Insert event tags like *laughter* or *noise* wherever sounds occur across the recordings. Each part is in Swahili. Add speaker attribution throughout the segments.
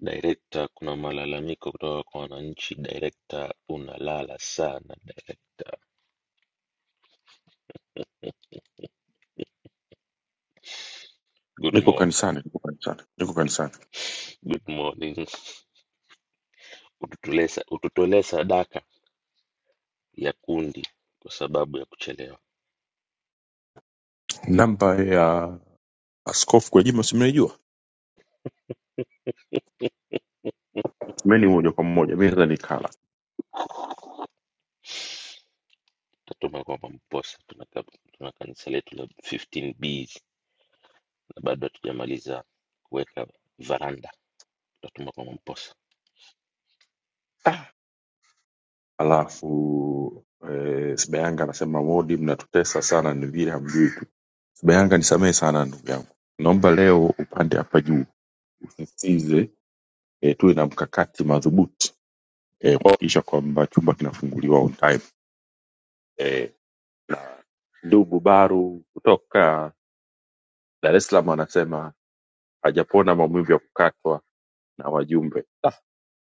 Speaker 1: Director kuna malalamiko kutoka kwa wananchi director unalala sana director good
Speaker 2: Niko
Speaker 1: morning
Speaker 2: kanisani, niko kanisani, niko kanisani.
Speaker 1: good morning ututolee sa- ututolee sadaka ya kundi kwa sababu ya kuchelewa
Speaker 2: Namba ya Askofu Gwajima si mnaijua? Mimi ni moja kwa mmoja, mi naweza nikala.
Speaker 1: tatuma kwamba mposa tuna ka- tuna kanisa letu la 15 bs na bado hatujamaliza kuweka varanda tutatuma kwamba mposa
Speaker 2: Alafu eh, Sibayanga anasema modi, mnatutesa sana, ni vile hamjui tu. Sibayanga, nisamehe sana ndugu yangu, naomba leo upande hapa juu usisitize eh, tuwe na mkakati madhubuti eh, kuhakikisha kwamba chumba kinafunguliwa on time eh, na ndugu Baru kutoka Dar es Salaam anasema hajapona maumivu ya kukatwa na wajumbe.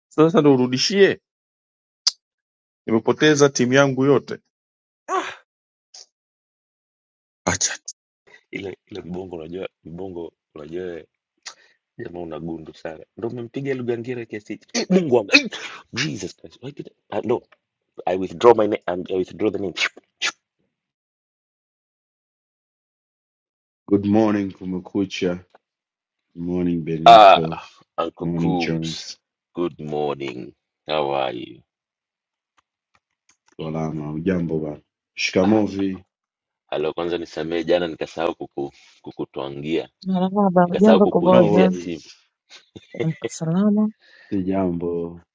Speaker 2: Sasa ndo urudishie? Nimepoteza timu yangu yote. Acha tu,
Speaker 1: ile ile mbongo unajua mbongo unajua Jamaa una gundu sana, ndo umempiga Lugangira kiasi hichi. Eh, Mungu wangu, eh, Jesus Christ, why did I, I, no, I withdraw my name, um, I withdraw the name.
Speaker 3: Good morning Kumekucha. Good morning Benito.
Speaker 1: Ah,
Speaker 3: Good
Speaker 1: Uncle
Speaker 3: morning
Speaker 1: Kubs,
Speaker 3: Jones.
Speaker 1: good morning, how are you?
Speaker 3: Salama. Ujambo bana?
Speaker 1: Ah,
Speaker 3: Shikamovi.
Speaker 1: halo, kwanza nisamehe, jana nikasahau kuku, kukutwangia
Speaker 4: Marahaba,
Speaker 1: nikasahau
Speaker 4: jambo
Speaker 3: No
Speaker 4: kuboja,
Speaker 1: kukuingizia simu.
Speaker 3: worries.
Speaker 4: amka salama.
Speaker 3: Si jambo.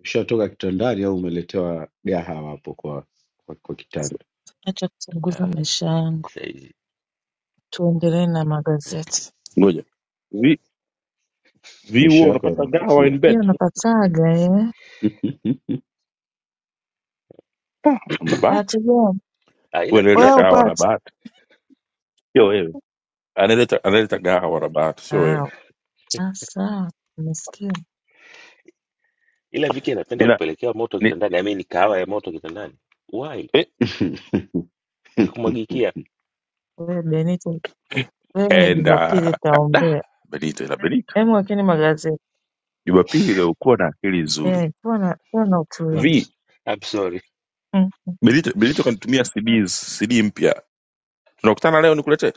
Speaker 3: Ushatoka kitandani au umeletewa gahawa hapo kwa, kwa, kwa kitanda?
Speaker 4: Acha kuchunguza
Speaker 1: Ah,
Speaker 4: maisha yangu,
Speaker 1: saizi
Speaker 4: tuendelee na
Speaker 1: mm.
Speaker 4: magazeti.
Speaker 2: ngoja vi vi, huwa
Speaker 3: Maisha yako
Speaker 2: unapata gawa in
Speaker 3: yanavutia.
Speaker 4: Hiyo
Speaker 2: bed?
Speaker 4: unapataga eh?
Speaker 2: Ah, Una bahati
Speaker 4: Bahati gani
Speaker 1: ah,
Speaker 2: wewe,
Speaker 1: ila
Speaker 2: analeta
Speaker 1: ila
Speaker 4: wewe
Speaker 2: gawa na
Speaker 4: upate?
Speaker 2: bahati, sio wewe. Analeta analeta gawa na bahati, sio
Speaker 4: Ah,
Speaker 2: wewe.
Speaker 4: ah, sawa, nimesikia
Speaker 1: ila Viki anapenda
Speaker 2: Nina
Speaker 1: kupelekewa moto
Speaker 2: ni
Speaker 1: kitandani, I mean kahawa ya moto kitandani. Why?
Speaker 2: eh,
Speaker 3: *laughs*
Speaker 1: Nikumwagikia.
Speaker 4: wewe Benito, wewe
Speaker 2: and
Speaker 4: Jumapili
Speaker 2: uh, da
Speaker 4: utaombea.
Speaker 2: Benito ila Benito,
Speaker 4: Hebu wekeni magazeti
Speaker 2: Jumapili leo kuwa na akili nzuri.
Speaker 4: eh, kuwa na kuwa na
Speaker 1: I'm
Speaker 4: utulivu
Speaker 2: Vi
Speaker 1: I'm sorry.
Speaker 4: mm.
Speaker 2: Benito Benito kanitumia CDs CD mpya, tunakutana leo nikuletee.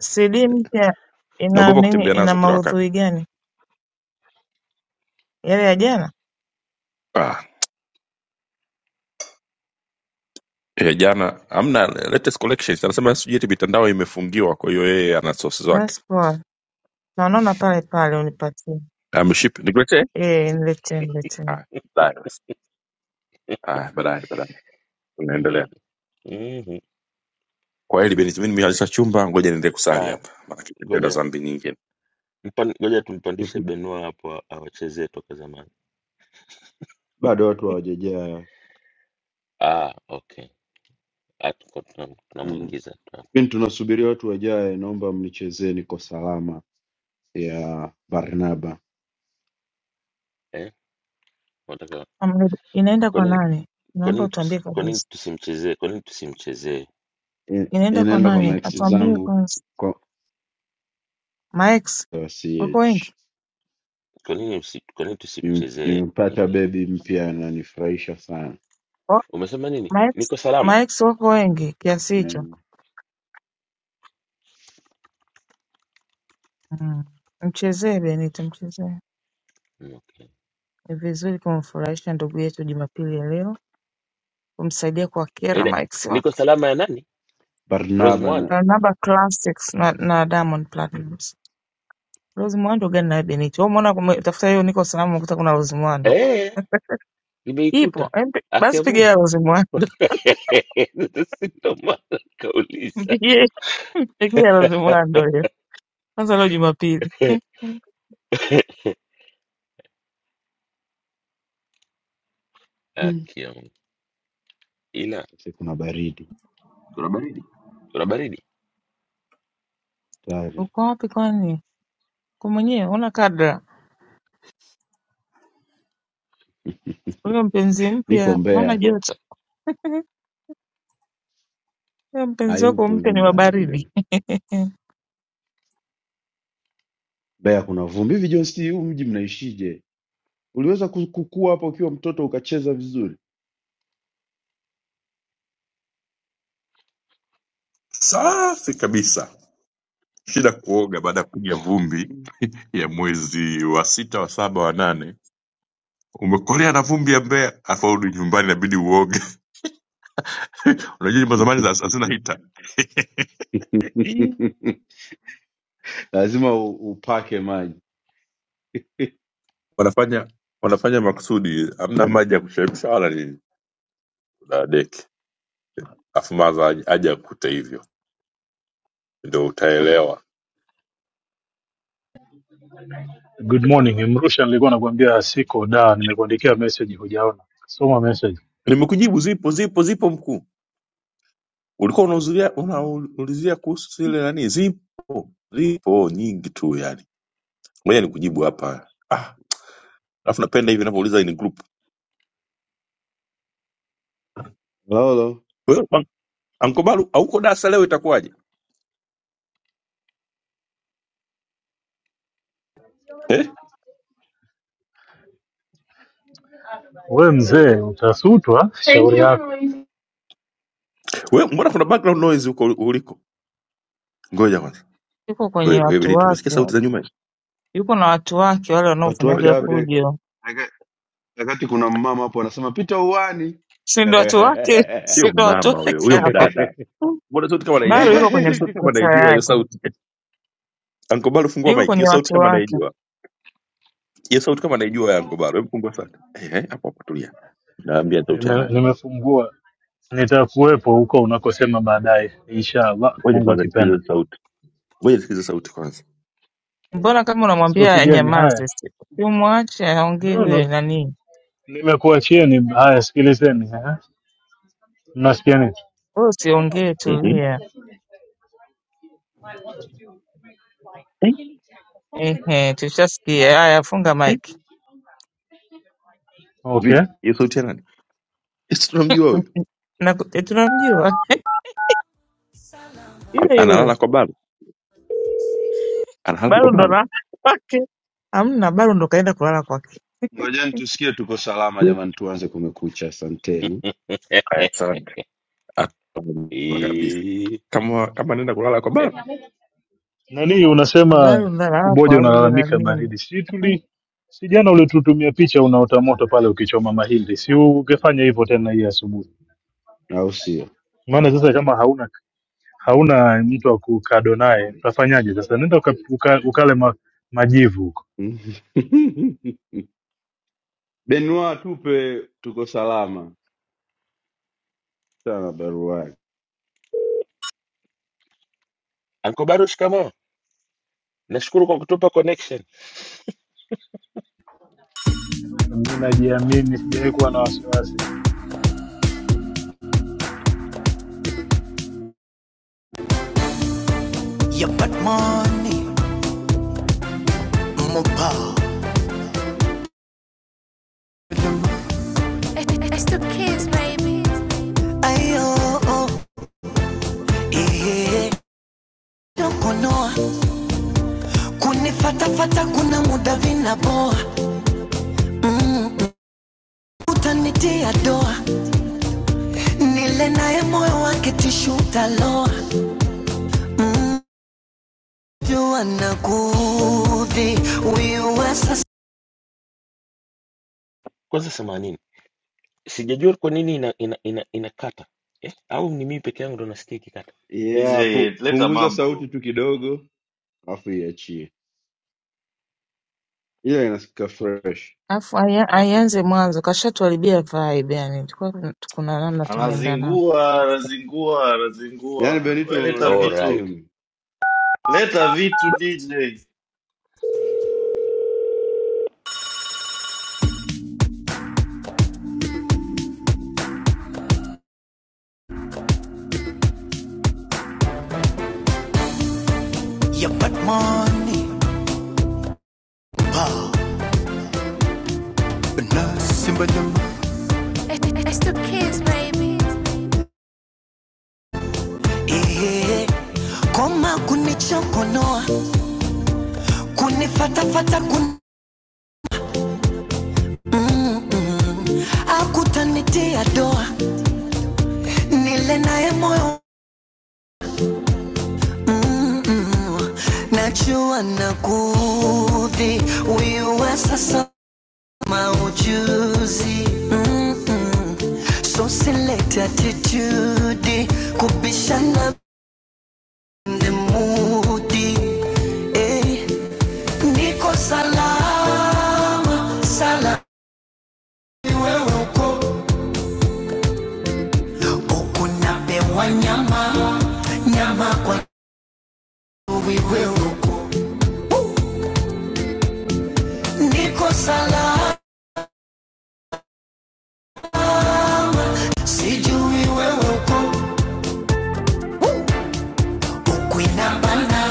Speaker 4: CD mpya ina
Speaker 2: Naogopa
Speaker 4: nini?
Speaker 2: kutembea
Speaker 4: Ina
Speaker 2: nazo kila wakati.
Speaker 4: maudhui gani? Yale ya jana?
Speaker 2: Ah, eh, jana amna latest collections anasema sijui eti mitandao imefungiwa kwa hiyo yeye ana sources zake
Speaker 4: Basi poa, tunaonana pale pale, unipatie.
Speaker 2: ameship nikuletee
Speaker 4: Eh, niletee niletee.
Speaker 2: Ah, baadaye basi. Ah, baadaye baadaye
Speaker 1: Mm
Speaker 2: tunaendelea
Speaker 1: -hmm. hmm.
Speaker 2: kwa hili benjamin mihalisa chumba ngoja niende kusali
Speaker 1: Ah,
Speaker 2: hapa maana tena
Speaker 1: ngoja
Speaker 2: dhambi nyingine
Speaker 1: Mpan- Ngoja tumpandishe Benua hapo a- awachezee toka zamani.
Speaker 3: Bado watu hawajajaa.
Speaker 1: Ah, okay. Ah, tuko tunam-
Speaker 3: Mm.
Speaker 1: tunamuingiza tuna,
Speaker 3: Kipindi tunasubiri watu wajae, naomba mnichezee Niko Salama ya Barnaba.
Speaker 1: eh? Unataka
Speaker 4: Amri- Inaenda
Speaker 1: Kwa
Speaker 4: kwa
Speaker 1: nini
Speaker 4: nani?
Speaker 1: kwa
Speaker 4: Naomba
Speaker 1: nini
Speaker 4: utuambie
Speaker 1: tusi- kwa nini
Speaker 4: kabisa.
Speaker 1: tusimchezee kwa nini tusimchezee
Speaker 3: In-
Speaker 4: Inaenda kwa
Speaker 3: Inaenda kwa
Speaker 4: nani?
Speaker 3: max
Speaker 1: Viki?
Speaker 4: Atuambie
Speaker 3: zangu
Speaker 4: kwanza.
Speaker 3: kwa
Speaker 4: Maex
Speaker 3: kwa
Speaker 4: wako
Speaker 3: CH.
Speaker 4: wengi?
Speaker 1: Kwa nini usi, kwa nini
Speaker 3: Nime-
Speaker 1: tusimchezee
Speaker 3: Nimepata
Speaker 1: nini?
Speaker 3: bebi mpya ananifurahisha sana
Speaker 4: Wa-
Speaker 1: Umesema nini?
Speaker 4: Maex
Speaker 1: Niko salama.
Speaker 4: Maex wako wengi kiasi hicho?
Speaker 3: Mm,
Speaker 4: Mm. Mchezee Benito, mchezee.
Speaker 1: Mm, Okay.
Speaker 4: Ni vizuri kumfurahisha ndugu yetu Jumapili ya leo, kumsaidia kuwakera
Speaker 1: Ile
Speaker 4: Maex
Speaker 1: niko
Speaker 4: wake.
Speaker 1: salama ya nani? Rose
Speaker 3: Barnaba
Speaker 1: Mwando.
Speaker 3: na
Speaker 4: Barnaba Classics na, na Diamond Platnumz. Rose Muhando gani naye Benito? Wewe umeona kume- tafuta hiyo niko salama ukuta kuna Rose Muhando.
Speaker 1: Eh,
Speaker 4: Ipo.
Speaker 1: nimeikuta.
Speaker 4: Em, pi- Basi
Speaker 1: Akia
Speaker 4: piga ya
Speaker 1: Mungu.
Speaker 4: Rose Muhando.
Speaker 1: *laughs* Si ndo maana kauliza.
Speaker 4: *laughs* *laughs* Pekee anazimwando leo. Kwanza leo Jumapili. Eh,
Speaker 1: *laughs*
Speaker 3: Mm.
Speaker 1: Akia Mungu. Ila
Speaker 3: Sasa kuna baridi
Speaker 5: Kuna baridi.
Speaker 1: kuna baridi.
Speaker 3: tayari.
Speaker 4: Uko wapi kwani? Uko mwenyewe huna kadra. Huyo mpenzi
Speaker 3: Niko
Speaker 4: mpya hana
Speaker 3: Mbeya,
Speaker 4: joto. Huyo mpenzi wako
Speaker 3: hayupo
Speaker 4: mpya
Speaker 3: hivyo
Speaker 4: ni wa
Speaker 3: mbali
Speaker 4: baridi.
Speaker 3: kidogo.
Speaker 4: Eh,
Speaker 3: Mbeya kuna vumbi hivi. John, si huu mji mnaishije? Uliweza ku- kukua hapa ukiwa mtoto ukacheza vizuri?
Speaker 2: safi kabisa shida kuoga baada ya kupiga vumbi
Speaker 3: Mm.
Speaker 2: *laughs* ya mwezi wa sita wa saba wa nane umekolea na vumbi ya Mbeya afaudi nyumbani inabidi uoge *laughs* unajua nyumba zamani za- hazina
Speaker 3: *laughs*
Speaker 2: hita
Speaker 3: Lazima u- upake maji.
Speaker 2: wanafanya wanafanya makusudi hamna maji ya kuchemsha wala nini na deki afu maza aje aje akute hivyo ndio utaelewa
Speaker 6: Good morning. Mrusha, nilikuwa nakwambia siko da, nimekuandikia message hujaona. Soma message.
Speaker 2: nimekujibu zipo zipo zipo mkuu ulikuwa unauzulia unaulizia kuhusu ile nani zipo zipo nyingi tu yani ngoja nikujibu hapa ah alafu napenda hivi navyouliza in group
Speaker 3: Lolo,
Speaker 2: wewe Ban- Uncle Baru hauko dasa leo itakuwaje eh
Speaker 6: We mzee, utasutwa. Shauri yako.
Speaker 2: wewe mbona kuna background noise huko uliko ngoja kwanza
Speaker 4: Yuko kwenye
Speaker 2: wewe wewe
Speaker 4: watu
Speaker 2: Benito umesikia
Speaker 4: wake.
Speaker 2: sauti za nyuma
Speaker 4: Yuko na watu wake wale
Speaker 3: watu wake
Speaker 2: ngoja
Speaker 4: wanaofanyaga
Speaker 2: ngoja.
Speaker 3: wapi?
Speaker 4: fujo.
Speaker 3: Aka- Wakati kuna mama hapo anasema pita uani
Speaker 4: Si ndio watu wake? *laughs* Si
Speaker 2: sio
Speaker 4: ndio watu
Speaker 2: mama huyo
Speaker 4: wake
Speaker 2: huyo
Speaker 4: hao?
Speaker 2: mdada
Speaker 3: *laughs*
Speaker 2: mbona sauti kama
Speaker 4: Bado
Speaker 2: naijua
Speaker 4: yuko
Speaker 2: hiyo
Speaker 4: kwenye
Speaker 2: sauti kama
Speaker 4: pesa
Speaker 2: naijua hiyo
Speaker 4: yake.
Speaker 2: sauti ankobalo fungua
Speaker 4: Yuko
Speaker 2: mike hiyo
Speaker 4: kwenye
Speaker 2: sauti
Speaker 4: watu
Speaker 2: kama
Speaker 4: wake.
Speaker 2: naijua hiyo sauti kama naijua ya ankobalo hebu fungua sauti Eh, eh, hapo hapo tulia naambia sauti ya
Speaker 6: Nime,
Speaker 2: nani
Speaker 6: nimefungua, nitakuwepo huko unakosema baadaye, inshallah,
Speaker 2: ngoja
Speaker 6: Mungu
Speaker 2: kwanza
Speaker 6: akipenda.
Speaker 2: nisikilize sauti ngoja nisikilize sauti kwanza
Speaker 4: Mbona kama unamwambia
Speaker 6: Sauti gani haya?
Speaker 4: anyamaze siku? Si Umwache aongee
Speaker 6: No,
Speaker 4: huyo
Speaker 6: no,
Speaker 4: nani?
Speaker 6: nimekuachieni. Haya, sikilizeni. eh. Mnasikiani?
Speaker 4: Wewe usiongee,
Speaker 2: Mhm.
Speaker 4: tulia.
Speaker 6: I want to do like
Speaker 2: Eh,
Speaker 6: kitty tech or something like
Speaker 4: Ehe,
Speaker 6: that.
Speaker 4: tushasikia. Haya, funga
Speaker 2: eh,
Speaker 4: mic.
Speaker 6: Okay.
Speaker 2: vi hiyo sauti ya nani Eh, Sisi tunamjua huyo
Speaker 4: Na, eh, tunamjua
Speaker 2: Ana-
Speaker 4: yule yule
Speaker 2: analala kwa balo analala kwa
Speaker 4: bado ndo
Speaker 2: balo
Speaker 4: na kwake hamna, bado ndo kaenda kulala kwake,
Speaker 3: Ngojeni tusikie tuko salama
Speaker 2: Eh.
Speaker 3: jamani, tuanze Kumekucha. Asanteni,
Speaker 1: *laughs*
Speaker 2: Haya, asante Atamjua kabisa
Speaker 1: Eh,
Speaker 2: kama kama anaenda kulala kwa
Speaker 1: eh.
Speaker 2: balo
Speaker 6: Nani
Speaker 4: bado
Speaker 6: unasema
Speaker 4: ndo analala kwa
Speaker 6: kuboja
Speaker 4: wale na
Speaker 6: unalalamika
Speaker 4: nini,
Speaker 6: baridi? Si tuli si jana ulitutumia picha unaota moto pale ukichoma mahindi, si ungefanya hivyo tena hii asubuhi?
Speaker 3: au sio?
Speaker 6: Maana sasa kama hauna hauna mtu wa kukado naye utafanyaje sasa? Nenda uka, uka, ukale ma, majivu huko.
Speaker 3: *laughs* Benua, tupe tuko salama sana barua yake.
Speaker 1: Anko Baro, shikamoo. Nashukuru kwa kutupa connection.
Speaker 6: Mimi najiamini, sijawahi kuwa na wasiwasi.
Speaker 5: You got money, mopa. It's the kids, baby. Ayo, oh, eh, dokonoa. Kunifatafata kuna muda vinaboa. Mm, utanitia doa. Nile naye moyo wake tishu utaloa. Mm, jua nakuudhi, wiwe sasa.
Speaker 1: Kwanza samanini, sijajua kwa nini ina, ina, ina, inakata eh, au ni mimi peke yangu ndo nasikia ikikata?
Speaker 3: yeah,
Speaker 7: DJ,
Speaker 3: pu,
Speaker 7: leta
Speaker 3: punguza sauti
Speaker 7: mambo,
Speaker 3: tu kidogo, alafu iachie, ila inasikika
Speaker 1: Okay,
Speaker 3: fresh.
Speaker 4: afu aya-
Speaker 1: okay,
Speaker 4: aianze mwanzo, kashatuharibia vibe yani, tulikuwa tuna- kuna namna tunaenda nao.
Speaker 7: anazingua anazingua
Speaker 3: Yaani
Speaker 7: anazingua.
Speaker 3: Benito
Speaker 7: We leta
Speaker 1: all
Speaker 3: wamekata
Speaker 7: vitu,
Speaker 1: right.
Speaker 3: steam.
Speaker 7: leta vitu
Speaker 1: Ba,
Speaker 7: DJ.
Speaker 5: You got money, mopa. na simba nyama It's the kids, baby. Eh, koma kunichokonoa kunifatafata kun mm, mm. akutanitia doa nile naye moyo mm, mm. najua nakudhi wiwa sasa maujuzi mm, mm. so select attitude kubishana nemudi eh, niko salama salama Wewe uko huku napewa nyama nyama kwa chui, wewe uko niko sala, sijui wewe uko huku inabana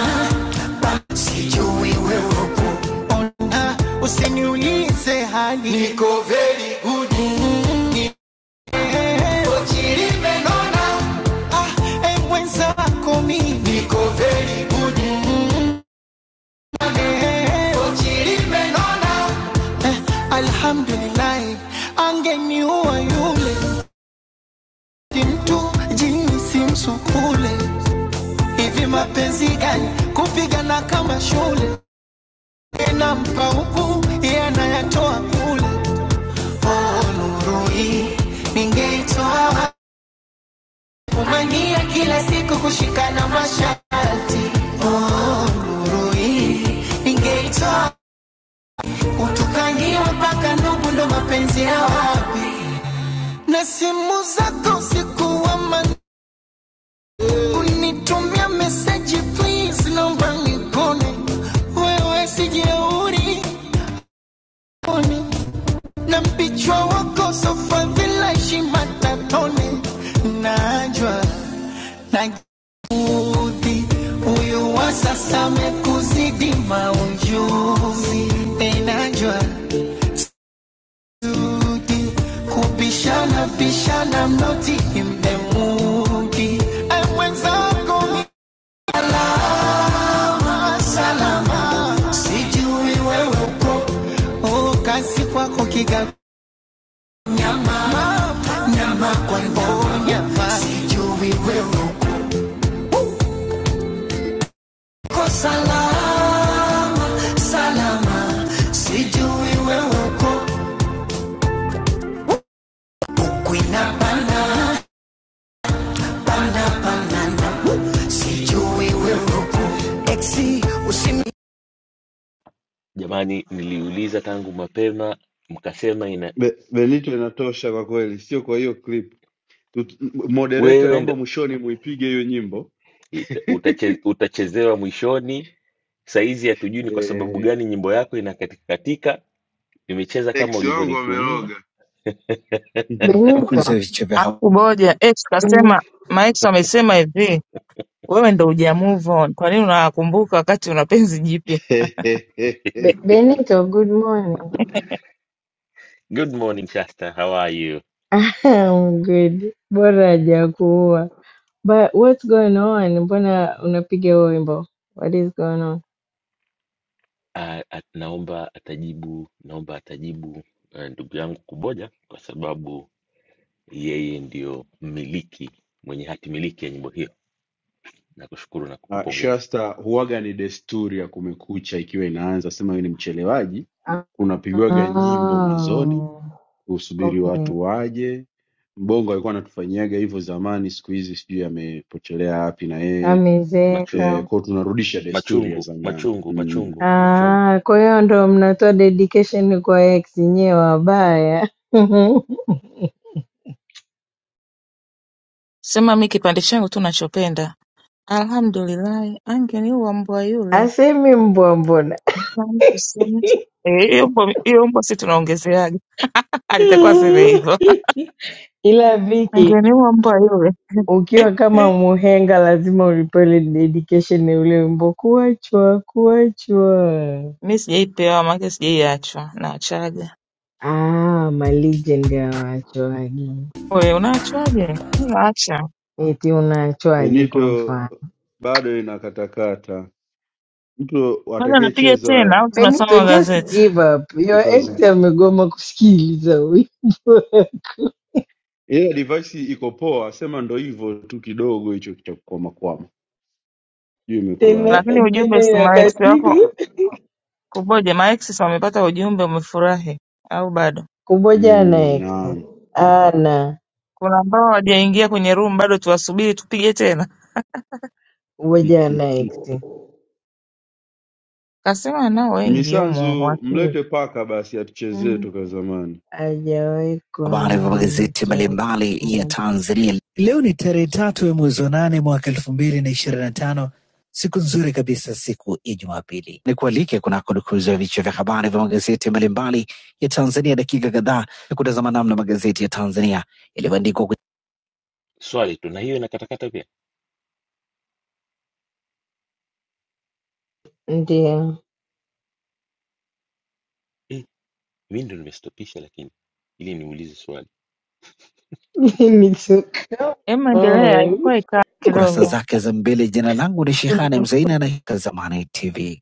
Speaker 5: ba, sijui wewe uko ona, usiniulize hali niko eh, Ochilimenona, ah, eh, mwenzako mimi niko very eh, Ochili eh, alhamdulillahi, angeniua yule Mtu jini si msukule hivi mapenzi gani kupigana kama shule inampa huku yanayatoa kule Oh, nuru hii ningeitoa wapi? umania kila siku kushikana masharti Oh, nuru hii ningeitoa utukangiwa mpaka ndugu ndo mapenzi ya wapi na simu zako usiku wa manane Unitumia message please, naomba nipone. Wewe sijeuri pone. Na mpichwa wako sofa vila heshima tatone. Najwa najiudhi, huyu wa sasa amekuzidi maunjuzi. Enajwa zudi kubishana bishana mnoti imdemuki amwenzako Salama, salama, sijui wewe uko oh, kazi kwako Kigamboni, nyama nyama kwa mbonya, sijui wewe uko salama, salama, sijui wewe uko ukwina pana pana pana, sijui wewe uko exi usimi
Speaker 1: jamani, niliuliza tangu mapema mkasema ina
Speaker 3: Be, Benito inatosha kwa kweli, sio kwa hiyo clip. Tut- Moderator,
Speaker 1: wewe
Speaker 3: naomba
Speaker 1: ndo
Speaker 3: mwishoni muipige hiyo nyimbo
Speaker 1: ita- utache,
Speaker 3: *laughs*
Speaker 1: utachezewa mwishoni. Saizi hatujui ni kwa sababu
Speaker 3: eh,
Speaker 1: gani nyimbo yako inakatika katika. Nimecheza kama
Speaker 3: ex wangu
Speaker 1: ulivyonitumia.
Speaker 3: wameroga
Speaker 8: Benito,
Speaker 5: vichwa vya
Speaker 4: Afu Boja ex
Speaker 8: Benito,
Speaker 4: kasema, Max amesema hivi, wewe ndo uja move on, kwa nini unakumbuka wakati una penzi jipya?
Speaker 3: *laughs*
Speaker 8: Be- Benito, good morning.
Speaker 1: Good morning Shasta, how are you?
Speaker 8: *laughs* I'm good. Bora hajakuua. But what's going on? Mbona unapiga huo wimbo? What is going on?
Speaker 1: Ah, at- naomba atajibu, naomba atajibu ah, ndugu yangu Kuboja kwa sababu yeye ndio mmiliki mwenye hati miliki ya nyimbo hiyo. Nakushukuru na
Speaker 3: Uh,
Speaker 1: kukupongeza.
Speaker 3: Shasta, huwaga ni desturi ya Kumekucha ikiwa inaanza, sema wewe ni mchelewaji, kunapigwaga nyimbo mwanzoni
Speaker 8: Oh,
Speaker 3: kusubiri
Speaker 8: okay.
Speaker 3: watu waje. Mbongo alikuwa anatufanyiaga hivyo zamani, siku hizi sijui amepotelea wapi na yeye
Speaker 1: Machungu,
Speaker 3: e,
Speaker 8: Amezeka.
Speaker 3: kwao tunarudisha desturi ya
Speaker 1: machungu,
Speaker 3: zamani
Speaker 1: machungu,
Speaker 3: mm.
Speaker 1: machungu, machungu.
Speaker 8: Ah, kwa hiyo ndo mnatoa dedication kwa ex nyewe wabaya. *laughs*
Speaker 4: Sema mi kipande changu tu nachopenda, alhamdulillahi, angeniua mbwa yule.
Speaker 8: Asemi mbwa mbona.
Speaker 4: Yaani kusema tu- Eh, hiyo mbwa hiyo mbwa si tunaongezeaga *laughs* alitakiwa aseme
Speaker 8: *laughs*
Speaker 4: hivyo *laughs*
Speaker 8: Ila Viki
Speaker 4: angeniua mbwa yule
Speaker 8: Ukiwa kama
Speaker 4: *laughs*
Speaker 8: muhenga lazima ulipele dedication ya ule wimbo kuachwa kuachwa.
Speaker 4: mi sijaipewa maake sijaiachwa naachaga
Speaker 8: Ah, malegend ya waachwaji.
Speaker 4: we unaachwaje mi naacha
Speaker 8: Eti unaachwaje kwa
Speaker 3: Benito
Speaker 8: mfano?
Speaker 3: bado inakatakata, mtu
Speaker 4: kwanza napiga tena
Speaker 3: atakayecheza
Speaker 4: au tunasoma
Speaker 8: Benito, just
Speaker 4: magazeti
Speaker 8: give up. Your
Speaker 3: tokazo,
Speaker 8: ex amegoma kusikiliza wimbo. *laughs*
Speaker 3: ila device iko poa, sema ndo hivyo tu kidogo hicho cha kukwamakwama, sijui imekuwaje.
Speaker 8: Tena
Speaker 4: lakini ujumbe
Speaker 8: tena
Speaker 4: si maeksi
Speaker 8: inakatika.
Speaker 4: wako kuboja maeksi si wamepata ujumbe umefurahi au bado
Speaker 8: Kuboja na
Speaker 3: Mm,
Speaker 8: ex.
Speaker 3: naam.
Speaker 8: Ana,
Speaker 4: kuna ambao hawajaingia kwenye room bado tuwasubiri tupige tena
Speaker 8: kuboja na
Speaker 3: *laughs*
Speaker 8: ex.
Speaker 4: kasema nao wengi humo
Speaker 3: Misanzu,
Speaker 4: wakili
Speaker 3: mlete paka basi atuchezee
Speaker 8: Mm,
Speaker 3: toka zamani.
Speaker 8: Hajawahi kuwa
Speaker 5: habari vya
Speaker 8: na
Speaker 5: magazeti
Speaker 8: mtu
Speaker 5: mbalimbali ya
Speaker 8: aliyemuacha.
Speaker 5: Tanzania. Leo ni tarehe tatu ya mwezi wa nane mwaka elfu mbili na ishirini na tano. Siku nzuri kabisa, siku ya Jumapili. Ni kualike kunako dukuzi ya vichwa vya habari vya magazeti mbalimbali ya Tanzania, dakika kadhaa ya kutazama namna magazeti ya Tanzania yalivyoandikwa kwenye
Speaker 1: Swali tu, na hiyo inakatakata pia.
Speaker 8: Ndio.
Speaker 1: Eh, mimi ndio nimestopisha, lakini ili niulize swali.
Speaker 8: *laughs* Me too. Come
Speaker 4: em endelea
Speaker 8: on.
Speaker 4: ilikuwa ikaa
Speaker 5: kurasa
Speaker 4: kidogo
Speaker 5: zake za mbele. Jina langu ni Shehane Mzaina na hii ni Zamani TV.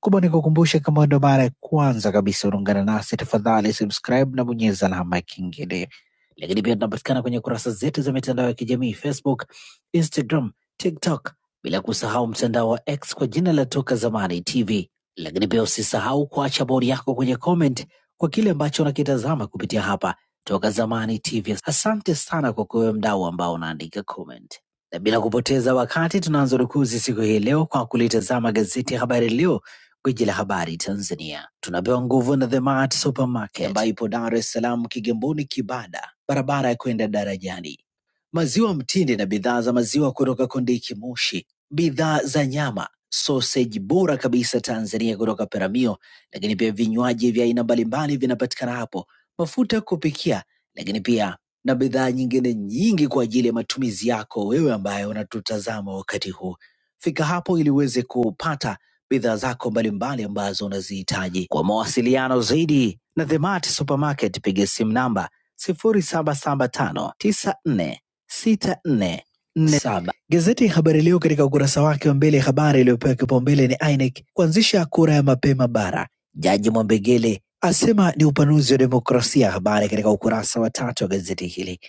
Speaker 5: Kubwa ni kukumbusha kama ndo mara ya kwanza kabisa unaungana nasi, tafadhali subscribe na bonyeza alama ya kengele. Lakini pia tunapatikana kwenye kurasa zetu za mitandao ya kijamii Facebook, Instagram, TikTok, bila kusahau mtandao wa X kwa jina la Toka Zamani TV. Lakini pia usisahau kuacha bodi yako kwenye comment kwa kile ambacho unakitazama kupitia hapa Toka Zamani TV. Asante sana kwa kuwe mdau ambao unaandika comment, na bila kupoteza wakati tunaanza rukuzi siku hii leo kwa kulitazama gazeti ya Habari Leo Gwiji la habari Tanzania tunapewa nguvu na The Mart Supermarket ambayo ipo Dar es Salaam, Kigamboni, Kibada, barabara ya kwenda darajani. Maziwa mtindi na bidhaa za maziwa kutoka Kondiki Moshi, bidhaa za nyama, sausage bora kabisa Tanzania kutoka Peramio, lakini pia vinywaji vya aina mbalimbali vinapatikana hapo, mafuta ya kupikia, lakini pia na bidhaa nyingine nyingi kwa ajili ya matumizi yako wewe ambaye unatutazama wakati huu. Fika hapo ili uweze kupata bidhaa zako mbalimbali ambazo unazihitaji. Kwa mawasiliano zaidi na The Mart Supermarket, piga simu namba 0775946447. Gazeti ya Habari Leo katika ukurasa wake wa mbele, habari iliyopewa kipaumbele ni INEC kuanzisha kura ya mapema bara, Jaji Mwambegele asema ni upanuzi wa demokrasia, habari katika ukurasa wa tatu wa gazeti hili.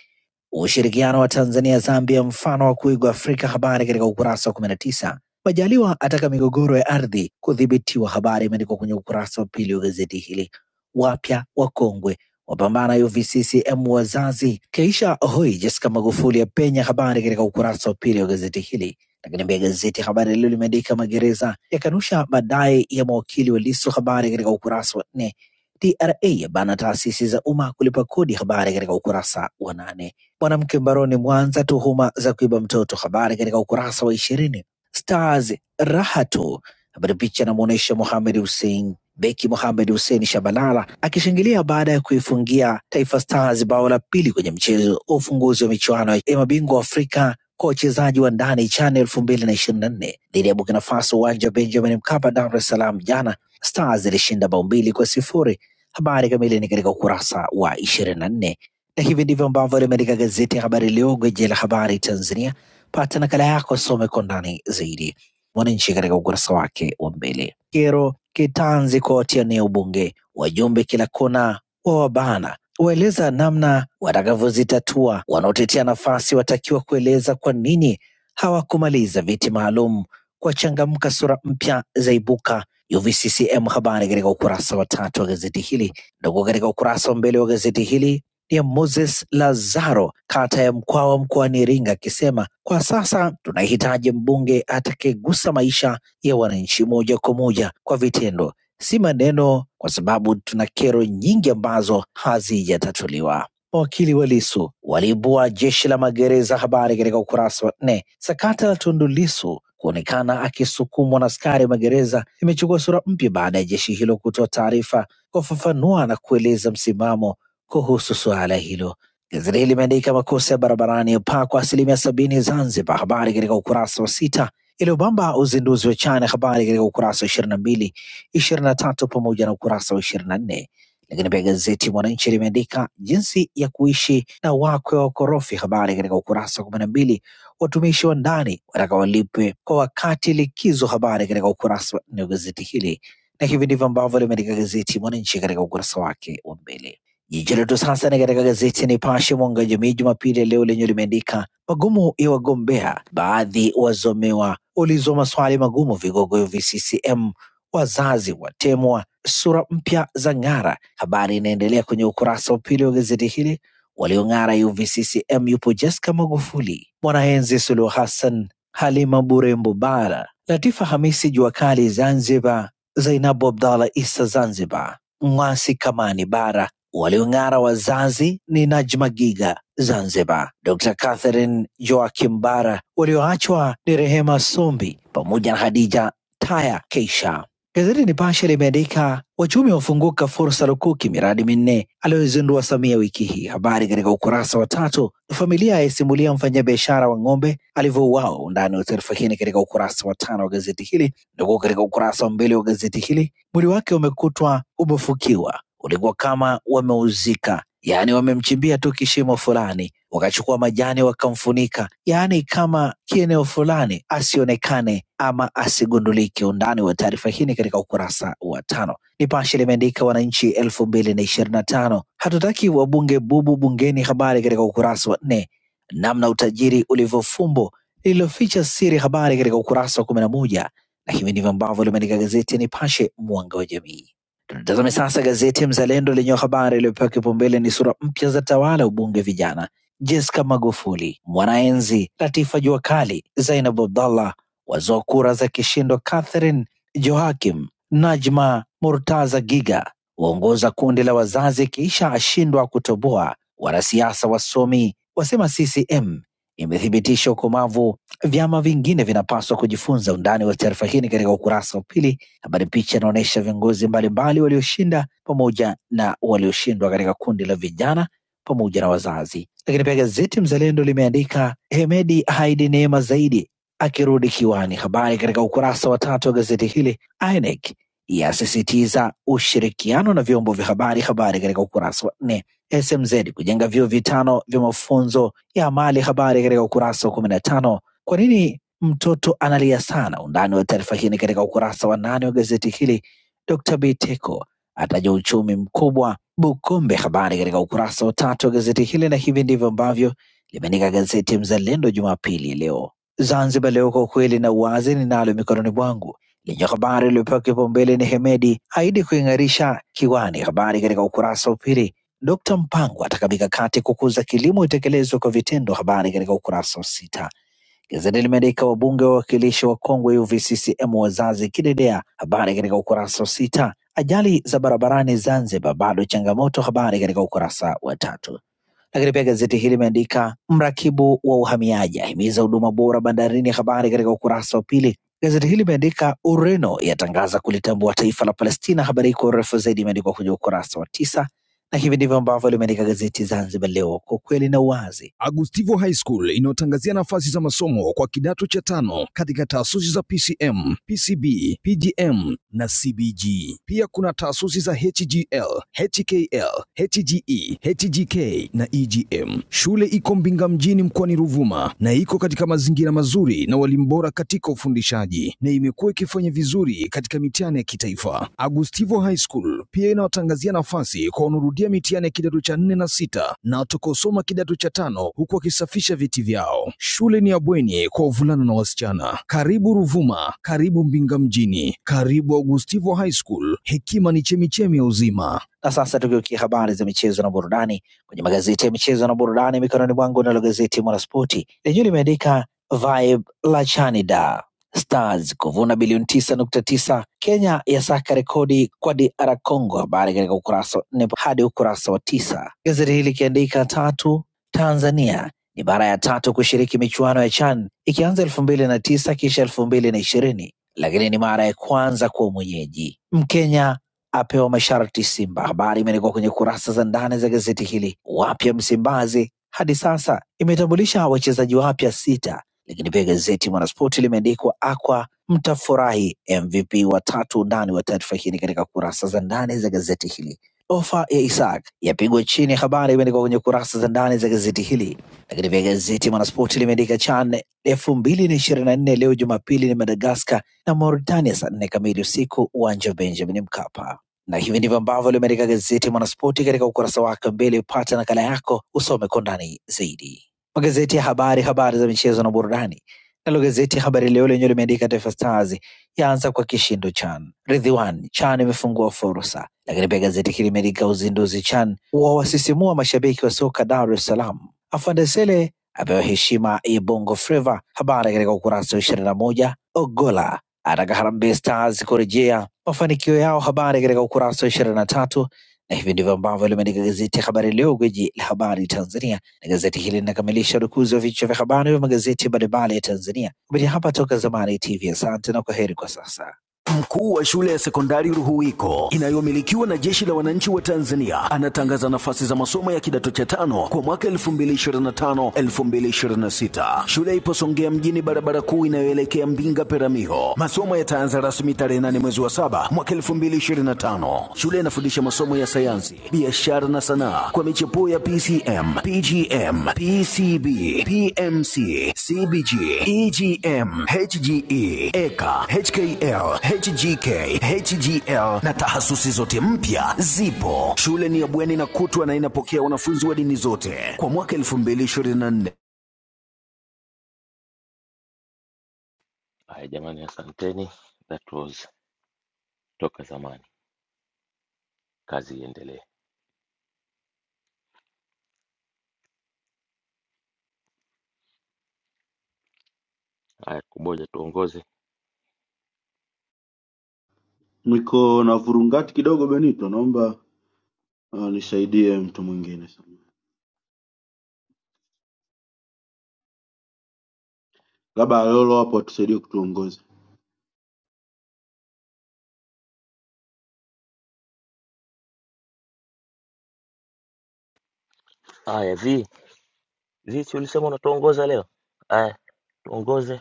Speaker 5: Ushirikiano wa Tanzania Zambia mfano wa kuigwa Afrika, habari katika ukurasa wa 19. Majaliwa ataka migogoro ya ardhi kudhibitiwa. Habari imeandikwa kwenye ukurasa wa pili wa gazeti hili. Wapya wakongwe wapambana UVCCM wazazi. Keisha hoi Jessica Magufuli ya penya. Habari katika ukurasa wa pili wa gazeti hili. Lakini pia gazeti Habari Leo limeandika magereza yakanusha madai ya mawakili wa Lissu. Habari katika ukurasa wa nne. TRA yabana taasisi za umma kulipa kodi. Habari katika ukurasa wa nane. Mwanamke mbaroni Mwanza, tuhuma za kuiba mtoto. Habari katika ukurasa wa ishirini Stars raha tu. Habari picha inamwonyesha Mohamed Hussein beki Mohamed Hussein Shabalala akishangilia baada ya kuifungia Taifa Stars bao la pili kwenye mchezo wa ufunguzi wa michuano ya mabingwa Afrika kwa wachezaji wa ndani CHAN elfu mbili na ishirini na nne dhidi ya Burkina Faso uwanja wa Benjamin Mkapa, Dar es Salaam jana. Stars ilishinda bao mbili kwa sifuri. Habari kamili ni katika ukurasa wa ishirini na nne na hivi ndivyo ambavyo limeandika gazeti ya Habari Leo, gwiji la habari Tanzania Pata nakala yako, soma kwa undani zaidi. Mwananchi katika ukurasa wake wa mbele. Kero kitanzi kwa watiania ubunge, wajumbe kila kona wa wabana waeleza namna watakavyozitatua. Wanaotetea nafasi watakiwa kueleza kwa nini hawakumaliza viti maalum kwa changamka, sura mpya zaibuka. UVCCM habari katika ukurasa wa tatu wa gazeti hili. Ndugu, katika ukurasa wa mbele wa gazeti hili ni ya Moses Lazaro, kata ya Mkwawa mkoani Iringa, akisema kwa sasa tunahitaji mbunge atakayegusa maisha ya wananchi moja kwa moja kwa vitendo, si maneno, kwa sababu tuna kero nyingi ambazo hazijatatuliwa. Mawakili wa Lisu waliibua jeshi la magereza, habari katika ukurasa wa nne. Sakata la Tundu Lisu kuonekana akisukumwa na askari magereza imechukua sura mpya baada ya jeshi hilo kutoa taarifa kufafanua na kueleza msimamo kuhusu suala hilo. Gazeti hili limeandika makosa ya barabarani yapaa kwa asilimia sabini Zanzibar, habari katika ukurasa wa sita. Iliyobamba uzinduzi wa chana, habari katika ukurasa wa ishirini na mbili ishirini na tatu pamoja na ukurasa wa ishirini na nne lakini pia gazeti Mwananchi limeandika jinsi ya kuishi na wakwe wa korofi, habari katika ukurasa wa kumi na mbili watumishi wa ndani wataka walipwe kwa wakati likizo, habari katika ukurasa wa nne wa gazeti hili, na hivi ndivyo ambavyo limeandika gazeti Mwananchi katika ukurasa wake wa mbele. Jiji letu sasa ni katika gazeti Nipashe mwanga wa jamii Jumapili ya leo lenye limeandika magumu ya wagombea, baadhi wazomewa, ulizwa maswali magumu vigogo VCCM, wazazi watemwa, sura mpya za ng'ara. Habari inaendelea kwenye ukurasa wa pili wa gazeti hili. Waliong'ara UVCCM yupo Jessica Magufuli, Mwanaenzi Suluhu Hassan, Halima Burembo Bara, Latifa Hamisi jua kali Zanzibar, Zainabu Abdallah Isa Zanzibar, Mwasi Kamani Bara Waliong'ara wazazi ni Najma Giga Zanzibar, Dr. Catherine Joakim Bara, walioachwa ni Rehema Sombi pamoja na Hadija Taya Keisha. Gazeti Nipashe limeandika wachumi wafunguka fursa lukuki miradi minne aliyozindua Samia wiki hii. Habari katika ukurasa wa tatu. Familia yaisimulia mfanyabiashara wa ng'ombe alivyouawa. Undani wa taarifa hii ni katika ukurasa wa tano wa gazeti hili, ndugu, katika ukurasa wa mbele wa gazeti hili, mwili wake umekutwa umefukiwa ulikuwa kama wameuzika, yaani wamemchimbia tu kishimo fulani, wakachukua majani wakamfunika, yaani kama kieneo fulani asionekane ama asigundulike. Undani wa taarifa hii ni katika ukurasa wa tano. Nipashe limeandika wananchi elfu mbili na ishirini na tano hatutaki wabunge bubu bungeni, habari katika ukurasa wa nne. Namna utajiri ulivyofumbo lililoficha siri, habari katika ukurasa wa kumi na moja na hivi ndivyo ambavyo limeandika gazeti ya Nipashe, mwanga wa jamii. Tazame sasa gazeti ya Mzalendo lenye habari iliyopewa kipaumbele ni sura mpya za tawala ubunge vijana: Jessica Magufuli, Mwanaenzi, Latifa Juakali, Zainab Abdallah wazoa kura za kishindo, Catherine Joakim, Najma Murtaza Giga waongoza kundi la wazazi kisha ashindwa kutoboa, wanasiasa wasomi wasema CCM imethibitisha ukomavu, vyama vingine vinapaswa kujifunza. Undani wa taarifa hii ni katika ukurasa wa pili Habari picha inaonyesha viongozi mbalimbali walioshinda pamoja na walioshindwa katika kundi la vijana pamoja na wazazi. Lakini pia gazeti Mzalendo limeandika Hemedi ahidi neema zaidi akirudi kiwani. Habari katika ukurasa wa tatu wa gazeti hili. INEC yasisitiza ushirikiano na vyombo vya habari. Habari katika ukurasa wa nne. SMZ kujenga vyuo vitano vya mafunzo ya amali. Habari katika ukurasa wa kumi na tano. Kwa nini Mtoto analia sana. Undani wa taarifa hii ni katika ukurasa wa nane wa gazeti hili. Dr. Biteko ataja uchumi mkubwa Bukombe, habari katika ukurasa wa tatu wa gazeti hili, na hivi ndivyo ambavyo limeandika gazeti Mzalendo Jumapili leo. Zanzibar Leo, kwa ukweli na uwazi ninalo mikononi mwangu, lenye habari iliyopewa kipaumbele ni Hemedi aidi kuing'arisha kiwani, habari katika ukurasa wa pili. Dkt Mpango ataka mikakati kukuza kilimo itekelezwe kwa vitendo, habari katika ukurasa wa sita. Gazeti limeandika wabunge wa wawakilishi wa Kongwe UVCCM wazazi kidedea, habari katika ukurasa wa sita. Ajali za barabarani Zanzibar bado changamoto, habari katika ukurasa wa tatu. Lakini pia gazeti hili limeandika mrakibu wa uhamiaji ahimiza huduma bora bandarini, habari katika ukurasa wa pili. Gazeti hili limeandika Ureno yatangaza kulitambua taifa la Palestina, habari kwa urefu zaidi imeandikwa kwenye ukurasa wa tisa na hivi ndivyo ambavyo limeandika gazeti Zanzibar Leo, kwa ukweli na uwazi. Agustivo High School inayotangazia nafasi za masomo kwa kidato cha tano katika taasisi za PCM, PCB, PGM na CBG. Pia kuna taasisi za HGL, HKL, HGE, HGK na EGM. Shule iko Mbinga mjini mkoani Ruvuma na iko katika mazingira mazuri uongozi na walimu bora katika ufundishaji na imekuwa ikifanya vizuri katika mitihani ya kitaifa. Agustivo High School pia inawatangazia nafasi kwa wanaorudia mitihani ya kidato cha nne na sita na watakaosoma kidato cha tano huku wakisafisha viti vyao. Shule ni ya bweni kwa wavulana na wasichana. Karibu Ruvuma, karibu Mbinga mjini, karibu Agustivo High School. Hekima ni chemichemi ya uzima. Na sasa tugeukia habari za michezo na burudani kwenye magazeti ya michezo na burudani mikononi mwangu, nalo gazeti Mwanaspoti lenyewe limeandika vibe la Chanida. Stars kuvuna bilioni 9.9. Kenya yasaka rekodi kwa DR Congo, habari katika ukurasa wa nne hadi ukurasa wa tisa, gazeti hili likiandika tatu Tanzania ni mara ya tatu kushiriki michuano ya CHAN ikianza elfu mbili na tisa kisha elfu mbili na ishirini lakini ni mara ya kwanza kuwa mwenyeji. Mkenya apewa masharti Simba. Habari imeandikwa kwenye kurasa za ndani za gazeti hili. Wapya Msimbazi hadi sasa imetambulisha wachezaji wapya sita lakini pia gazeti Mwanaspoti limeandikwa Akwa mtafurahi MVP watatu. Ndani wa tatu. Undani wa taarifa hii ni katika kurasa za ndani za gazeti hili. Ofa ya Isaac yapigwa chini, habari imeandikwa kwenye kurasa za ndani za gazeti hili. Lakini pia gazeti Mwanaspoti limeandika CHAN elfu mbili na ishirini na nne leo Jumapili ni Madagaskar na Mauritania saa nne kamili usiku uwanja wa Benjamin Mkapa. Na hivi ndivyo ambavyo limeandika gazeti Mwanaspoti katika ukurasa wake mbele. Pata nakala yako usome kwa undani zaidi magazeti ya habari, habari za michezo na burudani. Nalo gazeti ya Habari Leo lenyewe limeandika Taifa Stars yaanza kwa kishindo Chan. Ridhiwan Chan imefungua fursa. Lakini pia gazeti hili limeandika uzinduzi Chan wawasisimua mashabiki wa soka Dar es Salaam. Afande Sele apewa heshima ya Bongo Flava, habari katika ukurasa wa ishirini na moja. Ogola ataka Harambee Stars kurejea mafanikio yao, habari katika ukurasa wa ishirini na tatu na hivi ndivyo ambavyo limeandika gazeti ya Habari Leo, gwiji la habari Tanzania, na gazeti hili linakamilisha rukuzi wa vichwa vya habari vya magazeti mbalimbali ya Tanzania kupitia hapa Toka Zamani TV. Asante na kwaheri kwa sasa. Mkuu wa shule ya sekondari Ruhuwiko inayomilikiwa na jeshi la wananchi wa Tanzania anatangaza nafasi za masomo ya kidato cha tano kwa mwaka 2025-2026. Shule ipo Songea mjini, barabara kuu inayoelekea Mbinga Peramiho. Masomo yataanza rasmi tarehe 8 mwezi wa saba mwaka 2025. Shule inafundisha masomo ya sayansi, biashara na sanaa kwa michepuo ya PCM, PGM, PCB, PMC, CBG, EGM, HGE, EKA, HKL, HGK, HGL na tahasusi zote mpya zipo. Shule ni ya bweni na kutwa na inapokea wanafunzi wa dini zote kwa mwaka 2024.
Speaker 1: Haya jamani, asanteni. That was toka zamani. Kazi iendelee. Haya, Kuboja tuongoze.
Speaker 3: Niko na vurungati kidogo Benito, naomba uh, nisaidie mtu mwingine, sana. labda Lolo hapo atusaidie kutuongoza.
Speaker 1: Haya, vi, vi, si ulisema unatuongoza leo? Haya, tuongoze.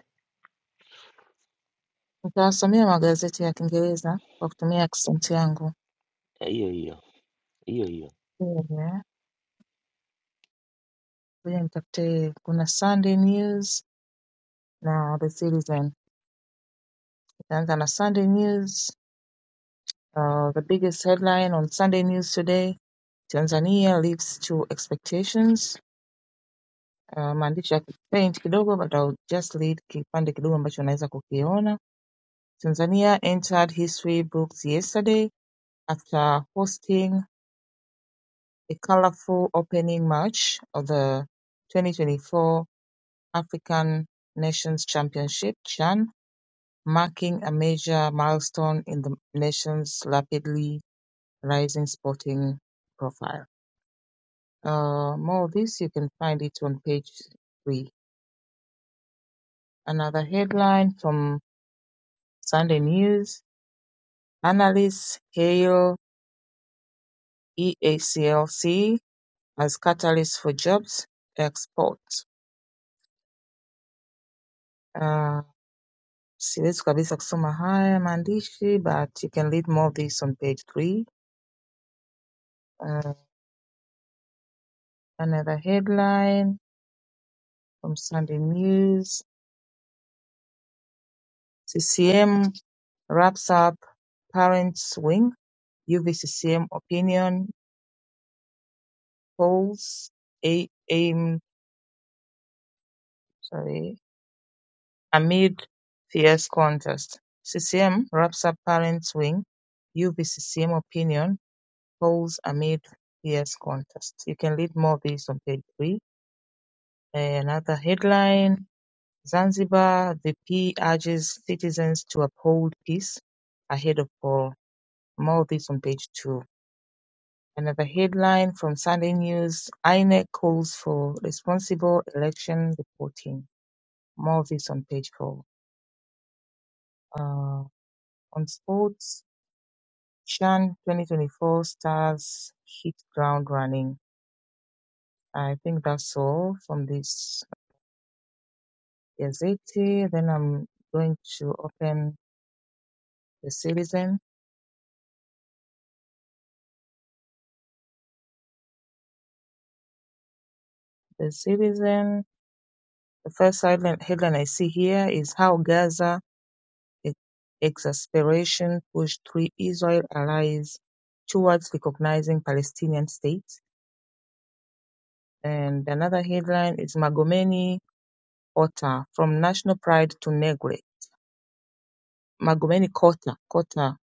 Speaker 4: Nitawasomea magazeti ya Kiingereza kwa kutumia accent yangu.
Speaker 1: Eh, hiyo hiyo hiyo hiyo
Speaker 4: Ngoja ngoja nitafutie kuna Sunday News na The Citizen. Nitaanza na Sunday News. Uh, the biggest headline on Sunday News today, Tanzania lives to expectations. Uh, maandishi ya paint kidogo but I'll just read kipande kidogo ambacho unaweza kukiona. Tanzania entered history books yesterday after hosting a colorful opening march of the 2024 African Nations Championship (CHAN), marking a major milestone in the nation's rapidly rising sporting profile. Uh, more of this, you can find it on page three. Another headline from Sunday News Analysts hail EACLC as catalyst for jobs export. Uh, siwezi kabisa kusoma haya maandishi but you can read more of this on page three. Uh, Another headline from Sunday News CCM wraps up Parents Wing, UVCCM opinion polls a- aim sorry, amid fierce contest. CCM wraps up Parents Wing, UVCCM opinion polls amid fierce contest. You can read more of this on page three. Another headline Zanzibar, the P urges citizens to uphold peace ahead of poll. More of this on page two. Another headline from Sunday News INEC calls for responsible election reporting. More of this on page four. Uh, on sports, Chan 2024 stars hit ground running. I think that's all from this Gazette. Then I'm going to open the Citizen. The Citizen The first headline, headline I see here is How Gaza e- Exasperation Pushed Three Israel Allies Towards Recognizing Palestinian State. And another headline is Magomeni Kota From National Pride to Neglect. Magomeni Kota, Kota,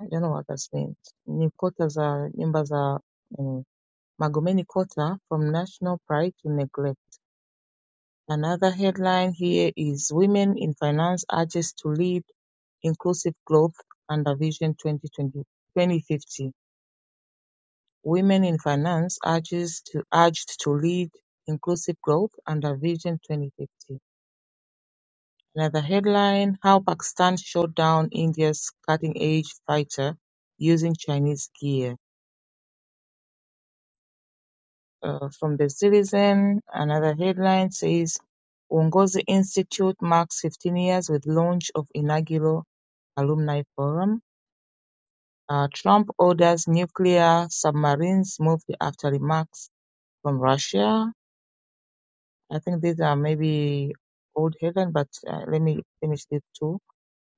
Speaker 4: I don't know what that means. Ni Kota za nyumba za, anyway. Magomeni Kota From National Pride to Neglect. Another headline here is Women in Finance Urges to Lead Inclusive Growth Under Vision 2020, 2050. Women in Finance urges to urged to lead inclusive growth under Vision 2050. Another headline How Pakistan Shot Down India's Cutting Edge Fighter Using Chinese Gear. Uh, from the Citizen, another headline says Uongozi Institute marks 15 years with launch of inaugural Alumni Forum. Uh, Trump orders nuclear submarines moved after remarks from Russia. I think these are maybe old headlines, but uh, let me finish these two.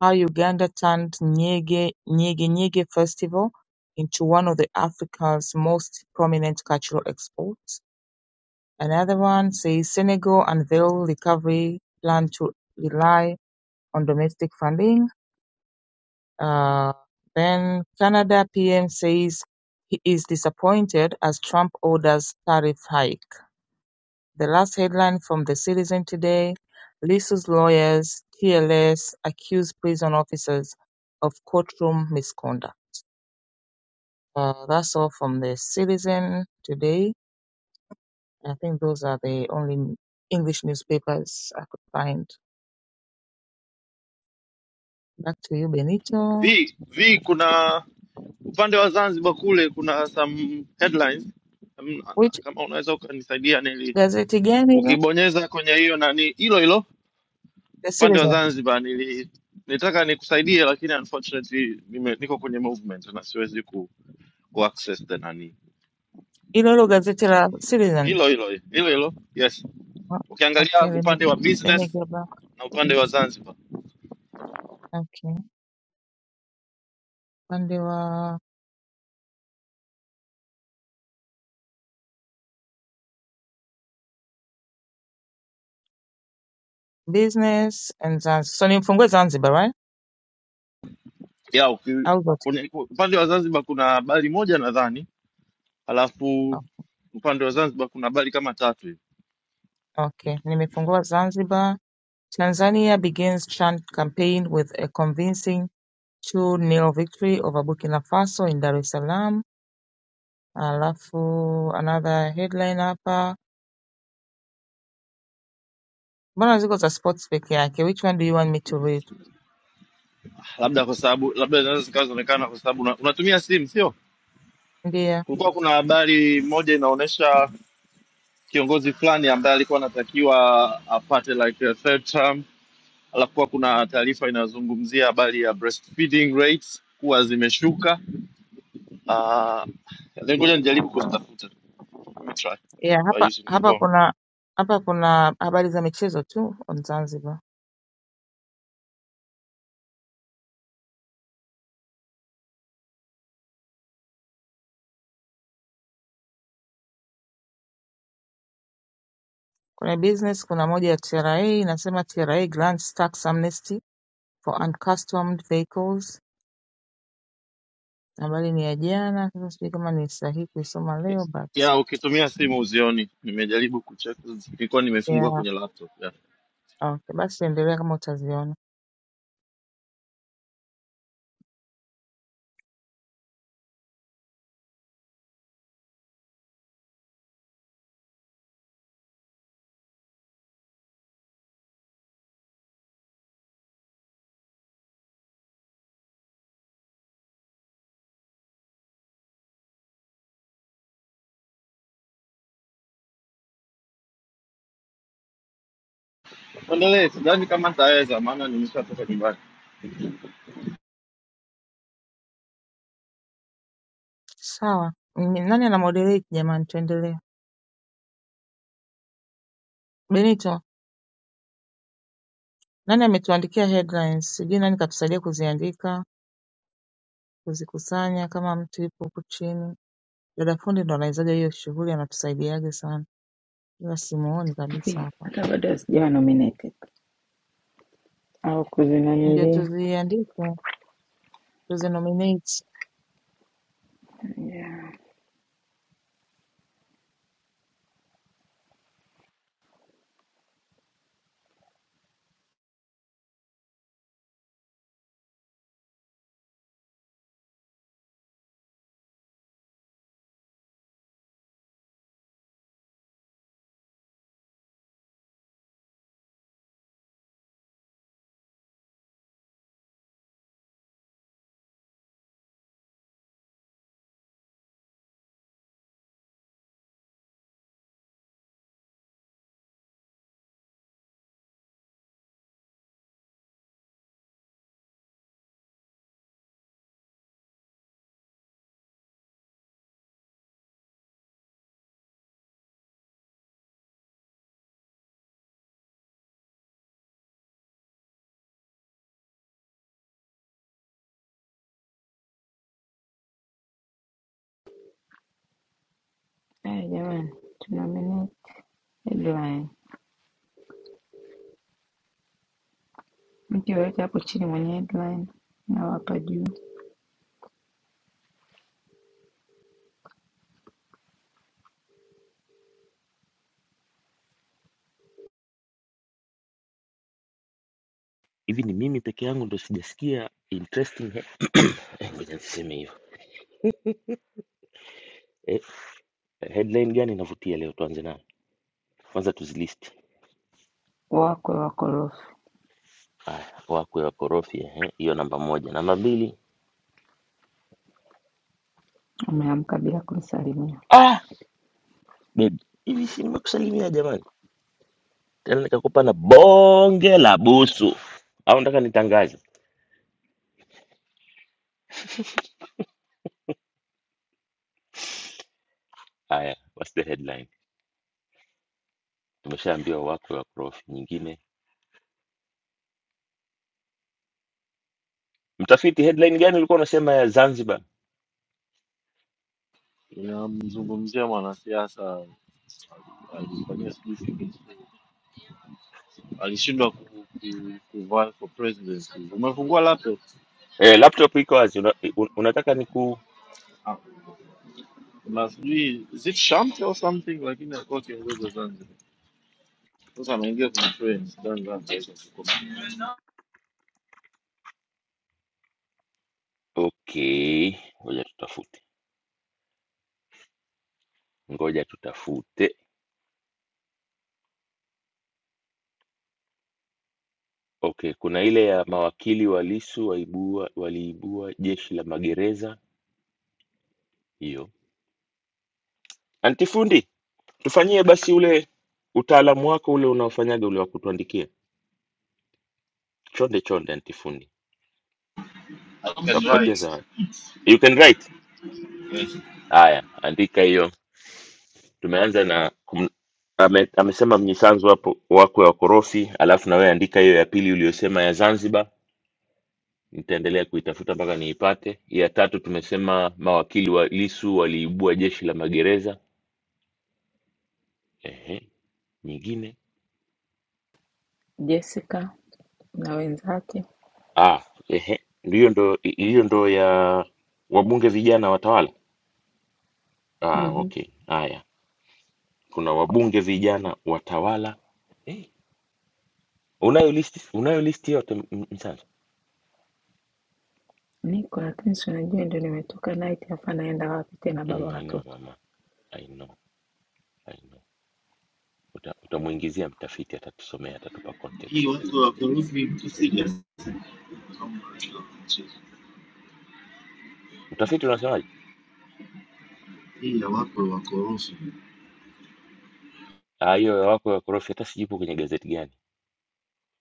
Speaker 4: How Uganda turned Nyege Nyege Nyege Festival into one of the Africa's most prominent cultural exports. Another one says Senegal unveil recovery plan to rely on domestic funding Uh, then Canada PM says he is disappointed as Trump orders tariff hike. The last headline from the Citizen today: Lissu's lawyers, TLS accuse prison officers of courtroom misconduct. Uh, that's all from the Citizen today. I think those are the only English newspapers I could find. Back to you, Benito.
Speaker 7: vi vi kuna upande wa Zanzibar kule kuna some headlines Mm, na-
Speaker 4: Which
Speaker 7: kama unaweza ukanisaidia nili
Speaker 4: gazeti gani hilo?
Speaker 7: ukibonyeza kwenye hiyo nani hilo hilo
Speaker 4: The
Speaker 7: upande wa
Speaker 4: Citizen.
Speaker 7: Zanzibar nili nitaka nikusaidie lakini unfortunately nime, niko kwenye movement na siwezi ku, ku access the nani
Speaker 4: Hilo hilo gazeti la Citizen.
Speaker 7: hilo hilo hilo hilo yes
Speaker 4: Oh,
Speaker 7: ukiangalia
Speaker 4: Okay, let me
Speaker 7: upande wa
Speaker 4: let me
Speaker 7: business
Speaker 4: go back.
Speaker 7: na upande wa Zanzibar
Speaker 4: Okay, upande wa business and Zanzibar. So nimefungue Zanzibar, right?
Speaker 7: ya uki,
Speaker 4: Au zote?
Speaker 7: kwenye, upande wa Zanzibar kuna bali moja nadhani,
Speaker 4: Oh,
Speaker 7: alafu upande wa Zanzibar kuna bali kama tatu hivi,
Speaker 4: Okay, nimefungua Zanzibar. Tanzania begins chant campaign with a convincing 2-0 victory over Burkina Faso in Dar es Salaam. Alafu another headline hapa. Mbona ziko za sports peke yake? Which one do you want me to read?
Speaker 7: labda kwa sababu labda zinaweza zikawa zinaonekana kwa sababu una, unatumia simu sio?
Speaker 4: Ndio.
Speaker 7: Kulikuwa kuna habari moja inaonyesha kiongozi fulani ambaye alikuwa anatakiwa apate like a third term, alafu kuwa kuna taarifa inazungumzia habari ya breastfeeding rates kuwa zimeshuka. Uh, ngoja nijaribu kuzitafuta. Let me try
Speaker 4: Yeah,
Speaker 7: by
Speaker 4: hapa
Speaker 7: using my
Speaker 4: hapa
Speaker 7: phone.
Speaker 4: kuna hapa kuna habari za michezo tu on Zanzibar. Kwenye business kuna moja ya TRA inasema TRA grants tax amnesty for uncustomed vehicles. Habari ni ya jana, sasa sijui kama ni sahihi kuisoma leo
Speaker 7: Yes.
Speaker 4: but
Speaker 7: ya ukitumia simu uzioni. Nimejaribu kucheck, nilikuwa nimefungwa
Speaker 4: yeah,
Speaker 7: kwenye laptop. ya.
Speaker 4: okay. Basi endelea kama utaziona.
Speaker 7: Tuendelee, sidhani kama nitaweza, maana nimeshatoka nyumbani.
Speaker 4: Sawa. Ni- Nani ana moderate jamani, tuendelee. Benito, nani ametuandikia headlines? Sijui nani katusaidia kuziandika, kuzikusanya kama mtu yupo huku chini. Dada fundi ndo anaizaga hiyo shughuli, anatusaidiaga sana. Ila simuoni kabisa
Speaker 9: Pia,
Speaker 4: hapa.
Speaker 9: hata bado sijawa nominated au
Speaker 4: Ndio
Speaker 9: kuzinanili
Speaker 4: tuziandike, tuzinominate.
Speaker 9: yeah. Hey, jamani tunominate headline, mtu yoyote hapo chini mwenye headline na wapa juu
Speaker 1: hivi ni mimi peke yangu ndo sijasikia interesting he- *clears throat* eh, ngoja niseme hivyo eh, headline gani inavutia leo tuanze nayo kwanza tuzilisti
Speaker 9: wakwe wakorofi
Speaker 1: haya wakwe wakorofi ehe, hiyo namba moja namba mbili
Speaker 9: ameamka bila kunisalimia
Speaker 1: ah, baby hivi si nimekusalimia jamani tena nikakupa na bonge la busu au nataka nitangaze haya what's the headline tumeshaambiwa wakwe wakorofi nyingine mtafiti headline gani ulikuwa unasema ya zanzibar
Speaker 7: Tunamzungumzia mwanasiasa alifanyia sijui kitu, alishindwa ku- ku- kuvaa for president. Umefungua laptop
Speaker 1: eh, laptop iko wazi una, un, unataka niku
Speaker 7: Ah, na sijui is it Shamte or something, lakini alikuwa kiongozi wa Zanzibar. Sasa anaingia kwenye train, sidhani kama ataweza kukoma.
Speaker 1: Okay, ngoja tutafute, ngoja tutafute. Okay, kuna ile ya mawakili wa Lissu waibua, waliibua jeshi la magereza. Hiyo antifundi, tufanyie basi ule utaalamu wako ule unaofanyaga ule wa kutuandikia. Chonde chonde, antifundi,
Speaker 7: I can
Speaker 1: takupatia
Speaker 7: write.
Speaker 1: zawadi. You can write.
Speaker 7: Yes.
Speaker 1: Haya, andika hiyo. Tumeanza na kum, ame, amesema mnyisanzu wapo wakwe wakorofi, alafu na wewe andika hiyo ya pili uliyosema ya Zanzibar. nitaendelea kuitafuta mpaka niipate. Ya tatu tumesema mawakili wa Lisu waliibua jeshi la magereza. Ehe, nyingine
Speaker 9: Jessica na wenzake
Speaker 1: ah, ehe, hiyo ndo hiyo ndo ya wabunge vijana watawala. Ah,
Speaker 9: mm-hmm.
Speaker 1: okay, haya, kuna wabunge vijana watawala. Eh, unayo listi unayo listi yote M- M- Msasa?
Speaker 9: Niko lakini si unajua ndio nimetoka night, hapa naenda wapi tena baba
Speaker 1: Mm, I know
Speaker 9: watoto?
Speaker 1: mama, I know, I know. Uta, utamwingizia mtafiti, atatusomea, atatupa
Speaker 7: Hii
Speaker 1: context.
Speaker 7: watu wa Burundi mtu serious.
Speaker 1: Mtafiti unasemaje?
Speaker 7: Ila wako wakorofi.
Speaker 1: Ah, hiyo ya wako ya korofi, hata sijipo kwenye gazeti gani.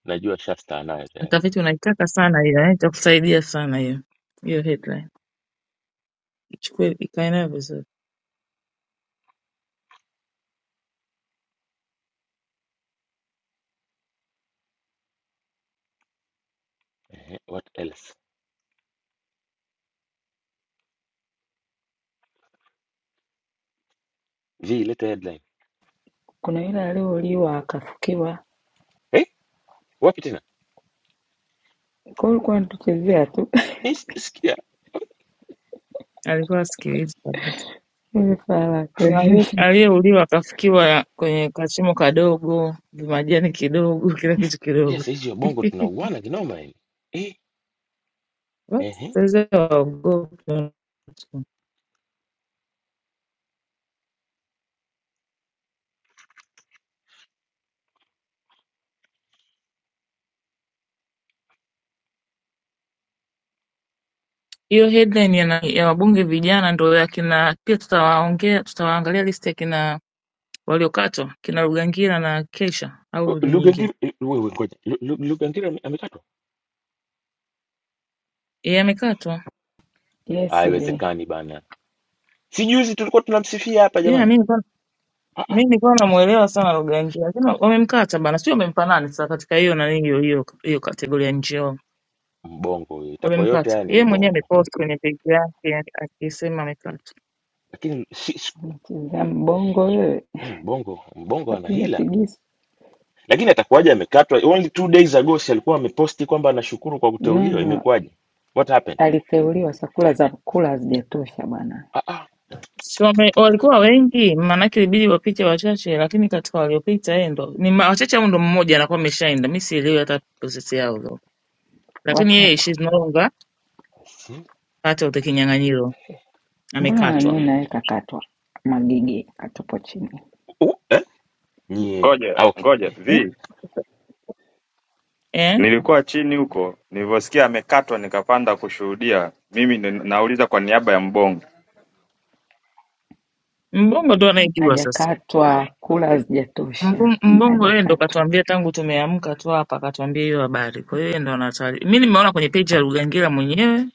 Speaker 1: najua shasta anayo tayari.
Speaker 4: Mtafiti unaitaka sana hiyo eh, itakusaidia sana hiyo hiyo headline, ichukue ikae nayo vizuri.
Speaker 1: Ehe, what else? G, leta headline.
Speaker 9: Kuna yule aliyeuliwa akafukiwa,
Speaker 1: Eh, wapi tena?
Speaker 9: kwa hiyo ulikuwa unatuchezea tu
Speaker 1: Eh, Sijasikia.
Speaker 4: Alikuwa asikilizi kabisa.
Speaker 9: *laughs* hivi fala
Speaker 4: Kuna aliye-
Speaker 9: kweli. *laughs*
Speaker 4: aliyeuliwa akafikiwa kwenye kachimo kadogo, vimajani kidogo, *laughs* kila kitu kidogo.
Speaker 1: Yes, hizi wabongo tunauana kinoma yani. Eh,
Speaker 4: Watu
Speaker 1: ehe.
Speaker 4: waogopa. Hiyo headline ya, na- ya wabunge vijana ndo ya kina, pia tutawaongea, tutawaangalia listi ya kina waliokatwa, kina Rugangira na Kesha au ni nyingine.
Speaker 1: Lugangira, wewe ngoja. Lu- Lu- Lugangira ame- amekatwa?
Speaker 4: Yeye amekatwa.
Speaker 9: Yes, vi
Speaker 1: Haiwezekani bana. Si juzi tulikuwa tunamsifia hapa
Speaker 4: Yeah,
Speaker 1: jamani.
Speaker 4: mimi
Speaker 1: Ah, ah,
Speaker 4: mi nilikuwa namuelewa sana Ruganji, lakini wamemkata bana, sio wamempa nani sasa katika hiyo nani hiyo hiyo hiyo kategoria njeo,
Speaker 1: mbongo huyo. Itakuwa yote
Speaker 4: wamemkata
Speaker 1: haya ni
Speaker 4: yeye mwenyewe.
Speaker 1: mbongo.
Speaker 4: Amepost kwenye page yake akisema amekata.
Speaker 1: Lakini si, si
Speaker 9: unachezea mbongo wewe.
Speaker 1: eh, mbongo, mbongo ana
Speaker 9: Kapiga
Speaker 1: hila.
Speaker 9: figisu.
Speaker 1: Lakini atakuwaje amekatwa? Only two days ago si alikuwa ameposti kwamba anashukuru kwa kuteuliwa.
Speaker 9: Nono
Speaker 1: Imekuwaje? What happened?
Speaker 9: aliteuliwa, sakula za kula hazijatosha bwana.
Speaker 1: Ah, ah.
Speaker 4: Si wame, walikuwa wengi, maanake ilibidi wapite wachache, lakini katika waliopita yeye ndo ni ma- wachache, au ndo mmoja anakuwa ameshaenda. Mi sielewi hata process yao though, lakini yeye
Speaker 9: Watatu,
Speaker 4: she's no longer
Speaker 1: Si.
Speaker 4: part of the kinyang'anyiro,
Speaker 9: mbona nani
Speaker 4: amekatwa
Speaker 9: naye kakatwa? Magige akatupwa chini,
Speaker 1: Nyie
Speaker 10: Ngoja
Speaker 1: ah, okay.
Speaker 10: ngoja
Speaker 1: Eh,
Speaker 4: eh?
Speaker 10: vi,
Speaker 4: Eh?
Speaker 10: nilikuwa chini huko nilivyosikia amekatwa, nikapanda kushuhudia. Mimi ni- nauliza kwa niaba ya Mbongo.
Speaker 4: Mbongo ndo anayejua sasa.
Speaker 9: hajakatwa, kula hazijatosha,
Speaker 4: Mbung- Mbungu yeye ndo
Speaker 9: hajakatwa,
Speaker 4: katuambia tangu tumeamka tu hapa, katuambia hiyo habari. Kwa hiyo yeye ndo anatari. Mi nimeona kwenye page ya Rugangira mwenyewe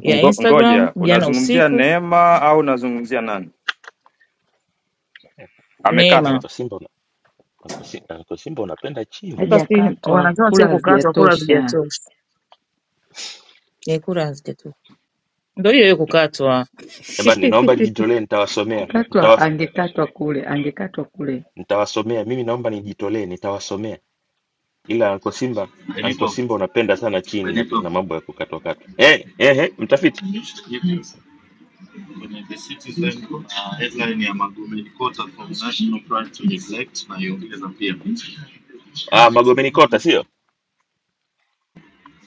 Speaker 4: ya
Speaker 10: Ngo,
Speaker 4: Instagram
Speaker 10: ngoja,
Speaker 4: jana
Speaker 10: unazungumzia
Speaker 4: usiku,
Speaker 10: Neema au unazungumzia nani
Speaker 1: ila
Speaker 10: amekatwa?
Speaker 4: Neema
Speaker 1: kwa Simba una- kwa Si- ah, kwa Simba unapenda chini.
Speaker 4: sasa, si
Speaker 9: hajakatwa,
Speaker 4: wanasema
Speaker 9: kula
Speaker 4: sio kukatwa, kura
Speaker 9: hazijatosha.
Speaker 4: hazijatosha. Ni kura hazijatosha, ndo hiyo hiyo kukatwa.
Speaker 1: Jamani,
Speaker 4: *laughs*
Speaker 1: ninaomba nijitolee, nitawasomea
Speaker 9: Katwa
Speaker 1: nitawas,
Speaker 9: angekatwa kule, angekatwa kule.
Speaker 1: nitawasomea. Mimi naomba nijitolee, nitawasomea. Ila kwa Simba Anko
Speaker 7: Benito
Speaker 1: Simba unapenda sana chini na, ku- na mambo ya kukatwakatwa. Eh, eh, eh, mtafiti
Speaker 7: Mushikiwabo kwenye The Citizen kuna headline ya Magufuli Kota from National Pride to Neglect na iongeza pia.
Speaker 1: ah, Magomeni Kota sio?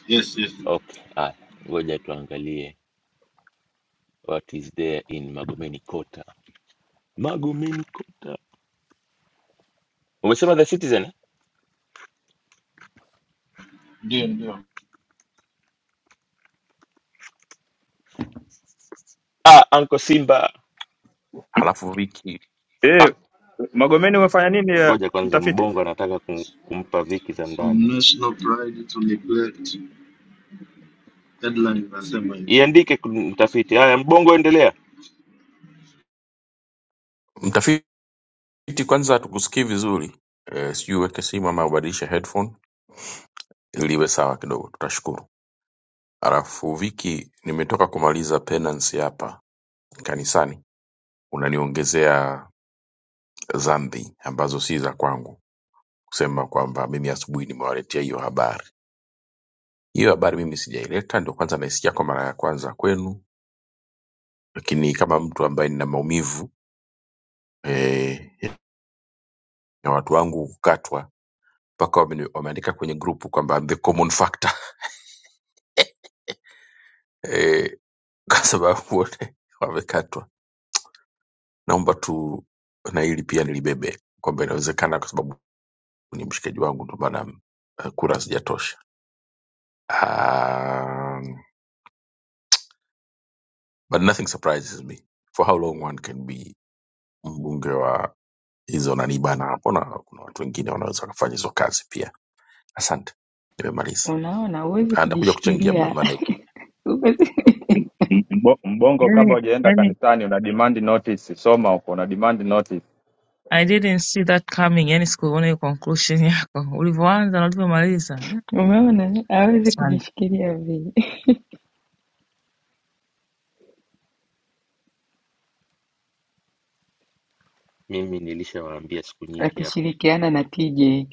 Speaker 7: Yes, yes.
Speaker 1: Okay, haya, ngoja tuangalie what is there in Magomeni Kota. Magomeni Kota umesema The Citizen? eh?
Speaker 7: Ndio, ndio.
Speaker 1: Ah, Anko Simba
Speaker 2: Alafu Viki,
Speaker 1: ah,
Speaker 10: Eh, Magomeni umefanya nini eh,
Speaker 1: ngoja kwanza,
Speaker 10: mtafiti?
Speaker 1: mbongo anataka kum- kumpa viki za
Speaker 7: From
Speaker 1: ndani.
Speaker 7: National Pride to Neglect. Headline inasema hivi.
Speaker 1: iandike kun- mtafiti. Haya, Mbongo, endelea.
Speaker 2: mtafiti, kwanza tukusikii vizuri eh, sijui uweke simu ama ubadilishe headphone ili iwe sawa kidogo, tutashukuru. Halafu Viki nimetoka kumaliza penance hapa kanisani, unaniongezea dhambi ambazo si za kwangu, kusema kwamba mimi asubuhi nimewaletea hiyo habari. Hiyo habari mimi sijaileta, ndio kwanza naisikia kwa mara ya kwanza kwenu, lakini kama mtu ambaye nina maumivu eh, ya watu wangu kukatwa mpaka wameni- wameandika kwenye grupu kwamba I'm the common factor *laughs* eh, kwa sababu wote wamekatwa. Naomba tu na hili pia nilibebe kwamba inawezekana kwa sababu ni mshikaji wangu ndio maana uh, kura hazijatosha um, but nothing surprises me for how long one can be mbunge wa hizo nanibana hapo na kuna watu wengine wanaweza wakafanya hizo kazi pia asante nimemaliza
Speaker 9: Unaona, huwezi
Speaker 2: Ah, ndakuja kuchangia ma-
Speaker 9: kujishikilia
Speaker 2: mada ikija
Speaker 9: *laughs* Ume-
Speaker 10: M- Mbo, mbongo kabla
Speaker 4: yani,
Speaker 10: hujaenda
Speaker 4: yani,
Speaker 10: kanisani una demand notice, soma huko una demand notice.
Speaker 4: I didn't see that coming. Yani sikuona hiyo conclusion yako ulivyoanza na ulivyomaliza. Da,
Speaker 9: umeona, hawezi
Speaker 4: Asante.
Speaker 9: kujishikilia vi
Speaker 1: Mimi nilishawaambia siku nyingi hapa,
Speaker 9: akishirikiana na TJ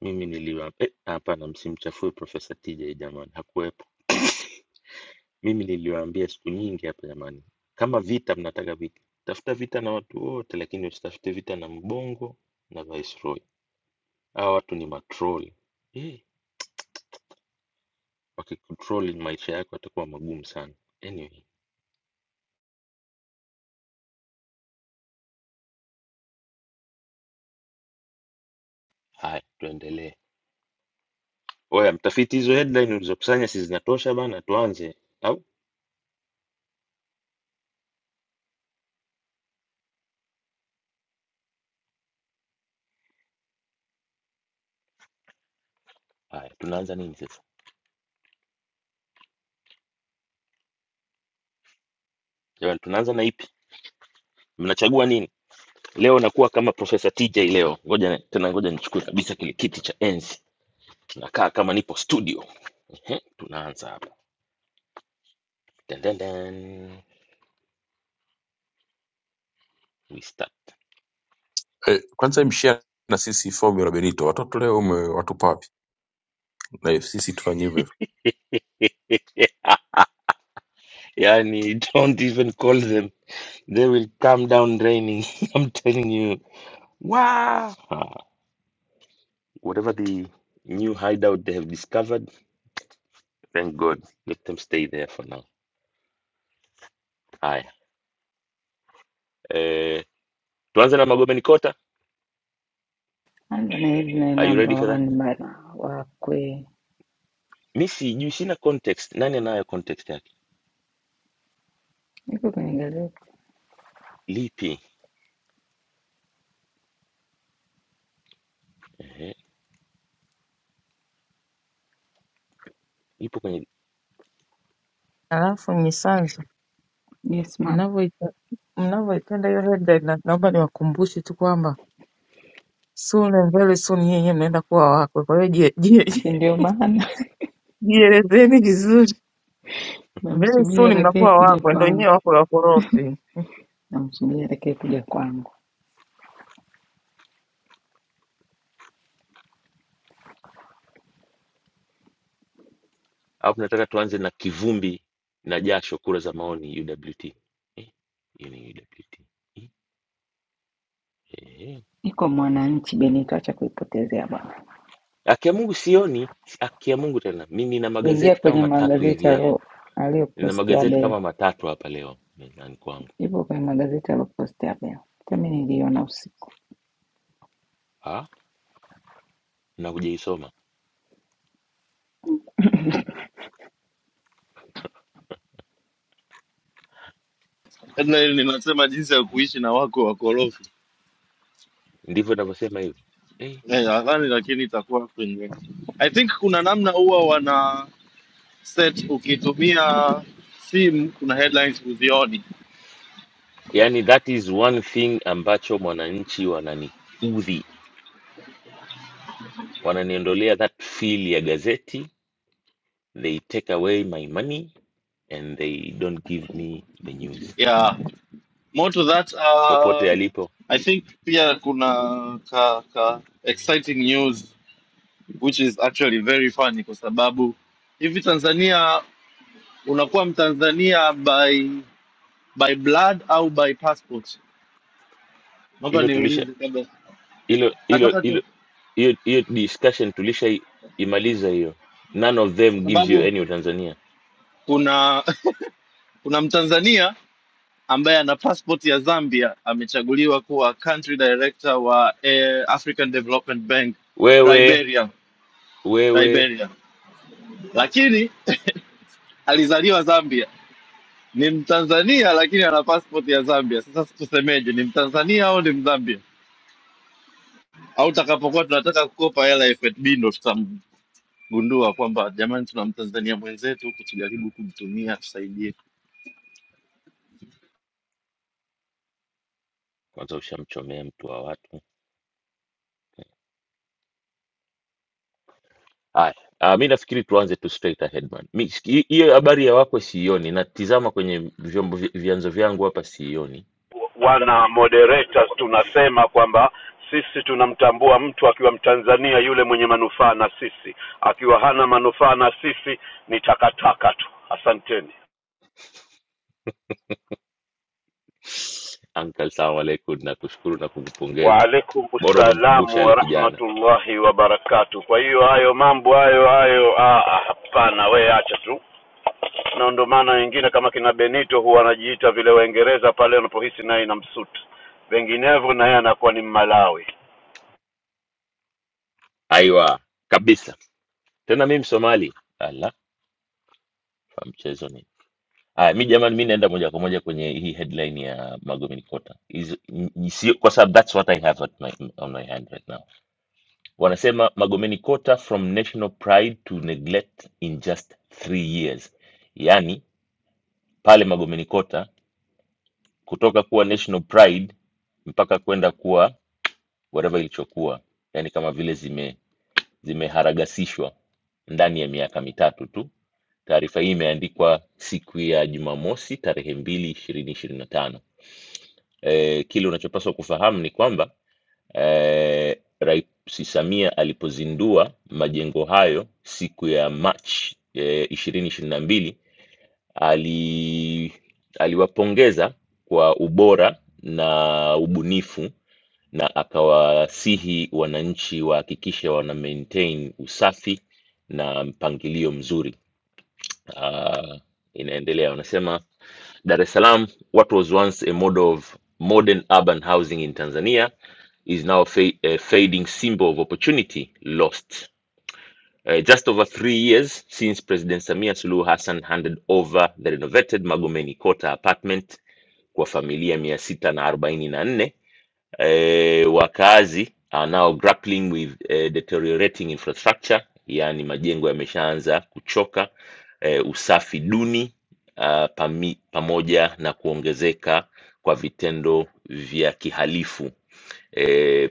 Speaker 1: mimi niliwa eh, hapana, msimchafue Profesa TJ jamani, hakuwepo. *coughs* Mimi niliwaambia siku nyingi hapa jamani, kama vita mnataka vita, tafuta vita na watu wote, lakini usitafute vita na Mbongo na Viceroy. Hawa watu ni matroli eh, wakikontrol maisha yako yatakuwa magumu sana. Anyway, haya tuendelee. Oya mtafiti, hizo headline ulizokusanya si zinatosha bana? Tuanze au haya, tunaanza nini sasa? Jamani, tunaanza na ipi? Mnachagua nini leo? Nakuwa kama Profesa TJ leo. Ngoja tena, ngoja nichukue kabisa kile kiti cha enzi, tunakaa kama nipo studio. Ehe, tunaanza hapa, dan dan dan, we start.
Speaker 2: eh, kwanza mshia na sisi formula benito watoto leo umewatupa wapi na sisi tufanye hivyo hivyo
Speaker 1: *laughs* Yani, don't even call them, they will come down raining. *laughs* I'm telling you, wow. Ah, Whatever the new hideout they have discovered, thank God, let them stay there for now. Haya, eh, tuanze na Magomeni Kota.
Speaker 9: Ndo ile
Speaker 1: Are you
Speaker 9: namba
Speaker 1: ready for that?
Speaker 9: one bana, wakwe
Speaker 1: Mi sijui, sina context. Nani anayo context yake?
Speaker 9: iko kwenye gazeti.
Speaker 1: Lipi? Ehe, ipo kwenye
Speaker 4: Alafu Nyisanzu,
Speaker 9: Yes ma'am,
Speaker 4: mnavyoita- mnavyoipenda hiyo headline, na- naomba niwakumbushe tu kwamba soon and very soon nyinyi mnaenda kuwa wakwe. Kwa hiyo jie- jie-
Speaker 9: si ndio? Maana
Speaker 4: jielezeni vizuri,
Speaker 9: *laughs*
Speaker 4: very
Speaker 9: namsubiri
Speaker 4: soon
Speaker 9: atakaye
Speaker 4: mnakuwa
Speaker 9: kuja
Speaker 4: wakwe, ndio nyie
Speaker 9: kwangu,
Speaker 4: wakwe wakorofi.
Speaker 9: namsubiri atakaye kuja kwangu.
Speaker 1: au tunataka tuanze na kivumbi na jasho, kura za maoni UWT? Eh, hiyo ni UWT. Ehe.
Speaker 9: Iko Mwananchi Benito, acha kuipotezea bwana.
Speaker 1: Haki ya Mungu sioni, haki ya Mungu tena. Mi nina
Speaker 9: Ingia
Speaker 1: magazeti kama
Speaker 9: kwenye
Speaker 1: matatu
Speaker 9: magazeti
Speaker 1: hivi yako,
Speaker 9: alo-
Speaker 1: nina
Speaker 9: aliyopostia
Speaker 1: magazeti kama
Speaker 9: Beo,
Speaker 1: matatu hapa leo mezani kwangu,
Speaker 9: ipo kwenye magazeti aliyopostia Beo. Hata mimi niliona usiku.
Speaker 1: ha? na hujaisoma.
Speaker 7: Headline inasema jinsi ya kuishi na wako wakorofi.
Speaker 1: Ndivyo navyosema hivyo eh.
Speaker 7: Eh, nadhani lakini itakuwa kwenye I think kuna namna huwa wana set ukitumia simu kuna headlines huzioni.
Speaker 1: Yani, that is one thing ambacho mwananchi wananiudhi, wananiondolea that feel ya gazeti they take away my money and they don't give me the news
Speaker 7: Yeah. more to that uh,
Speaker 1: popote alipo
Speaker 7: i think pia kuna ka, ka exciting news which is actually very funny kwa sababu hivi tanzania unakuwa mtanzania by by blood au by passport naomba
Speaker 1: hilo tulisha
Speaker 7: niulize kabla
Speaker 1: hilo hilo
Speaker 7: nataka tu
Speaker 1: hilo hiyo hiyo discussion tulisha imaliza hiyo none of
Speaker 7: kwa
Speaker 1: them gives you
Speaker 7: sababu
Speaker 1: any utanzania
Speaker 7: kuna *laughs* kuna mtanzania ambaye ana passport ya zambia amechaguliwa kuwa country director wa eh, african development bank
Speaker 1: wewe
Speaker 7: liberia
Speaker 1: wewe
Speaker 7: liberia lakini alizaliwa Zambia, ni Mtanzania lakini ana passport ya Zambia. Sasa tusemeje, ni Mtanzania au ni Mzambia? Au takapokuwa tunataka kukopa hela FNB ndo tutamgundua kwamba jamani, tuna Mtanzania mwenzetu huku, tujaribu kumtumia, tusaidie.
Speaker 1: kwanza ushamchomea mtu wa watu haya uh, mi nafikiri tuanze tu straight ahead man Mi- hi- hiyo habari ya wako siioni natizama kwenye vyombo vi- vyanzo vyangu hapa siioni
Speaker 11: wana moderators tunasema kwamba sisi tunamtambua mtu akiwa Mtanzania yule mwenye manufaa na sisi, akiwa hana manufaa na sisi ni takataka tu. Asanteni.
Speaker 1: uncle salamu alaikum nakushukuru na kukupongeza
Speaker 11: Waalaikum
Speaker 1: bora umemkumbusha
Speaker 11: salamu wa
Speaker 1: yale kijana
Speaker 11: rahmatullahi wa barakatuh. Kwa hiyo hayo mambo hayo hayo, ah, ah, hapana, we acha tu. Na ndo maana wengine kama kina Benito huwa anajiita vile Waingereza pale wanapohisi naye inamsuti, vinginevyo naye anakuwa ni Mmalawi.
Speaker 1: aiwa kabisa tena mi msomali ala fa mchezo nini aya mi jamani mi naenda moja kwa moja kwenye hii headline ya magomeni kota Hizo- n- n- sio- kwa sababu thats what i have at my, on my hand right now wanasema magomeni kota from national pride to neglect in just three years yaani pale magomeni kota kutoka kuwa national pride mpaka kwenda kuwa whatever ilichokuwa yaani kama vile zime zimeharagasishwa ndani ya miaka mitatu tu. Taarifa hii imeandikwa siku ya Jumamosi tarehe mbili ishirini ishirini na tano. E, kile unachopaswa kufahamu ni kwamba e, Rais Samia alipozindua majengo hayo siku ya Machi ishirini ishirini na mbili ali aliwapongeza kwa ubora na ubunifu na akawasihi wananchi wahakikishe wana maintain usafi na mpangilio mzuri. Uh, inaendelea wanasema Dar es Salaam, what was once a model of modern urban housing in Tanzania is now a fa a fading symbol of opportunity lost Uh, just over three years since President Samia Suluhu Hassan handed over the renovated Magomeni Kota apartment kwa familia mia sita na arobaini na nne eh, wakazi are now grappling with eh, deteriorating infrastructure, yaani majengo yameshaanza kuchoka eh, usafi duni uh, pami, pamoja na kuongezeka kwa vitendo vya kihalifu eh,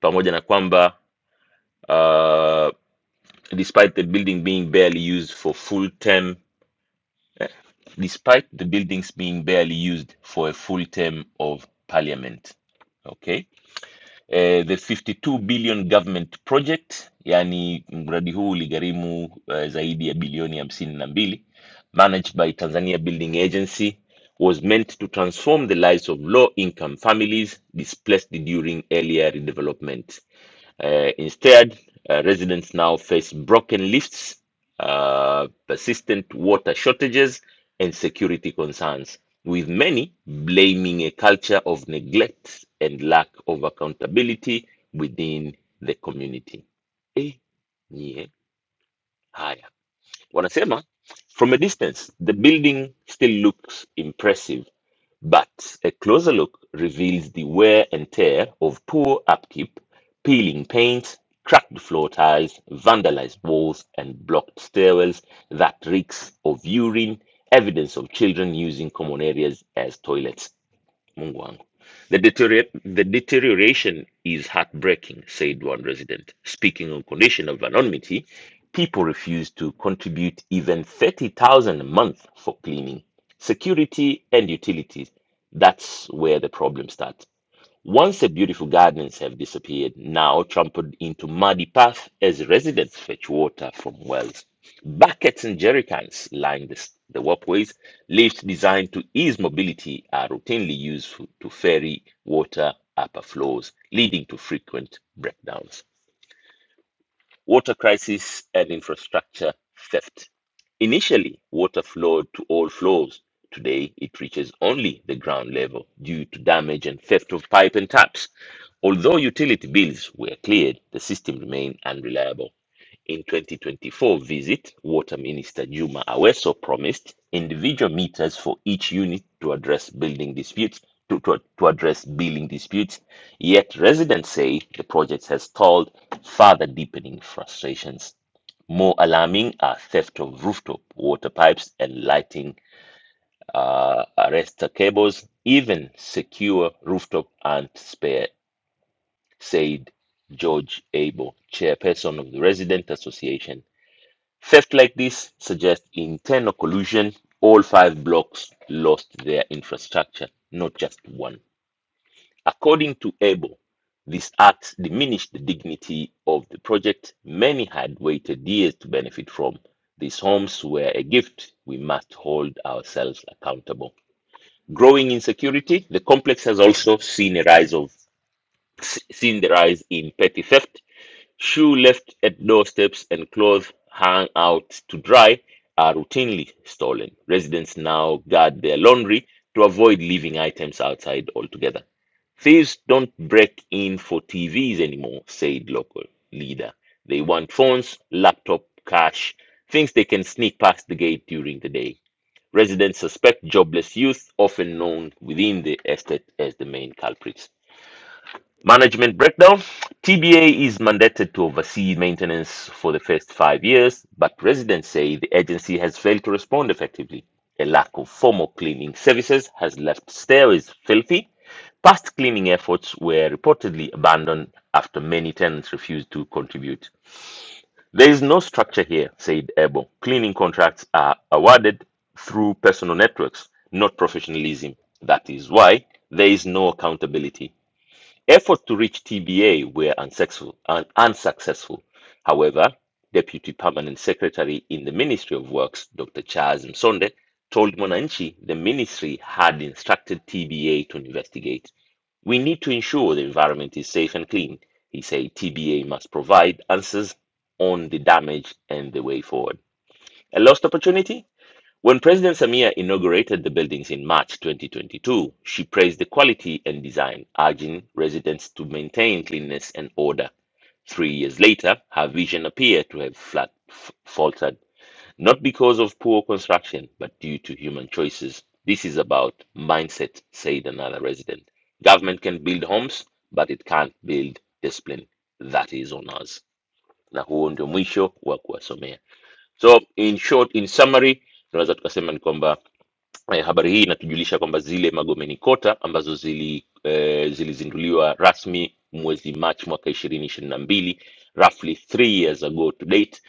Speaker 1: pamoja na kwamba ah, despite the building being barely used for full term, despite the buildings being barely used for a full term of parliament. Okay. Eh, the 52 billion government project, yani mradi huu uligharimu eh, zaidi ya bilioni hamsini na mbili, managed by Tanzania Building Agency, was meant to transform the lives of low income families displaced during earlier redevelopment. Uh, instead, uh, residents now face broken lifts, uh, persistent water shortages, and security concerns, with many blaming a culture of neglect and lack of accountability within the community. Eh, nye, haya. Wanasema from a distance the building still looks impressive, but a closer look reveals the wear and tear of poor upkeep, peeling paint, cracked floor tiles, vandalized walls, and blocked stairwells that reeks of urine, evidence of children using common areas as toilets. Mungu wangu. The, deteriorate, the deterioration is heartbreaking, said one resident. Speaking on condition of anonymity, people refuse to contribute even 30,000 a month for cleaning, security, and utilities. That's where the problem starts. Once the beautiful gardens have disappeared, now trampled into muddy paths as residents fetch water from wells. Buckets and jerrycans line the, s- the walkways. Lifts designed to ease mobility are routinely used f- to ferry water upper floors, leading to frequent breakdowns. Water crisis and infrastructure theft. Initially, water flowed to all floors. Today, it reaches only the ground level due to damage and theft of pipe and taps. Although utility bills were cleared, the system remained unreliable. In 2024 visit, Water Minister Juma Aweso promised individual meters for each unit to address building disputes. To, to, to address building disputes, yet residents say the project has stalled, further deepening frustrations. More alarming are theft of rooftop water pipes and lighting uh, arrestor cables, even secure rooftop and spare, said George Abel, chairperson of the Resident Association Theft like this suggests internal collusion. All five blocks lost their infrastructure, not just one. According to Abel, this act diminished the dignity of the project. Many had waited years to benefit from. These homes were a gift. We must hold ourselves accountable. Growing insecurity, the complex has also seen a rise of s- seen the rise in petty theft, shoe left at doorsteps and clothes hung out to dry are routinely stolen. Residents now guard their laundry to avoid leaving items outside altogether. Thieves don't break in for TVs anymore, said local leader. They want phones, laptop, cash, things they can sneak past the gate during the day. Residents suspect jobless youth, often known within the estate as the main culprits. Management breakdown. TBA is mandated to oversee maintenance for the first five years, but residents say the agency has failed to respond effectively. A lack of formal cleaning services has left stairways filthy. Past cleaning efforts were reportedly abandoned after many tenants refused to contribute. There is no structure here, said Ebo. Cleaning contracts are awarded through personal networks, not professionalism. That is why there is no accountability. Efforts to reach TBA were unsuccessful, un- unsuccessful. However, Deputy Permanent Secretary in the Ministry of Works, Dr. Charles Msonde, told Monanchi the ministry had instructed TBA to investigate. We need to ensure the environment is safe and clean. He said TBA must provide answers on the damage and the way forward. A lost opportunity? When President Samia inaugurated the buildings in March 2022, she praised the quality and design, urging residents to maintain cleanliness and order. Three years later, her vision appeared to have flat, f- faltered, not because of poor construction, but due to human choices. This is about mindset, said another resident. Government can build homes, but it can't build discipline. That is on us. Na huo ndio mwisho wa kuwasomea. So in short, in summary, tunaweza tukasema ni kwamba Eh, habari hii inatujulisha kwamba zile Magomeni Kota ambazo zili eh, zilizinduliwa rasmi mwezi Machi mwaka ishirini ishirini na mbili roughly three years ago to date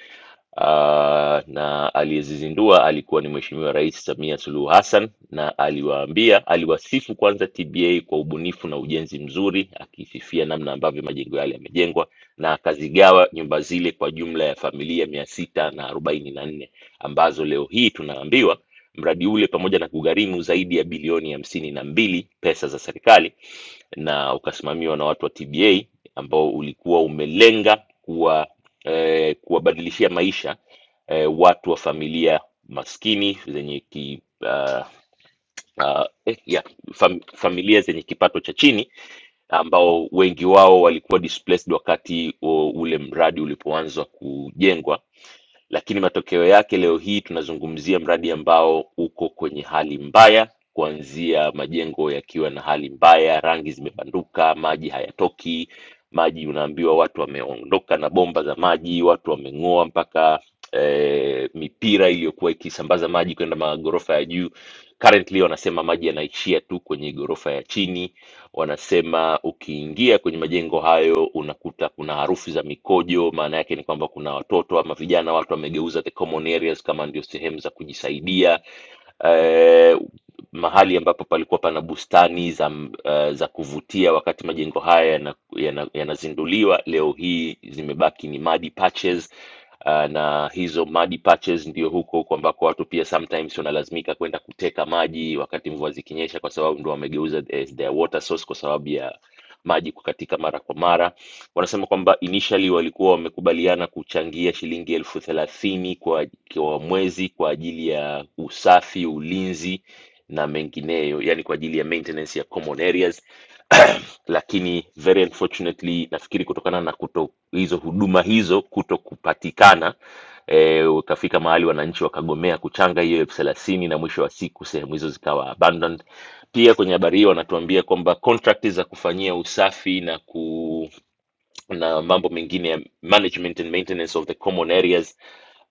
Speaker 1: Ah, na aliyezizindua alikuwa ni Mheshimiwa Rais Samia Suluhu Hassan, na aliwaambia aliwasifu kwanza TBA kwa ubunifu na ujenzi mzuri, akisifia namna ambavyo majengo yale yamejengwa, na akazigawa nyumba zile kwa jumla ya familia mia sita na arobaini na nne ambazo leo hii tunaambiwa Mradi ule pamoja na kugharimu zaidi ya bilioni hamsini na mbili pesa za serikali na ukasimamiwa na watu wa TBA ambao ulikuwa umelenga kuwa eh, kuwabadilishia maisha eh, watu wa familia maskini zenye ki, ah, ah, eh, ya, fam, familia zenye kipato cha chini ambao wengi wao walikuwa displaced wakati o- ule mradi ulipoanza kujengwa, lakini matokeo yake leo hii tunazungumzia mradi ambao uko kwenye hali mbaya, kuanzia majengo yakiwa na hali mbaya, rangi zimebanduka, maji hayatoki, maji unaambiwa watu wameondoka na bomba za maji, watu wameng'oa mpaka eh, mipira iliyokuwa ikisambaza maji kwenda magorofa ya juu. Currently wanasema maji yanaishia tu kwenye gorofa ya chini wanasema ukiingia kwenye majengo hayo unakuta kuna harufu za mikojo. Maana yake ni kwamba kuna watoto ama vijana, watu wamegeuza the common areas kama ndio sehemu za kujisaidia eh, mahali ambapo palikuwa pana bustani za, uh, za kuvutia wakati majengo haya yanazinduliwa yana, yana yanazinduliwa, leo hii zimebaki ni mud patches uh, na hizo mud patches ndio huko huko ambako watu pia sometimes wanalazimika kwenda kuteka maji wakati mvua zikinyesha, kwa sababu ndio wamegeuza as their water source kwa sababu ya maji kukatika mara kwa mara. Wanasema kwamba initially walikuwa wamekubaliana kuchangia shilingi elfu thelathini kwa, kwa mwezi kwa ajili ya usafi, ulinzi na mengineyo, yani kwa ajili ya maintenance ya common areas *coughs* *clears throat* lakini very unfortunately nafikiri kutokana na kuto hizo huduma hizo kuto kupatikana e, ukafika mahali wananchi wakagomea kuchanga hiyo elfu thelathini na mwisho wa siku sehemu hizo zikawa abandoned pia kwenye habari hiyo wanatuambia kwamba contract za kufanyia usafi na ku na mambo mengine ya management and maintenance of the common areas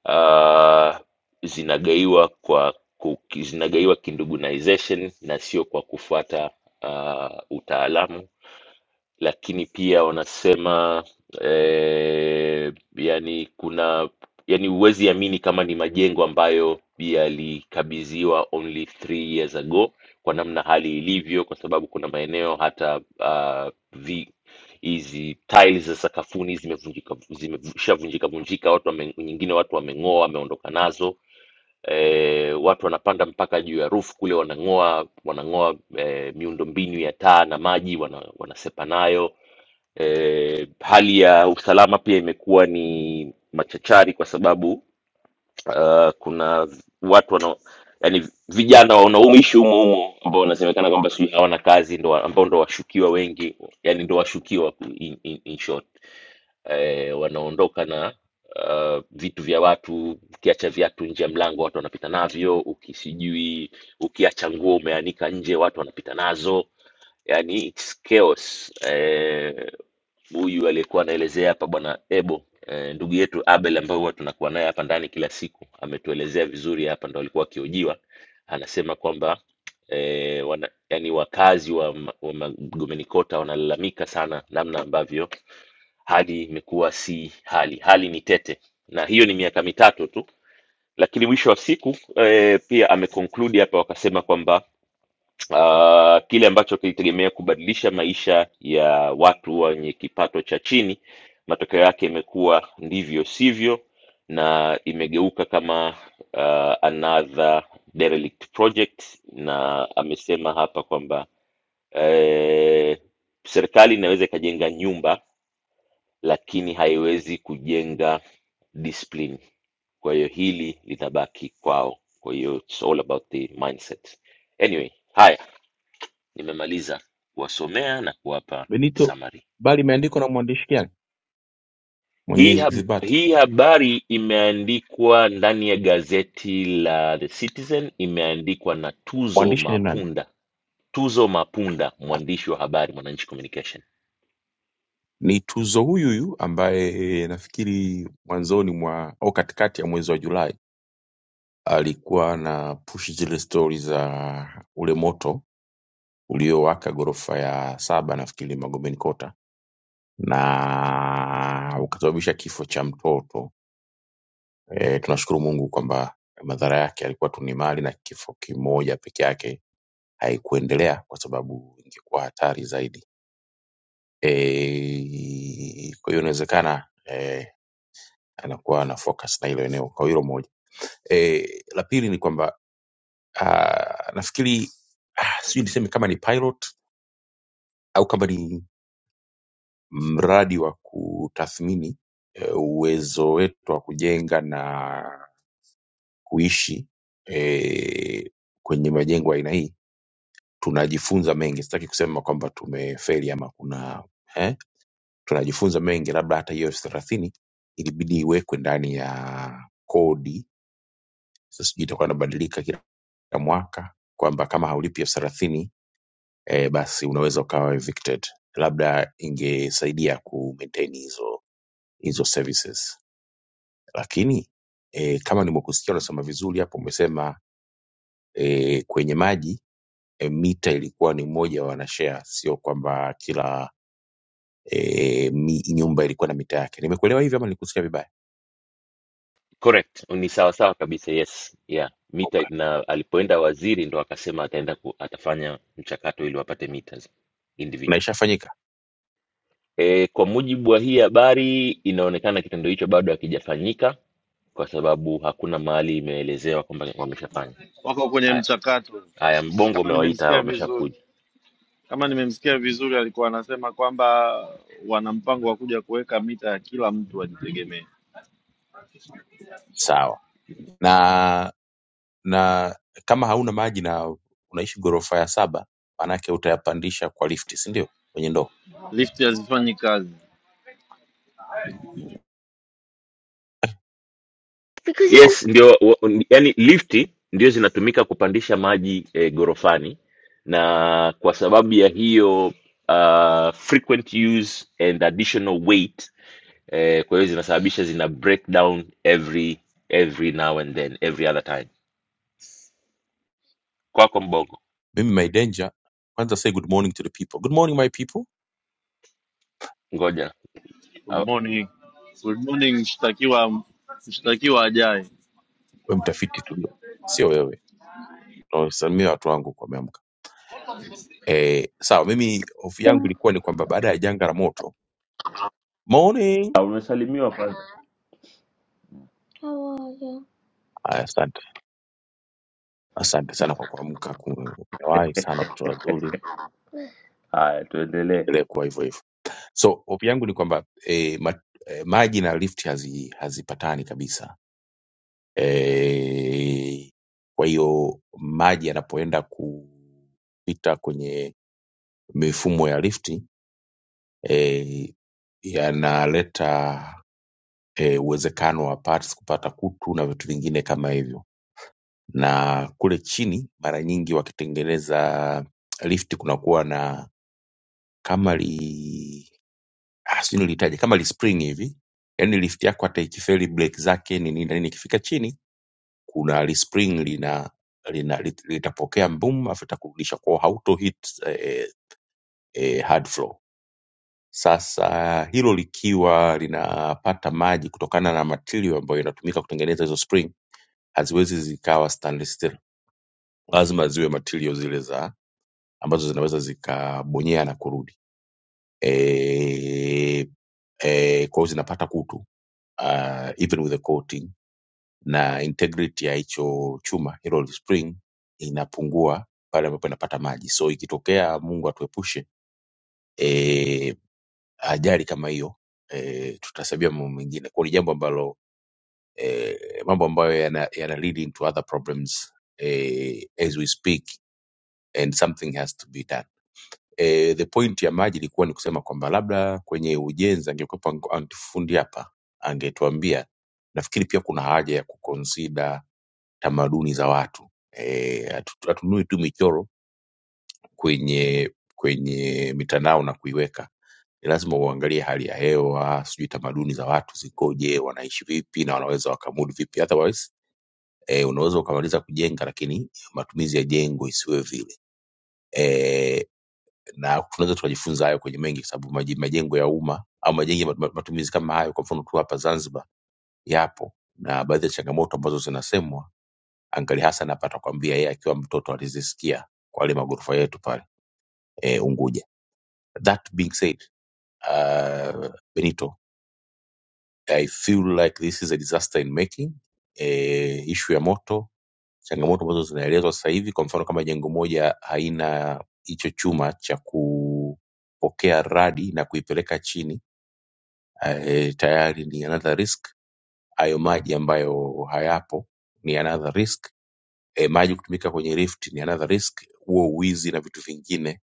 Speaker 1: uh, zinagaiwa kwa ku- zinagaiwa kindugunization na sio kwa kufuata uh, utaalamu lakini pia wanasema eh, yani kuna yani huwezi amini kama ni majengo ambayo yalikabidhiwa only three years ago kwa namna hali ilivyo, kwa sababu kuna maeneo hata ah, vi hizi tiles za sakafuni zimevunjika zimeshavunjika vunjika, watu wame, nyingine watu wameng'oa, wameondoka nazo e, watu wanapanda mpaka juu ya roof kule wanang'oa wanang'oa e, miundombinu ya taa na maji wana, wanasepa nayo e, hali ya usalama pia imekuwa ni machachari kwa sababu uh, kuna watu wana, yani vijana wanaoishi humo humo ambao wanasemekana kwamba sijui hawana kazi ndo wa- ambao ndo washukiwa wengi yani ndo washukiwa in, in, in short eh, wanaondoka na uh, vitu vya watu ukiacha viatu nje ya mlango watu wanapita navyo ukisijui ukiacha nguo umeanika nje watu wanapita nazo yani it's chaos. Eh, huyu aliyekuwa anaelezea hapa bwana Ebo eh, ndugu yetu Abel ambaye huwa tunakuwa naye hapa ndani kila siku ametuelezea vizuri hapa, ndo alikuwa akihojiwa, anasema kwamba eh, wana, yani wakazi wa, ma- wa Magomeni Kota wanalalamika sana namna ambavyo hali imekuwa si hali, hali ni tete, na hiyo ni miaka mitatu tu, lakini mwisho wa siku eh, pia ameconclude hapa wakasema kwamba uh, kile ambacho kilitegemea kubadilisha maisha ya watu wenye kipato cha chini, matokeo yake imekuwa ndivyo sivyo, na imegeuka kama uh, another derelict project, na amesema hapa kwamba eh, serikali inaweza ikajenga nyumba lakini haiwezi kujenga discipline. Kwa hiyo hili linabaki kwao. Kwa hiyo it's all about the mindset. Anyway, haya Nimemaliza kuwasomea na kuwapa
Speaker 2: benito
Speaker 1: summary.
Speaker 2: bali imeandikwa na mwandishi gani mwenye
Speaker 1: Hii, hab
Speaker 2: ithibati
Speaker 1: hii habari imeandikwa ndani ya gazeti la The Citizen, imeandikwa na Tuzo
Speaker 2: mwandishi ni nani
Speaker 1: Mapunda. Tuzo Mapunda, mwandishi wa habari Mwananchi Communication.
Speaker 2: Ni Tuzo huyuhuyu ambaye eh, nafikiri mwanzoni mwa au katikati ya mwezi wa Julai alikuwa na push zile stori za ule moto uliowaka ghorofa ya saba nafikiri Magomeni Kota na ukasababisha kifo cha mtoto. E, tunashukuru Mungu kwamba madhara yake yalikuwa tu ni mali na kifo kimoja peke yake haikuendelea kwa sababu ingekuwa hatari zaidi. E, kwa hiyo inawezekana e, anakuwa ana focus na hilo eneo kwa hilo moja e, la pili ni kwamba ah, nafikiri ah, sijui niseme kama ni pilot au kama ni mradi wa kutathmini eh, uwezo wetu wa kujenga na kuishi eh, kwenye majengo ya aina hii tunajifunza mengi sitaki kusema kwamba tumefeli ama kuna eh? tunajifunza mengi labda hata hiyo elfu thelathini ilibidi iwekwe ndani ya kodi Sasa sijui itakuwa inabadilika kila ya mwaka kwamba kama haulipi elfu thelathini eh, basi unaweza ukawa evicted. Labda ingesaidia ku maintain hizo hizo services, lakini eh, kama nimekusikia unasema vizuri hapo, umesema eh, kwenye maji eh, mita ilikuwa ni mmoja wa wanashare, sio kwamba kila eh, mi, nyumba ilikuwa na mita yake. Nimekuelewa hivyo ama nilikusikia vibaya?
Speaker 1: Correct, ni sawa sawa kabisa. Yes, yeah. Mita
Speaker 2: Okay.
Speaker 1: na alipoenda waziri ndo akasema ataenda ku, atafanya mchakato ili wapate meters
Speaker 2: Na
Speaker 1: individual.
Speaker 2: ishafanyika
Speaker 1: E, kwa mujibu wa hii habari inaonekana kitendo hicho bado hakijafanyika kwa sababu hakuna mahali imeelezewa kwamba wameshafanya
Speaker 7: Wako kwenye
Speaker 1: haya
Speaker 7: mchakato,
Speaker 1: haya mbongo
Speaker 7: kama
Speaker 1: umewaita hawa,
Speaker 7: nimemsikia vizuri
Speaker 1: wameshakuja
Speaker 7: kama nimemsikia vizuri, alikuwa anasema kwamba wana mpango wa kuja kuweka mita ya kila mtu ajitegemee.
Speaker 2: sawa na na kama hauna maji na unaishi ghorofa ya saba, maanake utayapandisha kwa lifti, si ndio? Kwenye ndoo.
Speaker 7: Lifti hazifanyi kazi.
Speaker 2: Oh,
Speaker 1: yes ndio wa- ni- yani lifti ndio zinatumika kupandisha maji eh, gorofani na kwa sababu ya hiyo uh, frequent use and additional weight eh, kwa hiyo zinasababisha zina break down every every now and then every other time kwako mbongo
Speaker 2: Mimi my danger, kwanza say good morning to the people. Good morning my people.
Speaker 1: ngoja
Speaker 7: Good
Speaker 1: au-
Speaker 7: morning, good morning, mshtakiwa, mshtakiwa ajaye.
Speaker 2: Wewe mtafiti tu, ndio, sio wewe. Nawasalimia watu wangu kwa wameamka. Eh, sawa, mimi hofu yangu ilikuwa ni kwamba baada ya janga la moto. Morning.
Speaker 1: Ah, Umesalimiwa kwanza.
Speaker 2: Aya, asante. Asante sana kwa kuamka. Kumewahi sana watoto wazuri.
Speaker 1: Haya, tuendelee.
Speaker 2: Endelee kuwa hivyo hivyo. So, hofu yangu ni kwamba eh, ma, eh, maji na lift hazi, hazipatani kabisa Eh, kwa hiyo maji yanapoenda kupita kwenye mifumo ya lifti eh, yanaleta eh, uwezekano wa parts kupata kutu na vitu vingine kama hivyo. Na kule chini mara nyingi wakitengeneza lifti kunakuwa na kama li ah, sijui nilitaje kama li spring hivi, yaani lifti yako hata ikifeli breki zake ni nini na nini, ikifika chini kuna respring lina, lina lit- litapokea boom afu itakurudisha kwao, hauto hit eh, eh, eh, hard floor. Sasa hilo likiwa linapata maji kutokana na material ambayo inatumika kutengeneza hizo spring, haziwezi zikawa stainless steel, lazima ziwe material zile za ambazo zinaweza zikabonyea na kurudi e, e, kwa hiyo zinapata kutu uh, even with the coating na integrity ya hicho chuma hilo spring inapungua pale ambapo inapata maji. So ikitokea Mungu atuepushe e, ajali kama hiyo e, tutasabia mambo mengine. Kwa hiyo ni jambo ambalo e, mambo ambayo yana, yana lead into other problems e, as we speak and something has to be done e, the point ya maji ilikuwa ni kusema kwamba labda kwenye ujenzi angekuwepo ang- antufundi hapa angetuambia nafikiri pia kuna haja ya kukonsida tamaduni za watu Eh, hatu- hatunui tu michoro kwenye kwenye mitandao na kuiweka ni lazima uangalie hali ya hewa sijui tamaduni za watu zikoje wanaishi vipi na wanaweza wakamudu vipi otherwise eh, unaweza ukamaliza kujenga lakini matumizi ya jengo isiwe vile Eh, na tunaweza tukajifunza hayo kwenye mengi, kwa sababu maji- majengo ya umma au majengo ya matu- matu- matumizi kama hayo, kwa mfano tu hapa Zanzibar yapo, na baadhi ya changamoto ambazo zinasemwa, Angali Hassan hapa atakwambia yeye akiwa mtoto alizisikia kwa yale magorofa yetu pale eh, Unguja. That being said, uh, Benito, I feel like this is a disaster in making. Eh, ishu ya moto, changamoto ambazo zinaelezwa sasa hivi, kwa mfano kama jengo moja haina hicho chuma cha kupokea radi na kuipeleka chini eh, tayari ni another risk. Hayo maji ambayo hayapo ni another risk. Eh, maji kutumika kwenye rift ni another risk. Huo wizi na vitu vingine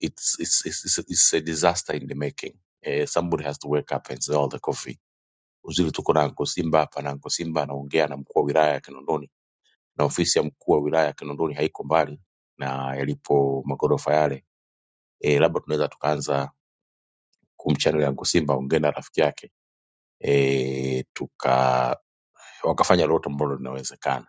Speaker 2: it's, it's, it's, it's, a, it's a disaster in the making. Eh, somebody has to wake up and say all the coffee. Uzuri tuko na Anko Simba hapa na Anko Simba anaongea na mkuu wa wilaya ya Kinondoni na ofisi ya mkuu wa wilaya ya Kinondoni haiko mbali na yalipo magorofa yale. Eh, labda tunaweza tukaanza kumchannel Anko Simba aongee na rafiki yake eh, tuka wakafanya lolote ambalo linawezekana.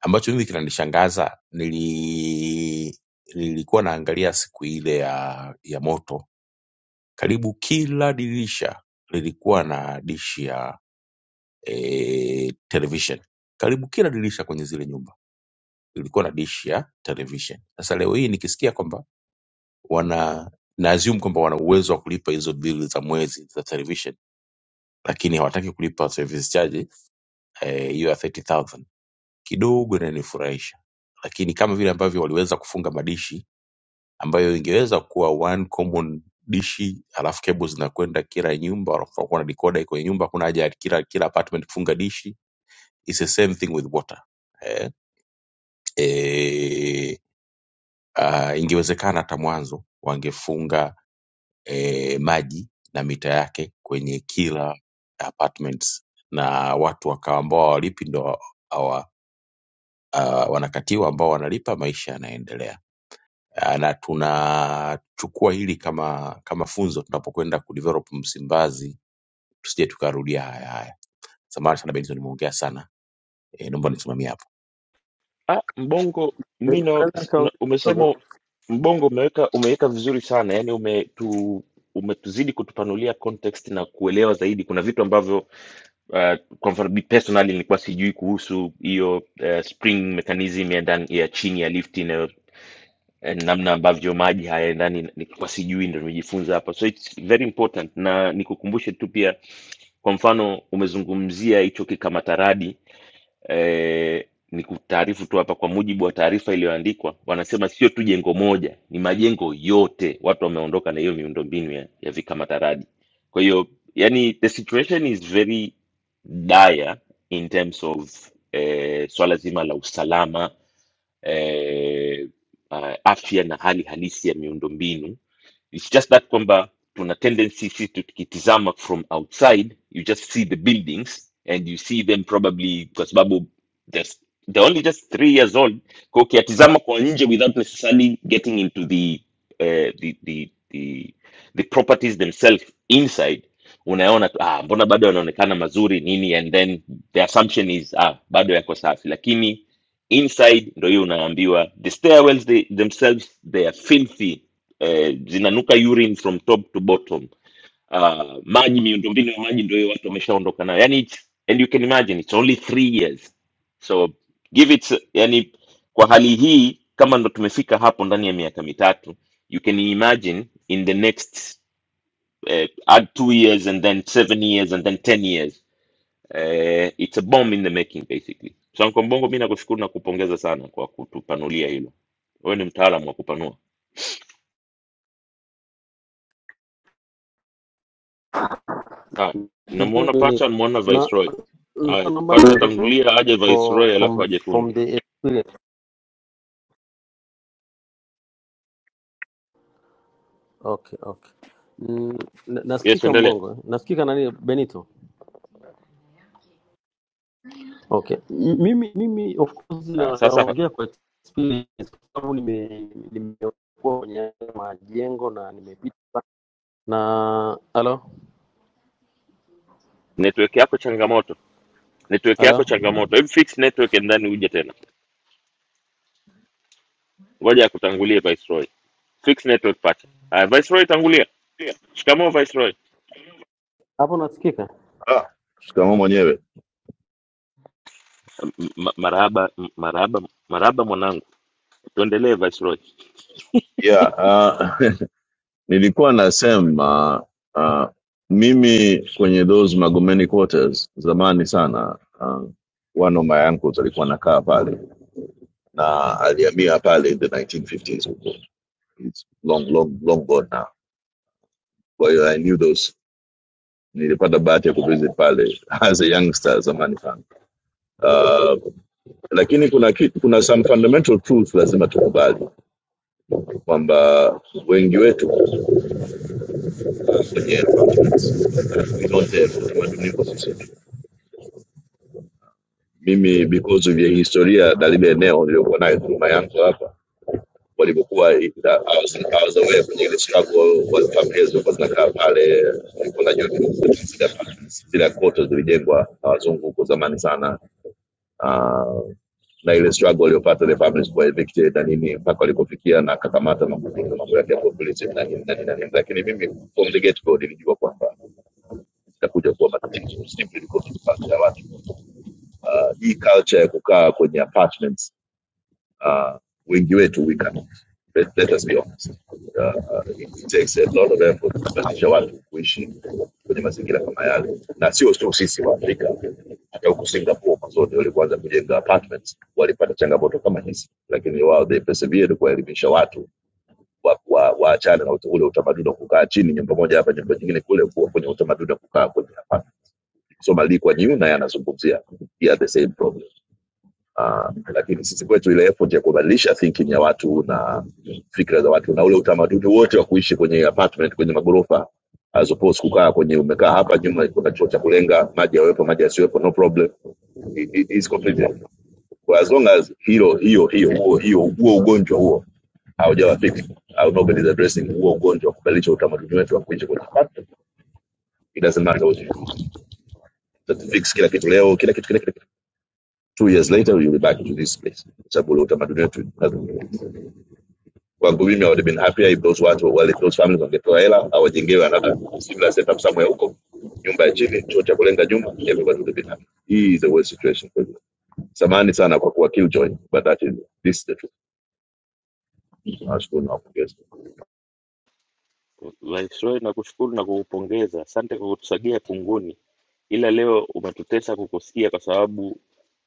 Speaker 2: Ambacho mimi kinanishangaza, nili nilikuwa naangalia siku ile ya ya moto, karibu kila dirisha lilikuwa na dishi ya e, television. Karibu kila dirisha kwenye zile nyumba lilikuwa na dishi ya television. Sasa leo hii nikisikia kwamba wana na assume kwamba wana uwezo wa kulipa hizo bili za mwezi za television, lakini hawataki kulipa service charge eh, hiyo ya 30,000 kidogo inanifurahisha lakini kama vile ambavyo waliweza kufunga madishi ambayo ingeweza kuwa one common dishi alafu cable zinakwenda kila nyumba wanakuwa na decoder iko kwenye nyumba kuna haja ya kila kila apartment kufunga dishi it's the same thing with water eh, eh, uh, ingewezekana hata mwanzo wangefunga eh, maji na mita yake kwenye kila apartments na watu wakawa ambao hawalipi ndo hawa, uh, wanakatiwa ambao wanalipa maisha yanaendelea Ah, na tunachukua hili kama kama funzo tunapokwenda kudevelop Msimbazi, tusije tukarudia haya haya. Samahani sana Benson, nimeongea sana e, naomba nisimamie hapo.
Speaker 1: Ah, Mbongo mi
Speaker 12: Benito
Speaker 1: na-
Speaker 12: anaweza
Speaker 1: s- na-
Speaker 12: akaongea
Speaker 1: umesema
Speaker 12: kidogo.
Speaker 1: Mbongo umeweka umeweka vizuri sana yani umetu, umetuzidi kutupanulia context na kuelewa zaidi. Kuna vitu ambavyo uh, kwa mfano bi- personally nilikuwa sijui kuhusu hiyo uh, spring mechanism ya ndani ya chini ya lift inayo eh, namna ambavyo maji hayaendani nilikuwa sijui, ndio nimejifunza hapa, so it's very important. Na nikukumbushe tu pia, kwa mfano umezungumzia hicho kikamatarabi eh, ni kutaarifu tu hapa, kwa mujibu wa taarifa iliyoandikwa, wanasema sio tu jengo moja, ni majengo yote, watu wameondoka na hiyo miundombinu ya, ya vikamataraji. Kwa hiyo yani, the situation is very dire in terms of eh, swala zima la usalama eh, ah, afya na hali halisi ya miundombinu It's just that kwamba tuna tendency sisi tukitizama from outside, you just see the buildings and you see them probably kwa sababu there's they're only just three years old. Kwa ukiyatizama kwa nje without necessarily getting into the, uh, the, the, the, the properties themselves inside unaona tu ah, mbona bado yanaonekana mazuri nini and then the assumption is ah, bado yako safi lakini inside ndo hiyo unaambiwa the stairwells they, themselves they are filthy eh, zinanuka urine from top to bottom uh, maji miundombinu ya maji ndio hiyo watu wameshaondoka nayo yani it's, and you can imagine it's only three years so give it yani kwa hali hii kama ndo tumefika hapo ndani ya miaka mitatu you can imagine in the next eh, add two years and then seven years and then ten years eh, it's a bomb in the making basically so Uncle mbongo mi nakushukuru na kupongeza sana kwa kutupanulia hilo wewe ni mtaalamu wa kupanua Haya,
Speaker 12: Ndio
Speaker 1: namuona
Speaker 12: ni-
Speaker 1: pacha, namuona
Speaker 12: na
Speaker 1: Viceroy. Haya,
Speaker 12: nilikuwa naomba
Speaker 1: pacha
Speaker 12: kuelewa
Speaker 1: tangulia aje
Speaker 12: from
Speaker 1: Viceroy,
Speaker 12: from
Speaker 1: alafu aje
Speaker 12: from
Speaker 1: fundi.
Speaker 12: the experience. Okay, okay. Mm, na-
Speaker 1: Yes,
Speaker 12: Nasikika
Speaker 1: endelea.
Speaker 12: mbongo, eh? nasikika nani Benito? Okay. M- Mimi mimi of course
Speaker 1: Ah,
Speaker 12: na,
Speaker 1: sasa
Speaker 12: naongea kwa experience kwa sababu nime nimekuwa kwenye haya majengo na nimepita na halo
Speaker 1: network yako changamoto, network yako
Speaker 12: halo
Speaker 1: changamoto. Hebu fix network and then uje tena, ngoja akutangulie Viceroy. Fix network pacha. Haya, Viceroy tangulia. Shikamoo Viceroy.
Speaker 12: hapo nasikika
Speaker 13: Ah, shikamoo mwenyewe.
Speaker 1: M- ma- Marahaba, m- marahaba, marahaba mwanangu, tuendelee Viceroy.
Speaker 13: Yeah, uh, *laughs* nilikuwa nasema uh, mimi kwenye those Magomeni quarters zamani sana uh, one of my uncles alikuwa anakaa pale na alihamia pale in the 1950s huko. It's long long long gone now. Kwa hiyo I knew those nilipata bahati ya kuvisit pale *laughs* as a youngster zamani sana. Uh, lakini kuna ki, kuna some fundamental truth lazima tukubali kwamba wengi wetu kwenye continents. Ni zote utamaduni uko sisi. Mimi because vya historia na lile eneo niliokuwa nayo dhuluma yangu hapa walivyokuwa I I was I was aware kwenye ile struggle wa familia zilikuwa zinakaa pale, nilikuwa najua tu zile zile koto zilijengwa na wazungu huko zamani sana Ah, na ile struggle waliopata the families were evicted na nini mpaka walikofikia na akakamata na kufunga mambo yake ya populism na nini na nini na nini, lakini mimi from the get go nilijua kwamba itakuja kuwa matatizo simply because of culture ya watu uh, hii culture ya kukaa kwenye apartments uh, wengi wetu we cannot let, let us be honest uh, uh, it takes a lot of effort kubadilisha watu kuishi kwenye mazingira kama yale na sio tu sisi wa Afrika hata huku Singapore mwanzoni walipoanza kujenga apartments walipata changamoto kama hizi lakini wao they persevered kuwaelimisha watu waachane wa- wa- waachane na uta- ule utamaduni wa kukaa chini nyumba moja hapa nyumba nyingine kule kuwa kwenye utamaduni wa kukaa kwenye apartment so maandiko ya New naye anazungumzia pia the same problem uh, lakini sisi kwetu ile effort ya kubadilisha thinking ya watu na fikra za watu na ule utamaduni wote wa kuishi kwenye apartment kwenye magorofa as opposed kukaa kwenye umekaa hapa nyuma kuna choo cha kulenga maji yawepo maji yasiwepo no problem it, it is completely for as long as hilo hiyo hiyo huo hiyo huo ugonjwa huo haujawa fix au nobody is addressing huo ugonjwa wa kubadilisha utamaduni wetu wa kuishi kwenye apartment it doesn't matter what you do. Tutato fix kila kitu leo kila kitu kila kitu two years later we will be back to this place kwa sababu ule utamaduni wetu lazima- kwangu mimi i would have been happier if those watu wale those families wangetoa hela awajengewe another similar setup somewhere huko nyumba ya chini chuo cha kulenga nyuma everybody would have been happy hii is the worst situation kwa hivyo. samahani sana kwa kuwa killjoy but that is this is the truth nashukuru na kupongeza
Speaker 1: Viceroy, nakushukuru na kukupongeza, asante kwa kutusagia kunguni. ila leo umetutesa kukusikia kwa sababu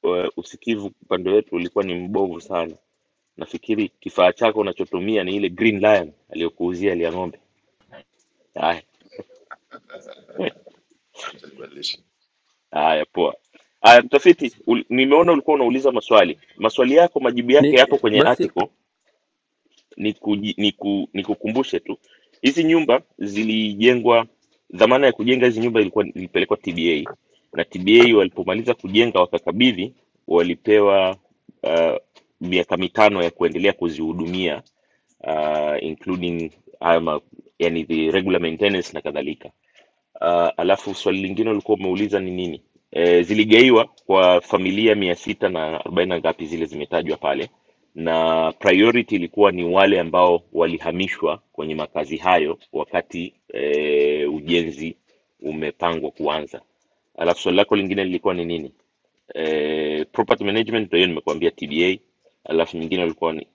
Speaker 1: uh, usikivu upande wetu ulikuwa ni mbovu sana. Nafikiri kifaa chako unachotumia ni ile Green Lion aliyokuuzia ile ya ng'ombe. Haya, *laughs*
Speaker 13: Acha nibadilishe.
Speaker 1: haya, poa. Haya, mtafiti, ul- nimeona ulikuwa unauliza maswali. Maswali yako majibu yake yapo
Speaker 12: ni
Speaker 1: kwenye
Speaker 12: basi
Speaker 1: article nikuji- niku- nikukumbushe tu hizi nyumba zilijengwa dhamana ya kujenga hizi nyumba ilikuwa ilipelekwa tba na tba walipomaliza kujenga wakakabidhi walipewa uh, miaka mitano ya kuendelea kuzihudumia uh, including haya ma- yani the regular maintenance na kadhalika uh, alafu swali lingine ulikuwa umeuliza ni nini e, ziligaiwa kwa familia mia sita na arobaini na ngapi zile zimetajwa pale na priority ilikuwa ni wale ambao walihamishwa kwenye makazi hayo wakati e, ujenzi umepangwa kuanza alafu swali lako lingine lilikuwa ni nini e, property management ndio hiyo nimekuambia tba alafu nyingine ulikuwa ni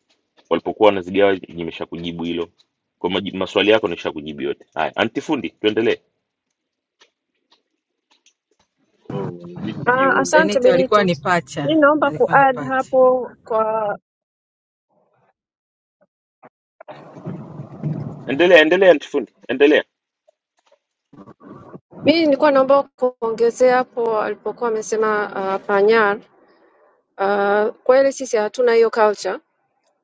Speaker 1: walipokuwa wanazigawa nimeshakujibu hilo kwa maji- maswali yako nishakujibu yote haya antifundi tuendelee
Speaker 7: Wewe unijibu
Speaker 14: Ah,
Speaker 7: kiuni.
Speaker 14: asante
Speaker 9: Benito alikuwa
Speaker 14: Benito.
Speaker 9: ni
Speaker 14: Mi
Speaker 9: pacha,
Speaker 14: naomba
Speaker 9: alikuwa ni
Speaker 14: kuadd
Speaker 9: pacha.
Speaker 14: hapo kwa
Speaker 1: Endelea, endelea antifundi, endelea.
Speaker 14: mi nilikuwa naomba kuongezea hapo alipokuwa amesema uh, Panyar. Uh, kweli sisi hatuna hiyo culture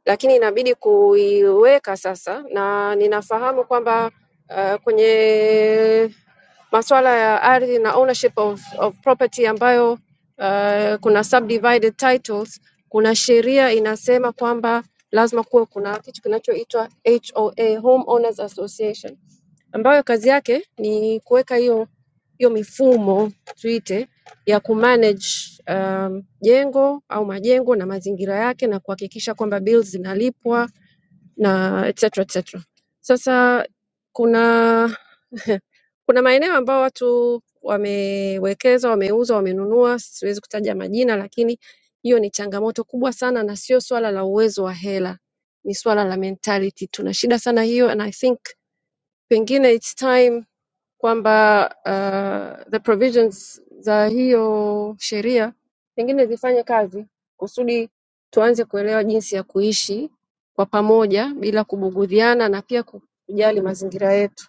Speaker 14: lakini inabidi kuiweka sasa, na ninafahamu kwamba uh, kwenye masuala ya ardhi na ownership of, of property ambayo uh, kuna subdivided titles, kuna sheria inasema kwamba lazima kuwe kuna kitu kinachoitwa HOA, Homeowners Association ambayo kazi yake ni kuweka hiyo hiyo mifumo tuite ya kumanage um, jengo au majengo na mazingira yake na kuhakikisha kwamba bills zinalipwa na etc etc. Sasa kuna *laughs* kuna maeneo ambayo watu wamewekeza, wameuza, wamenunua, siwezi kutaja majina, lakini hiyo ni changamoto kubwa sana, na sio swala la uwezo wa hela, ni swala la mentality. Tuna shida sana hiyo, and I think pengine it's time kwamba uh, the provisions za hiyo sheria pengine zifanye kazi kusudi tuanze kuelewa jinsi ya kuishi kwa pamoja bila kubugudhiana na pia kujali mazingira yetu.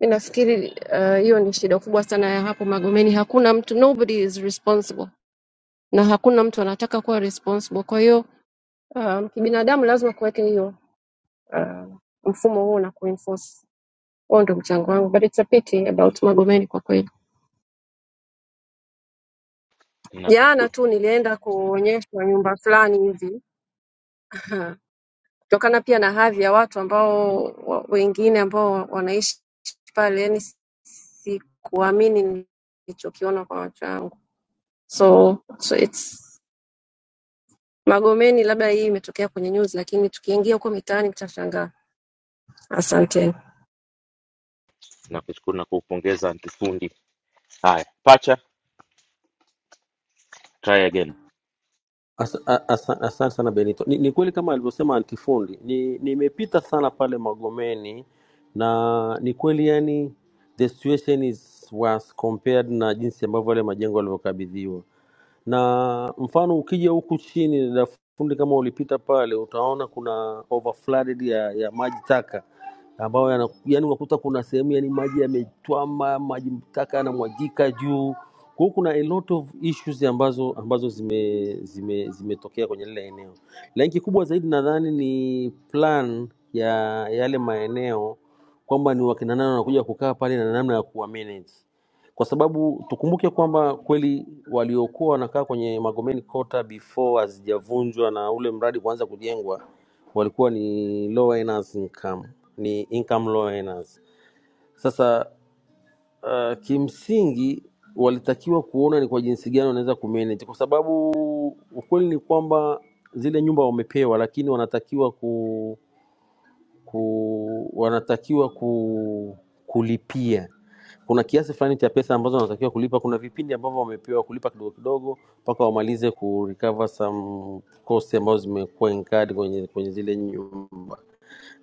Speaker 14: Mi nafikiri uh, hiyo ni shida kubwa sana ya hapo Magomeni. Hakuna mtu, nobody is responsible, na hakuna mtu anataka kuwa responsible. Kwa hiyo um, kibinadamu lazima kuweke hiyo uh, mfumo huo na kuenforce. Huo ndo mchango wangu, but it's a pity about Magomeni kwa kweli. Jana
Speaker 1: Nakushukuru,
Speaker 14: tu nilienda kuonyeshwa nyumba fulani hivi *laughs* kutokana pia na hadhi ya watu ambao wa- wengine ambao wanaishi pale, yani sikuamini nilichokiona kwa macho yangu. So, so it's Magomeni, labda hii imetokea kwenye news, lakini tukiingia huko mitaani mtashangaa. Asante.
Speaker 1: nakushukuru na kukupongeza antifundi. Haya, pacha, try again.
Speaker 12: Asante Asa- a- asa- Asante sana Benito. Ni, ni kweli kama alivyosema antifundi, ni nimepita sana pale Magomeni na ni kweli yani the situation is worse compared na jinsi ambavyo yale majengo yalivyokabidhiwa na mfano ukija huku chini dada fundi kama ulipita pale utaona kuna overflooded ya, ya maji taka ambayo yana, yani unakuta kuna sehemu yani maji yametwama maji taka yanamwagika juu kwa hiyo kuna a lot of issues ambazo ambazo zime zime zimetokea kwenye lile eneo lakini kikubwa zaidi nadhani ni plan ya yale maeneo kwamba ni wakina nani wanakuja kukaa pale na namna ya kuwa manage kwa sababu tukumbuke kwamba kweli waliokuwa wanakaa kwenye Magomeni Kota before hazijavunjwa na ule mradi kuanza kujengwa walikuwa ni low earners income, ni income low earners. Sasa uh, kimsingi walitakiwa kuona ni kwa jinsi gani wanaweza kumanage, kwa sababu ukweli ni kwamba zile nyumba wamepewa, lakini wanatakiwa ku ku, wanatakiwa ku, kulipia kuna kiasi fulani cha pesa ambazo wanatakiwa kulipa. Kuna vipindi ambavyo wamepewa kulipa kidogo kidogo mpaka wamalize ku recover some cost ambazo zimekuwa incurred kwenye, kwenye zile nyumba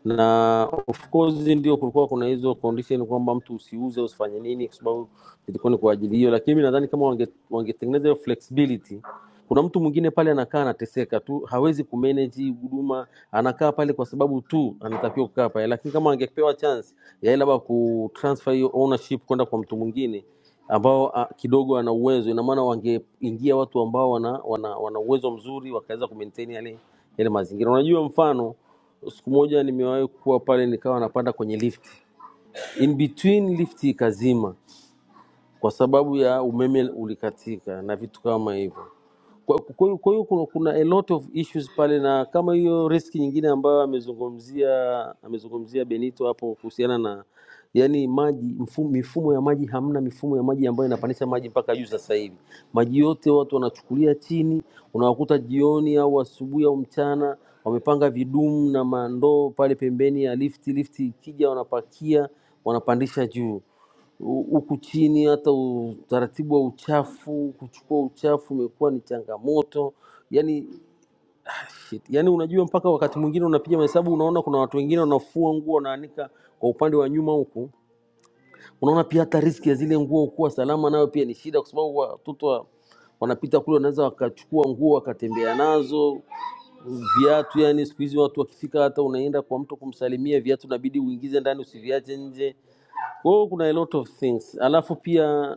Speaker 12: na of course ndio kulikuwa kuna hizo condition kwamba mtu usiuze usifanye nini, kwa sababu ilikuwa ni kwa ajili hiyo, lakini mi nadhani kama wange- wangetengeneza hiyo flexibility kuna mtu mwingine pale anakaa anateseka tu, hawezi kumanage hii huduma, anakaa pale kwa sababu tu anatakiwa kukaa pale, lakini kama angepewa chance ya yeye labda kutransfer hiyo ownership kwenda kwa mtu mwingine ambao a, kidogo ana uwezo, ina maana wangeingia watu ambao wana, wana, wana uwezo mzuri wakaweza kumaintain yale, yale mazingira. Unajua mfano Siku moja nimewahi kuwa pale nikawa napanda kwenye lifti in between lifti ikazima kwa sababu ya umeme ulikatika na vitu kama hivyo. Kwa kwa hiyo kwa hiyo kuna, kuna a lot of issues pale, na kama hiyo riski nyingine ambayo amezungumzia amezungumzia Benito hapo kuhusiana na yani maji mfumo, mifumo ya maji, hamna mifumo ya maji ambayo inapandisha maji mpaka juu. Sasa hivi maji yote watu wanachukulia chini, unawakuta jioni au asubuhi au mchana wamepanga vidumu na mandoo pale pembeni ya lifti, lifti ikija wanapakia wanapandisha juu. Hu- huku chini hata utaratibu wa uchafu, kuchukua uchafu umekuwa ni changamoto. Yani, shit. Yani unajua mpaka wakati mwingine unapiga mahesabu unaona kuna watu wengine wanafua nguo wanaanika kwa upande wa nyuma huku, unaona pia hata riski ya zile nguo kuwa salama nayo pia ni shida, kwa sababu watoto wa- wanapita kule wanaweza wakachukua nguo wakatembea nazo viatu. Yani siku hizi watu wakifika, hata unaenda kwa mtu kumsalimia, viatu inabidi uingize ndani usiviache nje. Kwa hiyo kuna a lot of things, alafu pia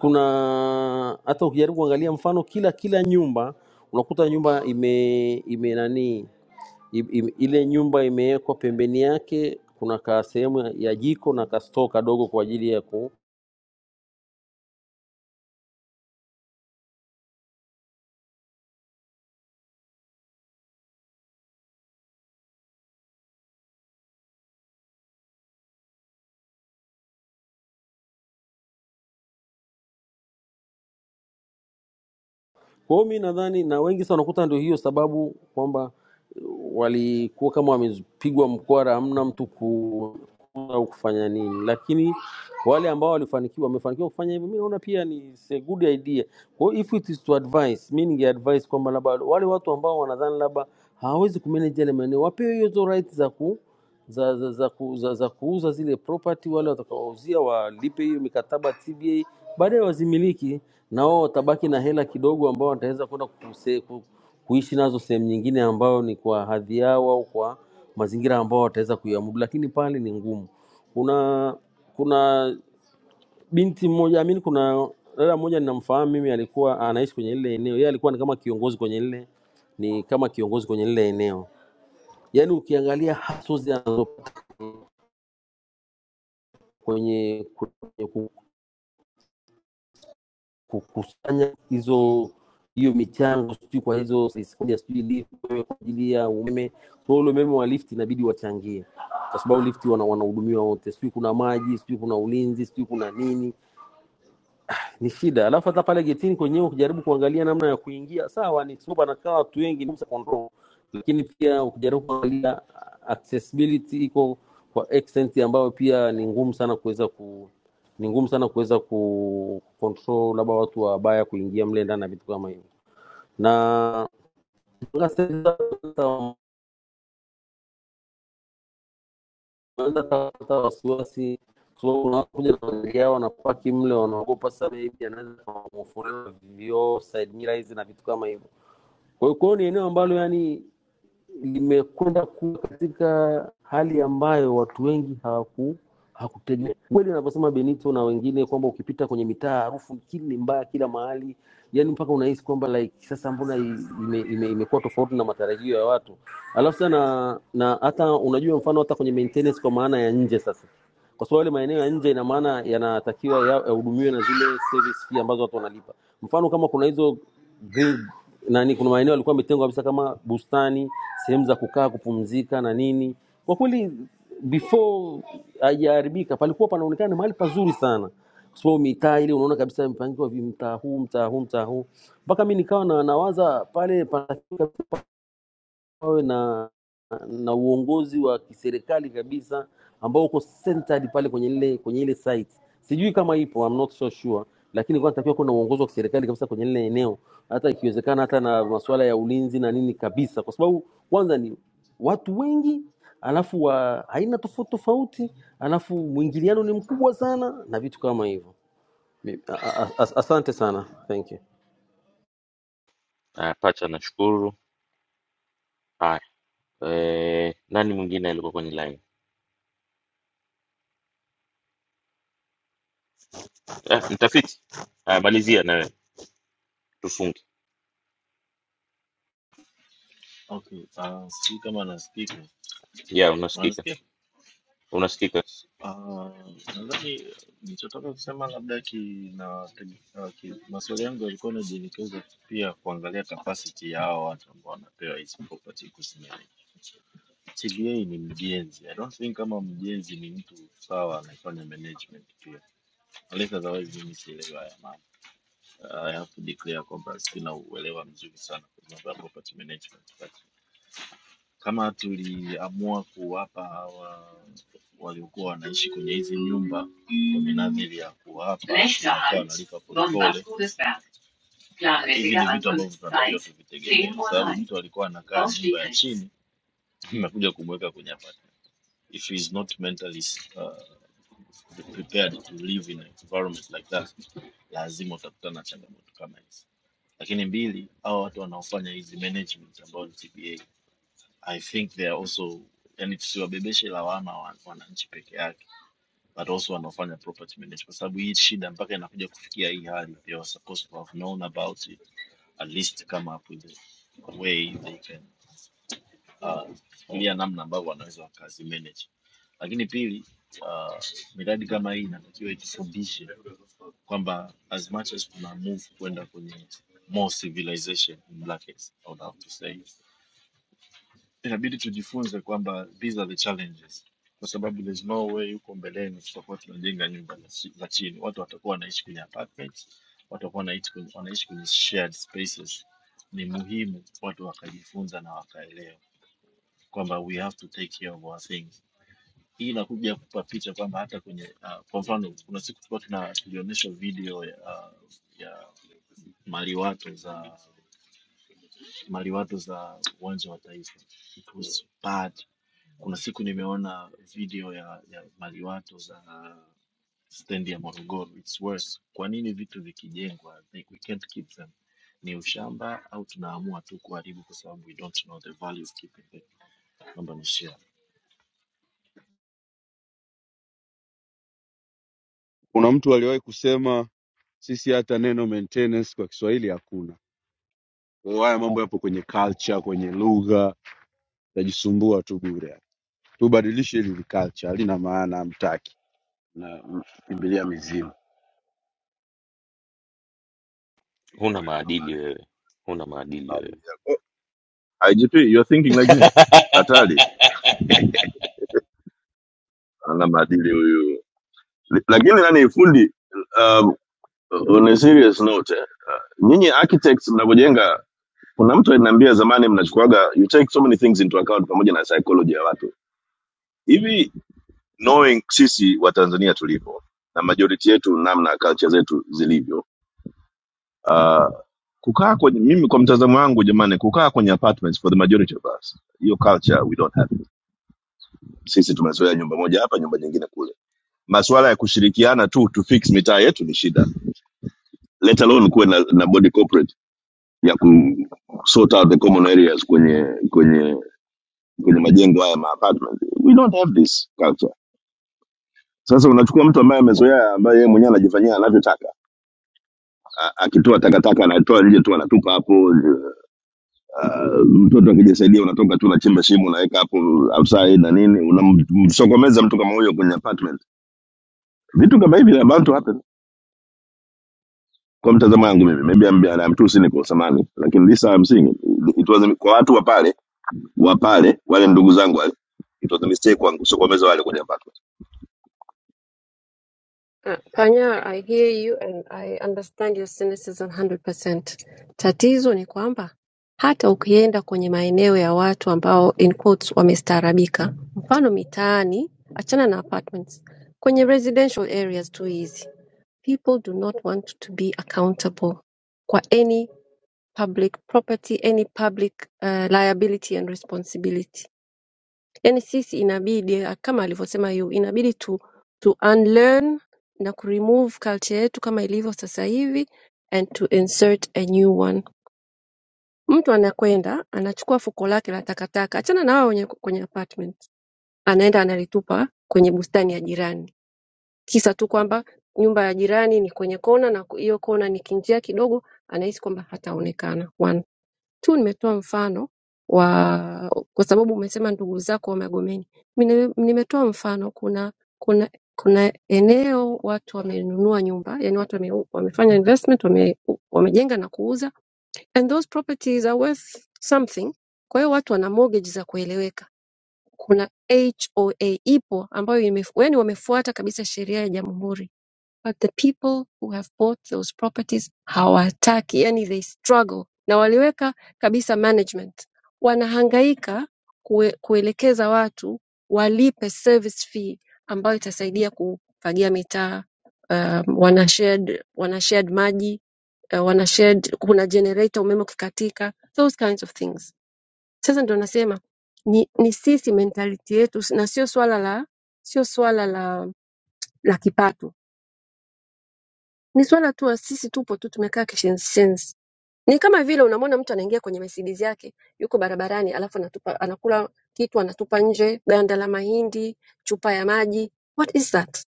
Speaker 12: kuna hata ukijaribu kuangalia mfano kila kila nyumba unakuta nyumba ime ime nani im, im, ile nyumba imewekwa pembeni yake kuna ka sehemu ya ya jiko na ka stoo kadogo kwa ajili ya ku kwa hiyo mi nadhani na wengi sana unakuta ndio hiyo sababu kwamba eh, walikuwa kama wamepigwa mkwara hamna mtu ku au kufanya nini, lakini wale ambao walifanikiwa wamefanikiwa kufanya hivyo, mi naona pia ni it's a good idea. Kwa hiyo if it is to advise, mi ningeadvise kwamba labda wale watu ambao wanadhani labda hawawezi kumanage yale maeneo wapewe hizo right za ku za za, za, ku, za za kuuza zile property, wale watakaouzia walipe hiyo mikataba TBA, baadaye wazimiliki na wao watabaki na hela kidogo ambao wataweza kwenda kuse- ku- kuishi nazo sehemu nyingine ambayo ni kwa hadhi yao au kwa mazingira ambao wataweza kuiamudu, lakini pale ni ngumu. Kuna kuna binti mmoja amini, kuna dada mmoja ninamfahamu mimi, alikuwa anaishi kwenye lile eneo, yeye alikuwa ni kama kiongozi kwenye lile ni kama kiongozi kwenye lile eneo. Yaani ukiangalia hasozi anazopata kwenye, kwenye kukusanya hizo hiyo michango sijui kwa hizo sekunde sijui lift wewe kwa ajili ya umeme kwa ule umeme wa lift inabidi wachangie kwa sababu lift wana wanahudumiwa wote sijui kuna maji sijui kuna ulinzi sijui kuna nini ni shida. Alafu hata pale getini kwenyewe ukijaribu kuangalia namna ya kuingia, sawa ni sababu anakaa watu wengi ni kusa control, lakini pia ukijaribu kuangalia accessibility iko kwa extent ambayo pia ni ngumu sana kuweza ku ni ngumu sana kuweza ku control labda watu wabaya kuingia mle ndani na vitu kama hivyo, na naweza kupata wasiwasi kwa sababu kuna watu kuja na magari yao wanapaki mle, wanaogopa sana, maybe anaweza kawamofurela vioo side mirrors na vitu kama hivyo Kwa hiyo kwao ni eneo ambalo yani limekwenda kuwa katika hali ambayo watu wengi hawaku hakutegemea kweli anavyosema Benito na wengine kwamba ukipita kwenye mitaa harufu kili ni mbaya kila mahali, yani mpaka unahisi kwamba like sasa mbona i- ime, ime, imekuwa tofauti na matarajio ya watu. Alafu sana na na hata unajua mfano hata kwenye maintenance kwa maana ya nje sasa, kwa sababu yale maeneo ya nje ina maana yanatakiwa ya- yahudumiwe na zile service fee ambazo watu wanalipa. Mfano kama kuna hizo green, nani, kuna maeneo yalikuwa yametengwa kabisa kama bustani sehemu za kukaa kupumzika na nini. Kwa kweli before haijaharibika palikuwa panaonekana ni mahali pazuri sana, kwa sababu mitaa ile unaona kabisa mpangiwa vimtaa huu mtaa huu mtaa huu, mpaka mi nikawa na nawaza pale pana wawe na, na uongozi wa kiserikali kabisa ambao uko centered pale kwenye ile kwenye ile site. Sijui kama ipo, I'm not so sure, lakini kwa natakiwa kuwa na uongozi wa kiserikali kabisa kwenye ile eneo, hata ikiwezekana hata na masuala ya ulinzi na nini kabisa, kwa sababu kwanza ni watu wengi alafu wa aina tofauti tofauti, alafu mwingiliano ni mkubwa sana na vitu kama hivyo. Mi- a- a- a- Asante sana, thank you.
Speaker 1: Haya, pacha, nashukuru. Haya, eh, nani mwingine alikuwa kwenye line? Eh, mtafiti. Haya, malizia na wewe tufunge.
Speaker 7: Okay, ah, sijui kama nasikika.
Speaker 1: Yeah, unasikika,
Speaker 7: Unanisikia?
Speaker 1: unasikika.
Speaker 7: Ah, nadhani nilichotaka kusema labda kina ah, ki, maswali yangu yalikuwa yanajielekeza pia kuangalia capacity ya hao watu ambao wanapewa hizi property kusimamia. TBA ni mjenzi. I don't think kama mjenzi ni mtu sawa anafanya management pia. Unless otherwise mimi sielewa ya mambo. I have to declare kwamba sina uelewa mzuri sana kwa mambo ya property management. kama tuliamua kuwapa hawa waliokuwa wanaishi kwenye hizi nyumba kwa minajili ya kuwapa na kuwa wanalipa polepole, hivi ni vitu ambavyo tunatakiwa tuvitegemee, kwa sababu mtu alikuwa anakaa nyumba ya chini, mmekuja kumweka kwenye apartment. If he is not mentally uh, prepared to live in an environment like that, lazima utakutana na changamoto kama hizi. Lakini mbili, hao watu wanaofanya hizi management ambao ni TBA I think they are also yani tusiwabebeshe lawama wa- wananchi peke yake but also wanaofanya property management kwa sababu hii shida mpaka inakuja kufikia hii hali they were supposed to have known about it at least come up with a way they can uh, fikiria namna ambavyo wanaweza wakazi manage lakini pili uh, miradi kama hii inatakiwa itufundishe kwamba as much as tuna move kwenda kwenye more civilization in brackets, I would have to say inabidi tujifunze kwamba these are the challenges kwa sababu there's no way huko mbeleni tutakuwa tunajenga nyumba za chi- za chini watu watakuwa wanaishi kwenye apartments watakuwa wanaishi kwenye, wanaishi kwenye shared spaces ni muhimu watu wakajifunza na wakaelewa kwamba we have to take care of our things hii inakuja kupa picha kwamba hata kwenye uh, kwa mfano kuna siku tulikuwa tuna tulionyeshwa video ya, uh, ya maliwato za maliwato za uwanja wa taifa it was bad Kuna siku nimeona video ya, ya maliwato za stendi ya Morogoro. It's worse. Kwa nini vitu vikijengwa, like we can't keep them? Ni ushamba au tunaamua tu kuharibu kwa sababu we don't know the value of keeping them? Naomba nishare.
Speaker 3: Kuna mtu aliwahi kusema sisi hata neno maintenance kwa Kiswahili hakuna. Kwa hiyo haya mambo yapo kwenye culture, kwenye lugha, tajisumbua tu bure. Tubadilishe hili culture, halina maana, hamtaki. na kimbilia mizimu.
Speaker 1: Huna
Speaker 13: Wewe huna
Speaker 1: maadili wewe, huna maadili wewe.
Speaker 13: maadili yako. Haijimi,
Speaker 1: *laughs*
Speaker 13: hatari ana maadili huyu Li- lakini nani fundi um, on a serious note eh, nyinyi architects mnavyojenga kuna mtu aliniambia zamani mnachukuaga you take so many things into account pamoja na psychology ya watu hivi knowing sisi watanzania tulivyo na majority yetu namna culture zetu zilivyo uh, kukaa kwenye mimi kwa mtazamo wangu jamani kukaa kwenye apartments for the majority of us hiyo culture we don't have it. sisi tumezoea nyumba moja hapa nyumba nyingine kule masuala ya kushirikiana tu to fix mitaa yetu ni shida let alone kuwe na, na body corporate ya ku sort out the common areas kwenye kwenye kwenye majengo haya ma apartment. We don't have this culture. Sasa unachukua mtu ambaye amezoea, ambaye yeye mwenyewe anajifanyia anavyotaka, A- akitoa takataka anatoa nje tu, anatupa hapo. Ah, Mtoto akijisaidia, unatoka tu, unachimba shimo, unaweka hapo outside na nini, unamsokomeza mtu kama huyo kwenye apartment. Vitu kama hivi about to happen. Kwa mtazamo wangu mimi, maybe I'm, I'm too cynical samani, lakini this I'm seeing it. It was a- kwa watu wa pale wa pale wale ndugu zangu wale, it was a mistake kwangu kusokomeza wale kwenye apartment.
Speaker 14: Uh, Panyar, I hear you and I understand your cynicism 100%. Tatizo ni kwamba hata ukienda kwenye maeneo ya watu ambao in quotes wamestaarabika, mfano mitaani, achana na apartments, kwenye residential areas tu hizi, people do not want to be accountable kwa any public property, any public uh, liability and responsibility. Yaani sisi inabidi ah, kama alivyosema yu inabidi tu, tu unlearn na kuremove culture yetu kama ilivyo sasa hivi and to insert a new one. Mtu anakwenda anachukua fuko lake la takataka, achana na wao wenye kwenye apartment, anaenda analitupa kwenye bustani ya jirani, kisa tu kwamba nyumba ya jirani ni kwenye kona na ku- hiyo kona ni kinjia kidogo, anahisi kwamba hataonekana. One tu nimetoa mfano wa kwa sababu umesema ndugu zako wamegomeni. Mine- Nimetoa mfano kuna kuna kuna eneo watu wamenunua nyumba, yani watu wame, wamefanya investment wame, wamejenga na kuuza and those properties are worth something. Kwa hiyo watu wana mortgage za kueleweka. Kuna HOA ipo ambayo imef, yani wamefuata kabisa sheria ya jamhuri but the people who have bought those properties hawataki, yani they struggle, na waliweka kabisa management, wanahangaika kue, kuelekeza watu walipe service fee ambayo itasaidia kufagia mitaa um, wana shared, wana shared maji uh, wana shared, kuna generator umeme ukikatika, those kinds of things. Sasa ndio nasema ni, ni sisi mentality yetu, na sio swala la sio swala la la kipato ni swala tu la sisi tupo tu tumekaa kishenzi. Ni kama vile unamwona mtu anaingia kwenye Mercedes yake yuko barabarani alafu anatupa anakula kitu anatupa nje ganda la mahindi, chupa ya maji. What is that?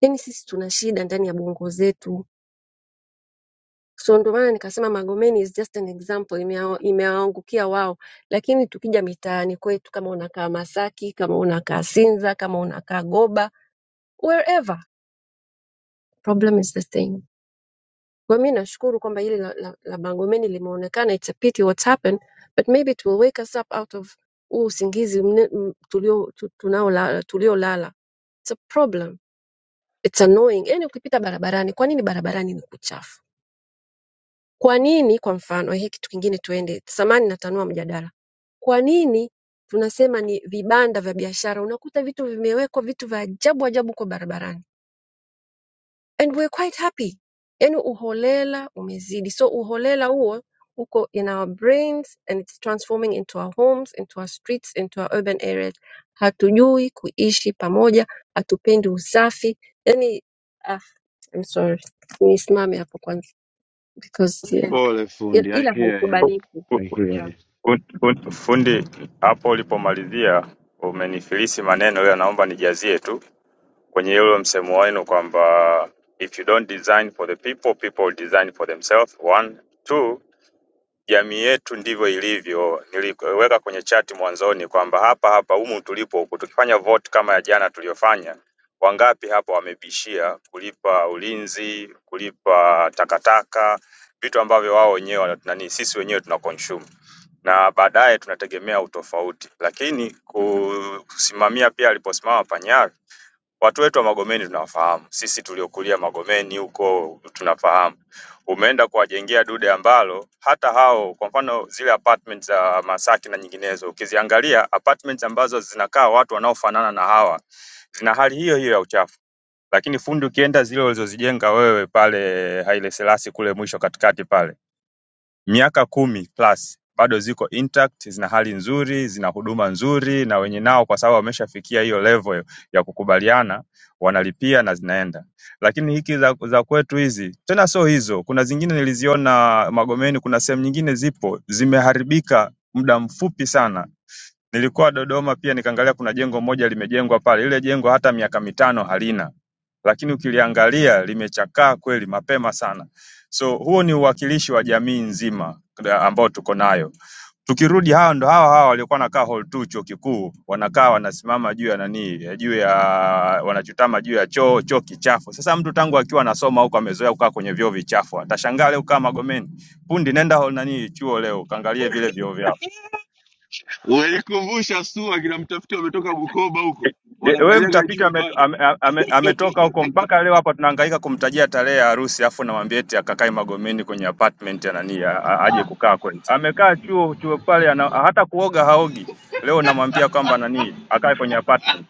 Speaker 14: Yaani sisi tuna shida ndani ya bongo zetu. So ndio maana nikasema Magomeni is just an example imewa- imewaangukia wao. Lakini tukija mitaani kwetu kama unakaa Masaki, kama unakaa Sinza, kama unakaa Goba, wherever problem is the same. Kwa mi nashukuru kwamba hili la, la, la Bangomeni limeonekana. It's a pity what's happened, but maybe it will wake us up out of huu usingizi mne- m- tulio tu- tunaolala tuliolala. It's a problem. It's annoying. Yaani ukipita barabarani, kwa nini barabarani ni kuchafu? Kwa nini kwa mfano, hii kitu kingine tuende, samani natanua mjadala. Kwa nini tunasema ni vibanda vya biashara, unakuta vitu vimewekwa vitu vya ajabu ajabu kwa barabarani and we're quite happy yani uholela umezidi so uholela huo uko in our brains and it's transforming into our homes into our streets into our urban areas hatujui kuishi pamoja hatupendi usafi yani ah, I'm sorry nisimame hapo kwanza because
Speaker 3: Pole
Speaker 14: yeah.
Speaker 3: fundi, I
Speaker 14: ila
Speaker 3: hear you.
Speaker 14: haikubaliki
Speaker 3: I hear
Speaker 14: yeah.
Speaker 3: you.
Speaker 10: Fundi, fundi, fundi, hapo ulipomalizia umenifilisi maneno, ila naomba nijazie tu. kwenye ule msemo wenu kwamba if you don't design for the people people will design for themselves one two jamii yetu ndivyo ilivyo niliweka kwenye chati mwanzoni kwamba hapa hapa humu tulipo huku tukifanya vote kama ya jana tuliyofanya wangapi hapa wamebishia kulipa ulinzi kulipa takataka vitu ambavyo wao wenyewe wana- nani sisi wenyewe tuna consume na baadaye tunategemea utofauti lakini kusimamia pia aliposimama panyar Watu wetu wa Magomeni tunawafahamu, sisi tuliokulia Magomeni huko tunafahamu. Umeenda kuwajengea dude ambalo hata hao, kwa mfano zile apartment za Masaki na nyinginezo, ukiziangalia apartments ambazo zinakaa watu wanaofanana na hawa zina hali hiyo hiyo ya uchafu, lakini fundi ukienda zile ulizozijenga wewe pale Haile Selassie kule mwisho katikati pale miaka kumi plus bado ziko intact zina hali nzuri zina huduma nzuri na wenye nao kwa sababu wameshafikia hiyo level ya kukubaliana wanalipia na zinaenda lakini hiki za, za kwetu hizi tena sio hizo kuna zingine niliziona magomeni kuna sehemu nyingine zipo zimeharibika muda mfupi sana Nilikuwa Dodoma pia nikaangalia kuna jengo moja limejengwa pale. Lile jengo hata miaka mitano halina. Lakini ukiliangalia limechakaa kweli mapema sana. So huo ni uwakilishi wa jamii nzima da- ambao tuko nayo. Tukirudi hao ndo hawa hawa waliokuwa wanakaa hall 2 chuo kikuu, wanakaa wanasimama juu ya nani, eh, juu ya wanachutama juu ya choo, choo kichafu. Sasa mtu tangu akiwa anasoma huko amezoea kukaa kwenye vyoo vichafu, atashangaa leo kaa Magomeni. Pundi nenda hall nani chuo leo, kaangalie vile vyoo vyao.
Speaker 3: wenye kuvusha sua kila mtafiti wametoka Bukoba huko
Speaker 10: Je, Wewe
Speaker 3: wanakanyaga
Speaker 10: mtafiti
Speaker 3: juu
Speaker 10: ametoka
Speaker 3: pale,
Speaker 10: ame, ame, ametoka huko mpaka leo hapa tunahangaika kumtajia tarehe ya harusi afu namwambia eti akakae Magomeni kwenye apartment ya nani a- a- aje kukaa kwenu. Amekaa chuo chuo pale ana, hata kuoga haogi. Leo namwambia kwamba nani akae kwenye apartment.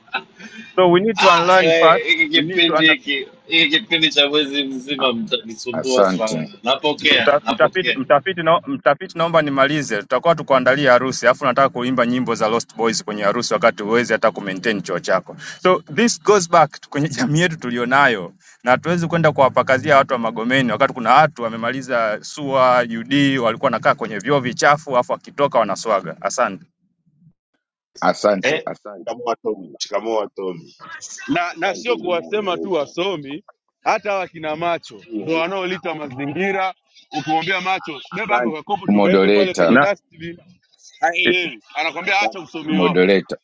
Speaker 10: So we need to
Speaker 7: Ah,
Speaker 10: unlearn
Speaker 7: eh,
Speaker 10: first.
Speaker 7: Hiki
Speaker 10: We need to
Speaker 7: kipindi
Speaker 10: under,
Speaker 7: hiki hiki kipindi cha mwezi mzima
Speaker 15: A-
Speaker 7: mtanisumbua
Speaker 15: Asante,
Speaker 7: sana. Napokea,
Speaker 10: Mta- Mtafiti,
Speaker 7: napokea.
Speaker 10: mtafiti, no, mtafiti naomba nimalize. Tutakuwa tukuandalia harusi, alafu nataka kuimba nyimbo za Lost Boys kwenye harusi wakati huwezi hata kumaintain choo chako. So this goes back to- kwenye jamii yetu tulionayo, na hatuwezi kwenda kuwapakazia watu wa Magomeni wakati kuna watu wamemaliza SUA UD walikuwa wanakaa kwenye vyoo vichafu, alafu wakitoka wanaswaga. Asante
Speaker 15: asante,
Speaker 16: Eh?
Speaker 15: asante
Speaker 16: Shikamoo Atomi.
Speaker 15: Mola.
Speaker 16: Shikamoo Atomi.
Speaker 3: na na
Speaker 15: asante
Speaker 3: sio
Speaker 15: ndugu
Speaker 3: kuwasema tu
Speaker 15: modoleta,
Speaker 3: wasomi, hata wakina macho ndo
Speaker 15: subira la
Speaker 3: wanaolita mazingira. Ukimwambia macho, beba ako
Speaker 15: asante
Speaker 3: kakopo
Speaker 15: ndugu
Speaker 3: tukaweke pale
Speaker 15: modoleta,
Speaker 3: kwenye
Speaker 10: na
Speaker 3: dustbin,
Speaker 10: i-
Speaker 3: haelewi, anakwambia acha
Speaker 15: asante ndugu
Speaker 3: usomi wako.
Speaker 15: modoleta,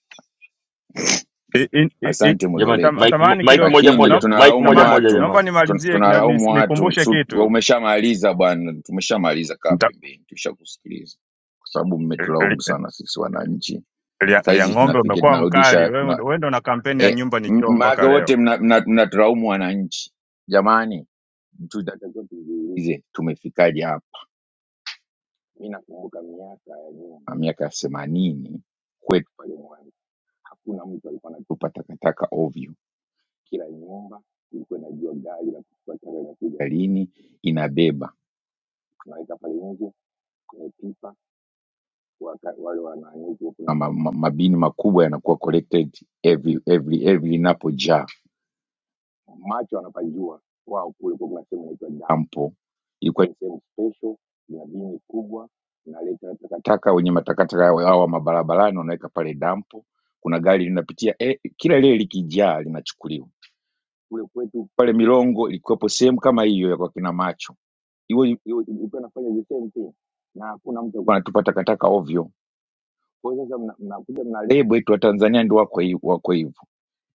Speaker 10: i- i- i- i-
Speaker 15: asante
Speaker 1: Jamani,
Speaker 10: sam-
Speaker 15: modoleta.
Speaker 1: mic, mo-
Speaker 10: samahani
Speaker 1: mic
Speaker 10: kidogo,
Speaker 1: moja
Speaker 10: no,
Speaker 15: Lakini
Speaker 10: no,
Speaker 1: moja, mic
Speaker 15: tunalaumu
Speaker 1: moja
Speaker 10: samahani,
Speaker 1: moja,
Speaker 15: watu
Speaker 10: naomba
Speaker 1: jamani.
Speaker 15: tun-
Speaker 10: nimalizie na nis-
Speaker 15: tunalaumu watu
Speaker 10: nikumbushe
Speaker 15: su- wa-
Speaker 10: kitu
Speaker 15: umeshamaliza bwana, tumeshamaliza, kaa pembeni, tushakusikiliza kwa sababu
Speaker 10: Nita-
Speaker 15: mmetulaumu sana sisi wananchi.
Speaker 10: Lia, lia
Speaker 15: Saizi
Speaker 10: ng'ombe
Speaker 15: tunafika
Speaker 10: umekuwa mkali
Speaker 15: tunarudisha
Speaker 10: wewe,
Speaker 15: tuna,
Speaker 10: wewe ndo na kampeni ya
Speaker 15: eh,
Speaker 10: nyumba ni
Speaker 15: m-
Speaker 10: choo
Speaker 15: maana
Speaker 10: mpaka leo.
Speaker 15: wote mnatulaumu mna, mna mnatulaumu wananchi jamani Tunatakiwa tujiulize tumefikaje hapa. Mi nakumbuka miaka ya nyuma, miaka ya themanini kwetu pale Mwanza, hakuna mtu alikuwa anatupa takataka ovyo. Kila nyumba ilikuwa inajua gari la kuchukua taka inakuja lini, inabeba tunaweka pale nje kwenye pipa, waka- wale wanani, kuna ma- ma- mabini makubwa yanakuwa collected every every every inapojaa macho anapajua wao kule kwa kuna sehemu inaitwa dampo ilikuwa ni sehemu special ina bini kubwa naleta takataka wenye matakataka yao hawa mabarabarani wanaweka pale dampo kuna gari linapitia eh, kila lile likijaa linachukuliwa kule kwetu pale milongo ilikuwepo sehemu kama hiyo ya kwa kina macho hiyo hiyo ilikuwa inafanya the same thing na hakuna mtu alikuwa anatupa takataka ovyo kwa hiyo sasa mna- mnakuja mna lebo yetu wa tanzania ndio wako hi- wako hivyo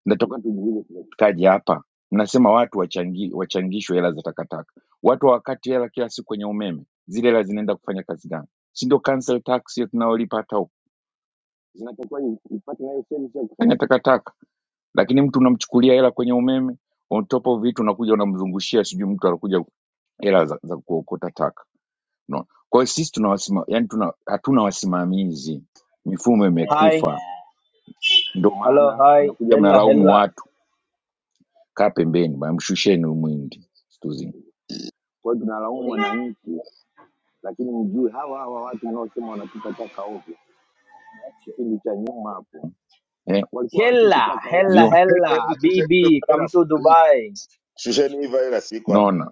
Speaker 15: Nataka tujiulize tunafikaje hapa. Mnasema watu wachangi, wachangishwe hela za takataka, watu hawakati hela kila siku kwenye umeme, zile hela zinaenda kufanya kazi gani? Si ndio council tax hiyo tunayolipa hata huko, zinatakiwa ipate nayo sehemu ya kufanya takataka, lakini mtu unamchukulia hela kwenye umeme, on top of it unakuja unamzungushia sijui mtu anakuja hela za, za kuokota taka no. Kwa hiyo sisi tunawasima, yani tuna, hatuna wasimamizi, mifumo
Speaker 17: Hi,
Speaker 15: imekufa, ndio
Speaker 17: hello,
Speaker 15: maana
Speaker 17: hi,
Speaker 15: mnakuja
Speaker 17: hella,
Speaker 15: mnalaumu
Speaker 17: hella,
Speaker 15: watu kaa pembeni bwana, mshusheni huyu mwindi stuzi. Kwa hiyo tunalaumu wananchi, lakini mjue hawa hawa watu mnaosema wanatupa taka ovyo, kipindi cha nyuma hapo Eh, walikuwa watupi
Speaker 17: hella,
Speaker 15: taka ovyo.
Speaker 17: hella,
Speaker 15: hivyo
Speaker 16: Hebu
Speaker 17: hella,
Speaker 16: hebu shusheni hiyo
Speaker 17: BB, come
Speaker 16: virus.
Speaker 17: to Dubai,
Speaker 16: Shusheni hii virus iko hapa.
Speaker 15: unaona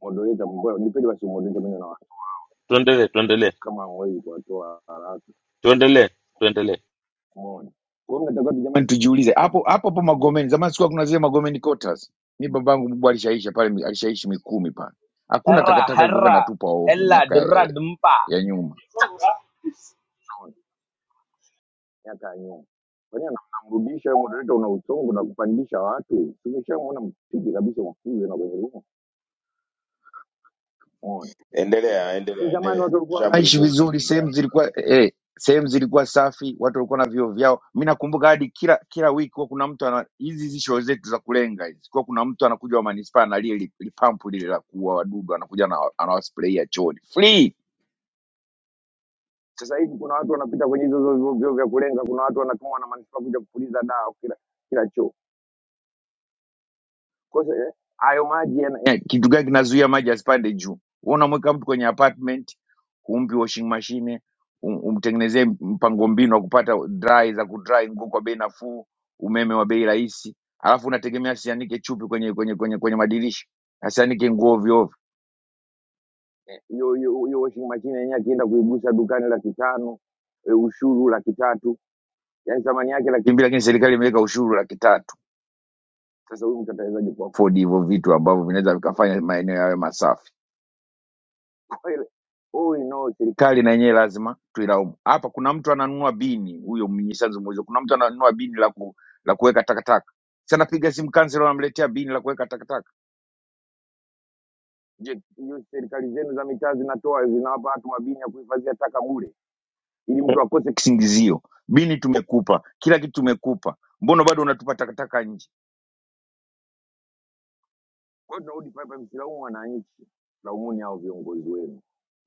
Speaker 15: Modoleta mbona nipende basi modoleta mimi na watu
Speaker 1: Tuendelee, tuendelee,
Speaker 15: kama hamwezi kuwatoa haraka,
Speaker 1: tuendelee,
Speaker 15: umeona? Kwa hiyo mnatakiwa tu jamani, Jamani, tujiulize hapo hapo hapo Magomeni. Zamani sikuwa kuna zile Magomeni quarters, mi babangu mkubwa alishaisha pale, mi- alishaishi Mikumi pale, hakuna
Speaker 17: herra,
Speaker 15: takataka ilikuwa
Speaker 17: herra,
Speaker 15: natupa ovyo
Speaker 17: hella,
Speaker 15: miaka ya,
Speaker 17: durra, dumpa.
Speaker 15: ya nyuma. miaka ya nyuma. Kwani anamrudisha yeye moderator, una uchongo na kupandisha watu. Tumeshaona mpige kabisa mafuzo na kwenye room. Umeona?
Speaker 16: Endelea,
Speaker 15: Si
Speaker 16: endelea,
Speaker 15: zamani
Speaker 16: endelea.
Speaker 15: watu walikuwa
Speaker 16: Jamri
Speaker 15: wanaishi
Speaker 16: Mungu
Speaker 15: vizuri,
Speaker 16: ndani.
Speaker 15: sehemu zilikuwa eh, sehemu zilikuwa safi, watu walikuwa na vyoo vyao. Mimi nakumbuka hadi kila kila wiki kwa kuna mtu ana hizi hizi show zetu za kulenga hizi. Kwa kuna mtu anakuja wa manispaa na lile li- lipampu lile la kuua wadudu anakuja na anawasprayia chooni. Free. Sasa hivi kuna watu wanapita kwenye hizo hizo vyoo vyoo vya kulenga, kuna watu wanatumwa na manispaa kuja kupuliza dawa kila kila choo. Kwa hiyo, eh, hayo maji yana- eh, kitu gani kinazuia maji asipande juu? Wewe unamweka mtu kwenye apartment, humpi washing machine, um- umtengenezee mpango mbinu wa kupata dry za kudry nguo kwa bei nafuu, umeme wa bei rahisi, alafu unategemea asianike chupi kwenye kwenye kwenye, kwenye madirisha, asianike nguo ovyo ovyo. Eh, Hiyo hiyo hiyo washing machine yenyewe akienda kuigusa dukani laki tano, eh, ushuru laki tatu, yaani thamani yake laki mbili, lakini serikali imeweka ushuru laki tatu sasa huyu mtu atawezaje kuafford hivyo vitu ambavyo vinaweza vikafanya maeneo yawe masafi? *laughs* Kwa hiyo huyu no, serikali na yenyewe lazima tuilaumu. Hapa kuna mtu ananunua bini, huyo mnyisanzu mwizo, kuna mtu ananunua bini la ku, la kuweka takataka. Sasa napiga simu kansela, wanamletea bini la kuweka takataka. Je, hiyo serikali zenu za mitaa zinatoa zinawapa watu mabini ya kuhifadhia taka bure, ili mtu akose kisingizio? Bini tumekupa, kila kitu tumekupa, mbona bado unatupa takataka nje? Kwa hiyo tunarudi pale pale, msilaumu wananchi, laumuni hao viongozi wenu.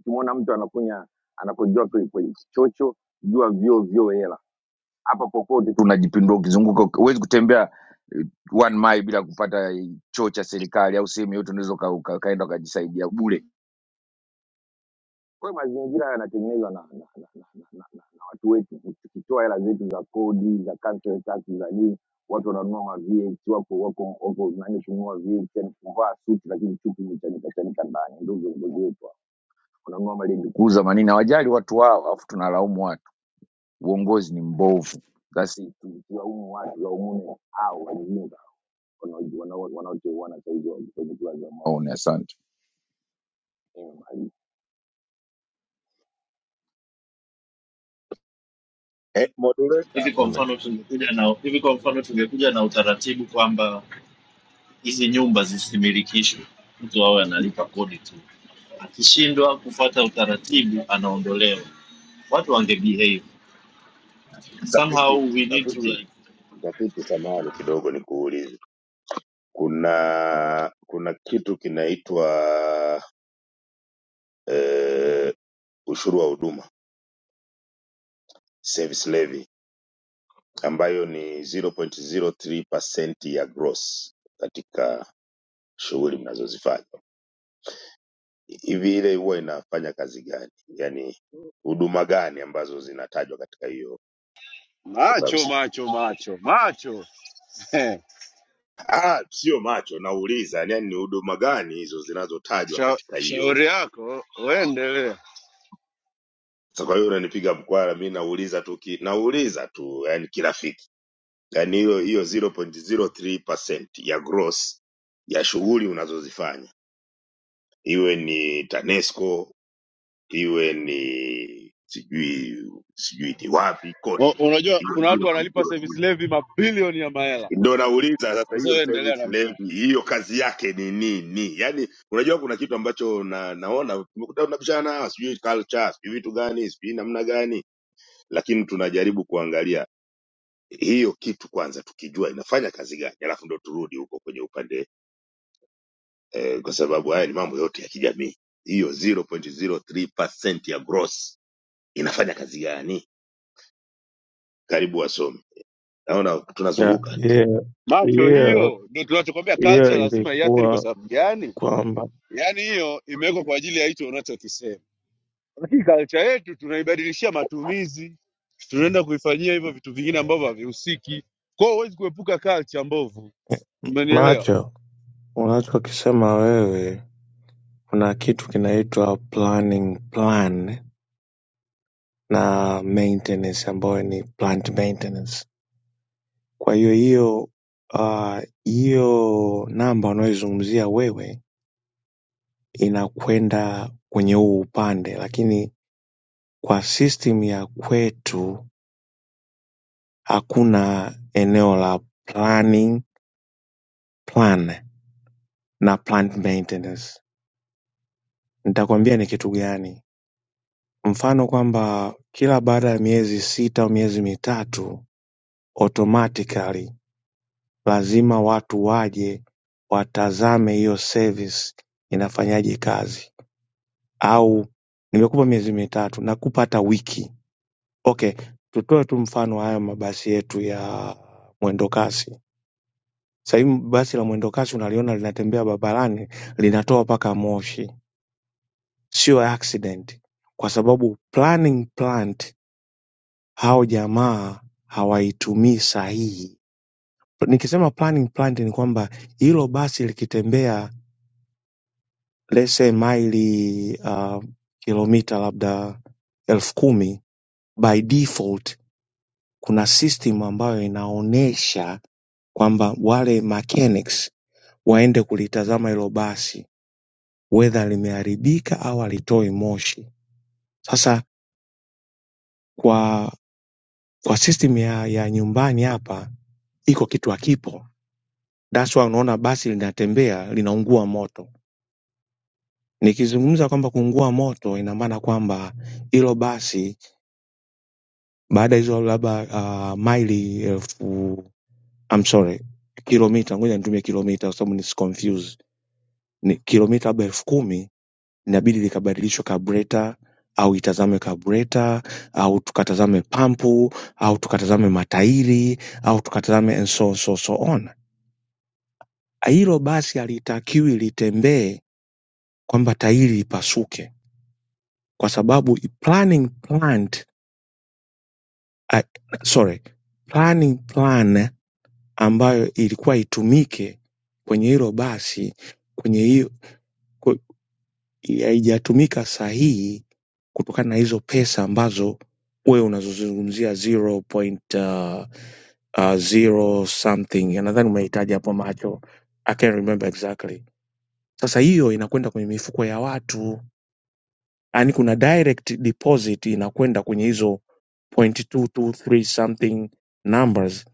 Speaker 15: Ukimwona mtu anakunya anakojoa kwe- kwenye kichocho, jua vyo vyo hela hapa. Popote tu unajipindua ukizunguka, huwezi kutembea eh, one mile bila kupata eh, choo cha serikali au sehemu yote unaweza uka- uka- ukaenda ukajisaidia bure. Kwa hiyo mazingira haya yanatengenezwa na, na, na, na, na, na, na, na watu wetu, tukitoa hela zetu za kodi za council tax za nini, watu wananunua ma VX, wako wako wako nani kununua VX, yani kuvaa suti lakini chupi imechanika chanika chanika ndani, ndio viongozi wetu wananunua malendukuza manini, hawajali watu wao, alafu tunalaumu watu. Uongozi ni mbovu. Sasa tusilaumu watu, laumuni hao walinyuma wanao- wanao- wanaoteuana sahizi wa- kwenye kura za maoni. Asante. Nimemaliza.
Speaker 16: Eh, moderator,
Speaker 7: Hivi kwa mfano
Speaker 1: tuendelee.
Speaker 7: tungekuja na hivi kwa mfano tungekuja na utaratibu kwamba hizi nyumba zisimilikishwe, mtu awe analipa kodi tu. akishindwa kufuata utaratibu anaondolewa watu wange behave somehow
Speaker 16: mtafiti,
Speaker 7: we need to
Speaker 16: mtafiti,
Speaker 7: like
Speaker 16: mtafiti samahani kidogo nikuulize. Kuna kuna kitu kinaitwa eh, ushuru wa huduma, service levy ambayo ni 0.03% ya gross katika shughuli mnazozifanya hivi ile huwa inafanya kazi gani yaani huduma gani ambazo zinatajwa katika hiyo kwa sababu
Speaker 3: Macho,
Speaker 16: si-
Speaker 3: macho, macho, macho. *laughs* Eh,
Speaker 16: ah sio macho nauliza yaani ni huduma gani hizo zinazotajwa
Speaker 3: sha-
Speaker 16: katika hiyo
Speaker 3: Shauri yako, uendelea.
Speaker 16: sasa kwa hiyo unanipiga mkwara mi nauliza tu ki, nauliza tu yani kirafiki yaani hiyo hiyo 0.03% ya gross ya shughuli unazozifanya iwe ni tanesco iwe ni sijui sijui ni wapi kote
Speaker 3: Unajua kuna watu wanalipa
Speaker 16: hiyo
Speaker 3: service levy mabilioni ya mahela.
Speaker 16: ndo nauliza sasa
Speaker 3: Sasa
Speaker 16: hiyo
Speaker 3: endelea
Speaker 16: service
Speaker 3: na mdomo.
Speaker 16: levy hiyo kazi yake ni nini yaani unajua kuna kitu ambacho na, naona tumekuta tunabishana sijui culture sijui vitu gani sijui namna gani lakini tunajaribu kuangalia hiyo kitu kwanza tukijua inafanya kazi gani alafu ndo turudi huko kwenye upande eh, kwa sababu haya ni mambo yote ya kijamii hiyo 0.03% ya gross inafanya kazi gani karibu wasomi naona
Speaker 18: Na
Speaker 16: tunazunguka
Speaker 18: hiyo
Speaker 3: macho.
Speaker 18: hiyo
Speaker 3: Hiyo ndio tunachokwambia,
Speaker 18: hiyo
Speaker 3: culture lazima iathiri. Kwa
Speaker 18: ilikuwa
Speaker 3: sababu gani?
Speaker 18: kwamba
Speaker 3: Yaani hiyo imewekwa kwa ajili ya hicho unachokisema, lakini culture yetu tunaibadilishia matumizi, tunaenda kuifanyia hivyo vitu vingine ambavyo havihusiki. Kwa hiyo huwezi kuepuka culture mbovu, umenielewa?
Speaker 18: macho, unachokisema wewe, kuna kitu kinaitwa planning plan na maintenance ambayo ni plant maintenance. Kwa hiyo hiyo ah, hiyo namba unayoizungumzia wewe inakwenda kwenye huu upande, lakini kwa system ya kwetu hakuna eneo la planning plan na plant maintenance. Nitakwambia ni kitu gani. Mfano kwamba kila baada ya miezi sita au miezi mitatu automatically lazima watu waje watazame hiyo service inafanyaje kazi, au nimekupa miezi mitatu, nakupa hata wiki. Okay, tutoe tu mfano wa hayo mabasi yetu ya mwendokasi. Sasa hivi basi la mwendokasi unaliona linatembea barabarani linatoa mpaka moshi, sio accident, kwa sababu planning plant hao jamaa hawaitumii sahihi nikisema planning planted ni kwamba hilo basi likitembea let's say maili uh, kilomita labda elfu kumi by default kuna system ambayo inaonyesha kwamba wale mechanics waende kulitazama hilo basi wedha limeharibika au halitoi moshi sasa kwa kwa system ya, ya nyumbani hapa iko kitu hakipo That's why unaona basi linatembea linaungua moto. Nikizungumza kwamba kuungua moto, ina maana kwamba hilo basi baada ya hizo labda uh, maili elfu I'm sorry, kilomita, ngoja nitumie kilomita kwa sababu nisi confuse. Ni kilomita labda elfu kumi inabidi likabadilishwe kabreta au itazame kabreta au tukatazame pampu au tukatazame matairi au tukatazame and so, so, so on. Hilo basi halitakiwi litembee kwamba tairi lipasuke kwa sababu planning plant uh, sorry planning plan ambayo ilikuwa itumike kwenye hilo basi kwenye hiyo ku- haijatumika sahihi kutokana na hizo pesa ambazo wewe unazozungumzia 0.0 uh, uh, zero something nadhani umehitaji hapo macho i can't remember exactly sasa hiyo inakwenda kwenye mifuko ya watu yani kuna direct deposit inakwenda kwenye hizo point two two three something numbers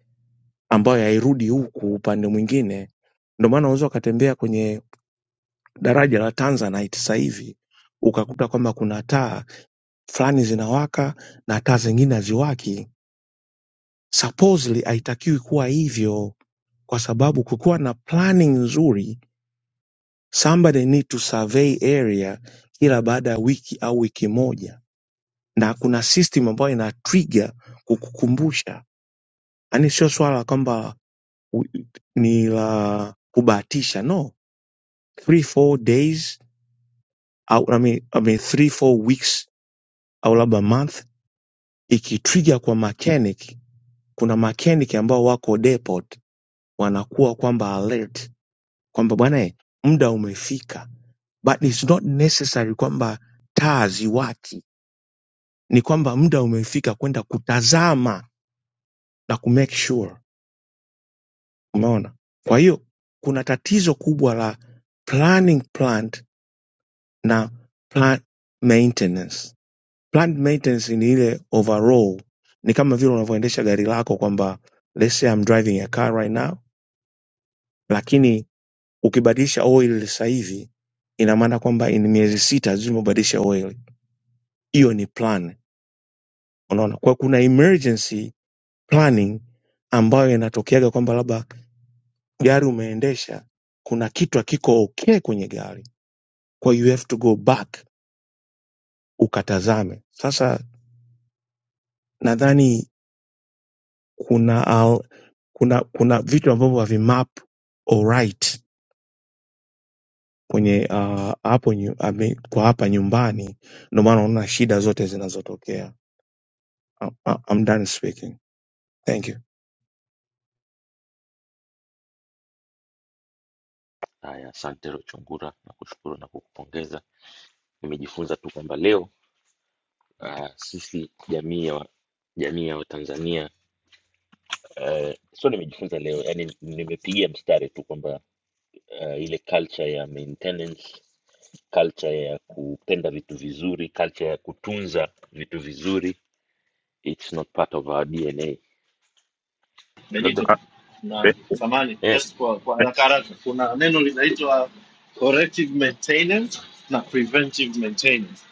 Speaker 18: ambayo hairudi huku upande mwingine. Ndio maana unaweza ukatembea kwenye daraja la Tanzanite sasa hivi ukakuta kwamba kuna taa fulani zinawaka na taa zingine haziwaki. Supposedly haitakiwi kuwa hivyo, kwa sababu kukuwa na planning nzuri, somebody need to survey area kila baada ya wiki au wiki moja na kuna system ambayo ina trigger kukukumbusha yaani sio swala kwamba u- ni la kubahatisha no three four days au I mean, I mean, three four weeks au labda month ikitrigger kwa mechanic kuna mechanic ambao wako depot wanakuwa kwamba alert kwamba bwana eh, muda umefika but it's not necessary kwamba taa ziwaki ni kwamba muda umefika kwenda kutazama na kumake sure Umeona? Kwa hiyo kuna tatizo kubwa la planning plant na plant maintenance. Plant maintenance ni ile overall, ni kama vile unavyoendesha gari lako kwamba let's say I'm driving a car right now, lakini ukibadilisha oil sasa hivi ina maana kwamba in miezi sita lazima ubadilishe oil. Hiyo ni plan, unaona. Kwa kuna emergency planning ambayo inatokeaga kwamba labda gari umeendesha kuna kitu hakiko okay kwenye gari kwa you have to go back ukatazame sasa nadhani kuna al, kuna kuna vitu ambavyo havimap alright kwenye uh, hapo nyu- ame- kwa hapa nyumbani ndio maana unaona shida zote zinazotokea I'm, I'm done speaking thank you
Speaker 1: Haya, asante Rochungura, nakushukuru na kukupongeza. Nimejifunza tu kwamba leo uh, sisi jamii ya wa- jamii ya Watanzania uh, sio nimejifunza leo, yani nimepigia mstari tu kwamba uh, ile culture ya maintenance, culture ya kupenda vitu vizuri, culture ya kutunza vitu vizuri, it's not part of our DNA. Labda
Speaker 7: benito na
Speaker 10: Be,
Speaker 7: samani
Speaker 1: eh,
Speaker 7: just kwa, kwa
Speaker 10: be,
Speaker 7: haraka haraka kuna neno linaitwa corrective maintenance na preventive maintenance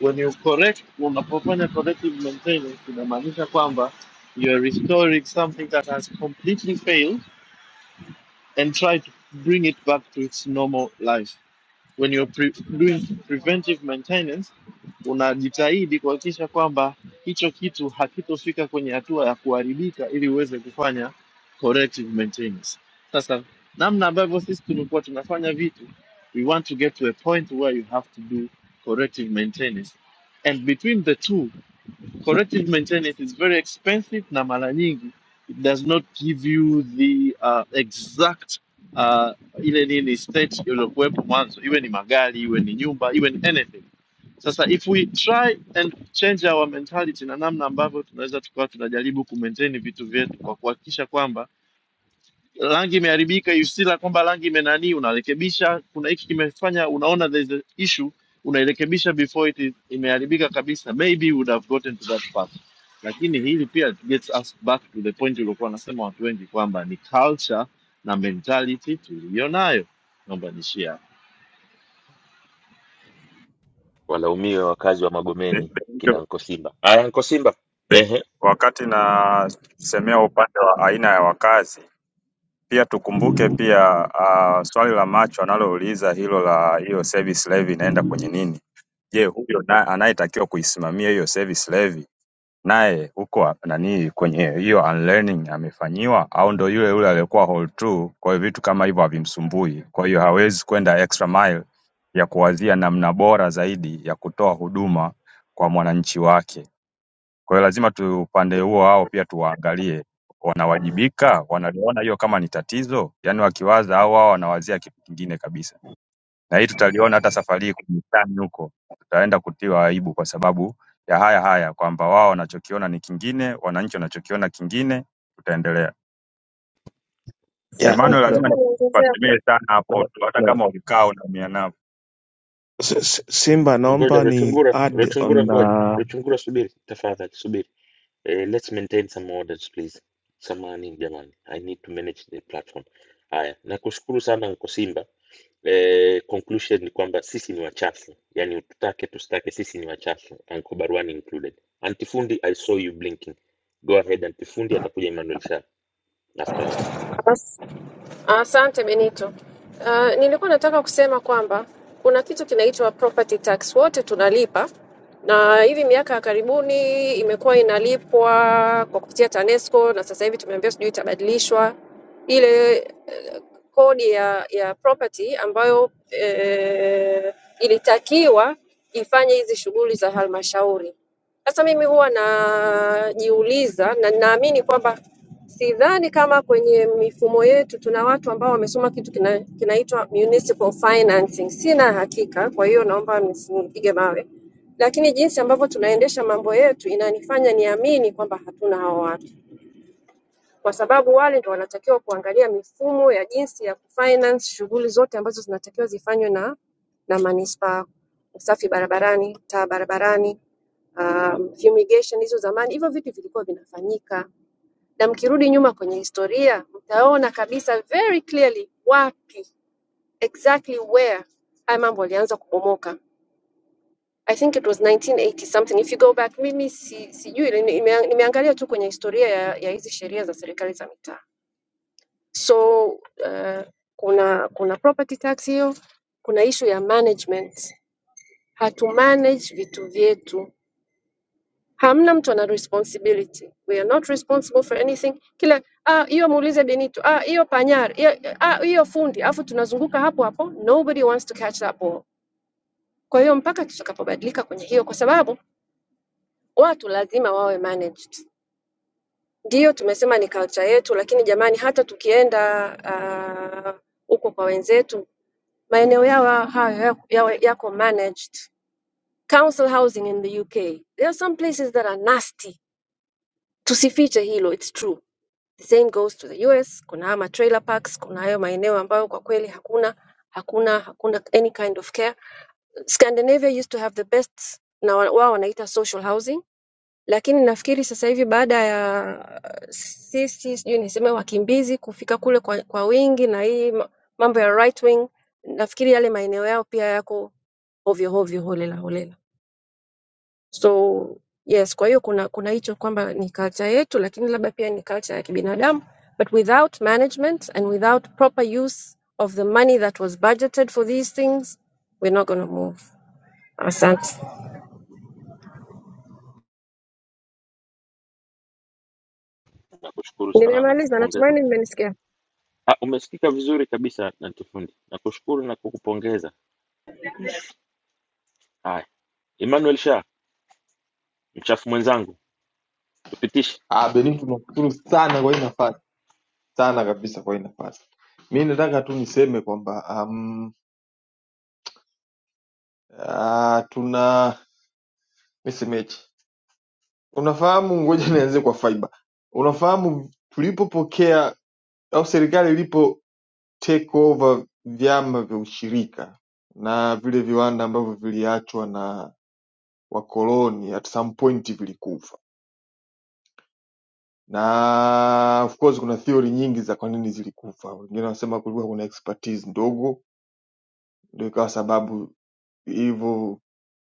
Speaker 7: when you correct unapofanya corrective maintenance inamaanisha kwamba you are restoring something that has completely failed and try to bring it back to its normal life when you're pre doing preventive maintenance unajitahidi kuhakikisha kwamba hicho kitu hakitofika kwenye hatua ya kuharibika ili uweze kufanya corrective maintenance. Sasa namna ambavyo sisi tumekuwa tunafanya vitu, we want to get to a point where you have to do corrective maintenance and between the two corrective maintenance is very expensive na mara nyingi it does not give you the uh, exact uh, ile nini state iliyokuwepo mwanzo iwe ni magari iwe ni nyumba iwe ni anything sasa if we try and change our mentality na namna ambavyo tunaweza tukawa tunajaribu kumaintain vitu vyetu kwa kuhakikisha kwamba rangi imeharibika, you see la kwamba rangi imenani, unarekebisha. Kuna hiki kimefanya, unaona there is an issue, unairekebisha before it is, imeharibika kabisa, maybe you would have gotten to that part. Lakini hili pia gets us back to the point uliokuwa nasema watu wengi kwamba ni culture na mentality tuliyo nayo. Naomba niishie hapo.
Speaker 1: walaumiwe wakazi wa
Speaker 10: be,
Speaker 1: Magomeni
Speaker 10: Benito,
Speaker 1: kina Anko Simba. Aya, Anko Simba,
Speaker 10: be,
Speaker 1: ehe
Speaker 10: wakati nasemea upande wa aina ya wakazi pia tukumbuke pia uh, swali la macho analouliza hilo la hiyo service levy inaenda kwenye nini? Je, huyo na- anayetakiwa kuisimamia hiyo service levy naye huko nani kwenye hiyo unlearning amefanyiwa au ndo yule yule aliyekuwa hall 2 kwa hiyo vitu kama hivyo havimsumbui kwa hiyo hawezi kwenda extra mile ya kuwazia namna bora zaidi ya kutoa huduma kwa mwananchi wake kwa hiyo lazima tu upande huo wao pia tuwaangalie wanawajibika wanaliona hiyo kama ni tatizo yaani wakiwaza au wao wanawazia kitu kingine kabisa na hii tutaliona hata safari hii kwenye tani huko, tutaenda kutiwa aibu kwa sababu ya haya haya kwamba wao wanachokiona ni kingine, wananchi wanachokiona kingine. Tutaendelea.
Speaker 18: yeah na,
Speaker 10: Emmanuel,
Speaker 18: na,
Speaker 10: lazima
Speaker 18: na,
Speaker 10: nikusemee sana
Speaker 18: na,
Speaker 10: hapo tu, hata
Speaker 18: na.
Speaker 10: kama ulikaa unaumia navo
Speaker 18: S- S- Simba
Speaker 1: Ngoja
Speaker 18: naomba ni
Speaker 1: Rutungura,
Speaker 18: add
Speaker 1: Rutungura, ngoja
Speaker 18: on
Speaker 1: Rutungura, subiri tafadhali, subiri. Eh, let's maintain some orders please. Samahani jamani, I need to manage the platform. Haya, nakushukuru sana Uncle Simba. Eh, conclusion ni kwamba sisi ni wachafu, yaani tutake tusitake, sisi ni wachafu, Uncle Barwani included. Antifundi, I saw you blinking. Go ahead Antifundi, atakuja Emmanuel Shah afterward.
Speaker 14: Asante Benito. Uh, nilikuwa nataka kusema kwamba kuna kitu kinaitwa property tax, wote tunalipa na hivi miaka ya karibuni imekuwa inalipwa kwa kupitia TANESCO na sasa hivi tumeambiwa sijui itabadilishwa ile eh, kodi ya ya property ambayo eh, ilitakiwa ifanye hizi shughuli za halmashauri. Sasa mimi huwa najiuliza na ninaamini kwamba Sidhani kama kwenye mifumo yetu tuna watu ambao wamesoma kitu kina, kinaitwa municipal financing. Sina hakika, kwa hiyo naomba msinipige mawe, lakini jinsi ambavyo tunaendesha mambo yetu inanifanya niamini kwamba hatuna hao watu, kwa sababu wale ndio wanatakiwa kuangalia mifumo ya jinsi ya kufinance shughuli zote ambazo zinatakiwa zifanywe na na manispaa, usafi barabarani, taa barabarani, um, fumigation hizo zamani, hivyo vitu vilikuwa vinafanyika na mkirudi nyuma kwenye historia mtaona kabisa very clearly wapi exactly where haya mambo yalianza kubomoka i think it was 1980 something if you go back mimi si, sijui nime- nime- nimeangalia tu kwenye historia ya, ya hizi sheria za serikali za mitaa so uh, kuna kuna property tax hiyo kuna issue ya management hatu manage vitu vyetu hamna mtu ana responsibility we are not responsible for anything kila ah hiyo muulize benito ah hiyo panyari hiyo- ah hiyo fundi afu tunazunguka hapo hapo nobody wants to catch that ball kwa hiyo mpaka tutakapobadilika kwenye hiyo kwa sababu watu lazima wawe managed ndio tumesema ni culture yetu lakini jamani hata tukienda ah, huko kwa wenzetu maeneo yao hayo yako yawe- yako managed council housing in the UK there are some places that are nasty tusifiche hilo it's true The same goes to the US. Kuna ama trailer parks, kuna hayo maeneo ambayo kwa kweli hakuna hakuna hakuna any kind of care. Scandinavia used to have the best na wa- wao wanaita social housing, lakini nafikiri sasa hivi baada ya uh, sisi sijui niseme wakimbizi kufika kule kwa, kwa wingi na hii ma- mambo ya right wing, nafikiri yale maeneo yao pia yako ovyo ovyo, holela holela. So yes, kwa hiyo kuna kuna hicho kwamba ni culture yetu, lakini labda pia ni culture ya kibinadamu, but without management and without proper use of the money that was budgeted for these things we're not gonna move. Asante,
Speaker 1: Nakushukuru sana na
Speaker 14: nimemaliza.
Speaker 1: kukupongeza.
Speaker 14: Natumaini mmenisikia.
Speaker 1: Ah, umesikika vizuri kabisa Antifundi, nakushukuru na kukupongeza. Emmanuel Sha, mchafu mwenzangu, tupitishe.
Speaker 19: Ah, Benito tunashukuru sana kwa hii nafasi sana kabisa kwa hii nafasi. Mi nataka tu niseme kwamba um, ah, tuna nisemeje, unafahamu, ngoja nianze kwa fiber. Unafahamu tulipopokea au serikali ilipo take over vyama vya ushirika na vile viwanda ambavyo viliachwa na wakoloni at some point vilikufa, na of course kuna theory nyingi za kwa nini zilikufa. Wengine wanasema kulikuwa kuna expertise ndogo Ndio ikawa sababu hivyo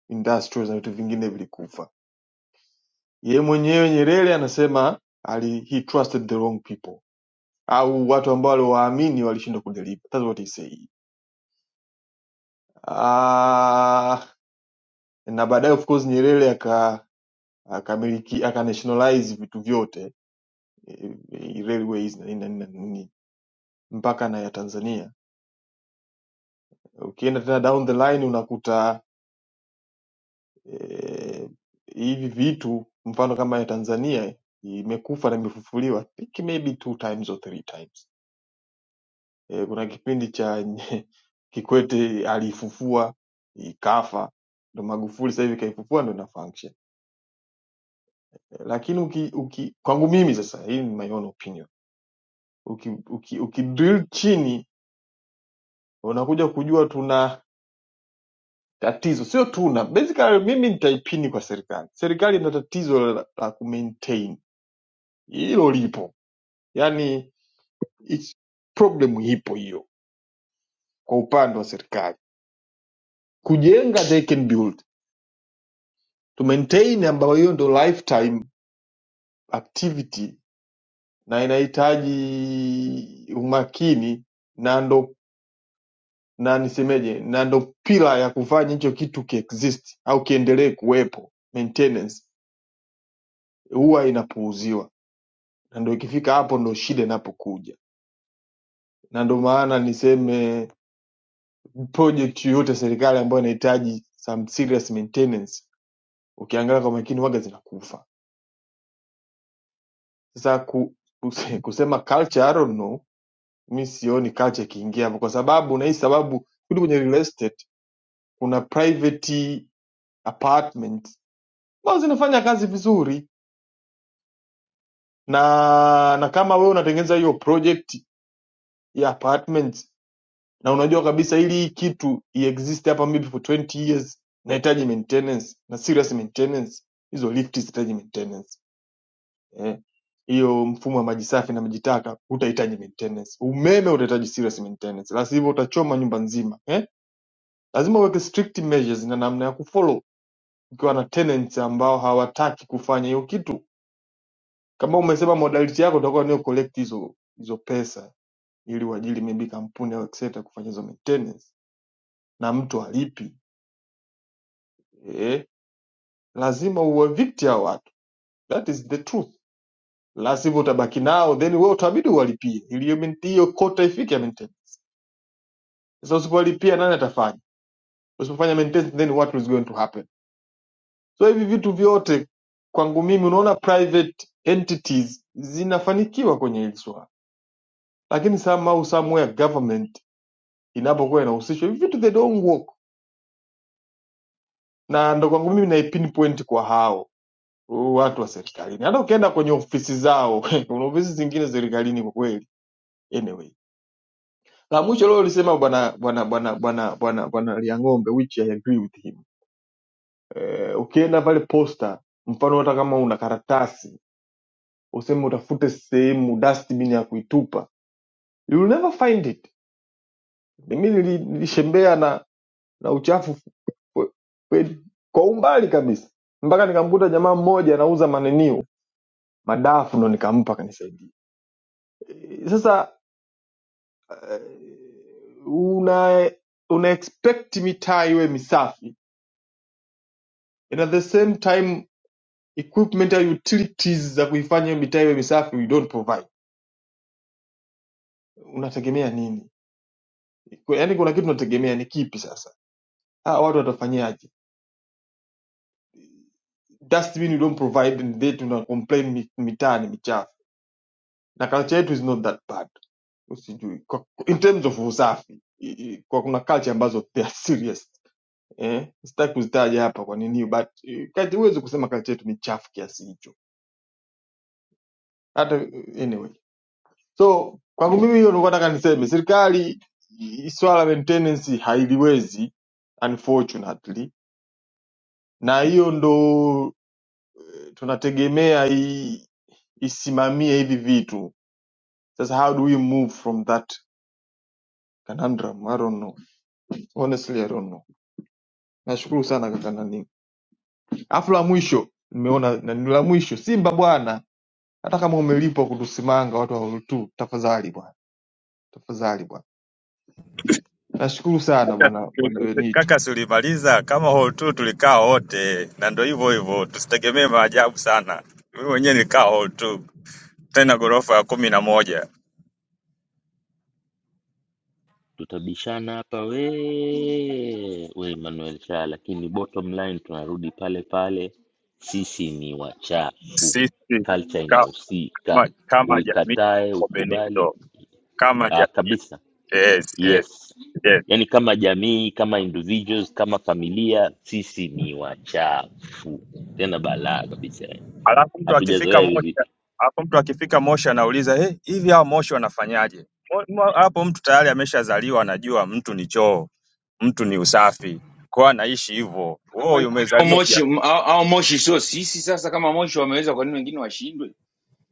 Speaker 19: industrials na vitu vingine vilikufa. Yeye mwenyewe Nyerere anasema ali, he trusted the wrong people, au watu ambao aliwaamini walishindwa kudeliver. That's what he said. Ah, na baadaye of course Nyerere aka akamiliki aka nationalize vitu vyote eh, eh, railways na nini na nini na nini mpaka na ya Tanzania. Ukienda tena down the line unakuta eh, hivi vitu mfano kama ya Tanzania imekufa na imefufuliwa I think maybe two times or three times. E, kuna kipindi cha *laughs* nye- Kikwete alifufua ikafa, ndo Magufuli sasa hivi kaifufua ndo ina function e, lakini uki, uki, kwangu mimi sasa, hii ni my own opinion, uki, uki, uki drill chini unakuja kujua tuna tatizo, sio tuna basically, mimi nitaipini kwa serikali. Serikali ina tatizo la, la kumaintain hilo lipo yani it's problem ipo hiyo kwa upande wa serikali kujenga they can build to maintain ambayo hiyo ndo lifetime activity na inahitaji umakini na ndo na nisemeje na ndo pila ya kufanya hicho kitu kiexist au kiendelee kuwepo maintenance huwa inapuuziwa na ndo ikifika hapo ndo shida inapokuja na ndo maana niseme project yoyote serikali ambayo inahitaji some serious maintenance ukiangalia kwa makini waga zinakufa sasa ku, kuse- kusema culture I don't know mi sioni culture ikiingia hapo kwa sababu na hii sababu kule kwenye real estate kuna private apartments ambazo zinafanya kazi vizuri na na kama wewe unatengeneza hiyo project ya apartments na unajua kabisa ili hii kitu iexist hapa maybe for 20 years nahitaji maintenance na serious maintenance hizo lift zitaji maintenance eh. hiyo eh, mfumo wa maji safi na maji taka utahitaji maintenance. Umeme utahitaji serious maintenance, la sivyo utachoma nyumba nzima eh. Lazima uweke strict measures na namna ya kufollow ukiwa na tenants ambao hawataki kufanya hiyo kitu. Kama umesema modality yako utakuwa ni collect hizo hizo pesa ili uajiri maybe kampuni au etc kufanya hizo maintenance na mtu alipi eh, lazima uwavikti hao watu, that is the truth. La sivyo utabaki nao then wewe utabidi uwalipie ili hiyo hiyo kota ifike ya maintenance Sasa usipolipia nani atafanya? Usipofanya maintenance then what is going to happen? So hivi vitu vyote kwangu mimi unaona private entities zinafanikiwa kwenye hili swala. Lakini somehow somewhere government inapokuwa inahusishwa hivi vitu they don't work. Na ndo kwangu mimi na pinpoint kwa hao watu wa serikalini. Hata ukienda kwenye ofisi zao, *laughs* kuna ofisi zingine serikalini kwa kweli. Anyway, la mwisho leo ulisema bwana bwana bwana bwana bwana bwana Liang'ombe which I agree with him eh, ukienda pale posta mfano hata kama una karatasi useme utafute sehemu dustbin ya kuitupa you will never find it mimi nili- nilishembea na na uchafu kwe- kweli kwa umbali kabisa mpaka nikamkuta jamaa mmoja anauza maneniu madafu ndo nikampa akanisaidia Eh, sasa eh, una una expect mitaa iwe misafi and at the same time equipment ya utilities za kuifanya hiyo mitaa iwe misafi you don't provide unategemea nini? Yaani kuna kitu unategemea ni kipi sasa? Ah, watu watafanyaje? Dustbin you don't provide and they tuna complain mi- mitaani michafu. Na culture yetu is not that bad. Usijui. Kwa, in terms of usafi, i- i- kwa kuna culture ambazo they are serious. Eh, sitaki kuzitaja hapa kwa nini but eh, kati huwezi kusema culture yetu ni chafu kiasi hicho. Hata eh, anyway. So kwangu mimi hiyo nilikuwa nataka niseme serikali i- i- swala la maintenance hailiwezi unfortunately na hiyo ndo tunategemea i- isimamie hivi vitu sasa how do we move from that conundrum i don't know honestly i don't know nashukuru sana kaka nani afu la mwisho nimeona nani la mwisho simba bwana hata kama umelipwa kutusimanga watu wa Hall two tafadhali bwana tafadhali bwana nashukuru sana bwana bwana benito
Speaker 10: kaka, si ulimaliza kama hall two tulikaa wote, na ndo hivyo hivyo, tusitegemee maajabu sana. Mimi mwenyewe nilikaa hall two tena ghorofa ya kumi na moja.
Speaker 1: tutabishana hapa we we Manuel Shaa, lakini bottom line tunarudi pale pale, sisi ni wachafu,
Speaker 10: Sisi
Speaker 1: culture
Speaker 10: kama,
Speaker 1: inahusika,
Speaker 10: kama jamii
Speaker 1: uikatae
Speaker 10: tuko
Speaker 1: ukubali.
Speaker 10: Benito, kama ja
Speaker 1: Ah, kabisa
Speaker 10: yes, yes,
Speaker 1: yes,
Speaker 10: yes.
Speaker 1: yaani kama jamii, kama individuals, kama familia, sisi ni wachafu tena balaa kabisa, yani.
Speaker 10: Alafu mtu akifika
Speaker 1: hatujazoea hivi
Speaker 10: Moshi,
Speaker 1: vitu.
Speaker 10: alafu mtu akifika Moshi anauliza hey, hivi hao Moshi wanafanyaje? Mo- mo- Hapo mtu tayari ameshazaliwa anajua mtu ni choo, mtu ni usafi, kwa hiyo anaishi hivyo.
Speaker 15: Sasa
Speaker 10: Wewe
Speaker 15: Kwani kwani hao
Speaker 10: umezaliwa
Speaker 15: Moshi
Speaker 10: ja,
Speaker 15: m- hao hao Moshi sio sisi? Sasa kama Moshi wameweza, kwa nini wengine washindwe?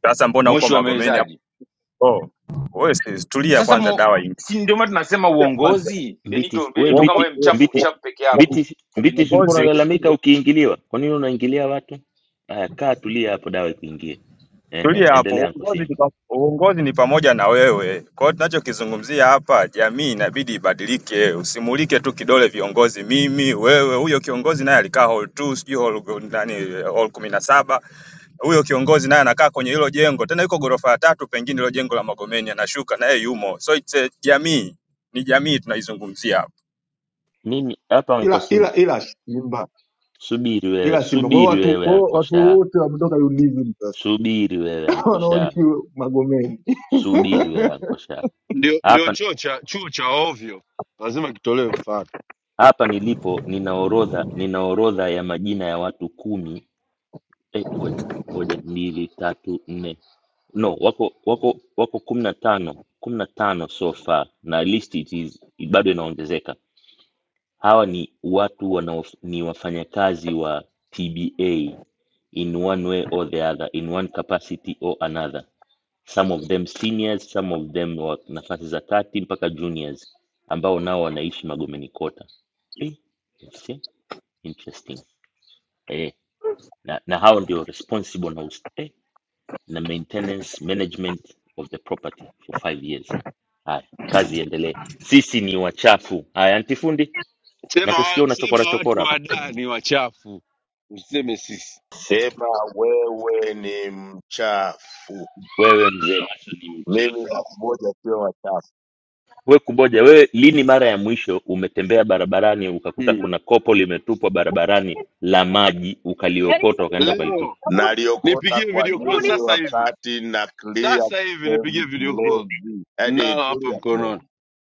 Speaker 10: sasa mbona uko
Speaker 15: Moshi
Speaker 10: Magomeni hapo?
Speaker 15: wamewezaje?
Speaker 10: Oh, wewe si- tulia
Speaker 15: Sasa
Speaker 10: kwanza,
Speaker 15: mo,
Speaker 10: dawa ingia
Speaker 15: si ndio maana tunasema
Speaker 10: kwanza.
Speaker 15: uongozi.
Speaker 1: Mbiti
Speaker 15: Benito,
Speaker 1: we
Speaker 15: Benito, kama
Speaker 10: Uongo-
Speaker 1: Mbiti
Speaker 15: wewe
Speaker 10: uo-
Speaker 15: mchafu
Speaker 1: Mbiti
Speaker 15: mchafu peke
Speaker 10: uo-
Speaker 15: yako
Speaker 1: Mbiti Mbiti, si
Speaker 15: Benito.
Speaker 1: ulikuwa
Speaker 10: uongozi
Speaker 1: unalalamika ukiingiliwa? Kwa nini unaingilia watu? Haya, kaa tulia hapo, dawa ikuingie. Ehe,
Speaker 10: Tulia
Speaker 1: endelea
Speaker 10: hapo.
Speaker 1: Anko
Speaker 10: Uongozi ni,
Speaker 1: Simba.
Speaker 10: pa- uongozi ni pamoja na wewe. Kwa hiyo tunachokizungumzia hapa, jamii inabidi ibadilike. Usimulike tu kidole viongozi, mimi, wewe. Huyo kiongozi naye alikaa hall 2 sijui hall nani, hall kumi na saba. Huyo kiongozi naye anakaa kwenye hilo jengo, tena yuko ghorofa ya tatu, pengine hilo jengo la Magomeni, anashuka naye yumo. So it's a jamii, ni jamii tunaizungumzia hapa.
Speaker 1: Mimi hapa Anko
Speaker 19: ila
Speaker 1: Simba,
Speaker 19: ila ila simba
Speaker 1: subiri wewe,
Speaker 19: ila simba kwa hiyo
Speaker 1: subiri
Speaker 19: watu kwa
Speaker 1: wewe
Speaker 19: hiyo
Speaker 1: Anko
Speaker 19: watu
Speaker 1: Shaa,
Speaker 19: wote wametoka udism sasa
Speaker 1: subiri wewe
Speaker 19: *coughs* *laughs*
Speaker 1: Anko Shaa,
Speaker 19: wanaoishi magomeni
Speaker 1: subiri wewe Anko Shaa.
Speaker 3: Ndio, ndio
Speaker 1: Hapa
Speaker 3: chuo cha chuo cha ovyo lazima kitolewe mfano.
Speaker 1: hapa nilipo nina orodha, nina orodha ya majina ya watu kumi eh, ngoja ngoja mbili tatu nne no wako wako wako kumi na tano kumi na tano so far na list it is bado inaongezeka hawa ni watu wanao ni wafanyakazi wa tba in one way or the other in one capacity or another some of them seniors some of them wa nafasi za kati mpaka juniors ambao nao wanaishi magomeni kota eh, I see. interesting eh, na, na hao ndio responsible na us- eh, na maintenance management of the property for five years. Haya, kazi iendelee. Sisi ni wachafu. Haya, antifundi,
Speaker 3: Sema wa-
Speaker 1: nakusikia unachokora
Speaker 3: sema watu
Speaker 1: chokora hapa.
Speaker 3: wadaa ni wachafu, usiseme sisi
Speaker 16: sema wewe ni mchafu
Speaker 1: Wewe mzee macho ni
Speaker 16: mimi
Speaker 1: mchafu.
Speaker 16: elfu moja sio wachafu.
Speaker 1: We kuboja, wewe lini mara ya mwisho umetembea barabarani ukakuta
Speaker 3: mm.
Speaker 1: kuna kopo limetupwa barabarani la maji ukaliokota ukaenda ukalitupa?
Speaker 3: Leo
Speaker 16: Naliokota
Speaker 3: nipigie
Speaker 16: kwa
Speaker 3: video call
Speaker 16: nini
Speaker 3: sasa hivi,
Speaker 16: wakati na clear
Speaker 3: sasa hivi nipigie
Speaker 16: service
Speaker 3: video call.
Speaker 16: levy? Yaani
Speaker 3: nalo hapa
Speaker 16: tulia
Speaker 3: mkononi.
Speaker 16: kidogo.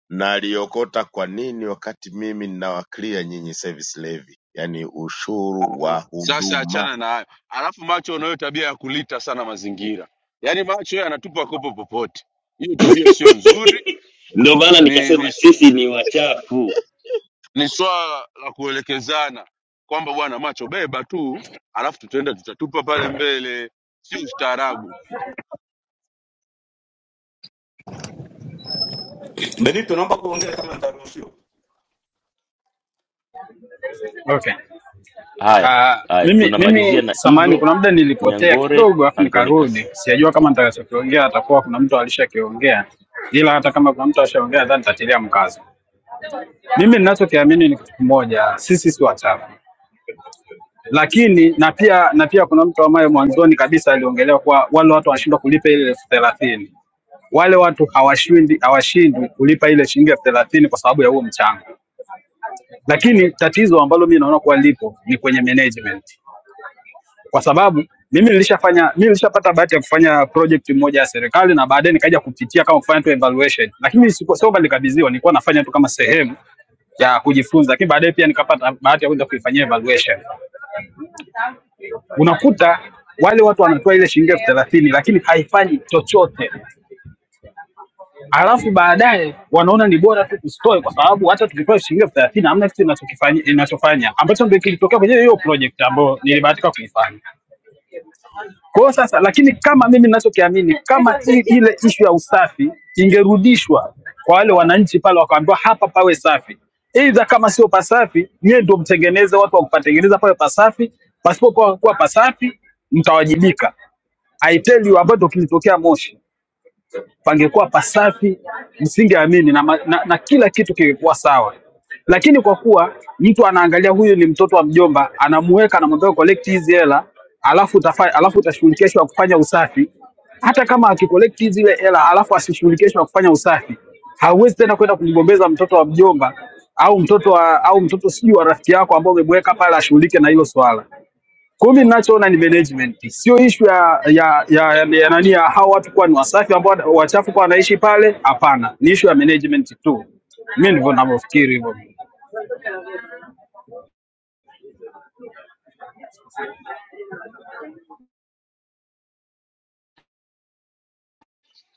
Speaker 16: Naliokota kwa nini wakati mimi ninawaclear nyinyi service levy, yaani ushuru wa
Speaker 3: Ah, Sasa
Speaker 16: huduma.
Speaker 3: achana na hayo, alafu macho unayo tabia ya kulita sana mazingira, yaani macho yanatupa kopo popote. Hiyo tabia sio
Speaker 1: *laughs*
Speaker 3: nzuri,
Speaker 1: Ndio maana
Speaker 3: ni
Speaker 1: nikasema
Speaker 3: ni, su-
Speaker 1: sisi ni wachafu.
Speaker 3: ni swala la kuelekezana kwamba bwana, macho beba tu, alafu tutaenda tutatupa pale mbele, sio ustaarabu.
Speaker 20: Benito, naomba kuongea kama nitaruhusiwa.
Speaker 21: Okay.
Speaker 1: Haya
Speaker 21: Uh,
Speaker 1: haya,
Speaker 21: Mimi mimi
Speaker 1: tunamalizia na
Speaker 21: samahani
Speaker 1: Igo
Speaker 21: kuna muda nilipotea
Speaker 1: Nyangore
Speaker 21: kidogo alafu
Speaker 1: Andronicus.
Speaker 21: nikarudi. Sijajua kama nitakachokiongea atakuwa kuna mtu alishakiongea. Ila hata kama kuna mtu ashaongea nadhani nitatilia mkazo. Mimi ninachokiamini ni kitu kimoja, sisi si wachafu. Lakini na pia na pia kuna mtu ambaye mwanzoni kabisa aliongelea kuwa wale watu wanashindwa kulipa ile elfu thelathini. Wale watu hawashindi hawashindwi kulipa ile shilingi elfu thelathini kwa sababu ya huo mchango. Lakini tatizo ambalo mimi naona kuwa lipo ni kwenye management, kwa sababu mimi nilishafanya mimi nilishapata bahati ya kufanya project moja ya serikali na baadaye nikaja kupitia kama kufanya tu evaluation, lakini siku- sio kwamba nilikabidhiwa, nilikuwa nafanya tu kama sehemu ya kujifunza, lakini baadaye pia nikapata bahati ya kwenda kuifanyia evaluation. Unakuta wale watu wanatoa ile shilingi elfu thelathini lakini haifanyi chochote alafu baadaye wanaona ni bora tu kustore kwa sababu hata tukipewa shilingi elfu thelathini hamna kitu inachokifanya inachofanya ambacho ndio kilitokea kwenye hiyo project ambayo nilibahatika kuifanya. Kwa hiyo sasa, lakini kama mimi ninachokiamini, kama i- ile ishu ya usafi ingerudishwa kwa wale wananchi pale, wakaambiwa hapa pawe safi, aidha kama sio pasafi, nyie ndio mtengeneze watu wa kupatengeneza pawe pasafi, pasipokuwa kuwa pasafi mtawajibika. I tell you ambayo ndio kilitokea Moshi pangekuwa pasafi, msingeamini na, ma- na, na kila kitu kingekuwa sawa. Lakini kwa kuwa mtu anaangalia huyu ni mtoto wa mjomba, anamuweka, anamwambia collect hizi hela, alafu utafa, alafu utashughulikia issue ya kufanya usafi. Hata kama akicollect hizi zile hela alafu asishughulikie issue ya kufanya usafi, hauwezi tena kwenda kumgombeza mtoto wa mjomba au mtoto wa, au mtoto sijui wa rafiki yako ambao umemweka pale ashughulike na hilo swala. Kwa hiyo mimi ninachoona ni management, sio ishu ya ya ya, ya, ya nani ya hao watu kuwa ni wasafi ambao wana- wachafu kwa wanaishi pale. Hapana, ni ishu ya management tu. Mimi ndivyo ninavyofikiri hivyo.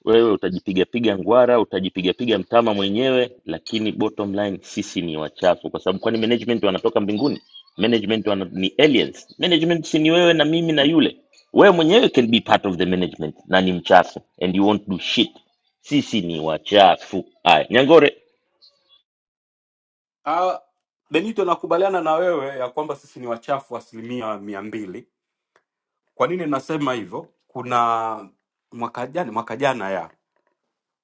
Speaker 1: wewe utajipigapiga ngwara utajipigapiga mtama mwenyewe lakini bottom line sisi ni wachafu kwa sababu kwani management wanatoka mbinguni management wana, ni aliens management si ni wewe na mimi na yule wewe mwenyewe can be part of the management na ni mchafu and you won't do shit sisi ni wachafu haya nyangore
Speaker 20: Ah, Benito, nakubaliana na wewe ya kwamba sisi ni wachafu asilimia mia mbili. Kwa nini nasema hivyo? Kuna mwaka jana mwaka jana ya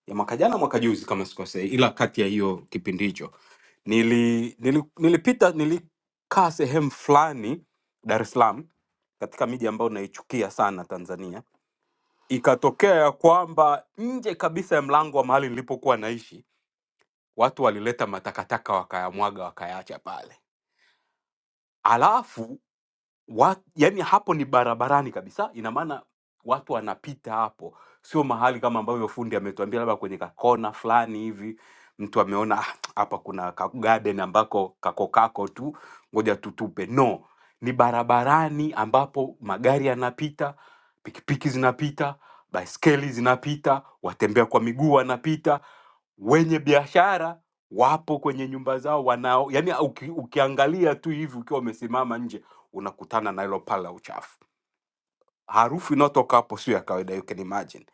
Speaker 20: ya mwaka jana mwaka juzi kama sikosei, ila kati ya hiyo kipindi hicho nili, nili, nilipita nilikaa sehemu fulani Dar es Salaam katika miji ambayo naichukia sana Tanzania, ikatokea ya kwamba nje kabisa ya mlango wa mahali nilipokuwa naishi watu walileta matakataka wakayamwaga wakayaacha pale, alafu Wat, yani hapo ni barabarani kabisa, ina maana watu wanapita hapo, sio mahali kama ambavyo fundi ametuambia labda kwenye kakona fulani hivi mtu ameona "Ah, hapa kuna ka garden ambako kako kako tu, ngoja tutupe. No, ni barabarani ambapo magari yanapita, pikipiki zinapita, baiskeli zinapita, watembea kwa miguu wanapita, wenye biashara wapo kwenye nyumba zao wanao, yani uki, ukiangalia tu hivi ukiwa umesimama nje unakutana na hilo pale la uchafu. Harufu inayotoka hapo sio ya kawaida, you can imagine.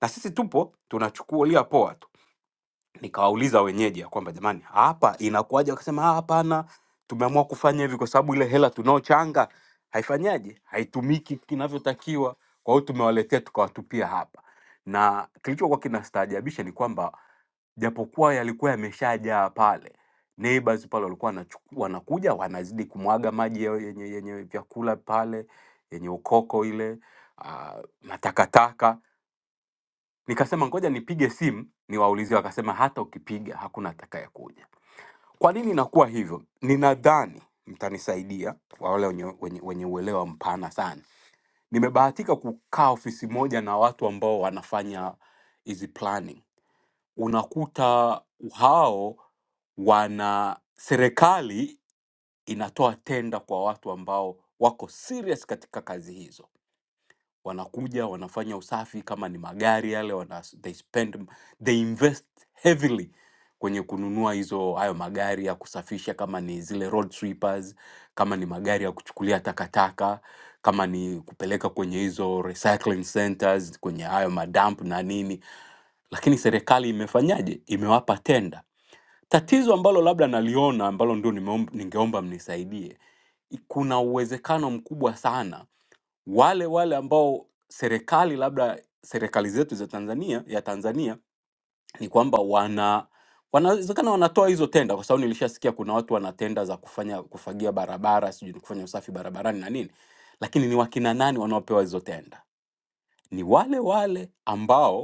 Speaker 20: Na sisi tupo tunachukulia poa tu. Nikawauliza wenyeji ya kwamba jamani, hapa inakuwaje? Wakasema "Ah, hapana, tumeamua kufanya hivi kwa sababu ile hela tunaochanga haifanyaje, haitumiki kinavyotakiwa, kwa hiyo tumewaletea tukawatupia hapa. Na kilichokuwa kinastaajabisha ni kwamba japokuwa yalikuwa yameshajaa pale neighbors pale walikuwa wanachuku- wanakuja wanazidi kumwaga maji yao yenye, yenye vyakula pale yenye ukoko ile uh, matakataka Nikasema ngoja nipige simu niwaulizie, wakasema hata ukipiga hakuna atakayekuja. Kwa nini inakuwa hivyo? Ninadhani mtanisaidia kwa wale wenye, wenye, wenye uelewa mpana sana. Nimebahatika kukaa ofisi moja na watu ambao wanafanya hizi planning, unakuta hao wana serikali inatoa tenda kwa watu ambao wako serious katika kazi hizo wanakuja wanafanya usafi kama ni magari yale wana, they spend they invest heavily kwenye kununua hizo hayo magari ya kusafisha kama ni zile road sweepers kama ni magari ya kuchukulia takataka kama ni kupeleka kwenye hizo recycling centers kwenye hayo madamp na nini lakini serikali imefanyaje imewapa tenda tatizo ambalo labda naliona ambalo ndio nimeom- ningeomba mnisaidie kuna uwezekano mkubwa sana wale wale ambao serikali labda serikali zetu za Tanzania ya Tanzania ni kwamba wana wanawezekana wanatoa hizo tenda, kwa sababu nilishasikia kuna watu wana tenda za kufanya kufagia barabara, sijui ni kufanya usafi barabarani na nini, lakini ni wakina nani wanaopewa hizo tenda? Ni wale wale ambao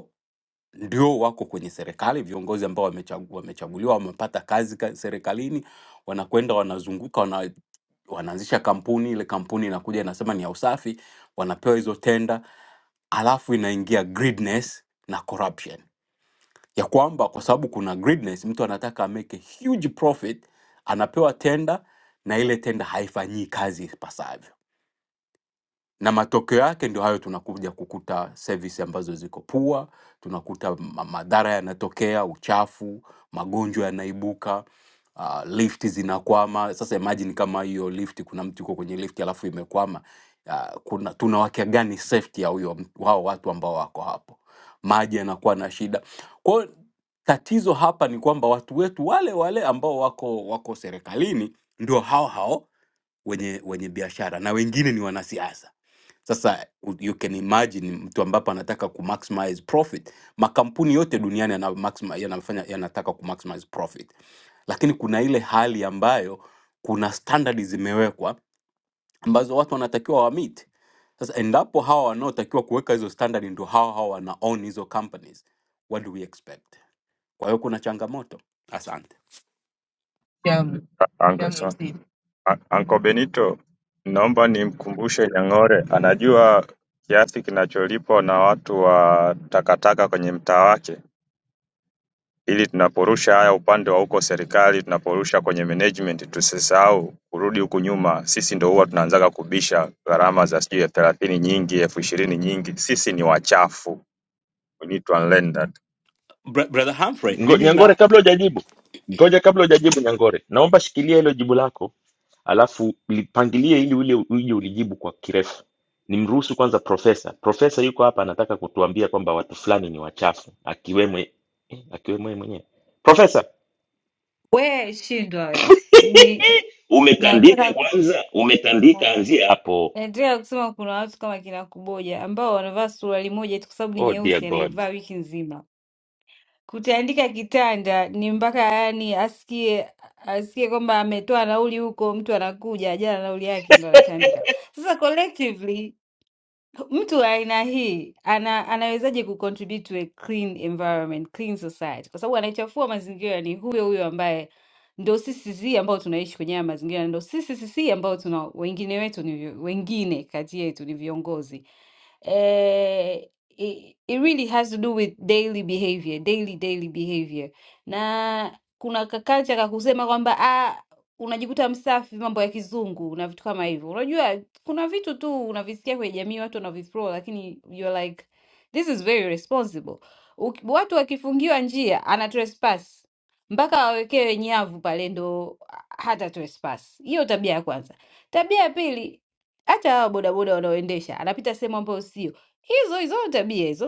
Speaker 20: ndio wako kwenye serikali, viongozi ambao wamechagu- wamechaguliwa, wamepata kazi ka- serikalini, wanakwenda wanazunguka, wana, wanaanzisha kampuni. Ile kampuni inakuja inasema ni ya usafi, wanapewa hizo tenda, alafu inaingia greediness na corruption ya kwamba kwa sababu kuna greediness, mtu anataka make a huge profit, anapewa tenda na ile tenda haifanyii kazi ipasavyo na matokeo yake ndio hayo, tunakuja kukuta service ambazo ziko pua, tunakuta ma- madhara yanatokea, uchafu, magonjwa yanaibuka, uh, lift zinakwama. Sasa imagine kama hiyo lift, kuna mtu yuko kwenye lift alafu imekwama, uh, kuna tunawakea gani safety ya huyo mtu- hao watu ambao wako hapo? Maji yanakuwa na shida. Kwa hiyo tatizo hapa ni kwamba watu wetu wale wale ambao wako wako serikalini ndio hao hao wenye wenye biashara na wengine ni wanasiasa sasa u- you can imagine mtu ambapo anataka ku maximize profit. Makampuni yote duniani yana maximi- yanafanya yanataka ku maximize profit, lakini kuna ile hali ambayo kuna standard zimewekwa ambazo watu wanatakiwa wa meet. Sasa endapo hawa wanaotakiwa kuweka hizo standard ndio hawa hawa wana own hizo companies, what do we expect? Kwa hiyo kuna changamoto. Asante
Speaker 10: Shamu, Uncle, Shamu Sam- Seed. Un- Uncle Benito, naomba nimkumbushe Nyang'ore anajua kiasi kinacholipwa na watu wa takataka kwenye mtaa wake, ili tunaporusha haya upande wa huko serikali, tunaporusha kwenye management, tusisahau kurudi huku nyuma. Sisi ndo huwa tunaanzaga kubisha gharama za sijui elfu thelathini nyingi, elfu ishirini nyingi. Sisi ni wachafu, we need to unlearn that.
Speaker 20: Bra brother Humphrey,
Speaker 1: ngo,
Speaker 20: mimi
Speaker 1: nyangore
Speaker 20: na
Speaker 1: kabla hujajibu ngoja kabla hujajibu nyangore naomba shikilia hilo jibu lako alafu lipangilie ili ule uje ulijibu kwa kirefu. Nimruhusu kwanza profesa. Profesa yuko hapa, anataka kutuambia kwamba watu fulani ni wachafu, akiwemo eh, akiwemo yeye mwenyewe. Profesa,
Speaker 22: We shindwa wewe. Ni-
Speaker 1: *laughs* umetandika
Speaker 22: Nataka
Speaker 1: kwanza, umetandika, anzia hapo.
Speaker 22: naendelea kusema kuna watu kama kina Kuboja ambao wanavaa suruali moja tu kwa sababu ni
Speaker 1: Oh dear
Speaker 22: nyeusi,
Speaker 1: God,
Speaker 22: anaivaa wiki nzima. Kutandika kitanda ni mpaka yani asikie asikie kwamba ametoa nauli huko, mtu anakuja hajala nauli yake ndo anatandika. Sasa collectively mtu wa aina hii ana, anawezaje kucontribute to a clean environment, clean society? Kwa sababu anayechafua mazingira ni huyo huyo ambaye ndo sisi sisi ambao tunaishi kwenye haya mazingira, ndo sisi sisi ambao tuna wengine wetu ni vi- wengine kati yetu ni viongozi eh, it, it really has to do with daily behavior, daily daily behavior. Na kuna kakalcha kakusema kwamba ah, unajikuta msafi mambo ya kizungu na vitu kama hivyo. Unajua kuna vitu tu unavisikia kwenye jamii watu wanavithrow, lakini you're like this is very responsible. Uki- Watu wakifungiwa njia ana trespass mpaka wawekewe nyavu pale ndo hata trespass. Hiyo tabia ya kwanza. Tabia ya pili, hata hawa bodaboda wanaoendesha anapita sehemu ambayo sio, hizo hizo tabia hizo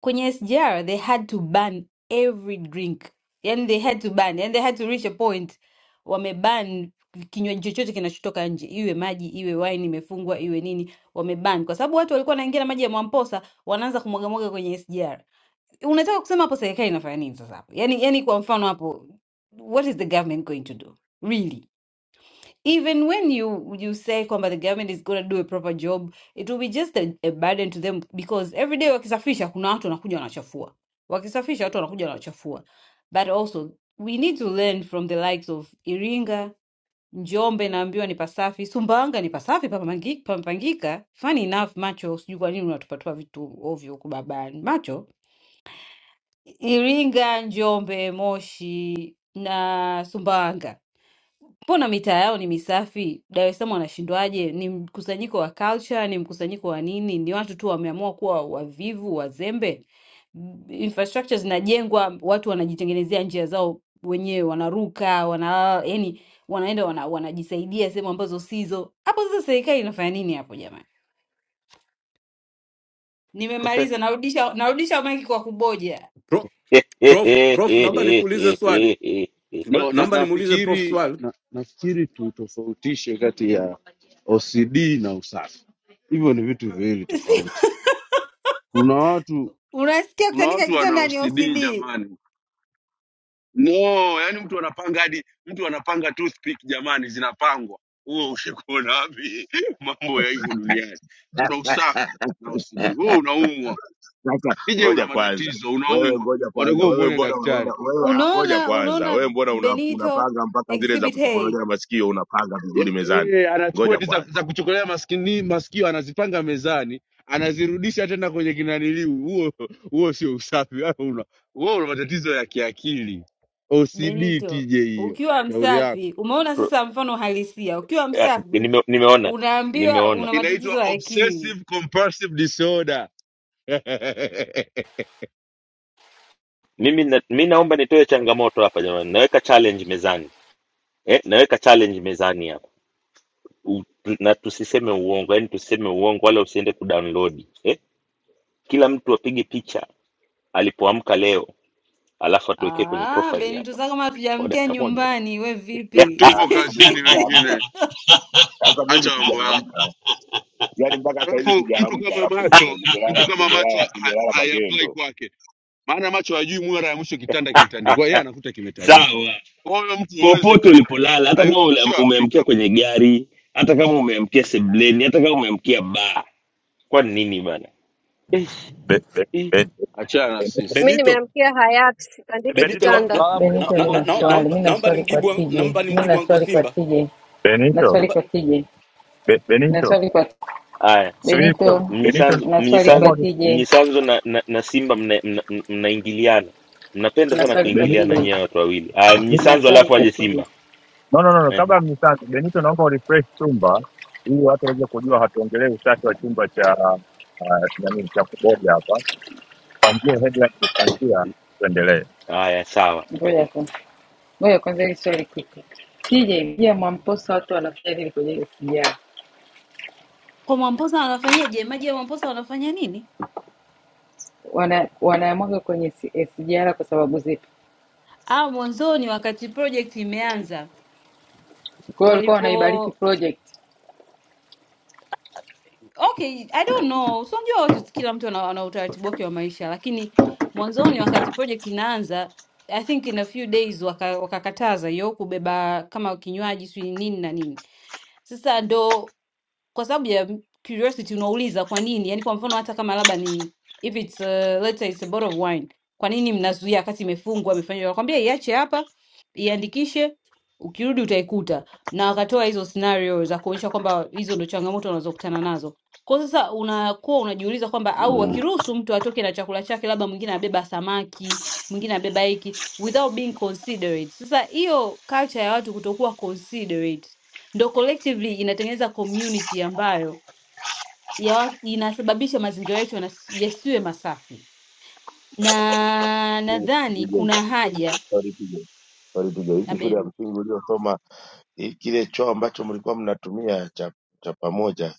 Speaker 22: kwenye SGR they had to ban every drink, yani they had to ban, yani they had to reach a point wameban kinywaji chochote kinachotoka nje, iwe maji, iwe wine imefungwa, iwe nini, wameban kwa sababu watu walikuwa wanaingia na maji ya Mwamposa wanaanza kumwagamwaga kwenye SGR. Unataka kusema hapo serikali inafanya nini sasa hapo? Yani, yani kwa mfano hapo, what is the government going to do really? even when you you say kwamba the government is going to do a proper job it will be just a, a burden to them because every day wakisafisha kuna watu wanakuja wanachafua wakisafisha watu wanakuja wanachafua but also we need to learn from the likes of iringa njombe naambiwa ni pasafi sumbawanga ni pasafi papamangi- pamepangika funny enough macho sijui kwa nini unatupatua vitu ovyo huku babani macho iringa njombe moshi na sumbawanga Mbona mitaa yao ni misafi? Dar es Salaam wanashindwaje? Ni mkusanyiko wa culture, ni mkusanyiko wa nini? Ni watu tu wameamua kuwa wavivu, wazembe. M- Infrastructure zinajengwa, watu wanajitengenezea njia zao wenyewe, wanaruka, wanalala, yani wanaenda wana, wanajisaidia sehemu ambazo sizo. Hapo sasa serikali inafanya nini hapo jamani?
Speaker 1: profesa
Speaker 22: Nimemaliza, narudisha narudisha maiki kwa kuboja.
Speaker 20: pro,
Speaker 1: *laughs*
Speaker 20: prof, prof, naomba nikuulize swali, Ngwe-
Speaker 3: No, na,
Speaker 20: naomba nimuulize prof
Speaker 3: nafikiri
Speaker 20: swali.
Speaker 3: na, nafikiri tutofautishe kati ya OCD na usafi, hivyo ni vitu viwili tofauti. Kuna watu
Speaker 22: Unasikia
Speaker 3: kuna
Speaker 22: kutandika
Speaker 3: watu wana
Speaker 22: kitanda ni
Speaker 3: OCD
Speaker 22: OCD.
Speaker 3: jamani, no yani mtu anapanga hadi mtu anapanga toothpick jamani zinapangwa huo ushakuona wapi *laughs* mambo ya hivyo duniani kuna
Speaker 16: *laughs*
Speaker 3: usafi na OCD wewe unaumwa
Speaker 16: Sasa
Speaker 3: ije una
Speaker 16: ngoja kwanza
Speaker 3: matatizo
Speaker 16: wewe,
Speaker 3: unaumwa
Speaker 16: ngoja kwanza
Speaker 3: unatakiwa
Speaker 16: wewe,
Speaker 3: umuone
Speaker 16: mbona
Speaker 3: daktari
Speaker 16: unaona wewe, ah, ngoja
Speaker 22: Unaona
Speaker 16: kwanza
Speaker 22: unaona
Speaker 16: wewe, mbona una,
Speaker 22: Benito
Speaker 16: unapanga mpaka zile za
Speaker 22: exhibit A
Speaker 16: kutokonolea masikio unapanga vizuri
Speaker 3: Ya-
Speaker 16: mezani?
Speaker 3: eh, anachukua
Speaker 16: Ngoja
Speaker 3: ti za,
Speaker 16: kwanza.
Speaker 3: za kuchokolea maskini, masikio anazipanga mezani anazirudisha tena kwenye kinaniliu huo huo sio usafi wewe una, wewe una matatizo ya kiakili OCD
Speaker 22: Benito,
Speaker 3: tije hiyo
Speaker 22: ukiwa
Speaker 3: shauri yako
Speaker 22: msafi, umeona
Speaker 1: Pro,
Speaker 22: sasa mfano halisia. Ukiwa
Speaker 1: ah,
Speaker 22: msafi
Speaker 1: nime, nimeona
Speaker 22: unaambiwa
Speaker 1: nimeona
Speaker 22: una
Speaker 3: inaitwa
Speaker 22: matatizo ya akili.
Speaker 3: obsessive compulsive disorder *laughs*
Speaker 1: mimi na, mi naomba nitoe changamoto hapa jamani, naweka challenge mezani eh, naweka challenge mezani hapa u, tu- na tusiseme uongo yani tusiseme uongo wala usiende kudownload eh? kila mtu apige picha alipoamka leo alafu atuwekee kwenye
Speaker 22: Ah,
Speaker 1: profile
Speaker 22: Benito
Speaker 1: hapa
Speaker 22: sasa kama
Speaker 1: kwa
Speaker 22: hatujamkia
Speaker 1: dakika moja tu
Speaker 22: nyumbani, we
Speaker 3: Tu-
Speaker 22: vipi?
Speaker 3: tupo
Speaker 16: Sasa mimi
Speaker 3: kazini
Speaker 22: *laughs*
Speaker 16: sijaamka,
Speaker 3: wengine
Speaker 16: sasa mimi
Speaker 3: acha mambo yako
Speaker 16: sijaamka. yaani mpaka saa hizi
Speaker 3: alafu mtu
Speaker 16: sijaamka,
Speaker 3: kama
Speaker 16: alafu nime-
Speaker 3: macho
Speaker 16: nimelala
Speaker 3: mtu kama macho
Speaker 16: nimelala
Speaker 3: ha-
Speaker 16: nimelala
Speaker 3: haiapply
Speaker 16: magendo.
Speaker 3: kwake maana macho hajui mara ya mwisho kitanda kilitandikwa yeye anakuta kimetandikwa
Speaker 1: sawa
Speaker 3: kwa hiyo mtu huwezi
Speaker 1: popote
Speaker 3: ka-
Speaker 1: ulipolala hata
Speaker 3: hai-
Speaker 1: kama ule-
Speaker 3: sio
Speaker 1: umeamkia
Speaker 3: applicable
Speaker 1: kwenye gari hata kama umeamkia sebleni hata kama umeamkia baa kwani nini bana Eish,
Speaker 10: Be, be,
Speaker 1: eh.
Speaker 10: be,
Speaker 3: achana na sisi
Speaker 14: Mi
Speaker 20: Benito,
Speaker 14: nimeamkia hayati, sitandiki
Speaker 20: Benito,
Speaker 23: Benito,
Speaker 20: no,
Speaker 23: watu
Speaker 14: kitanda,
Speaker 20: no,
Speaker 23: tunalala kwenye
Speaker 20: no,
Speaker 9: Benito,
Speaker 20: no,
Speaker 9: mimi
Speaker 20: no,
Speaker 9: na
Speaker 23: makochi
Speaker 20: no,
Speaker 23: hapa.
Speaker 9: swali,
Speaker 20: naomba
Speaker 9: mimi na
Speaker 20: naomba
Speaker 9: swali kwa
Speaker 20: nimjibu an-
Speaker 9: TJ,
Speaker 20: naomba
Speaker 9: mimi
Speaker 20: nimjibu
Speaker 9: na
Speaker 20: anko
Speaker 9: swali kwa
Speaker 20: Simba.
Speaker 9: TJ, na
Speaker 10: Benito,
Speaker 9: swali
Speaker 20: Naomba
Speaker 9: kwa TJ,
Speaker 10: Be-
Speaker 9: na
Speaker 10: Benito,
Speaker 9: swali kwa
Speaker 1: haya
Speaker 10: subiri kidogo.
Speaker 9: Benito
Speaker 10: Benito,
Speaker 1: mnyisanzo
Speaker 9: na swali kwa
Speaker 1: mnyisanzo
Speaker 9: TJ,
Speaker 1: mnyisanzo na, na, na simba mnaingiliana mna, mna mnaingiliana. mnapenda
Speaker 9: na
Speaker 1: sana
Speaker 9: swali kwa TJ,
Speaker 10: Benito,
Speaker 1: kuingiliana nyewe watu wawili haya
Speaker 9: na
Speaker 1: mnyisanzo
Speaker 9: swali
Speaker 1: alafu
Speaker 9: kwa
Speaker 1: aje
Speaker 9: TJ.
Speaker 1: simba
Speaker 10: no, no, no, no.
Speaker 1: eh?
Speaker 10: Kabla mnisante Benito, naomba urefresh chumba ili watu waweze kujua, hatuongelee usafi wa chumba cha nani cha kuboja hapa. Tupangie headline kuanzia, tuendelee.
Speaker 1: Haya, sawa.
Speaker 9: Ngoja kwanza, ngoja kwanza hili swali kiko. TJ, pia Mwamposa watu wanafanya nini kwenye SGR?
Speaker 22: Kwa Mwamposa wanafanyaje? Maji ya Mwamposa wanafanya nini?
Speaker 9: Wana wanayamwaga kwenye si- SGR kwa sababu zipi?
Speaker 22: Ah, mwanzoni wakati project imeanza
Speaker 9: Kwa hiyo walikuwa wanaibariki project.
Speaker 22: Okay, I don't know. So unajua watu kila mtu ana, ana utaratibu wake wa maisha, lakini mwanzoni wakati project inaanza, I think in a few days waka, wakakataza hiyo kubeba kama kinywaji si nini na nini. Sasa ndo kwa sababu ya curiosity unauliza kwa nini yani kwa mfano hata kama labda ni if it's a, let's say it's a bottle of wine kwa nini mnazuia wakati imefungwa amefanywa nakwambia iache hapa iandikishe ukirudi utaikuta na wakatoa hizo scenario za kuonyesha kwamba hizo ndo changamoto wanazokutana nazo kwa hiyo sasa unakuwa unajiuliza kwamba au
Speaker 1: Mm.
Speaker 22: wakiruhusu mtu atoke na chakula chake labda mwingine abeba samaki mwingine abeba hiki without being considerate sasa hiyo culture ya watu kutokuwa considerate ndo collectively inatengeneza community ambayo ya, wa- inasababisha mazingira yetu yanas- yasiwe masafi, na nadhani
Speaker 16: TJ,
Speaker 22: kuna haja
Speaker 16: sorry TJ, sorry TJ. Hizi shule ya msingi uliosoma i- kile choo ambacho mlikuwa mnatumia cha cha pamoja,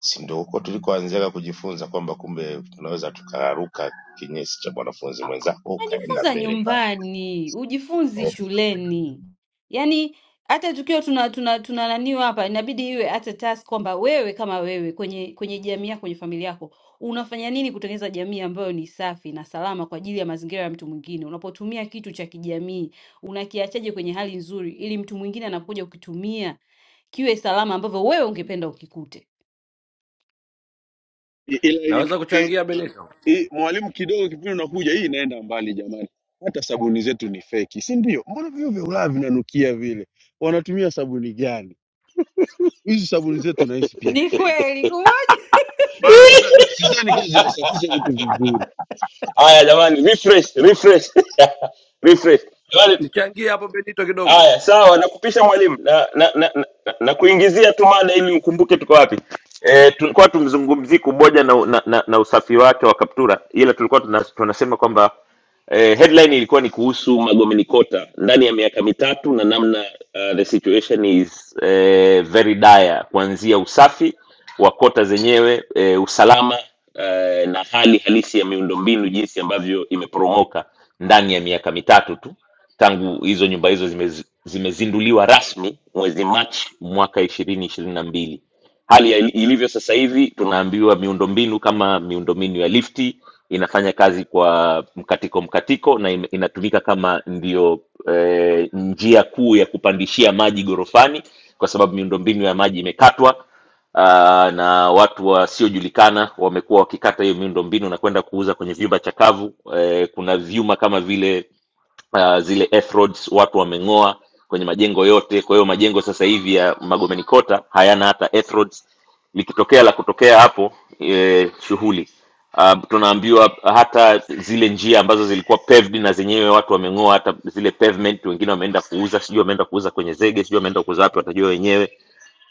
Speaker 16: si ndio huko tulikoanzia kujifunza kwamba kumbe tunaweza tukaruka kinyesi cha mwanafunzi mwenzako ukaenda
Speaker 22: Najifunza
Speaker 16: mbele pale.
Speaker 22: nyumbani, hujifunzi shuleni. Yaani hata tukiwa tuna tuna tuna naniwa hapa inabidi iwe hata task kwamba wewe kama wewe kwenye kwenye jamii yako, kwenye familia yako unafanya nini kutengeneza jamii ambayo ni safi na salama kwa ajili ya mazingira ya mtu mwingine? Unapotumia kitu cha kijamii unakiachaje kwenye hali nzuri, ili mtu mwingine anapokuja kukitumia kiwe salama ambavyo wewe ungependa ukikute.
Speaker 3: I- ila ina,
Speaker 23: Naweza
Speaker 3: i,
Speaker 23: kuchangia Benito?
Speaker 3: i, mwalimu kidogo kipindi unakuja hii inaenda mbali jamani hata sabuni zetu ni feki si ndio mbona vio vya ulaya vinanukia vile wanatumia sabuni gani hizi sabuni zetu nahisi pia ni
Speaker 22: Ni
Speaker 3: feki,
Speaker 22: kweli kumoja.
Speaker 3: maana siza-
Speaker 1: *laughs*
Speaker 3: sidhani kama zinasafisha vitu vizuri.
Speaker 1: Haya jamani, refresh refresh *laughs* refresh jamani.
Speaker 23: Nichangie hapo Benito kidogo.
Speaker 1: Haya sawa, nakupisha mwalimu na, na, na, na, na kuingizia tu mada ili ukumbuke tuko wapi. E, tulikuwa tumzungumzii kuboja na, na, na, na usafi wake wa kaptura, ila tulikuwa tuna- tunasema kwamba eh, headline ilikuwa ni kuhusu magomeni kota ndani ya miaka mitatu na namna uh, the situation is eh, very dire kuanzia usafi wa kota zenyewe eh, usalama eh, na hali halisi ya miundombinu jinsi ambavyo imeporomoka ndani ya miaka mitatu tu tangu hizo nyumba hizo zimez, zimezinduliwa rasmi mwezi machi mwaka ishirini ishirini na mbili hali ya- ilivyo sasa hivi tunaambiwa miundombinu kama miundombinu ya lifti inafanya kazi kwa mkatiko mkatiko na ime- inatumika kama ndio eh, njia kuu ya kupandishia maji gorofani kwa sababu miundombinu ya maji imekatwa uh, na watu wasiojulikana wamekuwa wakikata hiyo miundombinu na kwenda kuuza kwenye vyumba chakavu eh, kuna vyuma kama vile uh, zile F-roads watu wameng'oa kwenye majengo yote. Kwa hiyo majengo sasa hivi ya Magomeni Kota hayana hata F-roads. Likitokea la kutokea hapo e, shughuli uh, tunaambiwa hata zile njia ambazo zilikuwa paved na zenyewe watu wameng'oa hata zile pavement wengine wameenda kuuza sijui wameenda kuuza kwenye zege sijui wameenda kuuza wapi watajua wenyewe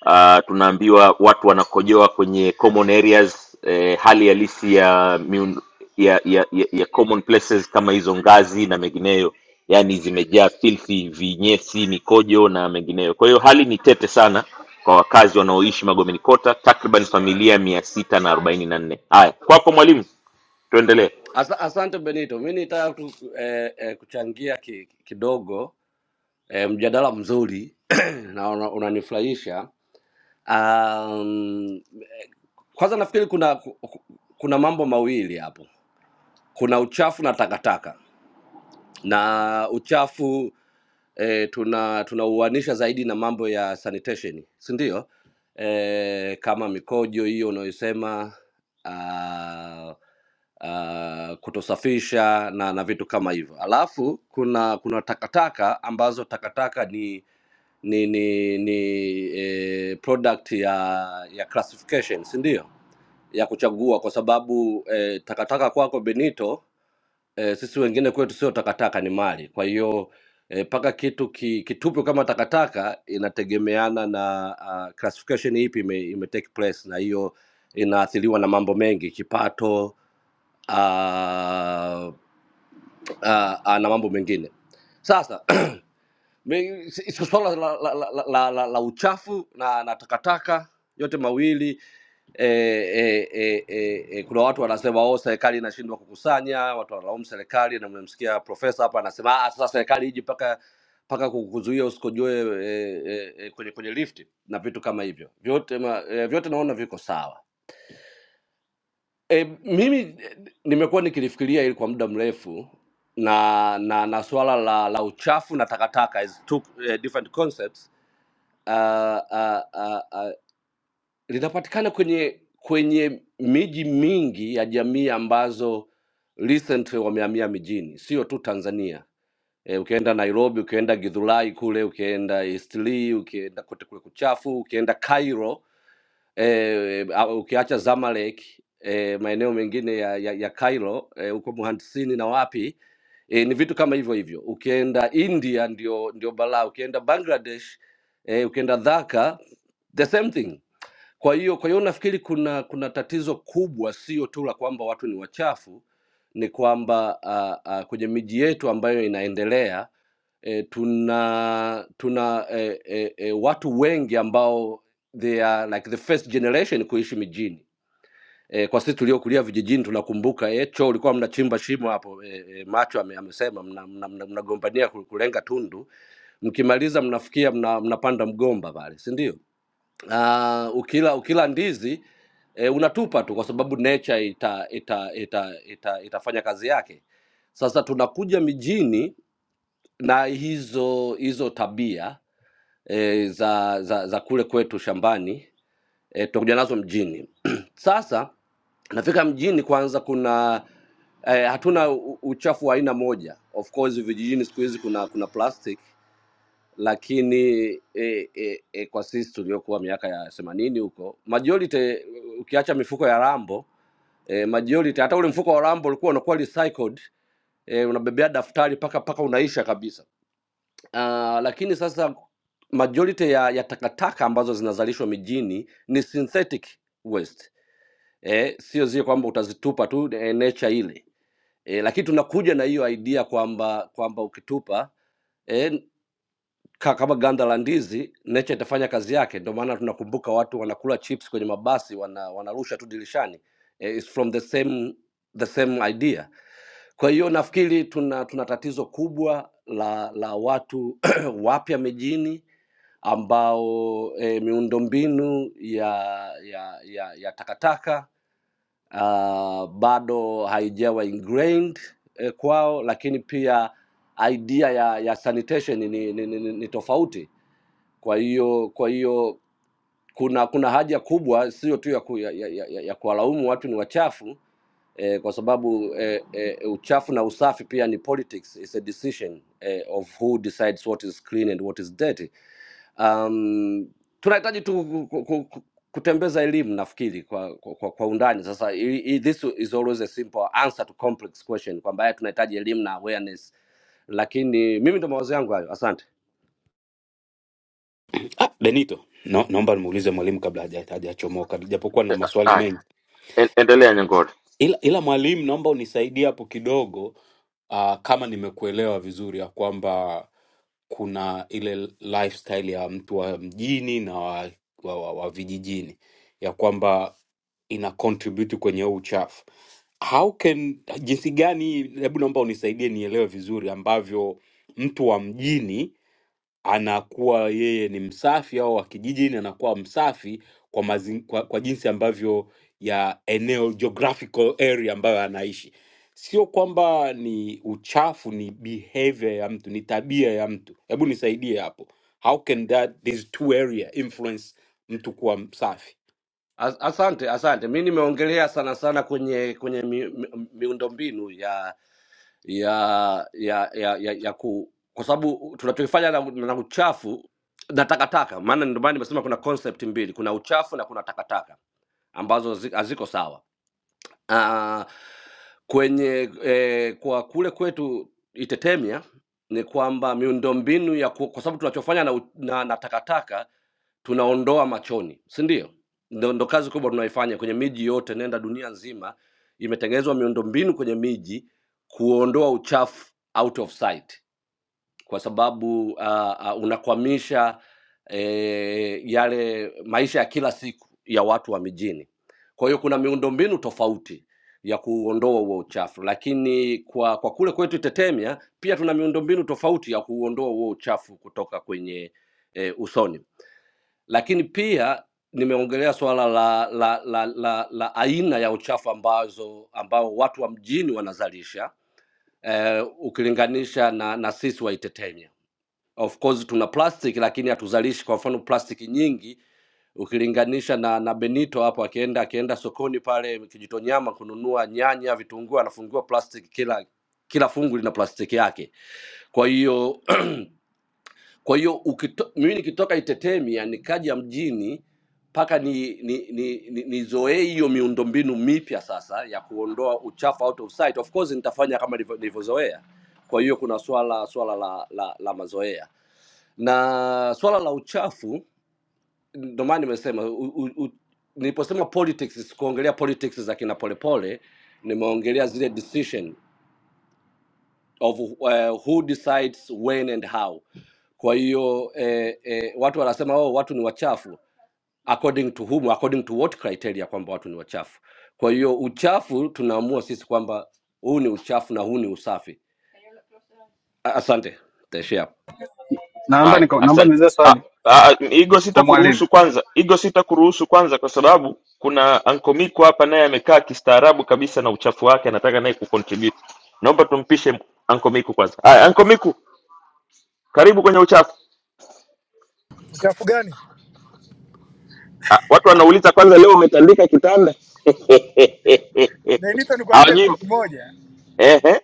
Speaker 1: uh, tunaambiwa watu wanakojoa kwenye common areas eh, hali halisi ya, miun- ya, ya, ya, ya common places kama hizo ngazi na mengineyo yaani zimejaa filthi vinyesi mikojo na mengineyo kwa hiyo hali ni tete sana kwa wakazi wanaoishi magomeni kota takriban familia mia sita na arobaini na nne haya kwako mwalimu tuendelee
Speaker 23: Asa, asante Benito, mi nitaka tu eh, eh, kuchangia ki, kidogo eh, mjadala mzuri *clears throat* na una- unanifurahisha. Um, eh, kwanza nafikiri kuna ku- ku- kuna mambo mawili hapo, kuna uchafu na takataka na uchafu e, tuna tunauanisha zaidi na mambo ya sanitation, si ndio? E, kama mikojo hiyo unayosema ah, ah, kutosafisha na na vitu kama hivyo. Alafu kuna kuna takataka ambazo takataka ni ni ni, ni e, product ya ya classification, si ndio? ya kuchagua kwa sababu eh, takataka kwako Benito eh, sisi wengine kwetu sio takataka, ni mali. Kwa hiyo eh, paka kitu ki, kitupwe kama takataka inategemeana na uh, classification ipi ime, ime take place, na hiyo inaathiriwa na mambo mengi, kipato uh, uh, uh, na mambo mengine. Sasa *clears throat* Me- Iko swala la, la, la, la, la, la uchafu na, na takataka yote mawili e, e, e, e, e, kuna watu wanasema oh, serikali inashindwa kukusanya, watu wanalaumu serikali, na mmemsikia profesa hapa anasema ah, sasa serikali iji mpaka mpaka kukuzuia usikojue e, e, e, kwenye, kwenye lifti na vitu kama hivyo vyote, ma, e, vyote naona viko sawa. E, mimi eh, nimekuwa nikilifikiria hili kwa muda mrefu na na na swala la, la uchafu na takataka is two eh, different concepts ah, ah, ah, ah, linapatikana kwenye kwenye miji mingi ya jamii ambazo recently wamehamia mijini, sio tu Tanzania. E, ukienda Nairobi, ukienda Githurai kule, ukienda Eastleigh, ukienda kote kule kuchafu, ukienda Cairo Eh, a ukiacha Zamalek, eh, maeneo mengine ya ya, ya Cairo eh, huko Muhandisini na wapi eh, ni vitu kama hivyo hivyo. Ukienda India ndio ndio balaa, ukienda Bangladesh eh, ukienda Dhaka the same thing kwa hiyo kwa hiyo nafikiri kuna kuna tatizo kubwa, sio tu la kwamba watu ni wachafu, ni kwamba uh, uh, kwenye miji yetu ambayo inaendelea e, tuna tuna e, e, e, watu wengi ambao they are like the first generation kuishi mijini. E, kwa sisi tuliokulia vijijini tunakumbuka e, choo ulikuwa mnachimba shimo hapo e, e, macho ame, amesema mnagombania mna, mna, mnagombania ku- kulenga tundu, mkimaliza mnafikia mna, mnapanda mgomba pale, si ndio? uh, ukila ukila ndizi e, unatupa tu kwa sababu nature ita, ita, ita, ita, itafanya kazi yake. Sasa tunakuja mijini na hizo hizo tabia e, za, za, za kule kwetu shambani e, tunakuja nazo mjini. *clears throat* Sasa nafika mjini kwanza, kuna eh, hatuna u- uchafu wa aina moja. Of course vijijini siku hizi kuna kuna plastic lakini e, e, e, kwa sisi tuliokuwa miaka ya themanini huko majority, e, ukiacha mifuko ya rambo e, majority, hata ule mfuko wa rambo ulikuwa unakuwa recycled e, unabebea daftari paka paka unaisha kabisa. Uh, lakini sasa majority ya, ya takataka ambazo zinazalishwa mijini ni synthetic waste e, sio zile kwamba utazitupa tu e, nature ile e, lakini tunakuja na hiyo idea kwamba kwamba ukitupa eh, ka, kama ganda la ndizi nature itafanya kazi yake ndio maana tunakumbuka watu wanakula chips kwenye mabasi wana, wanarusha tu dirishani eh, it's from the same the same idea kwa hiyo nafikiri tuna tuna tatizo kubwa la la watu *clears throat* wapya mijini ambao eh, miundombinu ya ya ya, ya takataka uh, bado haijawa ingrained eh, kwao lakini pia idea ya, ya sanitation ni, ni, ni, ni ni tofauti kwa hiyo kwa hiyo kuna kuna haja kubwa sio tu ya, ku, ya, ya, ya, ya kuwalaumu watu ni wachafu eh, kwa sababu eh, eh, uchafu na usafi pia ni politics, it's a decision eh, of who decides what is clean and what is dirty. Um, tunahitaji tu ku, ku, ku, ku- kutembeza elimu nafikiri kwa, kwa, kwa kwa undani sasa. i- i- This is always a simple answer to complex question kwamba haya tunahitaji elimu na awareness, lakini mimi ndo mawazo yangu hayo. Asante.
Speaker 20: ah, Benito, no, naomba nimuulize mwalimu kabla haja- hajachomoka, japokuwa na maswali
Speaker 1: haya
Speaker 20: mengi,
Speaker 1: en- endelea nyangore
Speaker 20: ila, ila mwalimu, naomba unisaidie hapo kidogo uh, kama nimekuelewa vizuri ya kwamba kuna ile lifestyle ya mtu wa mjini na wa, wa, wa, wa vijijini ya kwamba ina contribute kwenye huu uchafu how can jinsi gani hebu naomba unisaidie nielewe vizuri ambavyo mtu wa mjini anakuwa yeye ni msafi au wa kijijini anakuwa msafi kwa, mazi, kwa, kwa jinsi ambavyo ya eneo geographical area ambayo anaishi sio kwamba ni uchafu ni behavior ya mtu ni tabia ya mtu hebu nisaidie hapo how can that these two area influence mtu kuwa msafi
Speaker 23: As- Asante, asante. Mi nimeongelea sana sana kwenye kwenye mi, mi, miundombinu ya ya ya ya, ya, ya ku, kwa sababu tunachokifanya na, na uchafu na takataka, maana ndio maana nimesema kuna concept mbili, kuna uchafu na kuna takataka ambazo zi- haziko sawa. Ah, kwenye eh, kwa kule kwetu Itetemia ni kwamba miundombinu ya ku, kwa sababu tunachofanya na, u- na, na takataka tunaondoa machoni, si ndio? Ndo, ndo kazi kubwa tunaifanya kwenye miji yote, nenda dunia nzima, imetengenezwa miundombinu kwenye miji kuondoa uchafu out of sight kwa sababu uh, uh, unakwamisha eh, yale maisha ya kila siku ya watu wa mijini. Kwa hiyo kuna miundombinu tofauti ya kuondoa huo uchafu, lakini kwa kwa kule kwetu Tetemia pia tuna miundombinu tofauti ya kuondoa huo uchafu kutoka kwenye eh, usoni, lakini pia nimeongelea swala la la, la, la la aina ya uchafu ambazo ambao watu wa mjini wanazalisha eh, ukilinganisha na, na sisi wa Itetemia of course tuna plastic lakini hatuzalishi kwa mfano plastic nyingi ukilinganisha na na benito hapo akienda akienda sokoni pale kijitonyama kununua nyanya vitunguu anafungiwa plastic kila kila fungu lina plastiki yake kwa hiyo *clears throat* kwa hiyo ukito, mimi nikitoka Itetemia nikaja mjini mpaka ni ni ni ni- nizoee hiyo miundombinu mipya sasa ya kuondoa uchafu out of sight. Of course nitafanya kama nilivyo- nilivyozoea, kwa hiyo kuna swala swala la, la, la mazoea na swala la uchafu. Ndio maana nimesema u- u- u- niliposema politics, sikuongelea politics za kina Polepole, nimeongelea zile decision of uh, who decides when and how. Kwa hiyo eh, eh, watu wanasema oh, watu ni wachafu according to whom, according to what criteria kwamba watu ni wachafu. Kwa hiyo uchafu tunaamua sisi kwamba huu ni uchafu na huu ni usafi. A- Asante, Taishia hapo.
Speaker 21: Naomba
Speaker 1: Haya,
Speaker 21: nika- naomba
Speaker 1: asante.
Speaker 21: niulize
Speaker 1: Ah,
Speaker 21: swali
Speaker 1: ah, Igo
Speaker 21: kwa mwalimu.
Speaker 1: sitakuruhusu kwanza, Igo sitakuruhusu kwanza, kwa sababu kuna Anko Miko hapa, naye amekaa kistaarabu kabisa na uchafu wake, anataka naye kucontribute. Naomba tumpishe Anko Miko kwanza. Haya, Anko Miko, karibu kwenye uchafu. Ah, watu wanauliza kwanza, leo umetandika kitanda *laughs* hawajui. Ehe,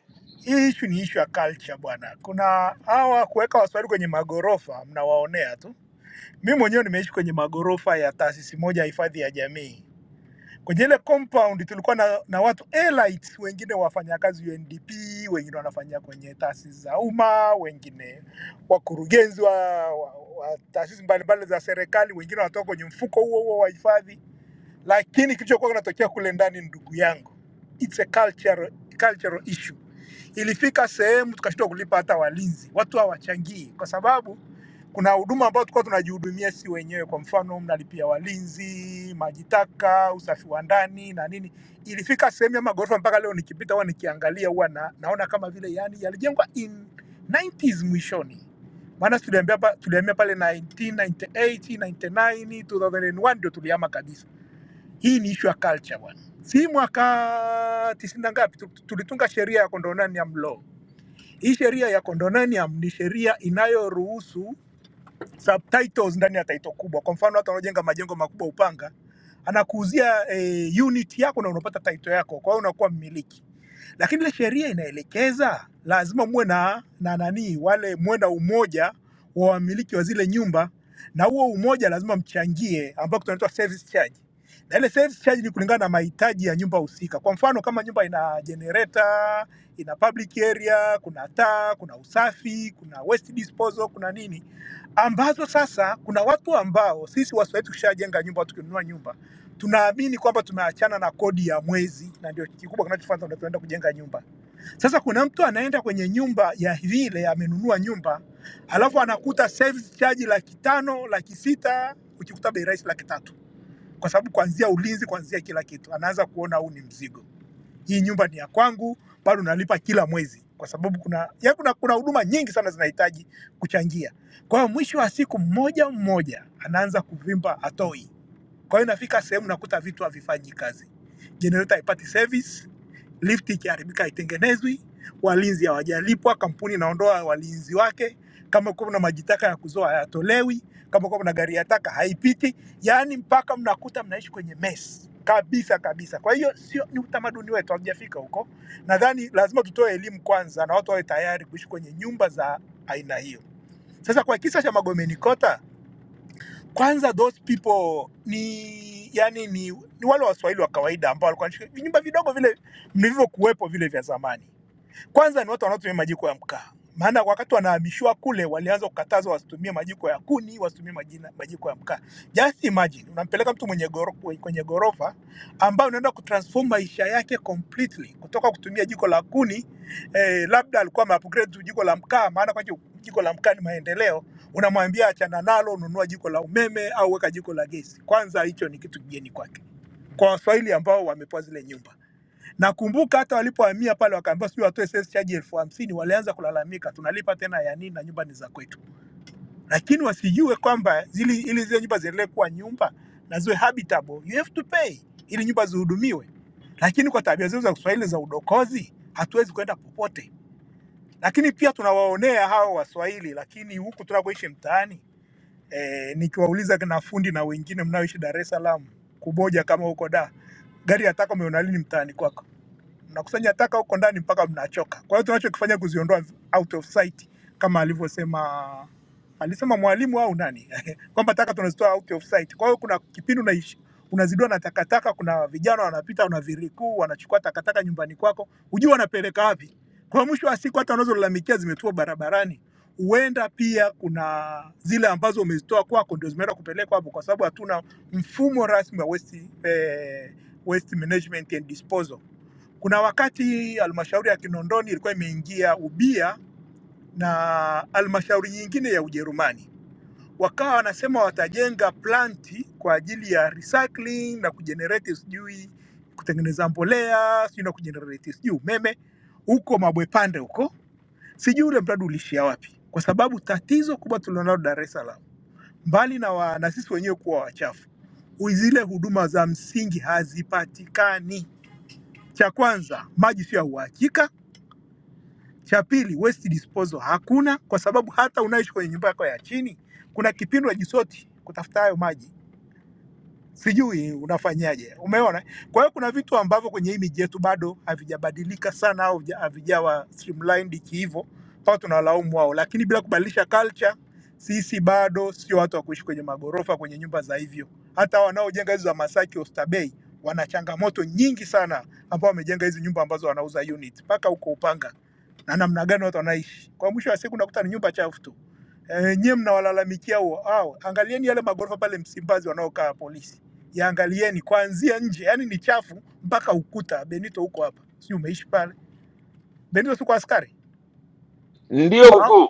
Speaker 1: ndio mkuu,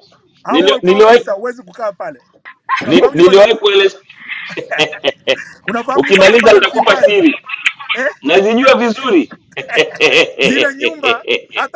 Speaker 1: Nili- niliwahi ni- niliwahi kueleza *laughs* ukimaliza nitakupa siri nazijua vizuri *laughs*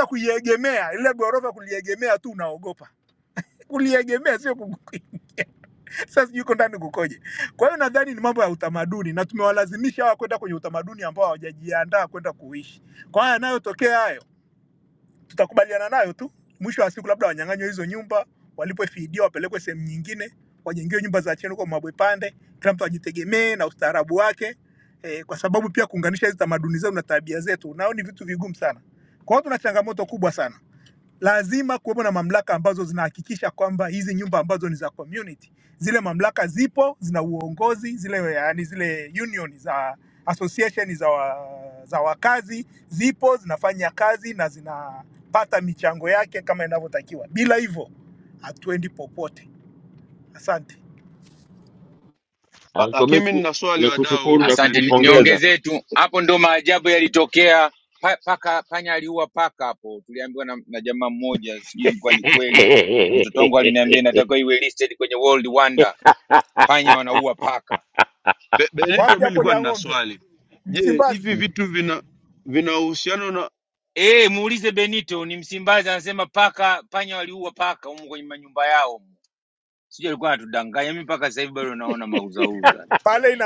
Speaker 3: La-
Speaker 1: Anko
Speaker 3: Lakini mi
Speaker 1: Miki
Speaker 3: nina swali wadau
Speaker 15: Asante, ni-
Speaker 3: Benito.
Speaker 15: niongezee tu hapo, ndo maajabu yalitokea. Pa, paka panya aliua paka hapo, tuliambiwa na, na jamaa mmoja, sijui ilikuwa ni kweli, na mtoto wangu aliniambia
Speaker 1: *laughs*
Speaker 15: inatakiwa iwe listed kwenye World Wonder, panya wanaua paka.
Speaker 3: Be, Benito, mi nilikuwa nina swali. Je, hivi vitu vina vina uhusiano na
Speaker 15: Eh, muulize Benito ni Msimbazi, anasema paka panya waliua paka humu kwenye manyumba yao. humu. Sijui alikuwa anatudanganya, mimi mpaka sasa hivi bado naona mauzauza.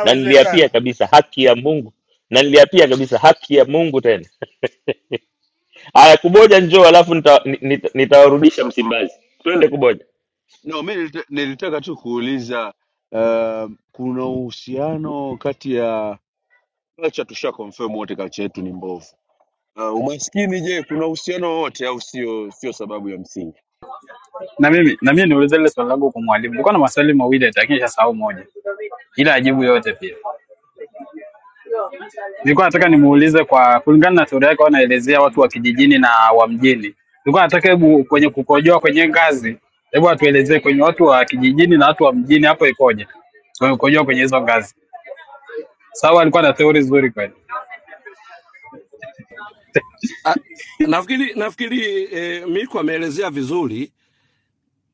Speaker 1: na niliapia kabisa haki ya Mungu, na niliapia kabisa haki ya Mungu. Tena haya, kuboja njoo, alafu nitawarudisha nita, nita nitawarudisha Msimbazi. Twende kuboja
Speaker 3: na mi nilita- nilitaka tu kuuliza uh, kuna uhusiano kati ya culture, tusha confirm wote culture yetu ni mbovu. Uh, umaskini je, kuna uhusiano wowote au sio? Sio sababu ya msingi.
Speaker 21: Na mimi na mimi niulize ile swali langu kwa mwalimu. Nilikuwa na maswali mawili lakini nishasahau moja, ila ajibu yote pia. Nilikuwa nataka nimuulize kwa kulingana na stori yake, anaelezea watu wa kijijini na wa mjini. Nilikuwa nataka hebu kwenye kukojoa kwenye ngazi, hebu atuelezee kwenye watu wa kijijini na watu wa mjini hapo ikoje, kwenye kukojoa kwenye hizo ngazi. Sawa, alikuwa na theory nzuri kweli.
Speaker 23: Ah, Nafikiri nafikiri eh, Miku ameelezea vizuri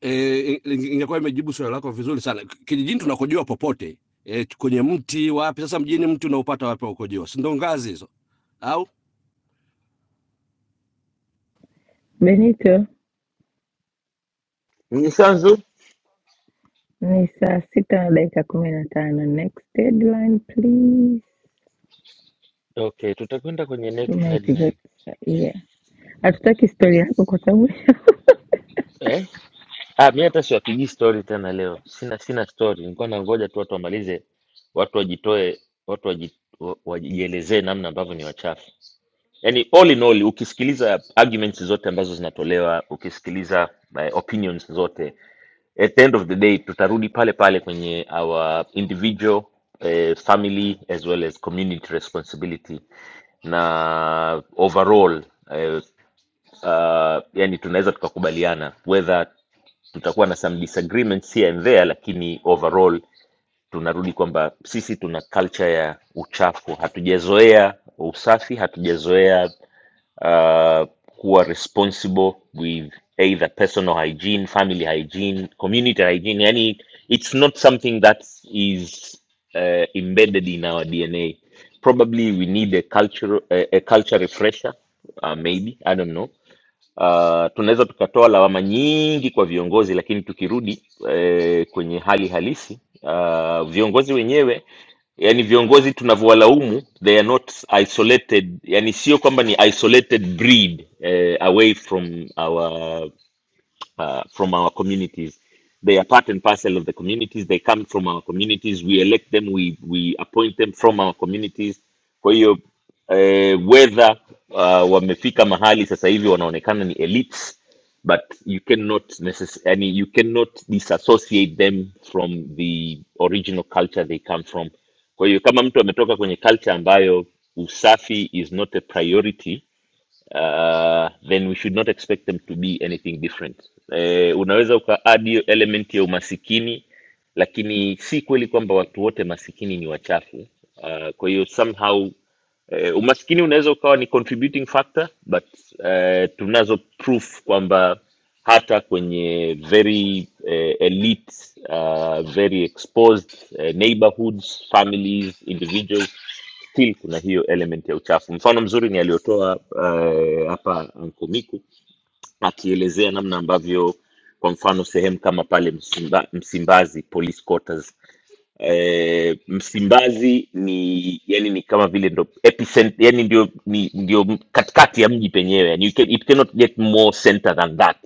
Speaker 23: eh, inge- ingekuwa imejibu swali lako vizuri sana. K- Kijijini tunakojua popote eh, kwenye mti wapi? Sasa mjini mti unaupata wapi wa kukojoa? Si ndo ngazi hizo au?
Speaker 9: Benito,
Speaker 1: Mnyisanzu.
Speaker 9: ni saa sita na dakika kumi na tano. Next deadline please,
Speaker 1: Okay, tutakwenda kwenye
Speaker 9: to
Speaker 1: next
Speaker 9: make
Speaker 1: headline
Speaker 9: that yeah. Hatutaki story yako kwa sababu
Speaker 1: eh? Ah, mi hata siwapigii story tena leo, sina sina story. Nilikuwa nangoja tu watu wamalize, watu wajitoe, watu waji, wa- wajielezee namna ambavyo ni wachafu. yani all in all ukisikiliza arguments zote ambazo zinatolewa ukisikiliza eh, opinions zote at the end of the day tutarudi pale pale kwenye our individual eh, family as well as community responsibility na overall eh, uh, yani tunaweza tukakubaliana whether tutakuwa na some disagreements here and there lakini overall tunarudi kwamba sisi tuna culture ya uchafu hatujazoea usafi hatujazoea uh, kuwa responsible with either personal hygiene, family hygiene, community hygiene. Yani, it's not something that is uh, embedded in our DNA. Probably we need a culture, a, a culture refresher, uh, maybe, I don't know. Uh, tunaweza tukatoa lawama nyingi kwa viongozi, lakini tukirudi eh, kwenye hali halisi uh, viongozi wenyewe yani viongozi tunavyowalaumu they are not isolated yani sio kwamba ni isolated breed eh, away from our uh, from our communities. They are part and parcel of the communities. They come from our communities. We elect them. We we appoint them from our communities. Kwa hiyo eh, whether uh, wamefika mahali sasa hivi wanaonekana ni elites, but you cannot necess- yani you cannot disassociate them from the original culture they come from. Kwa hiyo kama mtu ametoka kwenye culture ambayo usafi is not a priority uh, then we should not expect them to be anything different. Eh, unaweza ukaadd hiyo element ya umasikini, lakini si kweli kwamba watu wote masikini ni wachafu. Uh, kwa hiyo somehow Eh, umaskini unaweza ukawa ni contributing factor but eh, tunazo proof kwamba hata kwenye very eh, elite uh, very exposed eh, neighborhoods families individuals still kuna hiyo element ya uchafu mfano mzuri ni aliyotoa eh, hapa mkomiku akielezea namna ambavyo kwa mfano sehemu kama pale Msimba, msimbazi police quarters eh, Msimbazi ni yani ni kama vile ndo epicent, yani ndio ni, ndio katikati ya mji penyewe yani you can, it cannot get more center than that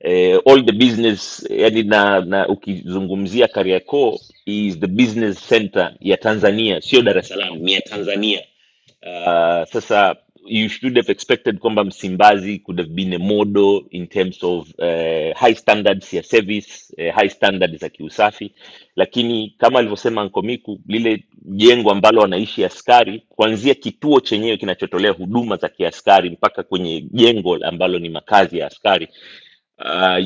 Speaker 1: eh, all the business yani na, na ukizungumzia Kariakoo is the business center ya Tanzania, sio Dar es Salaam, ni ya Tanzania Uh, sasa you should have expected kwamba Msimbazi could have been a model in terms of uh, high standards ya service uh, high standards za kiusafi, lakini kama alivyosema Nkomiku, lile jengo ambalo wanaishi askari, kuanzia kituo chenyewe kinachotolea huduma za kiaskari mpaka kwenye jengo ambalo ni makazi ya askari uh,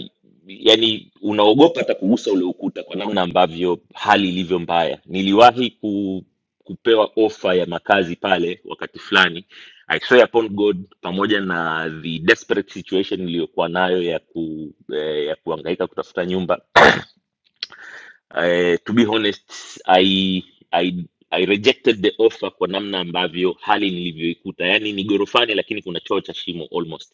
Speaker 1: yani unaogopa hata kugusa ule ukuta kwa namna ambavyo hali ilivyo mbaya. Niliwahi ku, kupewa ofa ya makazi pale wakati fulani. I swear upon God, pamoja na the desperate situation niliyokuwa nayo ya ku, eh, ya kuhangaika kutafuta nyumba eh, to be honest I, I, I rejected the offer kwa namna ambavyo hali nilivyoikuta, yani ni ghorofani, lakini kuna choo cha shimo almost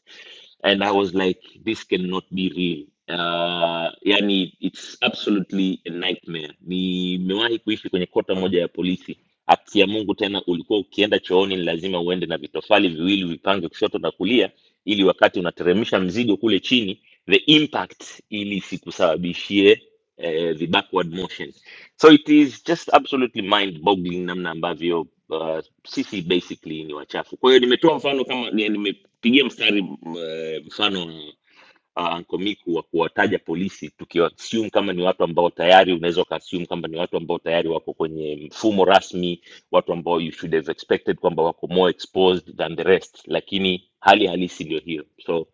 Speaker 1: and I was like, this cannot be real. Uh, yani it's absolutely a nightmare. Nimewahi kuishi kwenye kota moja ya polisi. Haki ya Mungu tena, ulikuwa ukienda chooni ni lazima uende na vitofali viwili vipange kushoto na kulia, ili wakati unateremsha mzigo kule chini, the impact ili sikusababishie eh, the backward motion. So it is just absolutely mind boggling namna ambavyo uh, sisi basically ni wachafu. Kwa hiyo nimetoa mfano kama ni, pigia mstari m- eh, mfano uh, ankomiku wa kuwataja polisi tukiwaassume kama ni watu ambao tayari unaweza ukaassume kwamba ni watu ambao tayari wako kwenye mfumo rasmi watu ambao you should have expected kwamba wako more exposed than the rest lakini hali halisi ndio hiyo so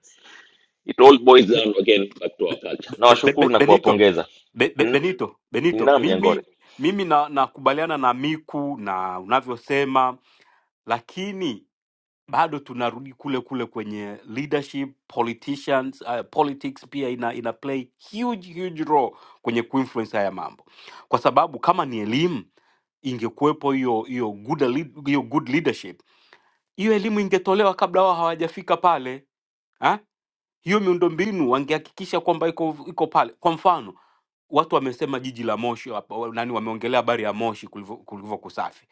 Speaker 1: it all boils down again back to our culture
Speaker 20: Be- be-
Speaker 1: nawashukuru
Speaker 20: be-
Speaker 1: na
Speaker 20: Benito
Speaker 1: kuwapongeza
Speaker 20: Be, be,
Speaker 1: N-
Speaker 20: Benito, Benito,
Speaker 1: naam
Speaker 20: mimi
Speaker 1: nyangore
Speaker 20: mimi na nakubaliana na Miku na unavyosema, lakini bado tunarudi kule kule kwenye leadership politicians, uh, politics pia ina, ina play huge huge role kwenye kuinfluence haya mambo, kwa sababu kama ni elimu ingekuwepo hiyo hiyo good lead- hiyo good leadership, hiyo elimu ingetolewa kabla wao hawajafika pale ah? hiyo miundombinu wangehakikisha kwamba iko iko pale. Kwa mfano watu wamesema jiji la Moshi hapa, wa- nani wameongelea habari ya Moshi kulivyo kulivyo kusafi.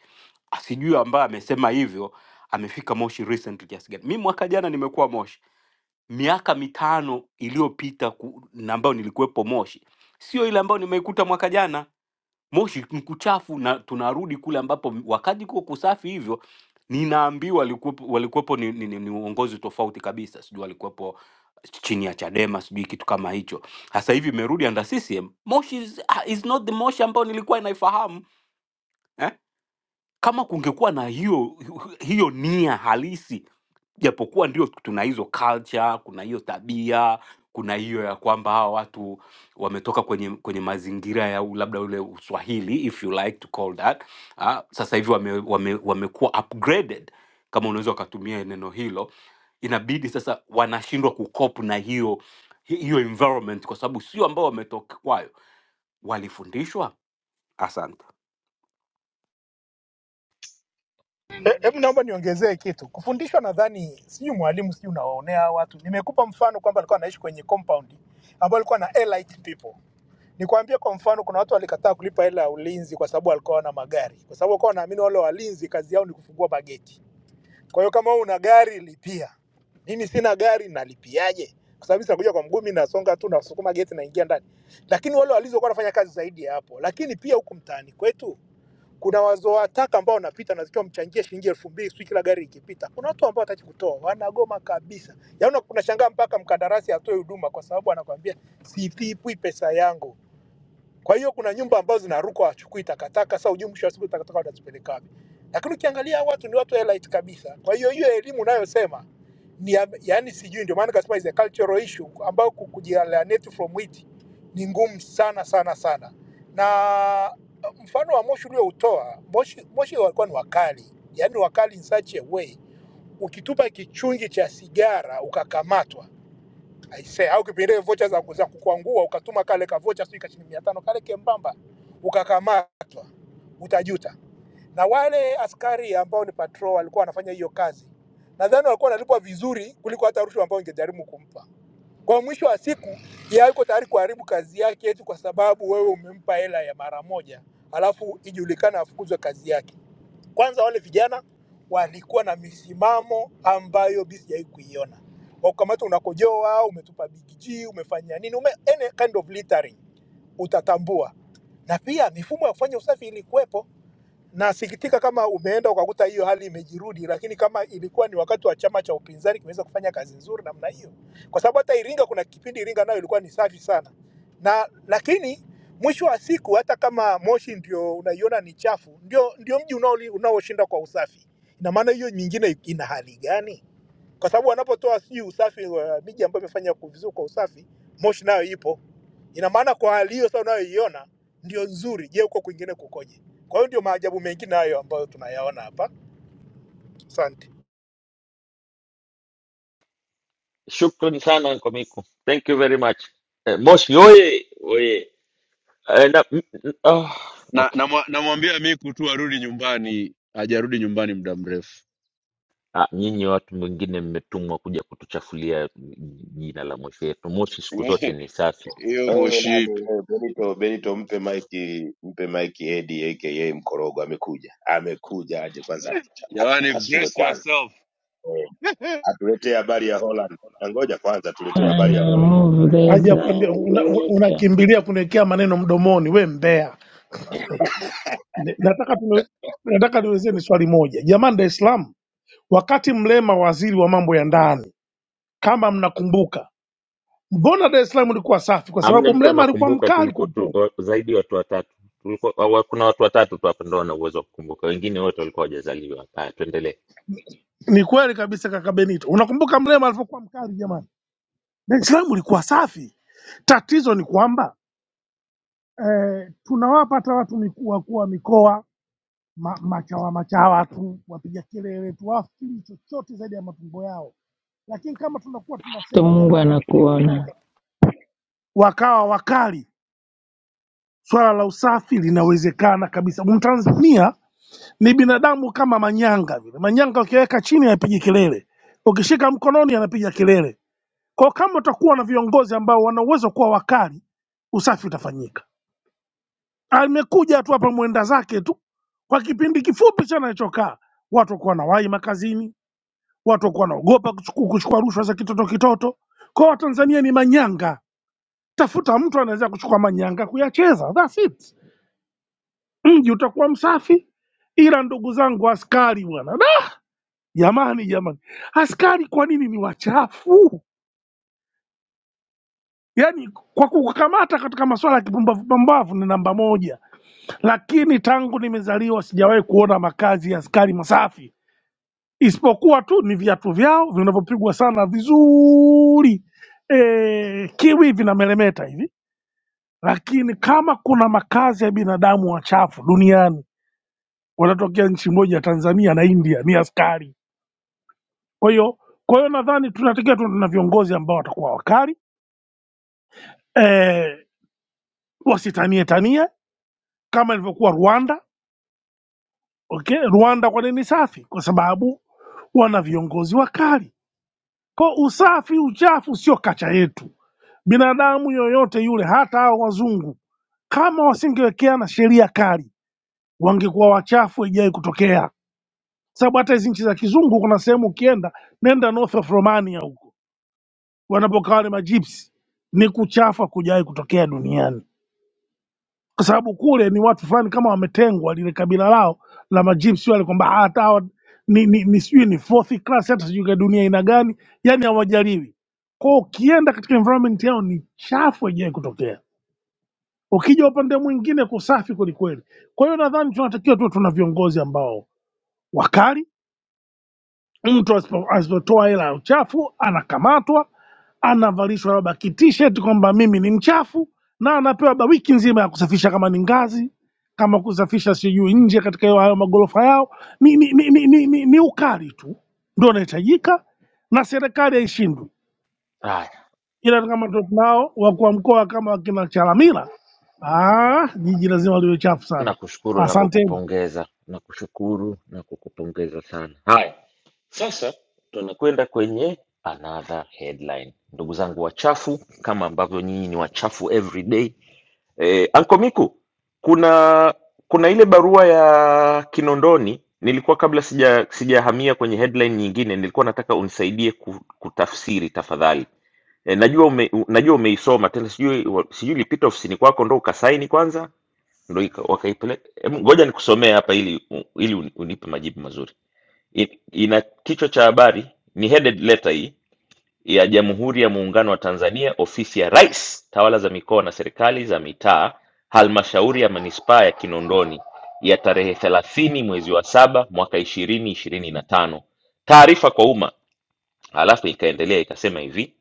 Speaker 20: Ah, Sijui ambaye amesema hivyo amefika Moshi recently kiasi gani. Mimi mwaka jana nimekuwa Moshi, miaka mitano iliyopita ku- na ambayo nilikuwepo Moshi, sio ile ambayo nimeikuta mwaka jana moshi ni kuchafu na tunarudi kule ambapo wakati kuwa kusafi hivyo ninaambiwa walikuwepo, walikuwepo ni, ni, ni, ni uongozi tofauti kabisa sijui walikuwepo chini ya chadema sijui kitu kama hicho sasa hivi imerudi under ccm moshi is, is not the moshi ambayo nilikuwa inaifahamu eh? kama kungekuwa na hiyo hiyo nia halisi japokuwa ndio tuna hizo culture kuna hiyo tabia kuna hiyo ya kwamba hawa watu wametoka kwenye kwenye mazingira ya u- labda ule uswahili if you like to call that ah, sasa hivi wame, wame, wamekuwa upgraded kama unaweza ukatumia neno hilo inabidi sasa wanashindwa kukop na hiyo hi- hiyo environment kwa sababu sio ambao wametoka kwayo walifundishwa asante
Speaker 1: shukran sana ankomiku thank you very much eh, moshi oye oye eh, na, m- m- ah,
Speaker 3: Na namwambia na, mwa- namwambia Miku tu arudi nyumbani, hajarudi nyumbani muda mrefu.
Speaker 1: Ah, nyinyi watu wengine mmetumwa kuja kutuchafulia jina la Moshi yetu. Moshi siku
Speaker 3: *laughs*
Speaker 1: zote ni safi,
Speaker 3: hiyo
Speaker 16: Wewe
Speaker 3: moshi
Speaker 16: nani
Speaker 3: ipi
Speaker 16: wewe Benito, Benito mpe maiki mpe maiki Edi aka Mkorogo amekuja. Amekuja aje kwanza atucha-
Speaker 3: jamani
Speaker 16: atupasue
Speaker 3: brace
Speaker 16: kwanza.
Speaker 3: yourself
Speaker 16: Eh. atuletee habari ya Holland. Na ngoja kwanza
Speaker 9: *laughs*
Speaker 16: tuletewe habari ya
Speaker 9: ana
Speaker 16: Holland.
Speaker 9: move the
Speaker 24: haja ya kuambia
Speaker 9: deadline
Speaker 24: unakimbilia una
Speaker 9: Benito.
Speaker 24: unakimbilia kuniwekea maneno mdomoni, we mbea. Eh, ne- Nataka tunu- nataka niulizie ni swali moja jamani, Dar es Salaam, wakati Mrema waziri wa mambo ya ndani, kama mnakumbuka, mbona Dar es Salaam ilikuwa safi? Kwa
Speaker 1: hamna
Speaker 24: sababu
Speaker 1: mtu
Speaker 24: Mrema alikuwa
Speaker 1: anakumbuka.
Speaker 24: mkali kwa
Speaker 1: Tulikuwa tu,
Speaker 24: kweli.
Speaker 1: wa- zaidi ya watu watatu tulikuwa, wa, wa- kuna watu watatu tu hapa ndo wana uwezo wa kukumbuka, wengine wote walikuwa wajazaliwa. Haya, tuendelee.
Speaker 24: Ni kweli kabisa, kaka Benito, unakumbuka Mrema alivyokuwa mkali? Jamani, Dar es Salaam ilikuwa safi. Tatizo ni kwamba eh, tunawapa hata watu miku- wakuu wa mikoa ma, machawa machawa tu wapiga kelele tu, wafikiri chochote zaidi ya matumbo yao. Lakini kama tunakuwa tunasema
Speaker 9: Mungu
Speaker 24: jamani, wakuu wa mikoa
Speaker 9: anakuona.
Speaker 24: wakawa wakali, swala la usafi linawezekana kabisa. Mtanzania ni binadamu kama manyanga vile. Manyanga ukiweka chini anapigi kelele, ukishika mkononi anapiga kelele. Kwa kama utakuwa na viongozi ambao wana uwezo wa kuwa wakali, usafi utafanyika. Amekuja tu hapa mwenda zake tu, kwa kipindi kifupi sana alichokaa watu wakuwa na wai makazini watu wakuwa wanaogopa kuchuku- kuchukua rushwa za kitoto kitoto. Kwa hiyo Watanzania ni manyanga, tafuta mtu anaweza kuchukua manyanga kuyacheza, that's it. Mji utakuwa msafi, ila ndugu zangu askari bwana, da! jamani, jamani, askari kwa nini ni wachafu? Yaani kwa kukamata katika masuala ya kipumbavu pumbavu ni namba moja, lakini tangu nimezaliwa sijawahi kuona makazi ya askari masafi. isipokuwa tu ni viatu vyao vinavyopigwa sana vizuri e, kiwi vinameremeta hivi lakini kama kuna makazi ya binadamu wachafu duniani wanatokea nchi moja tanzania na india ni askari kwa hiyo kwa hiyo nadhani tunatakiwa tu na viongozi ambao watakuwa wakali e, wasitanie tanie kama ilivyokuwa rwanda okay rwanda kwa nini safi kwa sababu wana viongozi wakali kwa usafi uchafu sio kacha yetu Binadamu yoyote yule, hata hao wazungu, kama wasingewekeana sheria kali, wangekuwa wachafu, haijawahi kutokea. Sababu hata hizi nchi za kizungu, kuna sehemu ukienda, nenda north of Romania huko, wanapokaa wale majipsi, ni kuchafa kujawahi kutokea duniani, kwa sababu kule ni watu fulani kama wametengwa, lile kabila lao la majipsi wale, kwamba hata hawa ni, ni, ni sijui ni fourth class, hata sijui kwa dunia ina gani, yani hawajaliwi kwao. Ukienda katika environment yao ni chafu, haijawahi kutokea. Ukija upande mwingine kusafi kwelikweli. Kwa hiyo nadhani tunatakiwa tuwe tuna viongozi ambao wakali, mtu asipo- asipotoa hela ya uchafu anakamatwa, anavalishwa labda kitisheti kwamba mimi ni mchafu, na anapewa labda wiki nzima ya kusafisha, kama ni ngazi, kama kusafisha sijui nje katika hayo hayo magorofa yao. Ni, ni, ni, ni, ni, ni, ni ukali tu ndio unahitajika, na serikali haishindwi
Speaker 1: Haya,
Speaker 24: ila kama tunao wakuu wa mkoa kama wakina Chalamila, ah, jiji lazima liwe chafu sana.
Speaker 1: nakushukuru na
Speaker 24: Asanteni.
Speaker 1: kukupongeza, nakushukuru na kukupongeza sana. Haya, sasa tunakwenda kwenye another headline, ndugu zangu wachafu, kama ambavyo nyinyi ni wachafu every day Eh, Anko Miku, kuna kuna ile barua ya Kinondoni nilikuwa kabla sija sijahamia kwenye headline nyingine, nilikuwa nataka unisaidie ku, kutafsiri tafadhali. Eh, najua ume, u- najua umeisoma tena, sijui wa- sijui ilipita ofisini kwako ndo ukasaini kwanza ndo ika- wakaipeleka. Em, Ngoja nikusomee hapa ili u- ili uni- unipe majibu mazuri. I- Ina kichwa cha habari ni headed letter hii ya Jamhuri ya Muungano wa Tanzania, Ofisi ya Rais, Tawala za Mikoa na Serikali za Mitaa, Halmashauri ya Manispaa ya Kinondoni ya tarehe 30 mwezi wa saba mwaka 2025. Taarifa kwa umma. Halafu ikaendelea ikasema hivi: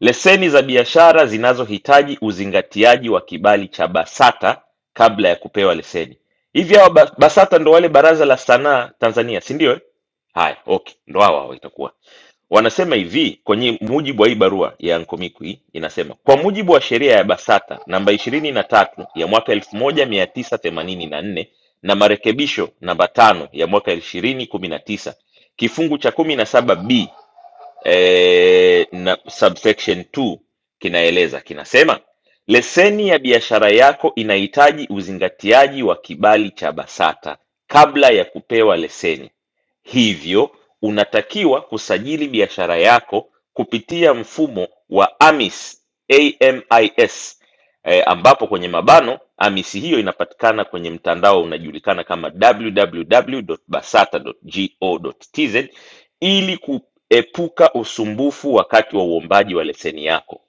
Speaker 1: leseni za biashara zinazohitaji uzingatiaji wa kibali cha BASATA kabla ya kupewa leseni. Hivi hawa ba- BASATA ndo wale Baraza la Sanaa Tanzania, si ndio? eh? Haya, okay, ndo hawa hawa itakuwa wanasema hivi kwenye mujibu wa hii barua ya Nkomikwi inasema kwa mujibu wa sheria ya BASATA namba ishirini na tatu ya mwaka elfu moja mia tisa themanini na nne na marekebisho namba tano ya mwaka ishirini kumi na tisa kifungu cha kumi na saba b eh, na subsection 2 kinaeleza kinasema leseni ya biashara yako inahitaji uzingatiaji wa kibali cha BASATA kabla ya kupewa leseni. Hivyo unatakiwa kusajili biashara yako kupitia mfumo wa AMIS, AMIS eh, ambapo kwenye mabano AMIS hiyo inapatikana kwenye mtandao unajulikana kama www.basata.go.tz ili kuepuka usumbufu wakati wa uombaji wa leseni yako.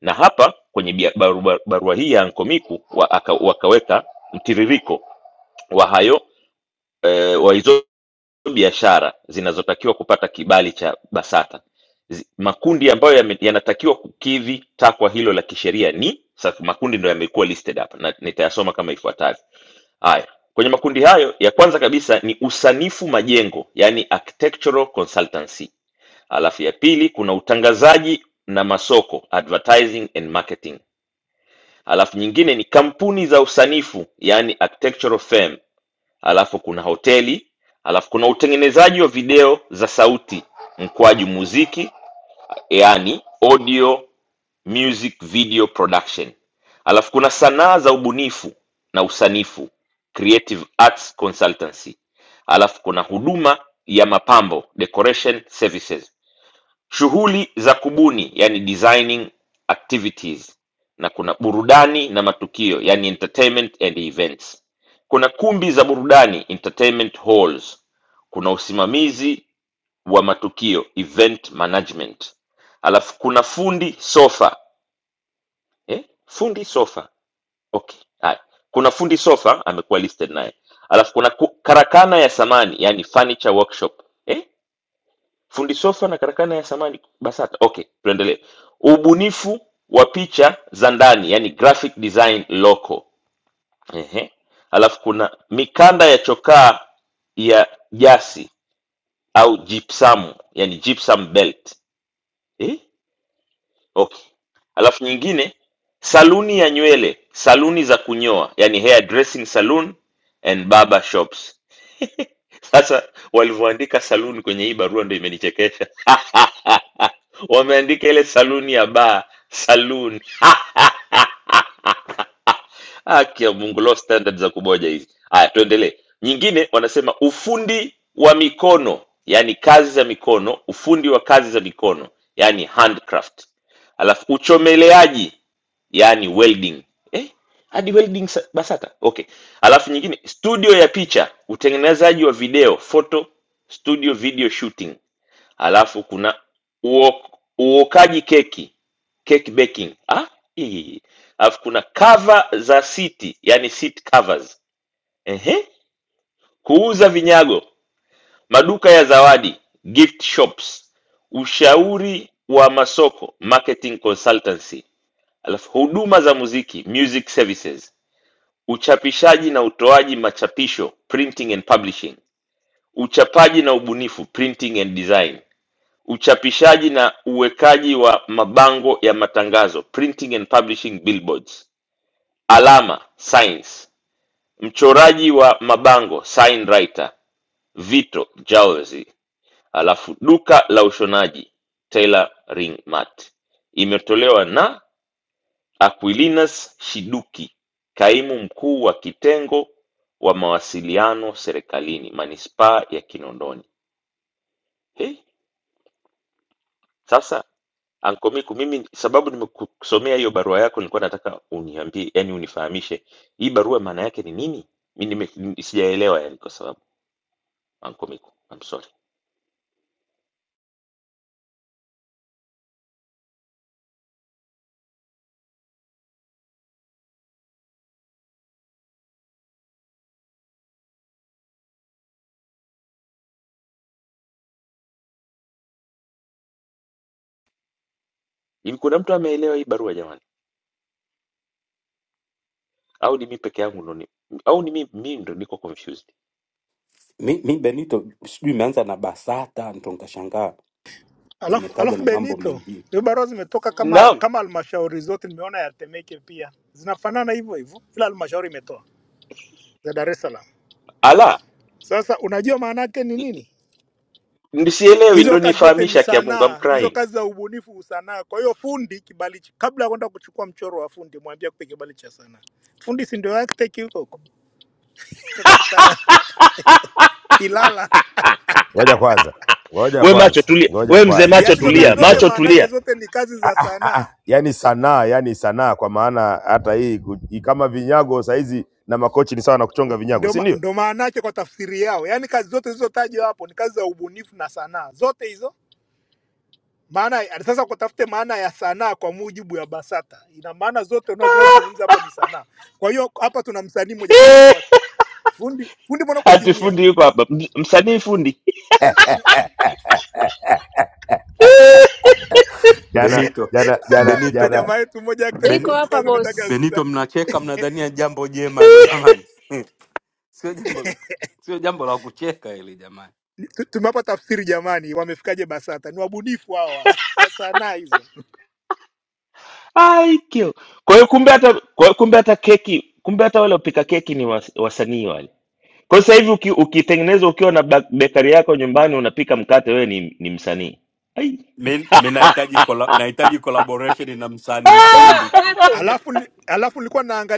Speaker 1: Na hapa kwenye bia- barua, barua hii ya Ankomiku wa, aka, wakaweka mtiririko wa hayo eh, wa hizo biashara zinazotakiwa kupata kibali cha BASATA. Zi- Makundi ambayo yame- yanatakiwa kukidhi takwa hilo la kisheria ni sasa, makundi ndo yamekuwa listed hapa na nitayasoma kama ifuatavyo. Haya, kwenye makundi hayo, ya kwanza kabisa ni usanifu majengo, yani architectural consultancy Alafu ya pili kuna utangazaji na masoko, advertising and marketing. Alafu nyingine ni kampuni za usanifu, yani architectural firm. Alafu kuna hoteli, alafu kuna utengenezaji wa video za sauti mkwaju muziki, yani audio music video production. Alafu kuna sanaa za ubunifu na usanifu, creative arts consultancy. Alafu kuna huduma ya mapambo, decoration services Shughuli za kubuni yani designing activities na kuna burudani na matukio yani entertainment and events. Kuna kumbi za burudani entertainment halls. Kuna usimamizi wa matukio event management. Alafu kuna fundi sofa. Eh? Fundi sofa. Okay. Haya. Kuna fundi sofa amekuwa listed naye. Alafu kuna ku- karakana ya samani yani furniture workshop. Eh? Fundi sofa na karakana ya samani BASATA. Okay, tuendelee. Ubunifu wa picha za ndani, yani graphic design local. Ehe. Alafu kuna mikanda ya chokaa ya jasi au gypsum, yani gypsum belt. Eh? Okay. Alafu nyingine saluni ya nywele, saluni za kunyoa, yani hair dressing saloon and barber shops. Sasa walivyoandika saluni kwenye hii barua ndo imenichekesha. *laughs* Wameandika ile saluni ya baa saluni. *laughs* Haki ya Mungu, low standard za kuboja hizi. Haya, tuendelee. Nyingine wanasema ufundi wa mikono, yani kazi za mikono, ufundi wa kazi za mikono, yani handcraft. Alafu uchomeleaji, yani welding. Eh, hadi welding sa- BASATA. Okay. Alafu nyingine studio ya picha, utengenezaji wa video, photo studio video shooting Alafu kuna uo- uokaji keki, cake baking. Ah, hii. Alafu kuna cover za siti, yani seat covers. Ehe. Kuuza vinyago, maduka ya zawadi, gift shops, ushauri wa masoko, marketing consultancy. Alafu huduma za muziki, music services. Uchapishaji na utoaji machapisho, printing and publishing. Uchapaji na ubunifu, printing and design Uchapishaji na uwekaji wa mabango ya matangazo (printing and publishing billboards). Alama signs. Mchoraji wa mabango sign writer Vito Jauzi. Alafu duka la ushonaji Tailoring Mart. Imetolewa na Aquilinus Shiduki, kaimu mkuu wa kitengo wa mawasiliano serikalini manispaa ya Kinondoni. Hey, sasa Anko Miku, mimi sababu nimekusomea hiyo barua yako, nilikuwa nataka uniambie, yani unifahamishe hii barua maana yake ni nini? Mi nime- ni- sijaelewa yani, kwa sababu Anko Miku, I'm sorry. Hivi kuna mtu ameelewa hii barua jamani, au ni mimi peke yangu ndo ni, au ni mimi mimi ndo niko confused?
Speaker 20: mi, mi benito sijui imeanza na basata ndo nkashangaa imetaja na mambo mengine
Speaker 1: Naam, ala nisielewi, ndo nifahamisha. Kia Mungu, I'm crying.
Speaker 16: Ngoja kwanza, ngoja
Speaker 1: We macho
Speaker 16: kwanza,
Speaker 1: tulia,
Speaker 16: ngoja
Speaker 1: we mzee
Speaker 16: kwanza,
Speaker 1: macho
Speaker 16: subiri
Speaker 1: tulia, macho
Speaker 16: kidogo.
Speaker 1: tulia.
Speaker 16: Ah, ah, yani sanaa, yani sanaa kwa maana hata hii ku- hii kama vinyago saizi na makochi ni sawa na kuchonga vinyago, si ndio?
Speaker 1: *laughs* Eh, Ati fundi yuko hapa, M- msanii fundi *laughs*
Speaker 16: Jana
Speaker 20: Benito,
Speaker 16: jana jana
Speaker 20: Benito,
Speaker 16: jana,
Speaker 20: Beni,
Speaker 14: niko hapa boss.
Speaker 20: Benito, mnacheka mnadhania jambo jema hilo jamani. *laughs* Sio jambo la sio jambo la kucheka hili jamani.
Speaker 1: Ai, kill. Kwa hiyo kumbe hata kwa hiyo kumbe hata keki kumbe hata wale wapika keki ni was, wasanii wale. Kwa hiyo sasa hivi uki, ukitengeneza ukiwa na ba- bakery yako nyumbani unapika mkate wewe ni, ni msanii. Ai.
Speaker 20: Mi mi nahitaji kola, nahitaji collaboration na msanii
Speaker 14: Ila
Speaker 20: fundi.
Speaker 14: meku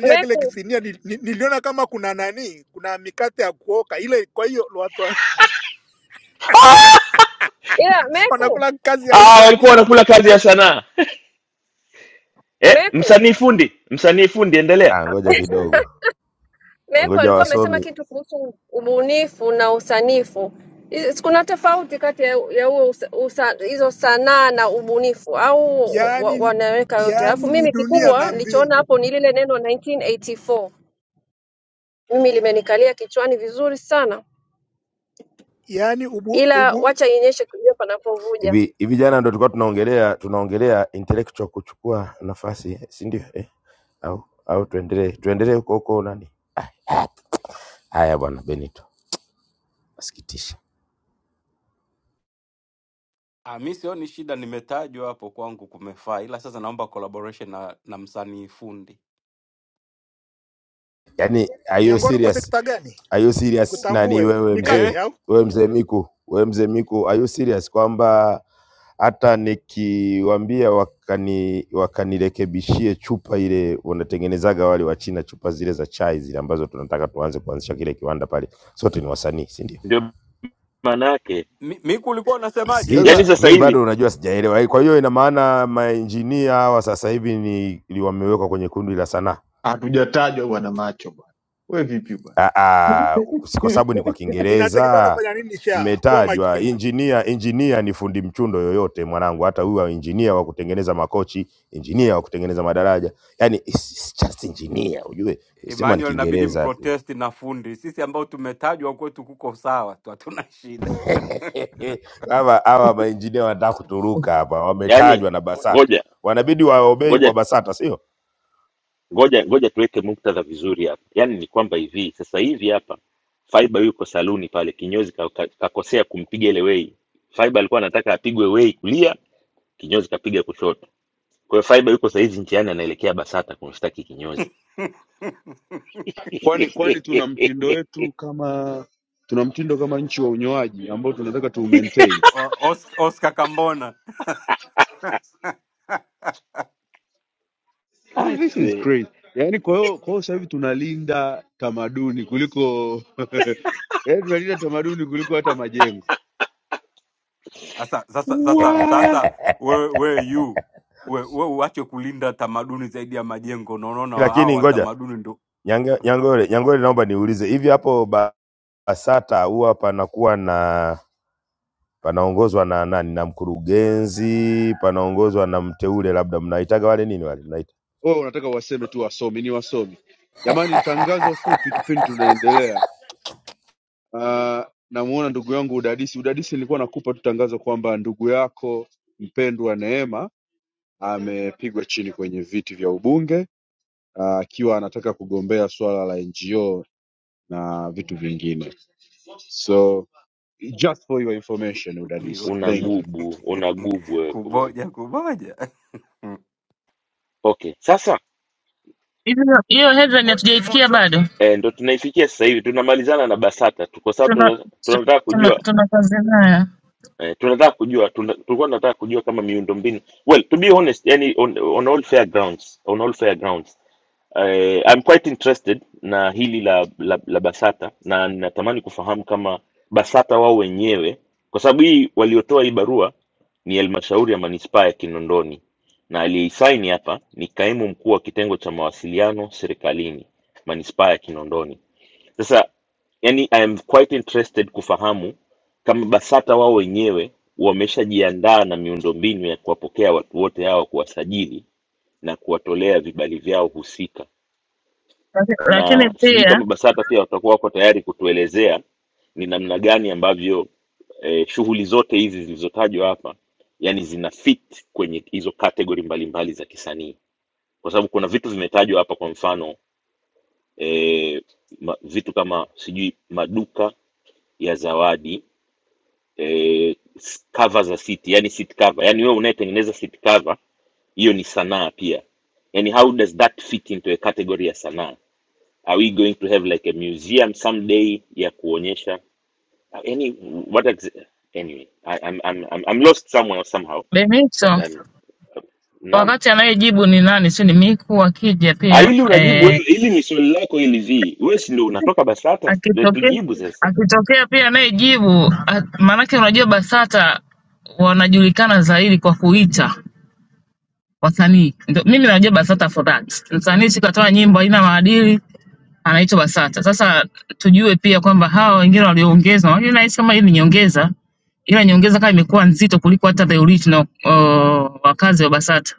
Speaker 14: meku ila meku
Speaker 1: Ah, walikuwa wanakula kazi ya sanaa. Eh,
Speaker 14: meku
Speaker 1: msanii fundi, msanii fundi endelea.
Speaker 16: ah, ngoja
Speaker 14: *laughs*
Speaker 16: kidogo,
Speaker 14: Meko
Speaker 16: ngoja
Speaker 14: alikuwa amesema
Speaker 16: wasomi
Speaker 14: kitu kuhusu ubunifu na usanifu. Is- Kuna tofauti kati ya ya huo usa- usa- hizo sanaa na ubunifu au wa- wa- wanaweka yote? Alafu mimi kikubwa nilichoona hapo ni lile neno 1984 mimi limenikalia kichwani vizuri sana, ila wacha inyeshe kujua panapovuja.
Speaker 16: hivi hivi. Jana ndo tulikuwa tunaongelea tunaongelea intellectual kuchukua nafasi, si ndio? Eh, au au tuendelee tuendelee huko huko nani? Ah, haya bwana Benito, nasikitisha.
Speaker 20: Ah, mi sioni shida, nimetajwa hapo kwangu kumefaa, ila sasa naomba collaboration na, na msanii fundi
Speaker 16: Yaani are you serious? Are you serious nani wewe mzee?
Speaker 20: eh?
Speaker 16: Wewe mzee Miku, wewe mzee Miku, are you serious kwamba hata nikiwaambia wakani wakanirekebishie chupa ile wanatengenezaga wale wa China chupa zile za chai zile ambazo tunataka tuanze kuanzisha kile kiwanda pale. Sote ni wasanii, si ndio?
Speaker 1: Ndio maana yake.
Speaker 20: Mi, mi kulikuwa
Speaker 16: Is
Speaker 19: *laughs*
Speaker 20: unasemaje
Speaker 16: it?
Speaker 1: Yaani
Speaker 19: sasa
Speaker 1: sasa
Speaker 16: Mimi
Speaker 1: hivi,
Speaker 16: bado unajua sijaelewa. Kwa hiyo ina maana maengineer hawa sasa hivi ni li- wamewekwa kwenye kundi la sanaa.
Speaker 19: Hatujatajwa bwana macho bwana. We vipi bwana?
Speaker 16: Ah, ah, si kwa
Speaker 19: *laughs*
Speaker 16: sababu ni kwa Kiingereza mmetajwa injinia. Injinia ni fundi mchundo yoyote mwanangu, hata huyu injinia wa kutengeneza makochi, injinia wa kutengeneza madaraja, yani it's it's just engineer, ujue sema ni
Speaker 20: Emmanuel, inabidi
Speaker 16: Kiingereza tu.
Speaker 20: mprotest na fundi. Sisi ambao tumetajwa kwetu kuko sawa tu, hatuna shida
Speaker 16: *laughs* Hawa hawa mainjinia wanataka kuturuka hapa,
Speaker 1: yaani
Speaker 16: wametajwa na BASATA,
Speaker 1: ngoja,
Speaker 16: wanabidi waobei
Speaker 1: ngoja
Speaker 16: kwa BASATA, sio
Speaker 1: ngoja ngoja tuweke muktadha vizuri hapa yaani ni kwamba hivi sasa hivi hapa faiba yuko saluni pale kinyozi ka- ka- kakosea kumpiga ile wei faiba alikuwa anataka apigwe wei kulia kinyozi kapiga kushoto kwa hiyo faiba yuko sahizi njiani anaelekea basata kumshtaki kinyozi
Speaker 20: *laughs*
Speaker 3: kwani kwani
Speaker 1: *laughs*
Speaker 3: tuna mtindo wetu kama tuna mtindo kama nchi wa unyoaji ambao tunataka tu maintain
Speaker 20: O- Oscar, Oscar Kambona. *laughs*
Speaker 3: Eh, this is
Speaker 1: Ase,
Speaker 3: crazy yaani kwa hiyo kwa hiyo sasa hivi tunalinda tamaduni kuliko *laughs* yaani tunalinda tamaduni kuliko hata majengo
Speaker 20: Sasa sasa sasa
Speaker 1: wa
Speaker 20: sasa wewe wewe yu wewe wewe uache kulinda tamaduni zaidi ya majengo, na unaona hao
Speaker 16: lakini
Speaker 20: wa
Speaker 16: ngoja
Speaker 20: tamaduni ndo
Speaker 16: Nyange- Nyangole, Nyangole, naomba niulize hivi hapo ba- BASATA huwa panakuwa na panaongozwa na nani, na mkurugenzi, panaongozwa na mteule, labda mnaitaga wale nini wale mnaita,
Speaker 3: wewe unataka waseme tu wasomi ni wasomi jamani tangazo fupi kipindi tunaendelea uh, namuona ndugu yangu udadisi udadisi nilikuwa nakupa tu tangazo kwamba ndugu yako mpendwa neema amepigwa chini kwenye viti vya ubunge ah, akiwa anataka kugombea swala la NGO na vitu vingine. So just for your information
Speaker 20: hiyo
Speaker 3: udadisi,
Speaker 20: *laughs*
Speaker 3: thank you.
Speaker 1: unagubu unagubu wewe kuboja
Speaker 20: kuboja kuboja Mm.
Speaker 1: okay sasa
Speaker 4: Hiyo hiyo headline hatujaisikia bado,
Speaker 1: eh, ndo tunaifikia sasa hivi tunamalizana na basata tuko sababu
Speaker 4: tuna
Speaker 1: tuna- tunataka
Speaker 4: tuna
Speaker 1: kujua
Speaker 4: tuna kazi nayo,
Speaker 1: eh, tunataka kujua tuna, tulikuwa tunataka kujua kama miundombinu well to be honest yani on, on all fair grounds on all fair grounds eh, I'm quite interested na hili la, la, la Basata na ninatamani kufahamu kama Basata wao wenyewe kwa sababu hii waliotoa hii barua ni halmashauri ya manispaa ya Kinondoni na aliyeisaini hapa ni kaimu mkuu wa kitengo cha mawasiliano serikalini manispaa ya Kinondoni sasa yani, I am quite interested kufahamu kama BASATA wao wenyewe wameshajiandaa na miundombinu ya kuwapokea watu wote hao, kuwasajili na kuwatolea vibali vyao husika,
Speaker 4: Laki- lakini
Speaker 1: na sijui
Speaker 4: pia
Speaker 1: kama BASATA pia watakuwa wako tayari kutuelezea ni namna gani ambavyo eh, shughuli zote hizi zilizotajwa hapa yani zina fit kwenye hizo kategori mbalimbali za kisanii, kwa sababu kuna vitu vimetajwa hapa, kwa mfano eh, ma, vitu kama sijui maduka ya zawadi eh, s- cover za siti yani seat cover yani wewe unayetengeneza seat cover hiyo ni sanaa pia yani how does that fit into a category ya sanaa are we going to have like a museum someday ya kuonyesha yani what ex- anyway I, I'm, I'm, I'm, I'm lost somewhere somehow but
Speaker 4: Benito
Speaker 1: I'm, naam
Speaker 4: wakati anayejibu ni nani, si ni Miku akija
Speaker 1: Ah,
Speaker 4: pia
Speaker 1: hili unajibu
Speaker 4: eh,
Speaker 1: wewe hili ni swali lako hili vi wewe si ndio unatoka basata ndio
Speaker 4: akitokea
Speaker 1: tujibu sasa
Speaker 4: akitokea pia anayejibu a- maanake, unajua BASATA wanajulikana zaidi kwa kuita wasanii ndio mimi najua Basata for that. Msanii siku atoa nyimbo haina maadili anaitwa Basata. Sasa tujue pia kwamba hawa wengine walioongezwa, unajua nahisi kama hii ni nyongeza, ila nyongeza kama imekuwa nzito kuliko hata the original uh, wakazi wa Basata.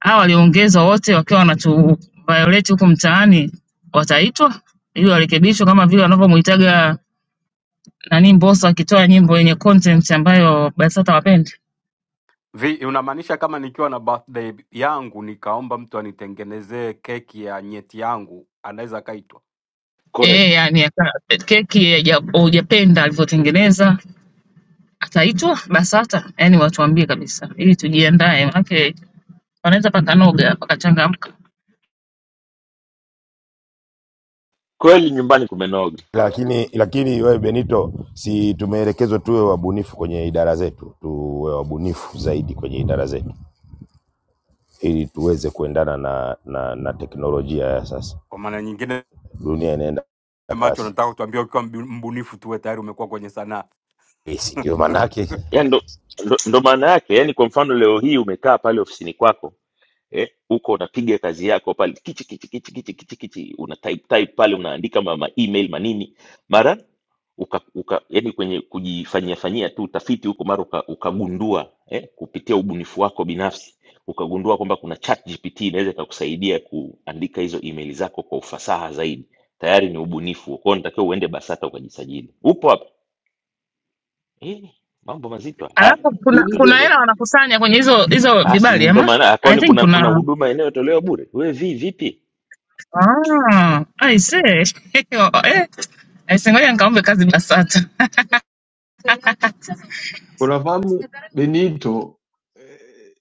Speaker 4: Hawa walioongezwa wote wakiwa wanatu violate huku mtaani wataitwa ili warekebishwe kama vile wanavyomuitaga nani Mbosso akitoa nyimbo yenye content ambayo Basata wapendi.
Speaker 20: Vi, unamaanisha kama nikiwa na birthday yangu nikaomba mtu anitengenezee keki ya nyeti yangu anaweza akaitwa?
Speaker 4: Eh,
Speaker 1: correct
Speaker 4: yani aka- keki ya- hujapenda alivyotengeneza Ataitwa BASATA yani watuambie kabisa ili tujiandae, manake wanaweza pakanoga pakachangamka.
Speaker 1: kweli nyumbani kumenoga
Speaker 16: lakini lakini wewe Benito, si tumeelekezwa tuwe wabunifu kwenye idara zetu, tuwe wabunifu zaidi kwenye idara zetu ili tuweze kuendana na, na, na teknolojia ya sasa.
Speaker 20: Kwa maana nyingine,
Speaker 16: Dunia inaenda
Speaker 20: macho
Speaker 16: kasi,
Speaker 20: nataka kutuambia ukiwa mbu- mbunifu tuwe tayari umekuwa kwenye sanaa
Speaker 16: Eh, si ndio? Maana
Speaker 20: *laughs*
Speaker 16: yake
Speaker 1: ya ndo, ndo, ndo maana yake yani kwa mfano leo hii umekaa pale ofisini kwako eh, huko unapiga kazi yako pale kichi kichi kichi kichi kichi kichi una type, type pale unaandika ma, ma email manini mara uka, uka yani kwenye kujifanyia fanyia tu utafiti huko mara uka, ukagundua eh, kupitia ubunifu wako binafsi ukagundua kwamba kuna chat GPT inaweza ikakusaidia kuandika hizo email zako kwa ufasaha zaidi tayari ni ubunifu kwao natakiwa uende basata ukajisajili upo hapa eh, mambo mazito haya
Speaker 4: Alafu kuna
Speaker 19: Benito
Speaker 4: kuna
Speaker 1: tuendelee
Speaker 4: hela wanakusanya kwenye hizo hizo
Speaker 1: Ah, si
Speaker 4: vibali
Speaker 1: ndo
Speaker 4: ama
Speaker 1: maana ah,
Speaker 4: I
Speaker 1: kwani
Speaker 4: think
Speaker 1: kuna kuna
Speaker 4: kuna
Speaker 1: huduma inayotolewa bure? We vi vipi?
Speaker 4: ah, I see. *laughs* eh, I see, ngoja nikaombe kazi BASATA.
Speaker 19: unafahamu Benito eh,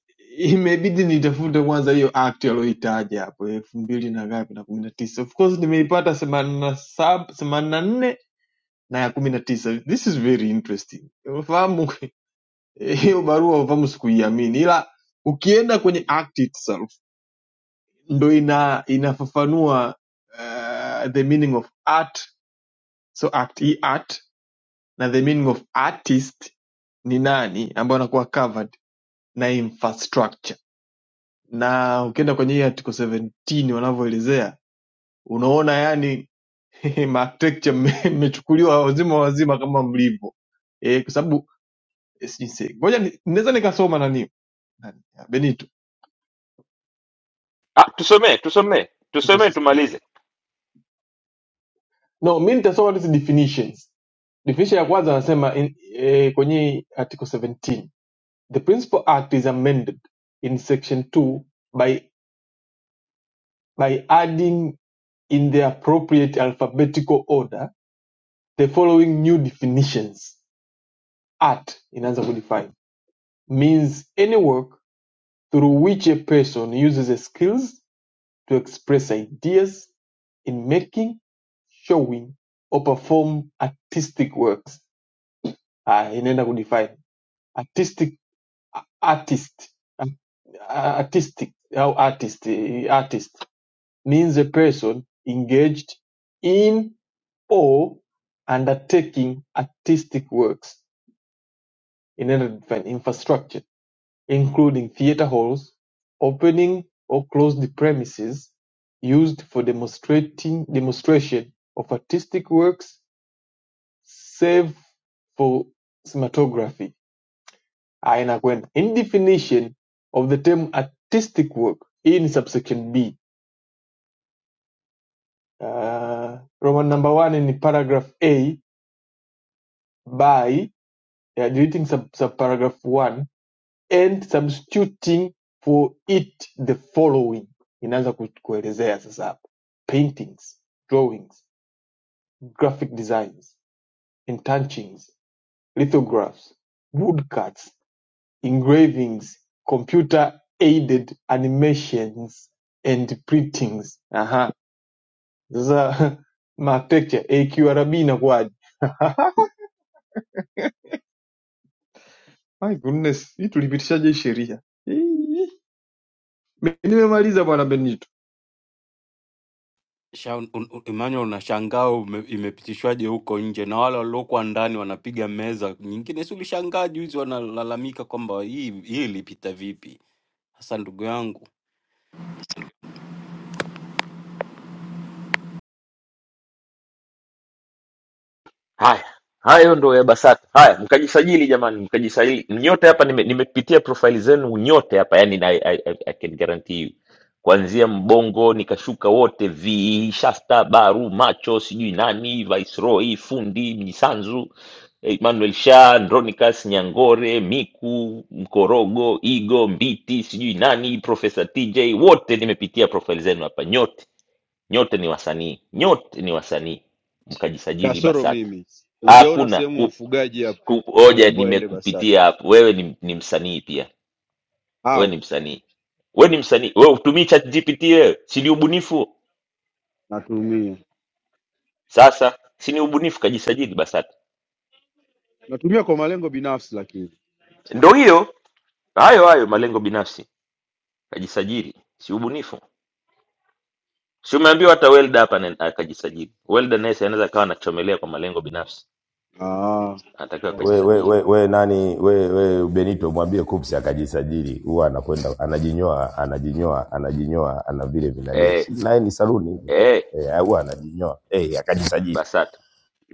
Speaker 19: imebidi nitafute kwanza hiyo act aliyoitaja hapo elfu mbili na ngapi na kumi na tisa of course nimeipata themanini na saba themanini na nne na ya kumi na tisa this is very interesting unafahamu eh, hiyo barua unafahamu sikuiamini ila ukienda kwenye act itself ndo ina inafafanua uh, the meaning of art so act hii art na the meaning of artist ni nani ambayo inakuwa covered na infrastructure na ukienda kwenye hii article 17 wanavyoelezea unaona yani *laughs* maarchitecture mme- mmechukuliwa *laughs* wazima wazima kama mlivyo eh, kwa sababu eh, sijui niseme- ngoja ni- naweza nikasoma nani nani, ah, benito
Speaker 1: Ah, tusomee tusomee
Speaker 19: Nilikuwa
Speaker 1: tusomee
Speaker 19: sisi-
Speaker 1: tumalize.
Speaker 19: no mi nitasoma hizi definitions definition ya kwanza anasema in- eh, kwenye article 17 the principal act is amended in section 2 by adding in the appropriate alphabetical order the following new definitions. Art inaanza kudefine means any work through which a person uses his skills to express ideas in making, showing or perform artistic works. Ah, inaenda kudefine artistic artist artistic au artist eh, artist means a person engaged in or undertaking artistic works in an urban infrastructure, including theater halls, opening or close the premises used for demonstrating demonstration of artistic works, save for cinematography. Aina kwenda. In definition of the term artistic work, hii ni subsection B. Uh, Roman number one in paragraph A by uh, deleting sub, sub paragraph 1 and substituting for it the following inaanza ku- kuelezea sasa hapa paintings drawings graphic designs entouchings lithographs woodcuts engravings computer aided animations and printings aha sasa *laughs* mapicture aqrb inakuwaje *laughs* my goodness hii tulipitishaje hii sheria Hii, hii. nimemaliza bwana benito
Speaker 20: Sha- un- un- Emmanuel, unashangaa ume- imepitishwaje huko nje, na wale waliokuwa ndani wanapiga meza nyingine. Si ulishangaa juzi wanalalamika kwamba hii hii ilipita vipi? Sasa ndugu yangu
Speaker 1: Haya, hayo ndo ya BASATA. Haya, mkajisajili jamani, mkajisajili nyote hapa. Nime, nimepitia profaili zenu nyote hapa yani, I, I, I, I can guarantee you kuanzia Mbongo nikashuka wote, vi Shasta, Baru, Macho, sijui nani, Viceroy, Fundi, Mjisanzu, Emmanuel Sha, Andronicus, Nyangore, Miku, Mkorogo, Igo, Mbiti, sijui nani, Profesa TJ, wote nimepitia profaili zenu hapa, nyote nyote ni wasanii, nyote ni wasanii, mkajisajili
Speaker 3: Kasoro
Speaker 1: BASATA
Speaker 3: mimi hujaona
Speaker 1: Hakuna
Speaker 3: sehemu
Speaker 1: ku,
Speaker 3: mfugaji hapa
Speaker 1: ku, oja,
Speaker 3: ameambiwa ende
Speaker 1: nimekupitia
Speaker 3: BASATA
Speaker 1: hapo. Wewe ni, ni msanii pia, wewe ni
Speaker 3: au
Speaker 1: msanii, wewe ni msanii. Wewe utumii chat GPT wewe, si ni ubunifu?
Speaker 3: natumia
Speaker 1: Sasa si ni ubunifu? Kajisajili BASATA.
Speaker 3: natumia kwa malengo binafsi, lakini
Speaker 1: Ndo hiyo hayo hayo malengo binafsi, kajisajili, si ubunifu. Si umeambiwa hata Welda hapa ana- akajisajili. Welda naye si anaweza akawa anachomelea kwa malengo binafsi,
Speaker 3: ah,
Speaker 1: anatakiwa
Speaker 3: okay.
Speaker 16: we, we,
Speaker 1: akajisajili.
Speaker 16: we, we nani we, we Benito mwambie Kupsi akajisajili, huwa anakwenda anajinyoa anajinyoa anajinyoa ana vile vinani,
Speaker 1: Eh,
Speaker 16: si naye ni saluni
Speaker 1: eh,
Speaker 16: eh, huwa anajinyoa eh, akajisajili.
Speaker 1: BASATA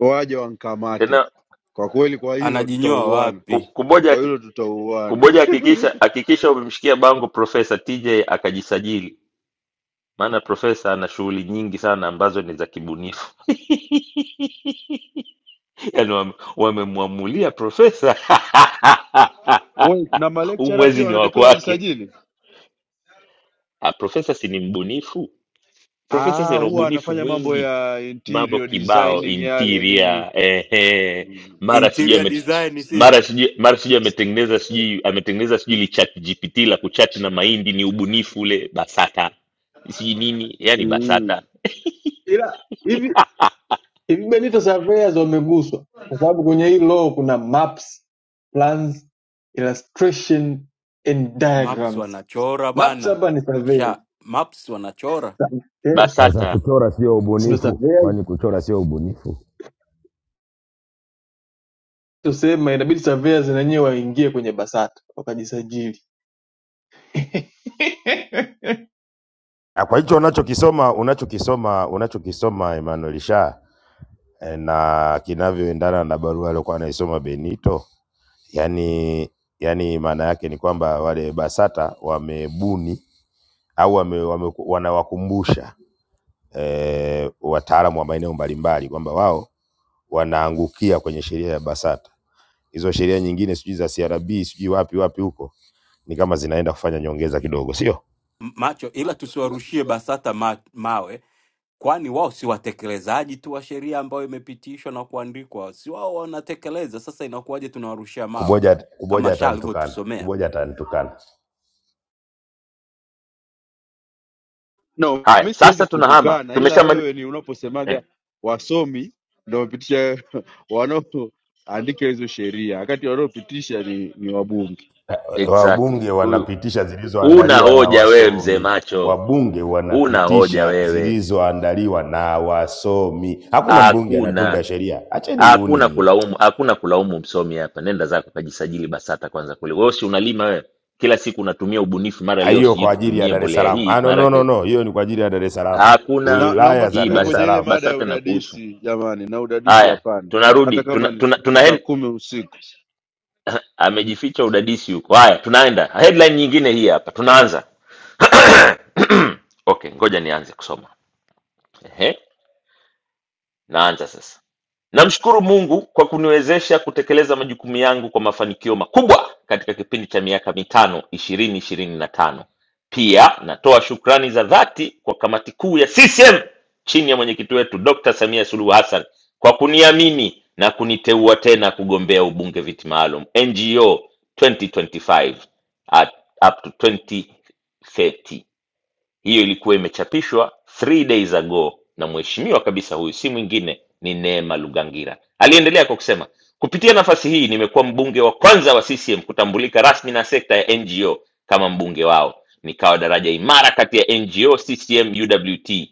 Speaker 3: waje wankamate
Speaker 1: tena
Speaker 3: kwa kweli, kwa hilo
Speaker 20: anajinyoa
Speaker 3: tutauana,
Speaker 1: ku-
Speaker 20: wapi?
Speaker 1: kuboja
Speaker 3: kwa
Speaker 1: haki-
Speaker 3: hilo tutauana.
Speaker 1: kuboja hakikisha
Speaker 3: *laughs*
Speaker 1: hakikisha umemshikia bango Profesa TJ akajisajili maana profesa ana shughuli nyingi sana ambazo ni za kibunifu *laughs* yaani wame- wamemwamulia profesa *laughs*
Speaker 3: Wait, na
Speaker 1: huu
Speaker 3: malecturer pia
Speaker 1: mwezi ni wa
Speaker 3: wanatakiwa
Speaker 1: kwake
Speaker 3: wajisajili?
Speaker 1: Ah, profesa si ni mbunifu profesa
Speaker 3: Ah,
Speaker 1: si ana
Speaker 3: huwa
Speaker 1: ubunifu
Speaker 3: anafanya mambo
Speaker 1: mwingi
Speaker 3: ya
Speaker 1: mambo
Speaker 3: interior
Speaker 1: kibao
Speaker 3: designing yale nini.
Speaker 1: interior ehe mara sijui
Speaker 20: Interior
Speaker 1: ame
Speaker 20: design sio
Speaker 1: mara sijui mara sijui ametengeneza sijui ametengeneza sijui li chat gpt la kuchati na mahindi ni ubunifu ule basata sijui nini yani basata
Speaker 3: Mm.
Speaker 19: ila hivi hivi Benito surveyors wameguswa kwa sababu kwenye hii law kuna maps plans illustration and
Speaker 20: maps,
Speaker 19: diagrams
Speaker 20: wanachora
Speaker 19: maps
Speaker 20: bana
Speaker 19: hapa ni surveyors
Speaker 20: sha maps wanachora
Speaker 19: Eh,
Speaker 16: Kaza
Speaker 1: basata
Speaker 16: kuchora sio
Speaker 19: si ndo
Speaker 16: ubunifu,
Speaker 19: surveyors
Speaker 16: kwani kuchora sio ubunifu?
Speaker 19: tosema inabidi surveyors na wenyewe waingie kwenye basata wakajisajili *laughs*
Speaker 16: Ah, kwa Unachokisoma unachokisoma unachokisoma Emmanuel Sha eh, na kinavyoendana na barua aliyokuwa anaisoma Benito, yani yani maana yake ni kwamba wale BASATA wamebuni au wame, wame, wanawakumbusha eh, wataalamu wa maeneo mbalimbali kwamba wao wanaangukia kwenye sheria ya BASATA. Hizo sheria nyingine sijui za CRB sijui wapi wapi huko ni kama zinaenda kufanya nyongeza kidogo, sio
Speaker 20: M- macho, ila tusiwarushie BASATA ma, mawe kwani wao si watekelezaji tu wa sheria ambayo imepitishwa na kuandikwa? Si wao wanatekeleza? Sasa inakuwaje tunawarushia mawe
Speaker 16: kuboja. Kuboja
Speaker 20: kama Sha
Speaker 16: atanitukana,
Speaker 20: alivyotusomea?
Speaker 16: kuboja atanitukana.
Speaker 3: No,
Speaker 1: Haya,
Speaker 3: mimi siwezi
Speaker 1: sasa tunahama,
Speaker 3: kutukana, ila
Speaker 1: tumeshamali
Speaker 3: wewe ni
Speaker 1: eh,
Speaker 3: unaposemaga wasomi ndio wamepitisha *laughs* wanaoandika hizo sheria, wakati wanaopitisha ni, ni wabunge.
Speaker 1: exactly.
Speaker 16: Wabunge
Speaker 1: Huyu
Speaker 16: wanapitisha
Speaker 1: una
Speaker 16: zilizoandaliwa na
Speaker 1: hoja wewe, mzee
Speaker 16: wasomi,
Speaker 1: macho,
Speaker 16: wabunge
Speaker 1: una hoja
Speaker 16: wanapitisha
Speaker 1: wewe.
Speaker 16: zilizoandaliwa na wasomi. Hakuna mbunge
Speaker 1: Hakuna
Speaker 16: anatunga sheria, acheni uuni
Speaker 1: hakuna
Speaker 16: nyie.
Speaker 1: kulaumu, hakuna kulaumu msomi hapa. Nenda zako kajisajili BASATA kwanza kule. Wewe si unalima wewe, kila siku unatumia ubunifu, mara
Speaker 16: Ah,
Speaker 1: leo
Speaker 16: hiyo
Speaker 1: sijui
Speaker 16: kwa ajili ya
Speaker 1: tutumie
Speaker 16: Dar es
Speaker 1: mbolea
Speaker 16: Salaam.
Speaker 1: hii,
Speaker 16: Ah, no,
Speaker 1: mara
Speaker 16: no, no,
Speaker 1: ke...
Speaker 16: no, hiyo ni kwa ajili ya Dar es Salaam,
Speaker 1: hakuna
Speaker 3: Na, naomba
Speaker 16: wilaya za
Speaker 1: hii
Speaker 3: tufike
Speaker 16: Dar es
Speaker 3: kwenye
Speaker 1: basa,
Speaker 3: ile
Speaker 16: Salaam.
Speaker 3: mada ya
Speaker 1: BASATA na kuhusu.
Speaker 3: udadisi jamani, na udadisi
Speaker 1: Haya,
Speaker 3: hapana,
Speaker 1: tunarudi
Speaker 3: hata
Speaker 1: tuna,
Speaker 3: kama ni,
Speaker 1: tuna,
Speaker 3: ni
Speaker 1: tuna,
Speaker 3: saa
Speaker 1: tuna
Speaker 3: kumi usiku.
Speaker 1: amejificha udadisi huko. Haya, tunaenda headline nyingine hii hapa, tunaanza *clears throat* okay, ngoja nianze kusoma. Ehe, naanza sasa. Namshukuru Mungu kwa kuniwezesha kutekeleza majukumu yangu kwa mafanikio makubwa katika kipindi cha miaka mitano ishirini ishirini na tano. Pia natoa shukrani za dhati kwa kamati kuu ya CCM chini ya mwenyekiti wetu Dr. Samia Suluhu Hassan kwa kuniamini na kuniteua tena kugombea ubunge viti maalum NGO 2025 at up to 2030 hiyo ilikuwa imechapishwa three days ago na mheshimiwa kabisa huyu si mwingine ni neema lugangira aliendelea kwa kusema kupitia nafasi hii nimekuwa mbunge wa kwanza wa ccm kutambulika rasmi na sekta ya ngo kama mbunge wao nikawa daraja imara kati ya ngo ccm uwt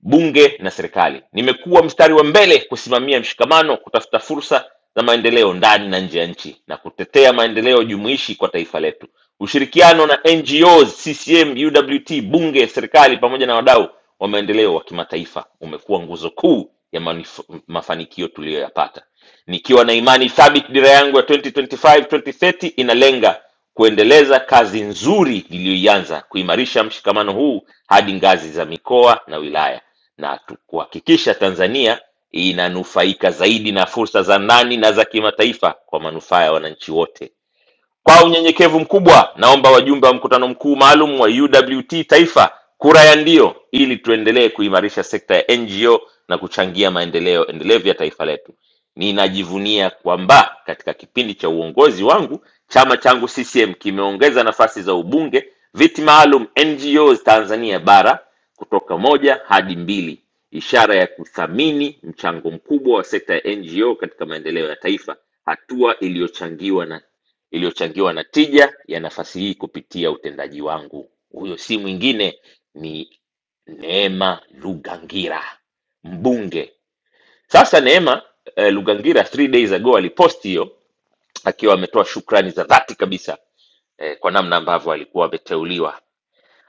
Speaker 1: bunge na serikali nimekuwa mstari wa mbele kusimamia mshikamano kutafuta fursa za maendeleo ndani na nje ya nchi na kutetea maendeleo jumuishi kwa taifa letu Ushirikiano na NGOs, CCM, UWT, bunge, serikali pamoja na wadau wa maendeleo wa kimataifa umekuwa nguzo kuu ya manif- mafanikio tuliyoyapata. Nikiwa na imani thabiti, dira yangu ya 2025-2030 inalenga kuendeleza kazi nzuri iliyoianza, kuimarisha mshikamano huu hadi ngazi za mikoa na wilaya, na tu- kuhakikisha Tanzania inanufaika zaidi na fursa za ndani na za kimataifa kwa manufaa ya wananchi wote. Kwa unyenyekevu mkubwa, naomba wajumbe wa mkutano mkuu maalum wa UWT Taifa kura ya ndio ili tuendelee kuimarisha sekta ya NGO na kuchangia maendeleo endelevu ya taifa letu. Ninajivunia kwamba katika kipindi cha uongozi wangu chama changu CCM kimeongeza nafasi za ubunge, viti maalum NGOs Tanzania bara kutoka moja hadi mbili, ishara ya kuthamini mchango mkubwa wa sekta ya NGO katika maendeleo ya taifa, hatua iliyochangiwa na iliyochangiwa na tija ya nafasi hii kupitia utendaji wangu. Huyo si mwingine ni Neema Lugangira, mbunge. Sasa Neema eh, Lugangira three days ago aliposti hiyo akiwa ametoa shukrani za dhati kabisa eh, kwa namna ambavyo alikuwa ameteuliwa.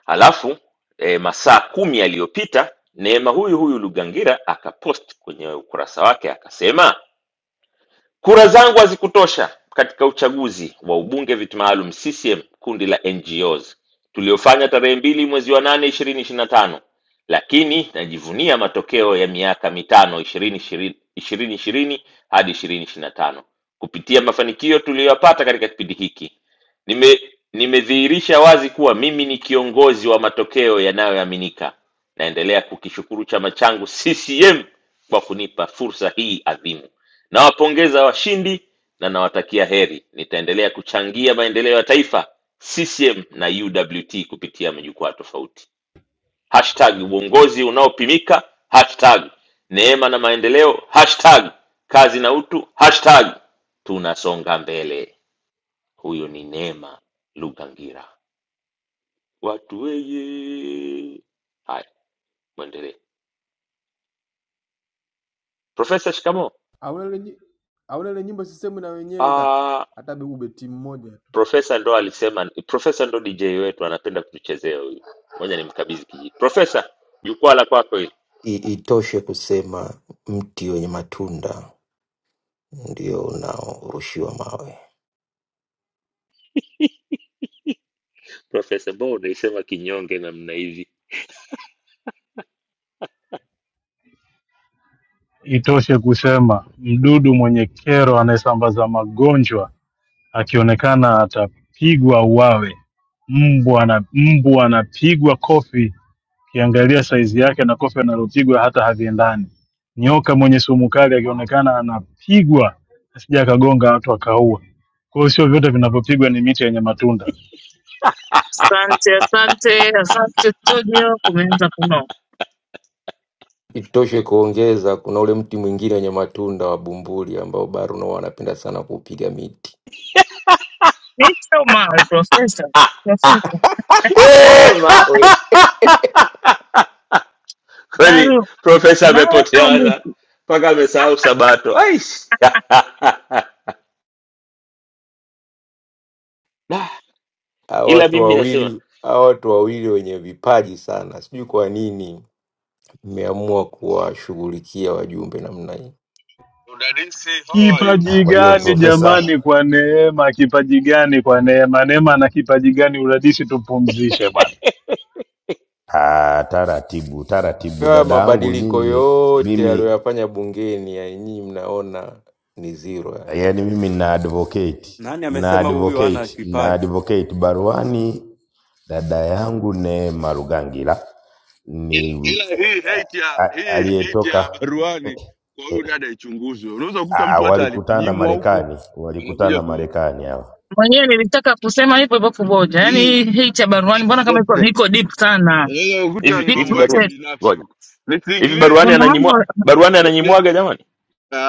Speaker 1: Halafu eh, masaa kumi yaliyopita Neema huyu huyu Lugangira akapost kwenye ukurasa wake akasema Kura zangu hazikutosha katika uchaguzi wa ubunge viti maalum CCM kundi la NGOs tuliofanya tarehe mbili mwezi wa nane ishirini ishirini na tano, lakini najivunia matokeo ya miaka mitano ishirini ishirini ishirini hadi ishirini ishirini na tano kupitia mafanikio tuliyoyapata katika kipindi hiki nime nimedhihirisha wazi kuwa mimi ni kiongozi wa matokeo yanayoaminika. Naendelea kukishukuru chama changu CCM kwa kunipa fursa hii adhimu. Nawapongeza washindi na nawatakia heri. Nitaendelea kuchangia maendeleo ya taifa, CCM na UWT kupitia majukwaa tofauti. Hashtag uongozi unaopimika, hashtag neema na maendeleo, hashtag kazi na utu, hashtag tunasonga mbele. Huyu ni Neema Lugangira. Watu weye. Haya, mwendelee. Profesa, shikamo.
Speaker 19: hauna ile nyi- hauna ile nyimbo sisehemu na wenyewe kaka,
Speaker 1: Ah,
Speaker 19: hata beube timu moja tu,
Speaker 1: Profesa ndo alisema, profesa ndo DJ wetu anapenda kutuchezea huyu. Ngoja nimkabidhi kijiti. Profesa, jukwaa la kwako hili.
Speaker 25: I- Itoshe kusema mti wenye matunda ndio unaorushiwa mawe.
Speaker 1: Profesa, mbona unaisema kinyonge namna hivi?
Speaker 6: Itoshe kusema mdudu mwenye kero anayesambaza magonjwa akionekana atapigwa uwawe. Mbwa na mbwa anapigwa kofi, ukiangalia saizi yake na kofi analopigwa hata haviendani. Nyoka mwenye sumu kali akionekana anapigwa asije akagonga watu akaua. Kwa hiyo sio vyote vinavyopigwa ni miti yenye matunda.
Speaker 4: Asante, asante, asante studio, kumeanza kuno.
Speaker 25: Itoshe kuongeza, kuna ule mti mwingine wenye matunda wa bumbuli ambao Baruno wanapenda sana kuupiga miti
Speaker 4: Mr. Mawe, profesa,
Speaker 1: Ah!
Speaker 4: profesa,
Speaker 1: *laughs* Eh!
Speaker 25: *laughs* mawe.
Speaker 1: Kweli
Speaker 4: baru,
Speaker 1: profesa
Speaker 4: mawe au
Speaker 1: amepoteana
Speaker 4: miti?
Speaker 1: mpaka amesahau Sabato. Aish! *laughs* Da,
Speaker 25: Hawa
Speaker 1: ila
Speaker 25: watu
Speaker 1: mimi nasema
Speaker 25: wawili hawa watu wawili wenye vipaji sana, sijui kwa nini mmeamua kuwashughulikia wajumbe namna hii.
Speaker 3: Udadisi, how are you?
Speaker 6: Kipaji
Speaker 16: Kwa hiyo
Speaker 6: gani
Speaker 3: Cousin?
Speaker 6: jamani?
Speaker 16: profesa,
Speaker 6: Kwa neema, kipaji gani? Kwa neema, neema ana kipaji gani? Uradisi tupumzishe bwana.
Speaker 1: *laughs*
Speaker 16: ah, taratibu taratibu,
Speaker 25: Haya
Speaker 16: dada yangu
Speaker 25: mabadiliko
Speaker 16: nyinyi,
Speaker 25: yote
Speaker 16: mimi
Speaker 25: aliyoyafanya bungeni, yani nyinyi mnaona ni zero. Yani
Speaker 16: yani mimi na advocate
Speaker 20: Nani
Speaker 16: na
Speaker 20: amesema huyu hana
Speaker 16: advocate na
Speaker 20: kipaji?
Speaker 16: advocate baruani, dada yangu Neema Rugangila
Speaker 3: ila,
Speaker 16: ni
Speaker 3: ila hii hate
Speaker 16: a-
Speaker 3: ya
Speaker 16: a-
Speaker 3: hii hate
Speaker 16: aliyetoka
Speaker 3: ya
Speaker 16: eh,
Speaker 3: baruani kwa huyu
Speaker 16: eh,
Speaker 3: dada ichunguzwe. Unaweza kukuta
Speaker 16: ah,
Speaker 3: mtu hata
Speaker 16: walikutana
Speaker 3: alinyimwa huko
Speaker 16: Marekani,
Speaker 3: anakuja
Speaker 16: walikutana
Speaker 3: ku
Speaker 16: Marekani hawa
Speaker 4: Mwenyewe nilitaka kusema hivyo hivyo kuboja,
Speaker 3: hii
Speaker 4: yaani hii cha baruani
Speaker 3: *laughs*
Speaker 4: mbona kama
Speaker 3: eh,
Speaker 4: iko iko deep sana.
Speaker 3: unaweza kukuta
Speaker 1: hivi
Speaker 3: ni
Speaker 4: Deep
Speaker 1: hivi
Speaker 3: mambo
Speaker 1: barua
Speaker 3: yake
Speaker 4: rooted.
Speaker 3: binafsi
Speaker 1: ngoja
Speaker 3: huko,
Speaker 1: hivi
Speaker 3: nisiingilie hii
Speaker 1: baruani
Speaker 4: Kuna
Speaker 3: vita
Speaker 1: ananyimwa
Speaker 4: mambo
Speaker 1: baruani
Speaker 3: ni, ni,
Speaker 1: ananyimwaga jamani.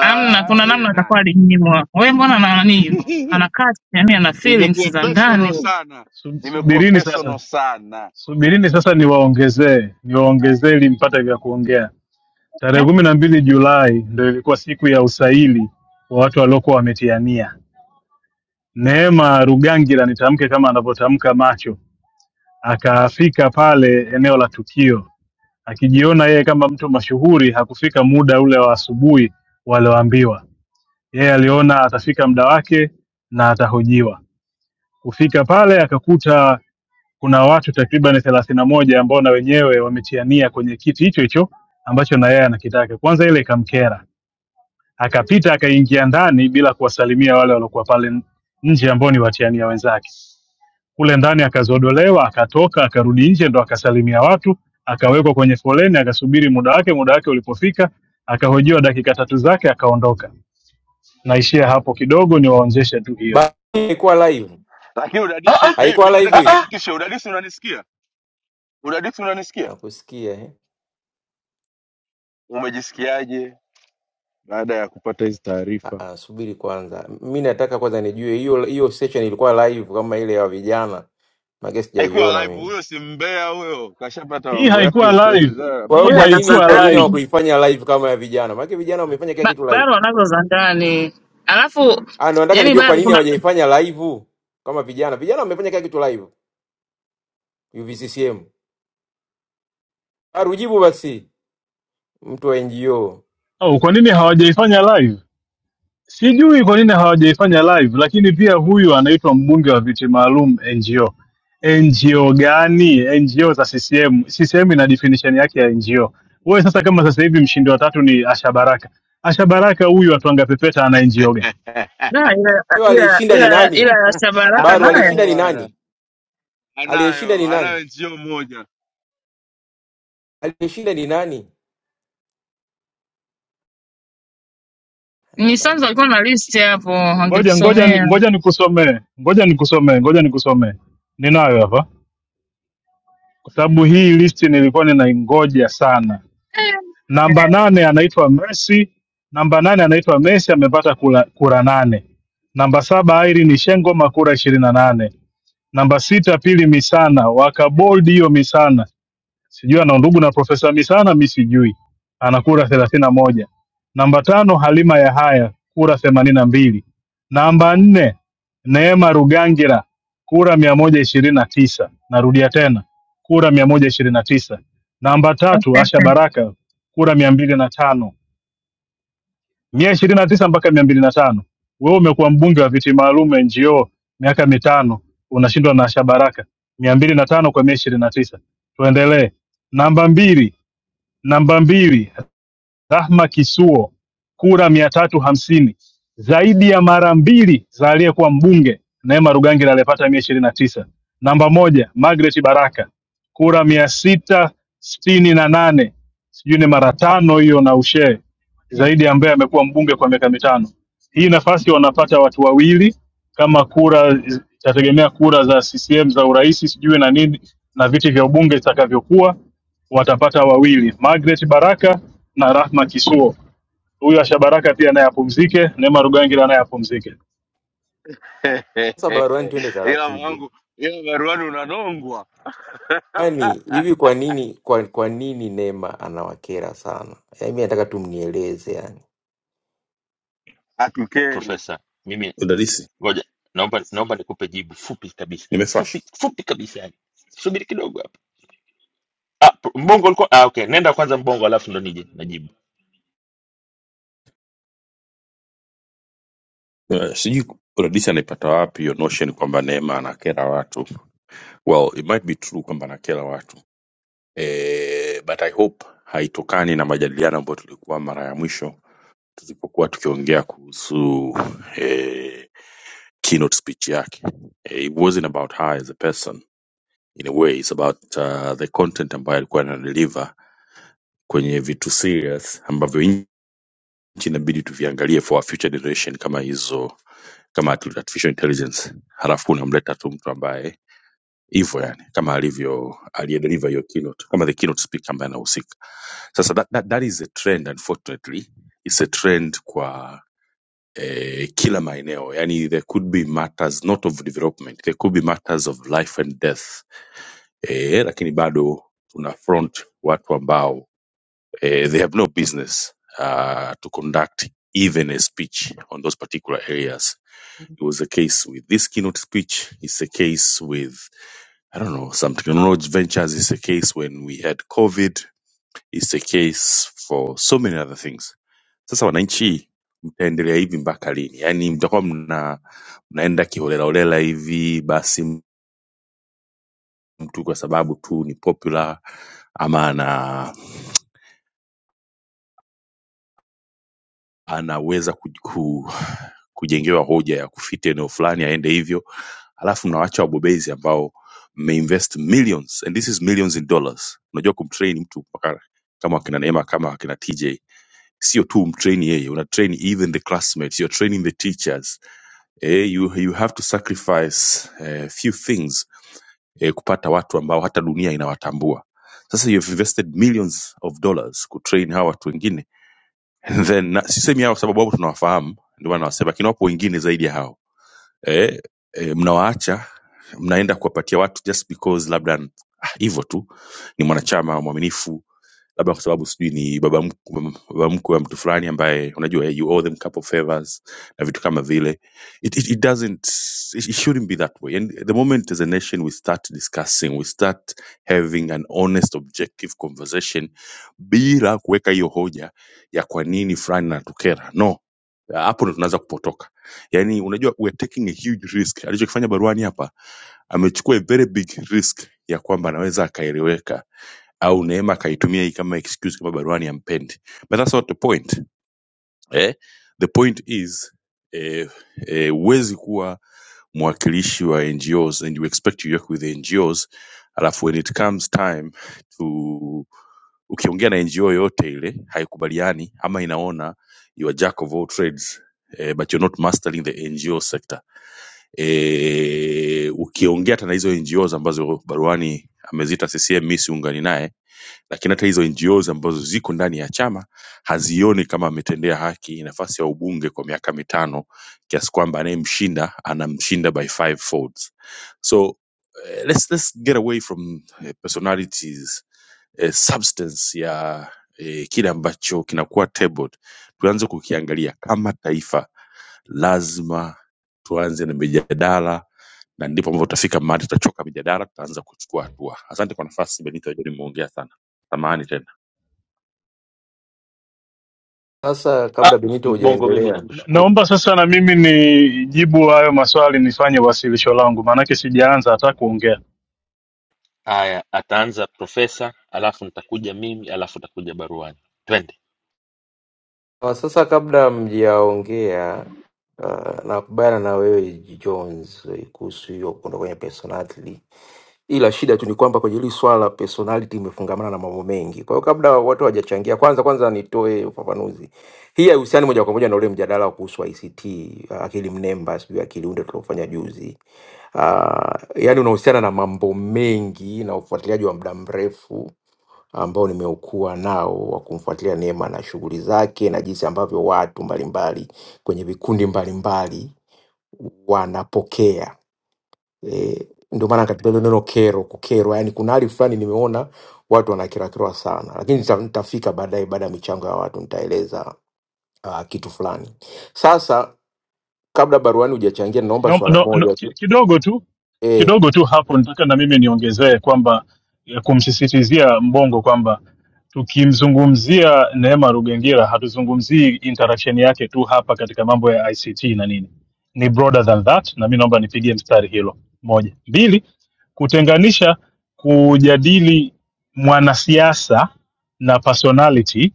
Speaker 4: amna, kuna
Speaker 3: eh,
Speaker 4: namna atakuwa
Speaker 3: nani
Speaker 4: alinyimwa. Wewe mbona na nani hivyo?
Speaker 3: *laughs*
Speaker 4: Anakaa yani, ana feelings
Speaker 3: imekuwa
Speaker 4: za ndani
Speaker 3: personal sana,
Speaker 6: Sub-
Speaker 3: imekuwa
Speaker 6: Subirini sasa,
Speaker 3: personal sana.
Speaker 6: subirini sasa, niwaongezee niwaongezee ili mpate vya kuongea. Tarehe
Speaker 4: Eh?
Speaker 6: kumi na mbili Julai ndio ilikuwa siku ya usaili wa watu waliokuwa wametiania. Neema Rugangira, nitamke kama anavyotamka macho, akafika pale eneo la tukio akijiona yeye kama mtu mashuhuri. Hakufika muda ule wa asubuhi walioambiwa, yeye aliona atafika muda wake na atahojiwa. Kufika pale akakuta kuna watu takriban thelathini na moja ambao na wenyewe wamechiania kwenye kiti hicho hicho ambacho na yeye anakitaka. Kwanza ile ikamkera, akapita akaingia ndani bila kuwasalimia wale waliokuwa pale nje ambao ni watiania wenzake. Kule ndani akazodolewa, akatoka, akarudi nje, ndo akasalimia watu, akawekwa kwenye foleni, akasubiri muda wake. Muda wake ulipofika, akahojiwa dakika tatu zake, akaondoka. Naishia hapo kidogo, niwaonjeshe tu hiyo.
Speaker 25: Ba- ilikuwa live,
Speaker 3: Lakini
Speaker 1: Ah,
Speaker 3: udadisi,
Speaker 1: ah,
Speaker 3: mi, mi
Speaker 25: haikuwa
Speaker 1: ah,
Speaker 25: live
Speaker 3: nataka
Speaker 25: hii
Speaker 1: ah.
Speaker 3: nihakikishe, udadisi unanisikia? Udadisi unanisikia?
Speaker 25: Nakusikia eh?
Speaker 3: Umejisikiaje baada ya kupata hizi
Speaker 25: Ah,
Speaker 3: taarifa?
Speaker 25: ah, subiri kwanza, mi nataka kwanza nijue hiyo hiyo session ilikuwa live kama ile ya vijana, maana
Speaker 3: Haikuwa
Speaker 25: sijaiona
Speaker 3: live
Speaker 25: mimi.
Speaker 3: huyo, si mbea huyo, kashapata
Speaker 6: Hii
Speaker 3: mambo yake,
Speaker 6: haikuwa live,
Speaker 3: utaulizana na
Speaker 25: Kwa hiyo
Speaker 6: hii
Speaker 4: huyu
Speaker 25: kwa
Speaker 3: barua
Speaker 4: ana za
Speaker 25: nini kwa
Speaker 6: haikuwa
Speaker 25: nini
Speaker 6: live.
Speaker 4: ndani
Speaker 25: hawakuifanya live kama ya vijana? Maana vijana wamefanya kila
Speaker 4: Ba-
Speaker 25: kitu live.
Speaker 4: bado anazo za ndani, alafu
Speaker 25: Ah, ndo nataka
Speaker 4: yani
Speaker 25: nijue kwa
Speaker 4: bado
Speaker 25: nini
Speaker 4: kuna
Speaker 25: hawajaifanya live kama vijana. Vijana wamefanya kila kitu live UVCCM. Baru jibu basi, mtu wa NGO.
Speaker 6: Au kwa nini hawajaifanya live? Sijui kwa nini hawajaifanya live, lakini pia huyu anaitwa mbunge wa viti maalum NGO. NGO gani? NGO za CCM. CCM ina definition yake ya NGO. Wewe sasa, kama sasa hivi mshindi wa tatu ni Asha Baraka, Asha Baraka huyu atwanga pepeta ana NGO gani?
Speaker 4: na,
Speaker 3: *laughs*
Speaker 4: ila
Speaker 25: Leo
Speaker 4: ila
Speaker 25: aliyeshinda ni
Speaker 4: ila
Speaker 25: nani?
Speaker 4: ila ya Shabaraka
Speaker 25: Baru
Speaker 4: naye
Speaker 3: anayo
Speaker 25: aliyeshinda ni
Speaker 3: bana,
Speaker 25: nani? Aliyeshinda ni
Speaker 3: anayo anayo
Speaker 25: nani?
Speaker 3: njio moja
Speaker 25: Aliyeshinda ni nani?
Speaker 4: ni
Speaker 25: Anaona.
Speaker 4: sanzo alikuwa na list hapo,
Speaker 6: Ngoja ngoja
Speaker 4: angetusomea
Speaker 6: ngoja nikusomee, ngoja nikusomee, ngoja nikusomee, ninayo hapa, kwa sababu hii listi nilikuwa ninaingoja sana. Namba nane anaitwa Messi, namba nane anaitwa Messi amepata kura, kura nane. Namba saba Irene Shengoma kura ishirini na nane. Namba sita Pili Misana wakabold hiyo Misana sijui ana ndugu na Profesa Misana, mi sijui, ana kura thelathini na moja. Namba tano Halima Yahaya kura themanini na mbili. Namba nne Neema Rugangira kura mia moja ishirini na tisa. Narudia tena kura mia moja ishirini na tisa. Namba
Speaker 4: Eh,
Speaker 6: tatu Asha
Speaker 4: *laughs*
Speaker 6: Baraka kura mia mbili na tano mia ishirini na tisa mpaka mia mbili na tano. Wewe umekuwa mbunge wa viti maalum NGO miaka mitano unashindwa na Asha Baraka mia mbili na tano kwa mia ishirini na tisa. Tuendelee. Namba mbili Namba mbili, Rahma Kisuo, kura mia tatu hamsini zaidi ya mara mbili za aliyekuwa mbunge Neema Rugangira aliyepata mia ishirini na tisa. Namba moja, Margaret Baraka, kura mia sita sitini na nane sijui ni mara tano hiyo na ushee zaidi, ambaye amekuwa mbunge kwa miaka mitano. Hii nafasi wanapata watu wawili, kama kura itategemea kura za CCM za urais sijui na nini na viti vya ubunge zitakavyokuwa watapata wawili, Margaret Baraka na Rahma Kisuo. Huyu Asha Baraka pia naye apumzike, Neema Rugangira naye apumzike.
Speaker 25: Sasa baruani, twende
Speaker 3: *laughs* ila
Speaker 25: taratibu.
Speaker 3: mwangu, ila baruani unanongwa,
Speaker 25: Kwani hivi kwa nini kwa, kwa nini Neema anawakera sana? Yaani mimi nataka tu mnieleze yani.
Speaker 3: hatukeri
Speaker 1: Profesa, mimi
Speaker 2: Udadisi,
Speaker 1: Ngoja naomba naomba nikupe jibu fupi kabisa, fupi
Speaker 2: nimefresh.
Speaker 1: fupi kabisa, yani subiri kidogo hapa. Ah, p- mbongo ulikuwa ah, okay, nenda kwanza mbongo, alafu ndo nije najibu.
Speaker 2: Uh, sijui udadisi anaipata wapi hiyo notion kwamba Neema anakera watu. Well, it might be true kwamba anakera watu eh, but I hope haitokani na majadiliano ambayo tulikuwa mara ya mwisho tulipokuwa tukiongea kuhusu eh, keynote speech yake. Eh, it wasn't about her as a person in a way it's about uh, the content ambayo alikuwa anadeliver kwenye vitu serious ambavyo nchi inabidi tuviangalie for our future generation kama hizo kama artificial intelligence halafu unamleta tu mtu ambaye hivyo yani kama alivyo aliyedeliver hiyo keynote kama the keynote speaker ambaye anahusika sasa that, that, that is a trend unfortunately it's a trend kwa eh, kila maeneo yani there could be matters not of development there could be matters of life and death eh, lakini bado tuna front watu ambao eh, they have no business uh, to conduct even a speech on those particular areas. It was the case with this keynote speech. It's a case with I don't know some technology ventures. It's a case when we had COVID. It's a case for so many other things. Sasa wananchi mtaendelea hivi mpaka lini? Yaani mtakuwa mna mnaenda kiholelaholela hivi, basi mtu kwa sababu tu ni popular ama anaweza ku, ku, kujengewa hoja ya kufiti eneo fulani aende hivyo alafu mnawaacha wabobezi ambao mmeinvest millions and this is millions in dollars unajua kumtrain mtu mpaka kama akina neema kama akina tj sio tu umtrain yeye una train even the classmates you're training the teachers eh, you, you have to sacrifice eh, few things eh, kupata watu ambao hata dunia inawatambua sasa you've invested millions of dollars kutrain hawa watu wengine And then na- sisemi hao kwa sababu wao tunawafahamu ndio maana nawasema lakini wapo wengine zaidi ya hao eh, eh, mnawaacha mnaenda kuwapatia watu just because labda ah, hivyo tu ni mwanachama mwaminifu labda kwa sababu sijui ni baba mkwe, baba mkwe wa mtu fulani ambaye unajua eh, you owe them couple favors na vitu kama vile it, it, it doesn't it, it shouldn't be that way and the moment as a nation we start discussing we start having an honest objective conversation bila kuweka hiyo hoja ya kwa nini fulani natukera no hapo ndo tunaanza kupotoka yaani unajua we're taking a huge risk alichokifanya baruani hapa amechukua a very big risk ya kwamba anaweza akaeleweka au Neema akaitumia hii kama excuse kama Baruani hampendi. But that's not the point. Eh? The point is eh, eh, huwezi kuwa mwakilishi wa NGOs and you expect you work with NGOs alafu when it comes time to ukiongea na NGO yoyote ile haikubaliani ama inaona you are jack of all trades eh, but you're not mastering the NGO sector. Eh, ukiongea hata na hizo NGOs ambazo Baruani amezita CCM, mimi siungani naye lakini hata hizo NGOs ambazo ziko ndani ya chama hazioni kama ametendea haki nafasi ya ubunge kwa miaka mitano kiasi kwamba anayemshinda anamshinda by five folds. So eh, let's, let's get away from eh, personalities eh, substance ya eh, kile ambacho kinakuwa tabled, tuanze kukiangalia kama taifa lazima tuanze na mijadala na ndipo ambapo tutafika mahali tutachoka mijadala tutaanza kuchukua hatua asante kwa nafasi benito Ajeni, nimeongea sana samahani tena
Speaker 25: Sasa
Speaker 1: Ah,
Speaker 25: kabla Benito
Speaker 1: mbongo, mimi
Speaker 25: hujaendelea
Speaker 6: Na-
Speaker 1: nakushukuru.
Speaker 6: Naomba sasa na mimi nijibu hayo maswali, nifanye wasilisho langu, maanake sijaanza hata kuongea.
Speaker 1: Haya, ataanza profesa, alafu nitakuja mimi, alafu nitakuja baruani. Twende.
Speaker 25: Ah, Sasa kabla mjaongea uh, nakubaliana na wewe Jones eh, kuhusu hiyo kuondoka kwenye personality, ila shida tu ni kwamba kwenye hili swala la personality imefungamana na mambo mengi. Kwa hiyo kabla watu hawajachangia, kwanza kwanza nitoe ufafanuzi. Hii haihusiani moja kwa moja na ule mjadala kuhusu ICT, uh, akili mnemba, sijui akili unde tuliofanya juzi uh, yani unahusiana na mambo mengi na ufuatiliaji wa muda mrefu ambao nimeukua nao wa kumfuatilia Neema na shughuli zake na jinsi ambavyo watu mbalimbali kwenye vikundi mbalimbali wanapokea e, ndio maana katika hilo neno kero, kukerwa, yani kuna hali fulani nimeona watu wanakerakera sana, lakini nita- nitafika baadaye, baada ya michango ya watu nitaeleza uh, kitu fulani. Sasa kabla baruani hujachangia, naomba
Speaker 6: no,
Speaker 25: swala
Speaker 6: no, no,
Speaker 25: moja
Speaker 6: ki-
Speaker 25: tu.
Speaker 6: kidogo tu
Speaker 25: E,
Speaker 6: kidogo tu hapo nataka na mimi niongezee kwamba ya kumsisitizia mbongo kwamba tukimzungumzia neema rugengira hatuzungumzii interaction yake tu hapa katika mambo ya ict na nini ni broader than that na mi naomba nipigie mstari hilo moja mbili kutenganisha kujadili mwanasiasa na personality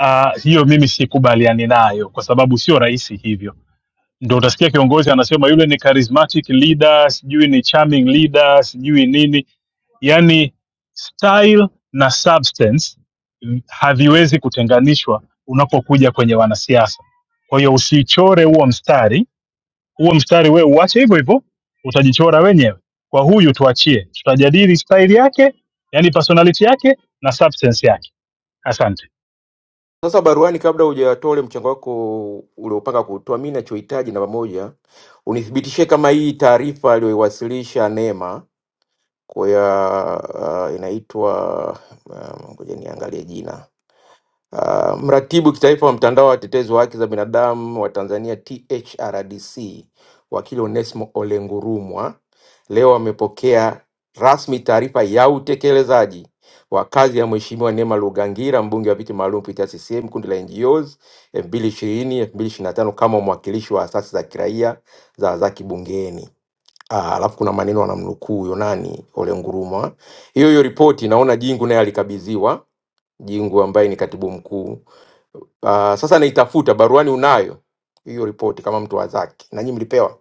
Speaker 6: uh, hiyo mimi sikubaliani nayo kwa sababu sio rahisi hivyo ndo utasikia kiongozi anasema yule ni charismatic leader sijui ni charming leader sijui nini yani style na substance mm, haviwezi kutenganishwa unapokuja kwenye wanasiasa kwa hiyo usichore huo mstari huo mstari wewe uache hivyo hivyo utajichora wenyewe kwa huyu tuachie tutajadili style yake yani personality yake na substance yake asante
Speaker 25: Sasa baruani, kabla hujatole mchango wako uliopanga kutoa, mi nachohitaji namba moja, unithibitishie kama hii taarifa aliyoiwasilisha Neema kwa ya uh, inaitwa ah, ngoja niangalie jina Uh, mratibu kitaifa wa mtandao wa watetezi wa haki za binadamu wa Tanzania THRDC, wakili Onesmo Olengurumwa leo amepokea rasmi taarifa ya utekelezaji wa kazi ya Mheshimiwa Neema Lugangira, mbunge wa viti maalum kupitia CCM kundi la NGOs 2020 2025 kama mwakilishi wa asasi za kiraia za za kibungeni. Ah, Alafu kuna maneno wanamnukuu huyo nani Olengurumwa. Hiyo hiyo ripoti naona Jingu naye alikabidhiwa, Jingu ambaye ni katibu mkuu Uh, sasa naitafuta baruani, unayo hiyo ripoti kama mtu wa zake na nyinyi mlipewa.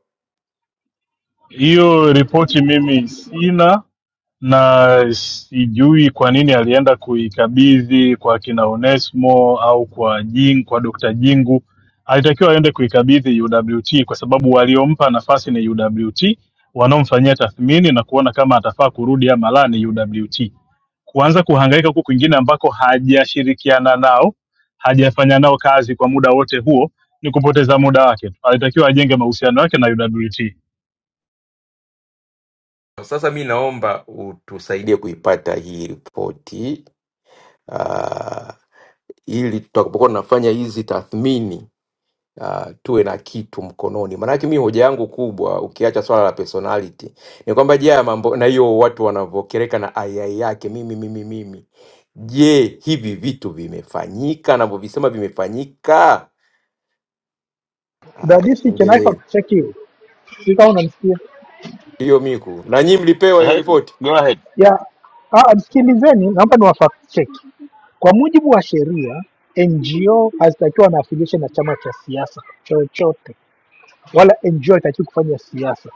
Speaker 6: hiyo ripoti mimi sina na sijui kwa nini alienda kuikabidhi kwa kina Onesmo au kwa Jing, kwa Dr. Jingu. Alitakiwa aende kuikabidhi UWT kwa sababu waliompa nafasi ni UWT, wanaomfanyia tathmini na kuona kama atafaa kurudi ama la ni UWT. Kuanza kuhangaika huku kwingine ambako hajashirikiana nao, hajafanya nao kazi kwa muda wote huo, ni kupoteza muda wake tu. Alitakiwa ajenge mahusiano yake na UWT.
Speaker 25: Sasa mi naomba utusaidie kuipata hii ripoti uh, ili tutakapokuwa tunafanya hizi tathmini uh, tuwe na kitu mkononi. Maanake mi hoja yangu kubwa, ukiacha swala la personality, ni kwamba je, haya mambo na hiyo watu wanavyokereka na aiai yake mimi mimi mimi, je, hivi vitu vimefanyika anavyovisema vimefanyika? Haya,
Speaker 26: Dadisi, can I
Speaker 25: endelee.
Speaker 26: fact check you? Sijui kama unanisikia?
Speaker 25: Ndiyo Miku, na nyinyi mlipewa hiyo
Speaker 1: Aha,
Speaker 25: ripoti?
Speaker 1: Go ahead.
Speaker 26: Yeah. Ah, msikilizeni, naomba ni wa fact check. Kwa mujibu wa sheria, NGO hazitakiwa na affiliation na chama cha siasa chochote, wala NGO haitakiwi kufanya siasa.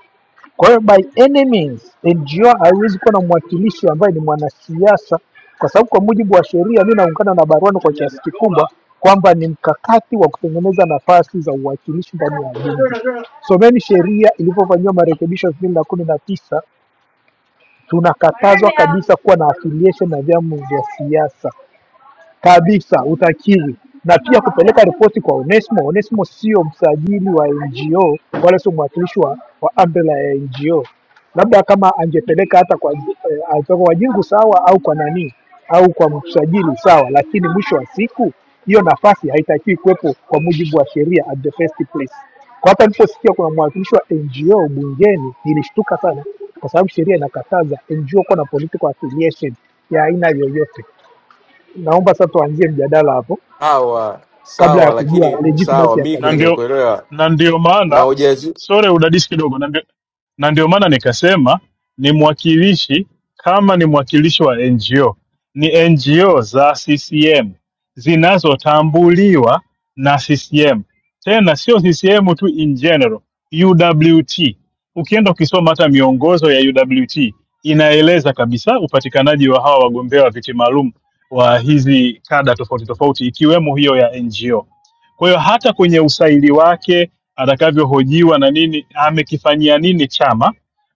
Speaker 26: Kwa hiyo by any means, NGO haiwezi kuwa na mwakilishi ambaye ni mwanasiasa, kwa sababu kwa mujibu wa sheria, mi naungana na Barwano kwa kiasi kikubwa kwamba ni mkakati wa kutengeneza nafasi za uwakilishi ndani ya bunge. Someni sheria ilivyofanyiwa marekebisho elfu mbili na kumi na tisa tunakatazwa kabisa kuwa na affiliation na vyama vya siasa kabisa, utakiwi na pia kupeleka ripoti kwa Onesmo. Onesmo sio msajili wa NGO wala sio mwakilishi wa, wa umbrella ya NGO. Labda kama angepeleka hata kwa eh, angepeleka kwa Jingu sawa, au kwa nani au kwa msajili sawa, lakini mwisho wa siku hiyo nafasi haitakiwi kuwepo kwa mujibu wa sheria at the first place. Kwa hapa niliposikia kuna mwakilishi wa NGO bungeni, nilishtuka sana, kwa sababu sheria inakataza NGO kuwa na political affiliation ya aina yoyote Naomba sasa tuanzie mjadala hapo
Speaker 25: Sawa
Speaker 26: kabla
Speaker 25: sawa,
Speaker 26: ya kujua
Speaker 25: lakini sawa
Speaker 26: legitimacy ya
Speaker 25: Miku,
Speaker 6: na
Speaker 26: kazi yetu.
Speaker 6: ndio
Speaker 25: nimekuelewa
Speaker 6: na ndio
Speaker 25: na
Speaker 6: maana
Speaker 25: ujazi
Speaker 6: sore udadisi kidogo na ndio, na ndio maana nikasema ni mwakilishi kama ni mwakilishi wa ngo ni ngo za ccm zinazotambuliwa na ccm tena sio ccm tu in general uwt ukienda ukisoma hata miongozo ya uwt inaeleza kabisa upatikanaji wa hawa wagombea wa viti maalum wa hizi kada tofauti tofauti ikiwemo hiyo ya ngo kwa hiyo hata kwenye usaili wake atakavyohojiwa na nini, amekifanyia nini chama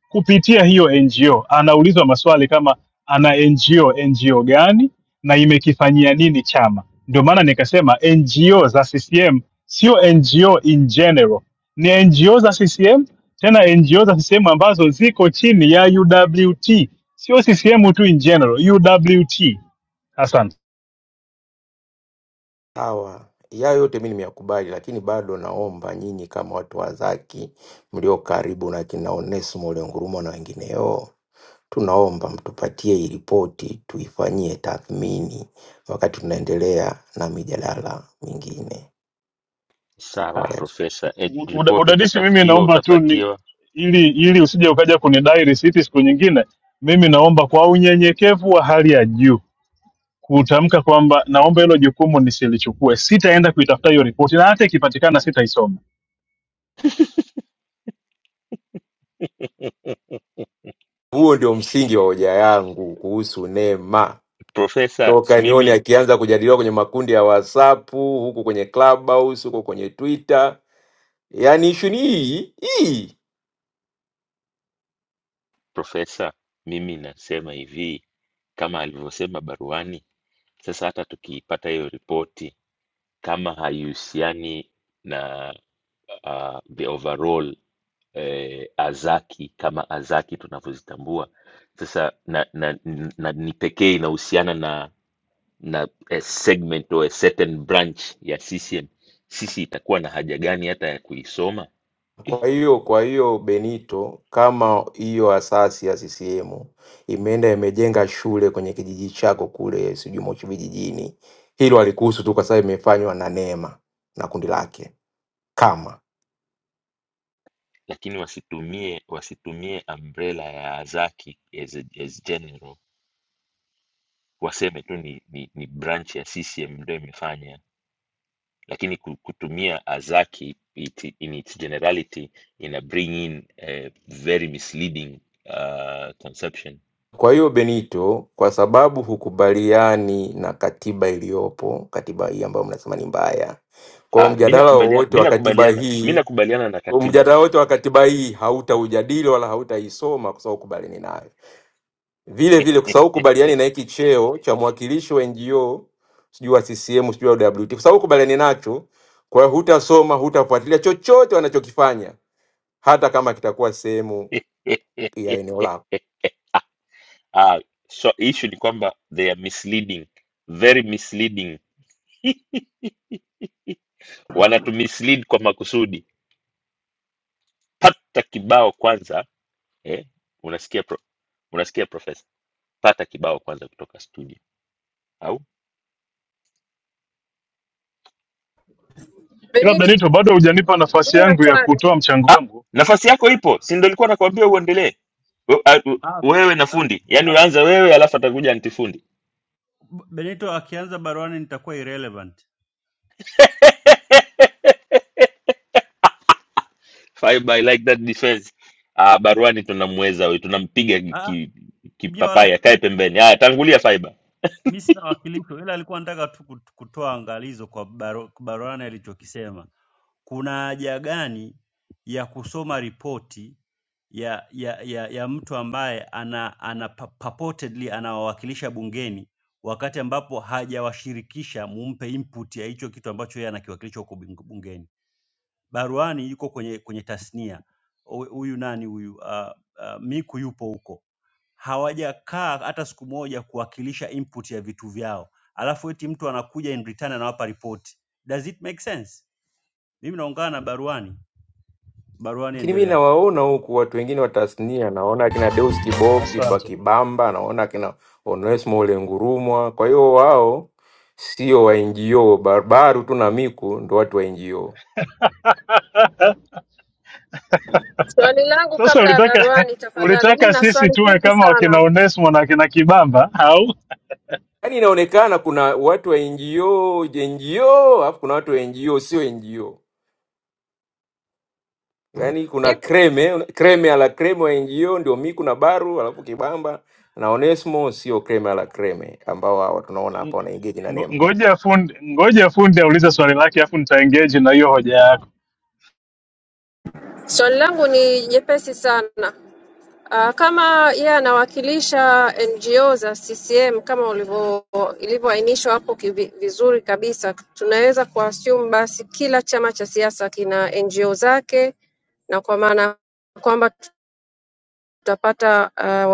Speaker 6: kupitia hiyo NGO. Anaulizwa maswali kama ana NGO, NGO gani na imekifanyia nini chama. Ndio maana nikasema NGO za CCM sio NGO in general, ni NGO za CCM, tena NGO za CCM ambazo ziko chini ya UWT, sio CCM tu in general, UWT. Asante.
Speaker 25: sawa. Yayo yote mi nimeyakubali, lakini bado naomba nyinyi kama watu wa Zaki mlio karibu na kina Onesimo Uliongurumwa na wengineo, tunaomba mtupatie hii ripoti tuifanyie tathmini wakati tunaendelea na mijadala mingine.
Speaker 1: Sawa
Speaker 25: Haya,
Speaker 1: profesa, Eh,
Speaker 6: U- uda-
Speaker 1: ripoti
Speaker 6: Udadisi, mimi
Speaker 1: utatafutiwa,
Speaker 6: naomba tu ni
Speaker 1: utapatiwa.
Speaker 6: ili ili usije ukaja kunidai risiti siku nyingine, mimi naomba kwa unyenyekevu wa hali ya juu kutamka kwamba naomba hilo jukumu nisilichukue, sitaenda kuitafuta hiyo ripoti na hata ikipatikana sitaisoma.
Speaker 25: huo ndio msingi wa hoja yangu kuhusu Nema.
Speaker 1: Profesa,
Speaker 25: toka
Speaker 1: *laughs* mimi
Speaker 25: nione akianza kujadiliwa kwenye makundi ya WhatsApp huku kwenye Clubhouse huko kwenye Twitter, yaani ishu ni hii hii.
Speaker 1: Profesa, mimi nasema hivi, kama alivyosema baruani, sasa hata tukiipata hiyo ripoti kama haihusiani na uh, the overall eh, Azaki kama Azaki tunavyozitambua sasa, na, na, na ni pekee inahusiana na na a segment or a certain branch ya CCM, sisi itakuwa na haja gani hata ya kuisoma eh?
Speaker 25: Kwa hiyo kwa hiyo Benito, kama hiyo asasi ya CCM imeenda imejenga shule kwenye kijiji chako kule, sijui Moshi vijijini, hilo alikuhusu tu kwa sababu imefanywa na Neema na kundi lake kama
Speaker 1: lakini wasitumie wasitumie umbrella ya Azaki as, a- as general waseme tu ni, ni, ni branch ya CCM ndio imefanya, lakini ku- kutumia Azaki it, in its generality ina bring in a very misleading uh, conception.
Speaker 25: Kwa hiyo Benito, kwa sababu hukubaliani na katiba iliyopo, katiba hii ambayo mnasema ni mbaya, kwa hiyo
Speaker 1: Ah, mi
Speaker 25: mjadala
Speaker 1: nakubalia-
Speaker 25: wowote
Speaker 1: mi
Speaker 25: wa katiba
Speaker 1: nakubaliana mi
Speaker 25: hii
Speaker 1: nakubaliana na katiba
Speaker 25: mjadala
Speaker 1: hii
Speaker 25: wote wa katiba hii hautaujadili wala hautaisoma kwa sababu hukubaliani nayo. Vile vile kwa sababu hukubaliani na hiki cheo cha mwakilishi wa NGO sijui wa CCM sijui wa WT, kwa sababu hukubaliani nacho, kwa hiyo hutasoma, hutafuatilia chochote wanachokifanya, hata kama kitakuwa sehemu ya eneo lako.
Speaker 1: *laughs* ah, so issue ni kwamba they are misleading very misleading *laughs* wanatu mislead kwa makusudi pata kibao kwanza eh, unasikia pro, unasikia profesa pata kibao kwanza kutoka studio au
Speaker 6: Ila
Speaker 14: Benito,
Speaker 6: Benito, bado hujanipa nafasi
Speaker 14: mimi na
Speaker 6: yangu ya
Speaker 14: swali
Speaker 6: kutoa mchango
Speaker 1: ah,
Speaker 6: wangu.
Speaker 1: nafasi yako ipo si ndo ilikuwa nakwambia uendelee We- a- u-
Speaker 27: Ah,
Speaker 1: wewe na
Speaker 27: ah,
Speaker 1: fundi yaani
Speaker 27: ka-
Speaker 1: uanze wewe alafu atakuja antifundi
Speaker 27: Benito akianza baruani nitakuwa irrelevant.
Speaker 1: *laughs* Fiber, I like that defense ah, baruani tunamweza huyu tunampiga
Speaker 27: Ah,
Speaker 1: ki-
Speaker 27: mimi wala
Speaker 1: kipapai
Speaker 27: siku
Speaker 1: akae pembeni haya tangulia Fiber
Speaker 27: mimi sina wakilisho, ila alikuwa anataka tu kut- kutoa angalizo kwa baru, baruani alichokisema. Kuna haja gani ya kusoma ripoti ya ya ya, ya mtu ambaye ana, ana pa- purportedly anawawakilisha bungeni wakati ambapo hajawashirikisha mumpe input ya hicho kitu ambacho yeye anakiwakilisha huko bunge- bungeni? baruani yuko kwenye kwenye tasnia Hu- huyu nani huyu uh, uh, miku yupo huko hawajakaa hata siku moja kuwakilisha input ya vitu vyao alafu eti mtu anakuja in return anawapa ripoti does it make sense mimi naungana na baruani baruani
Speaker 25: Lakini mi
Speaker 27: endelea
Speaker 25: nawaona huku watu wengine wa tasnia, naona akina Deus Kibofu Kiba
Speaker 6: Asante.
Speaker 25: Kibamba, naona akina Onesmo ule Ngurumwa. Kwa hiyo wao sio wa NGO, Barbaru tu na Miku ndo watu wa NGO.
Speaker 6: *laughs*
Speaker 14: swali langu
Speaker 6: Sasa
Speaker 14: kabla ya
Speaker 6: ulitaka
Speaker 14: baruani, tafadhali. Mimi
Speaker 6: ulitaka
Speaker 14: na
Speaker 6: sisi
Speaker 14: swali
Speaker 6: tuwe
Speaker 14: fupi
Speaker 6: kama wakina
Speaker 14: sana.
Speaker 6: Onesmo na wakina Kibamba
Speaker 25: Yaani inaonekana kuna watu wa NGO NGO, alafu kuna watu wa NGO sio NGO. Yaani kuna
Speaker 14: Hivi,
Speaker 25: kreme kreme ala kreme wa NGO ndio Miku na Baru, alafu Kibamba na Onesmo sio kreme ala kreme ambao hawa tunaona hapa wanaengage na
Speaker 6: Ngo-
Speaker 25: Nema.
Speaker 6: Ngoja fundi, ngoja fundi aulize swali lake, afu nitaengage na hiyo hoja yako.
Speaker 14: Swali langu ni jepesi sana. Ah, kama yeye anawakilisha NGO za CCM kama ulivyo ilivyoainishwa hapo kivi- vizuri kabisa, tunaweza kuassume basi kila chama cha siasa kina NGO zake, na kwa maana kwamba tutapata ah,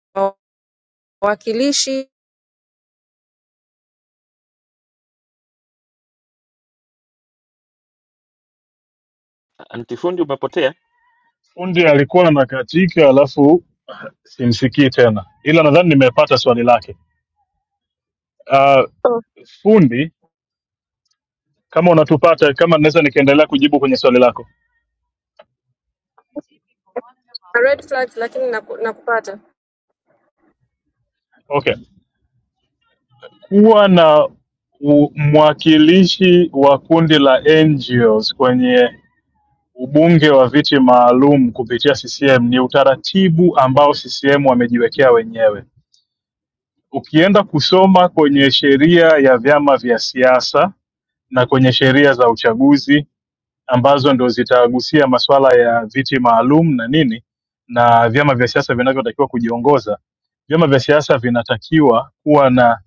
Speaker 14: wa- wawakilishi
Speaker 1: antifundi umepotea
Speaker 6: Fundi alikuwa anakatika, alafu simsikii tena, ila nadhani nimepata swali lake. Uh, fundi, kama unatupata, kama naweza nikaendelea kujibu kwenye swali lako.
Speaker 14: na red flags, lakini naku- nakupata.
Speaker 6: Okay, kuwa na u- mwakilishi wa kundi la NGOs kwenye ubunge wa viti maalum kupitia CCM ni utaratibu ambao CCM wamejiwekea wenyewe Ukienda kusoma kwenye sheria ya vyama vya siasa na kwenye sheria za uchaguzi ambazo ndo zitagusia masuala ya viti maalum na nini na vyama vya siasa vinavyotakiwa kujiongoza. Vyama vya siasa vinatakiwa kuwa na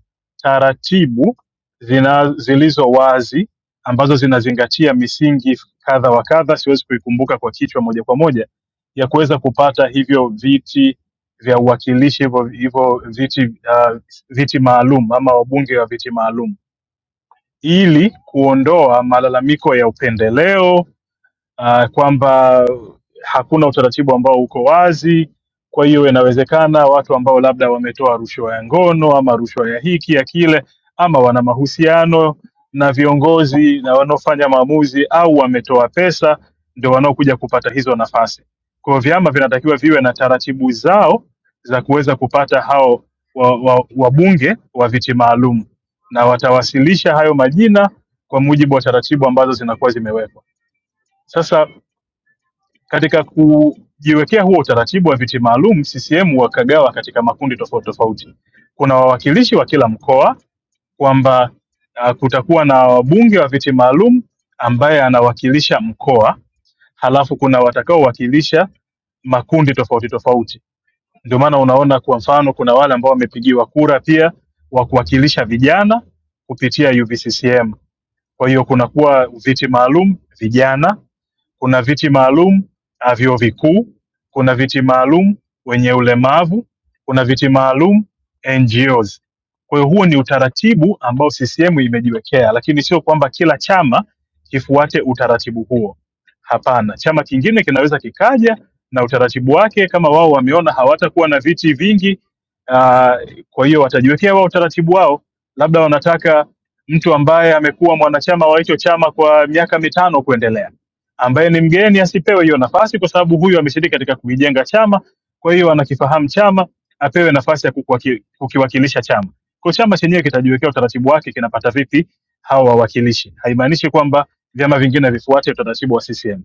Speaker 6: taratibu zina, zilizo wazi ambazo zinazingatia misingi kadha wa kadha, siwezi kuikumbuka kwa kichwa moja kwa moja, ya kuweza kupata hivyo viti vya uwakilishi, hivyo hivyo viti uh, viti maalum ama wabunge wa viti maalum, ili kuondoa malalamiko ya upendeleo uh, kwamba hakuna utaratibu ambao uko wazi. Kwa hiyo inawezekana watu ambao labda wametoa rushwa ya ngono ama rushwa ya hiki ya kile, ama wana mahusiano na viongozi na wanaofanya maamuzi au wametoa pesa, ndio wanaokuja kupata hizo nafasi. Kwa hiyo vyama vinatakiwa viwe na taratibu zao za kuweza kupata hao wabunge wa, wa wabunge wa viti maalum, na watawasilisha hayo majina kwa mujibu wa taratibu ambazo zinakuwa zimewekwa. Sasa katika kujiwekea huo utaratibu wa viti maalum, CCM wakagawa katika makundi tofauti tofauti. Kuna wawakilishi wa kila mkoa, kwamba uh, kutakuwa na wabunge wa viti maalum ambaye anawakilisha mkoa, halafu kuna watakaowakilisha makundi tofauti tofauti. Ndio maana unaona kwa mfano kuna wale ambao wamepigiwa kura pia wa kuwakilisha vijana kupitia UVCCM kwa hiyo kunakuwa viti maalum vijana, kuna viti maalum ah, vyuo vikuu, kuna viti maalum wenye ulemavu, kuna viti maalum NGOs. Kwa hiyo huo ni utaratibu ambao CCM imejiwekea, lakini sio kwamba kila chama kifuate utaratibu huo. Hapana, chama kingine kinaweza kikaja na utaratibu wake, kama wao wameona hawatakuwa na viti vingi, uh, kwa hiyo watajiwekea wao utaratibu wao, labda wanataka mtu ambaye amekuwa mwanachama wa hicho chama kwa miaka mitano kuendelea, ambaye ni mgeni asipewe hiyo nafasi, kwa sababu huyu ameshiriki katika kuijenga chama, kwa hiyo anakifahamu chama, apewe nafasi ya kukwaki- kukiwakilisha chama. Kwa chama chenyewe kitajiwekea utaratibu wake, kinapata vipi hao wawakilishi. Haimaanishi kwamba vyama vingine vifuate utaratibu wa CCM.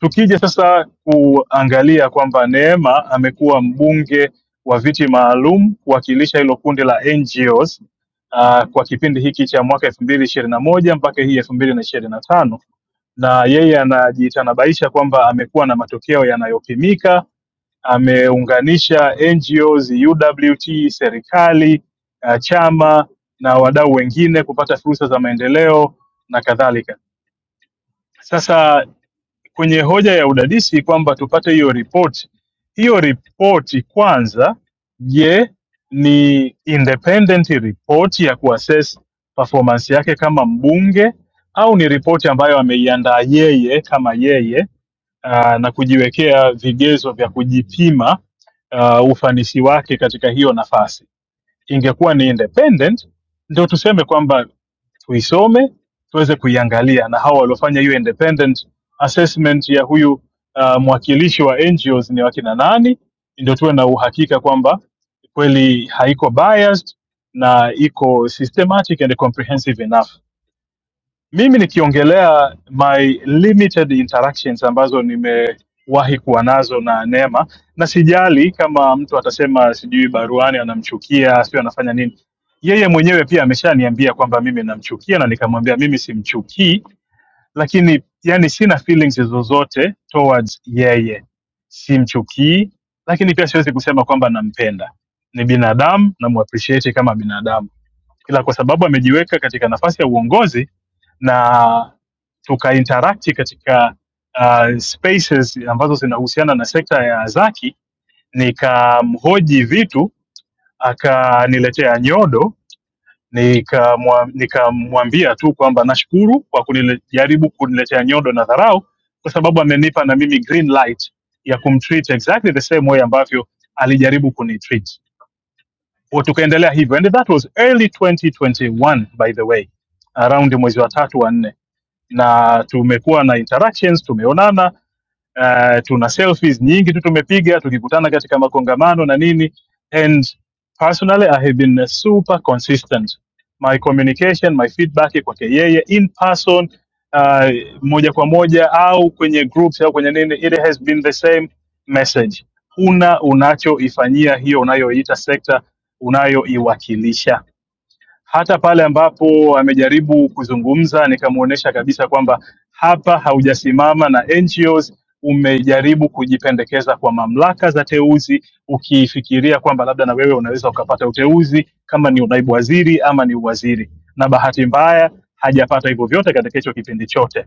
Speaker 6: Tukija sasa kuangalia kwamba Neema amekuwa mbunge wa viti maalum kuwakilisha hilo kundi la NGOs uh, kwa kipindi hiki cha mwaka elfu mbili ishirini na moja mpaka hii elfu mbili na ishirini na tano na yeye anajitanabaisha kwamba amekuwa na matokeo yanayopimika. Ameunganisha NGOs, UWT, serikali, uh, chama na wadau wengine kupata fursa za maendeleo na kadhalika. Sasa kwenye hoja ya udadisi kwamba tupate hiyo ripoti. Hiyo ripoti kwanza, je, ni independent report ya kuassess performance yake kama mbunge au ni ripoti ambayo ameiandaa yeye kama yeye aa, na kujiwekea vigezo vya kujipima aa, ufanisi wake katika hiyo nafasi. Ingekuwa ni independent, ndio tuseme kwamba tuisome tuweze kuiangalia na hawa waliofanya hiyo independent assessment ya huyu uh, mwakilishi wa NGOs ni wakina nani, ndio tuwe na uhakika kwamba kweli haiko biased na iko systematic and comprehensive enough. Mimi nikiongelea my limited interactions ambazo nimewahi kuwa nazo na Neema, na sijali kama mtu atasema sijui baruani anamchukia, sijui anafanya nini. Yeye mwenyewe pia ameshaniambia kwamba mimi namchukia, na nikamwambia mimi simchukii, lakini yani sina feelings zozote towards yeye, simchukii, lakini pia siwezi kusema kwamba nampenda. Ni binadamu, namuappreciate kama binadamu ila kwa sababu amejiweka katika nafasi ya uongozi na tukainteracti katika uh, spaces ambazo zinahusiana na sekta ya zaki, nikamhoji vitu akaniletea nyodo, nikamwa- nikamwambia tu kwamba nashukuru kwa kunijaribu kuniletea nyodo na dharau, kwa sababu amenipa na mimi green light ya kumtreat exactly the same way ambavyo alijaribu kunitreat. Wa- tukaendelea hivyo and that was early 2021 by the way around mwezi wa tatu wa nne na tumekuwa na interactions tumeonana uh, tuna selfies nyingi tu tumepiga tukikutana katika makongamano na nini and personally i have been uh, super consistent my communication my feedback kwake yeye in person uh, moja kwa moja au kwenye groups au kwenye nini it has been the same message huna unachoifanyia hiyo unayoita sekta unayoiwakilisha hata pale ambapo amejaribu kuzungumza nikamwonyesha kabisa kwamba hapa haujasimama na NGOs, umejaribu kujipendekeza kwa mamlaka za teuzi, ukifikiria kwamba labda na wewe unaweza ukapata uteuzi kama ni unaibu waziri ama ni uwaziri, na bahati mbaya hajapata hivyo vyote katika hicho kipindi chote.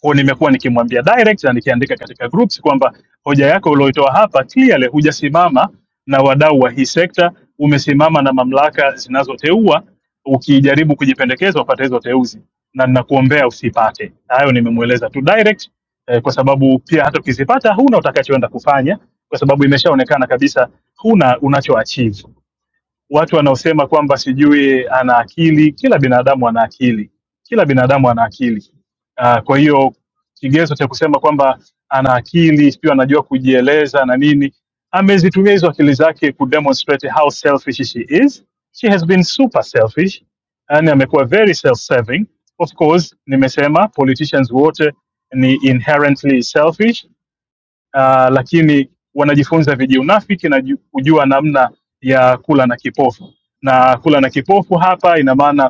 Speaker 6: Kwa hiyo nimekuwa nikimwambia direct na nikiandika katika groups kwamba hoja yako ulioitoa hapa clearly hujasimama na wadau wa hii sekta, umesimama na mamlaka zinazoteua. Ukijaribu kujipendekeza upate hizo teuzi, na ninakuombea usipate. Hayo nimemweleza tu direct eh, kwa sababu pia hata ukizipata huna utakachoenda kufanya, kwa sababu imeshaonekana kabisa huna unacho achieve watu wanaosema kwamba sijui ana akili. Kila binadamu ana akili, kila binadamu ana akili. Uh, kwa hiyo kigezo cha kusema kwamba ana akili sijui anajua kujieleza na nini, amezitumia hizo akili zake ku demonstrate how selfish she is. She has been super selfish, yani amekuwa very self-serving. Of course, nimesema politicians wote ni inherently selfish uh, lakini wanajifunza vijiunafiki na ju- kujua namna ya kula na kipofu na kula na kipofu hapa ina maana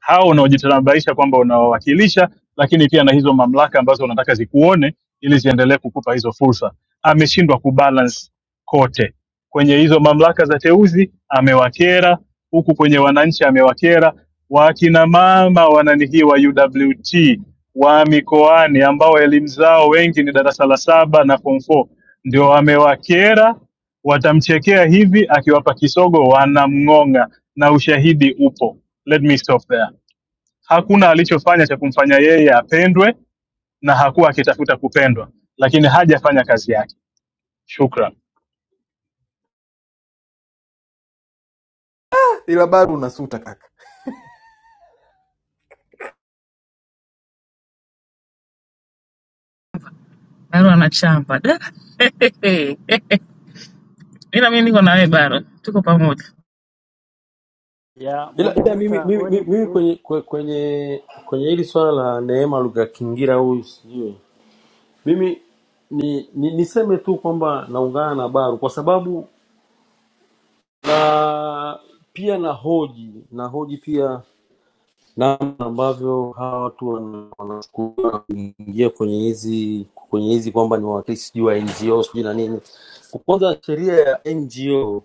Speaker 6: hao unaojitambulisha kwamba unawawakilisha, lakini pia na hizo mamlaka ambazo unataka zikuone ili ziendelee kukupa hizo fursa. Ameshindwa kubalance kote kwenye hizo mamlaka za teuzi, amewakera huku kwenye wananchi amewakera. Wakina mama wananihii wa UWT wa mikoani ambao elimu zao wengi ni darasa la saba na form 4 ndio amewakera, watamchekea hivi, akiwapa kisogo wanamng'ong'a na ushahidi upo. Let me stop there. Hakuna alichofanya cha kumfanya yeye apendwe, na hakuwa akitafuta kupendwa, lakini hajafanya kazi yake. Shukran
Speaker 19: ila bado unasuta kaka.
Speaker 4: bado anachamba da *laughs* ila mi niko na wewe bado, tuko pamoja.
Speaker 27: ya
Speaker 28: ila, ila mimi,
Speaker 27: moderator
Speaker 28: mimi,
Speaker 27: wewe
Speaker 28: mimi,
Speaker 27: ni-
Speaker 28: mimi
Speaker 27: ni-
Speaker 28: kwenye kwe- kwenye kwenye hili swala la Neema Luga Kingira huyu sijui mimi ni, ni niseme tu kwamba naungana na Baru kwa sababu na pia na hoji na hoji pia namna ambavyo hawa watu wana- wanachukua kuingia kwenye hizi kwenye hizi kwamba ni wawakilishi sijui wa NGO sijui na nini. Kwanza sheria ya NGO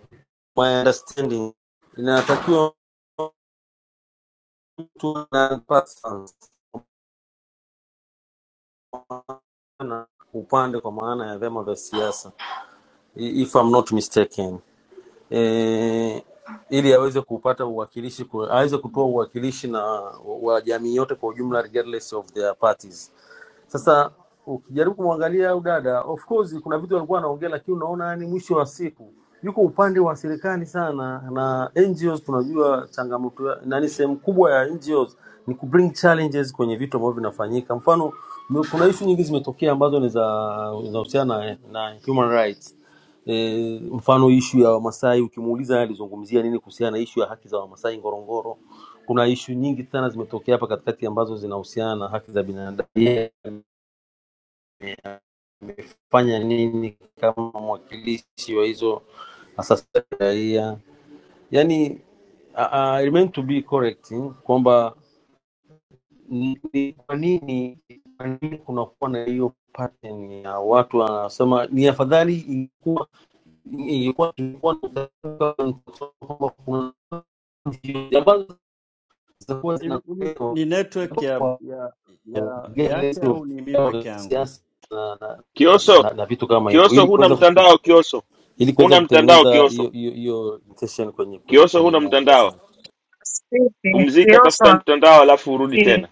Speaker 28: my understanding inatakiwa mtu na upande kwa maana ya vyama vya siasa i- if I'm not mistaken. E, ili aweze kupata uwakilishi ku- aweze kutoa uwakilishi na wa wa jamii yote kwa ujumla regardless of their parties sasa ukijaribu kumwangalia au dada, of course kuna vitu alikuwa anaongea, lakini unaona yani, mwisho wa siku yuko upande wa serikali sana na NGOs. Tunajua changamoto ya- nani, sehemu kubwa ya NGOs ni ku bring challenges kwenye vitu ambavyo vinafanyika. Mfano, m- kuna issue nyingi zimetokea ambazo ni za zinahusiana na, na human rights e, mfano ishu ya Wamasai ukimuuliza yeye alizungumzia nini kuhusiana na ishu ya haki za Wamasai Ngorongoro. Kuna ishu nyingi sana zimetokea hapa katikati ambazo zinahusiana na haki za binadamu fanya nini kama mwakilishi wa hizo asasi za kiraia yani uh, uh, meant to be correct hmm, kwamba ni ni kwa nini kwa nini kunakuwa na hiyo pattern ya watu wanasema ni afadhali ingekuwa ingekuwa ingekuwa na kwamba kuna nchi ambazo zitakuwa
Speaker 27: hivi hivi
Speaker 28: zinapelekwa
Speaker 27: ni network ya
Speaker 28: kwa
Speaker 27: ya ya yake
Speaker 28: gerezo
Speaker 27: au ni mimi
Speaker 28: ya
Speaker 27: peke yangu je?
Speaker 28: siasa na, na, na,
Speaker 1: Kioso,
Speaker 28: na, na vitu kama hivyo
Speaker 1: Kioso
Speaker 28: ili
Speaker 1: huna
Speaker 28: kuweza
Speaker 1: mtandao Kioso.
Speaker 28: ili kuweza
Speaker 1: Huna mtandao
Speaker 28: kutengeneza
Speaker 1: Kioso.
Speaker 28: hiyo hiyo hiyo intention kwenye kwenye
Speaker 1: Kioso
Speaker 28: kwenye
Speaker 1: huna
Speaker 28: bunge. Asante.
Speaker 1: mtandao.
Speaker 4: Sisi,
Speaker 1: Pumzika, tafuta
Speaker 4: Tioso
Speaker 1: mtandao alafu urudi tena.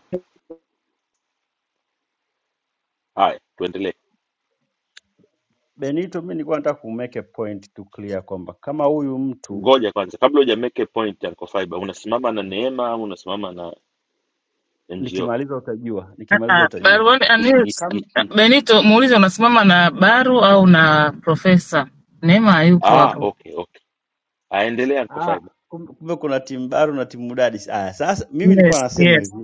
Speaker 1: Haya, tuendelee.
Speaker 27: Benito, mimi nilikuwa nataka kumake a point to clear kwamba kama huyu mtu
Speaker 1: ngoja kwanza kabla huja make a point Uncle Fiber, unasimama na Neema au unasimama na NGO?
Speaker 27: nikimaliza utajua, nikimaliza
Speaker 4: Ah,
Speaker 27: utajua
Speaker 4: Baruani Anils
Speaker 27: Kam,
Speaker 1: *laughs*
Speaker 4: Benito muulize unasimama na Baru au na Profesa Neema hayupo
Speaker 1: ah,
Speaker 4: hapo.
Speaker 1: okay, okay. Aendelea Uncle
Speaker 27: ah,
Speaker 1: Fiber.
Speaker 27: kum- kumbe kuna timu baru na timu dadis. Ah, sasa mimi nilikuwa
Speaker 4: Yes,
Speaker 27: nasema hivi
Speaker 4: yes.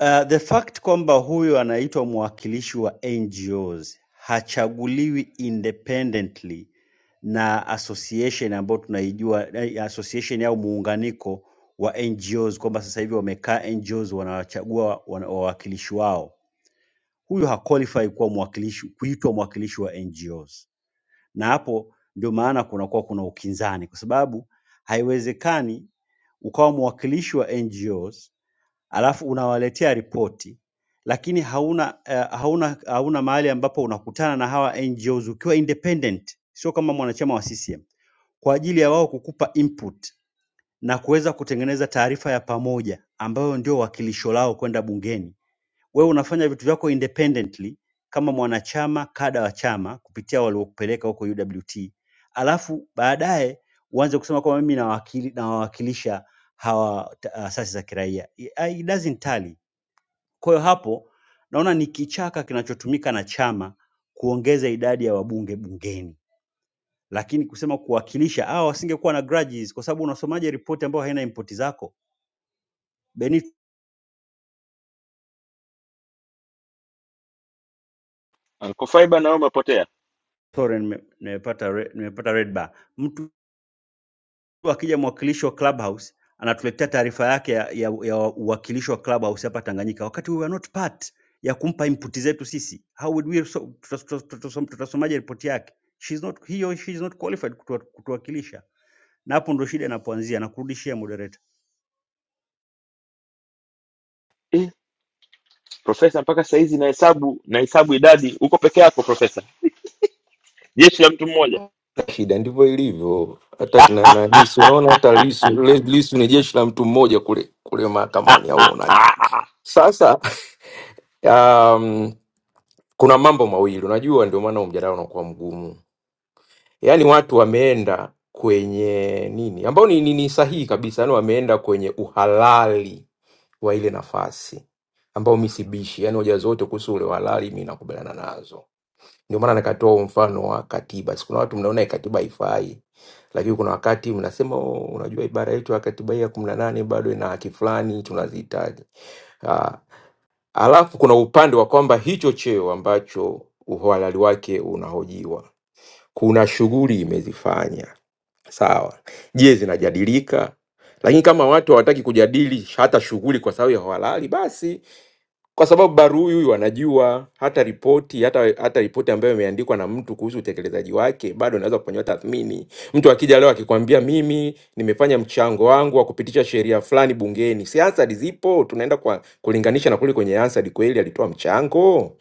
Speaker 27: uh, the fact kwamba huyu anaitwa mwakilishi wa NGOs hachaguliwi independently na association ambayo tunaijua eh, association au muunganiko wa NGOs kwamba sasa hivi wamekaa NGOs wanawachagua wana- wawakilishi wao. Huyu haqualify kuwa mwakilishi kuitwa mwakilishi wa NGOs. na hapo ndio maana kunakuwa kuna ukinzani, kwa sababu haiwezekani ukawa mwakilishi wa NGOs alafu unawaletea ripoti lakini hauna, uh, hauna, hauna mahali ambapo unakutana na hawa NGOs ukiwa independent, sio kama mwanachama wa CCM, kwa ajili ya wao kukupa input na kuweza kutengeneza taarifa ya pamoja ambayo ndio wakilisho lao kwenda bungeni wewe unafanya vitu vyako independently kama mwanachama kada wa chama kupitia waliokupeleka huko UWT, alafu baadaye uanze kusema kwamba mimi nawakili- nawawakilisha hawa ta- asasi za kiraia. I- I- It doesn't tally. Kwa hiyo hapo naona ni kichaka kinachotumika na chama kuongeza idadi ya wabunge bungeni, lakini kusema kuwakilisha, hawa wasingekuwa na grudges, kwa sababu unasomaje ripoti ambayo haina impoti zako? Benito,
Speaker 1: Uncle Fiber nao umepotea.
Speaker 27: sorry, nime- nimepata re- nimepata red bar. Mtu Akija mwakilishi wa Clubhouse anatuletea taarifa yake ya, ya, ya uwakilishi wa Clubhouse hapa Tanganyika, wakati we were not part ya kumpa input zetu sisi. How would we so, tutas- tutas- tutas- tutasomaje ripoti yake? She is not, he or she is not qualified kutuwa, kutuwakilisha, na hapo ndo shida inapoanzia. Nakurudishia moderator
Speaker 1: Eh, profesa mpaka saa hizi nahesabu nahesabu idadi uko peke yako profesa. Jeshi la mtu mmoja.
Speaker 25: shida ndivyo ilivyo. Hata kina nani, si unaona hata Lisu, Le- Lisu ni jeshi la mtu mmoja kule kule
Speaker 1: Ah,
Speaker 25: mahakamani, au
Speaker 1: ah,
Speaker 25: unaje?
Speaker 1: ah, ah.
Speaker 25: Sasa *laughs* um, kuna mambo mawili unajua, ndio maana huu mjadala unakuwa mgumu yaani watu wameenda kwenye nini ambao ni, ni, ni sahihi kabisa, yani wameenda kwenye uhalali wa ile nafasi ambao mi sibishi, yani hoja zote kuhusu ule uhalali mi nakubaliana nazo. Ndio maana nikatoa huo mfano wa katiba. Si kuna watu mnaona hii katiba haifai, lakini kuna wakati mnasema "Oh, unajua ibara yetu ya katiba hii ya kumi na nane bado ina haki fulani tunazihitaji. Ah, Alafu kuna upande wa kwamba hicho cheo ambacho uhalali wake unahojiwa kuna shughuli imezifanya sawa. Je, zinajadilika? Lakini kama watu hawataki kujadili hata shughuli kwa sababu ya uhalali, basi kwa sababu Baru huyu wanajua hata ripoti hata, hata ripoti ambayo imeandikwa na mtu kuhusu utekelezaji wake bado inaweza kufanyiwa tathmini. Mtu akija leo akikwambia mimi nimefanya mchango wangu wa kupitisha sheria fulani bungeni, si ansari zipo, tunaenda kwa kulinganisha na kule kwenye ansari, kweli alitoa mchango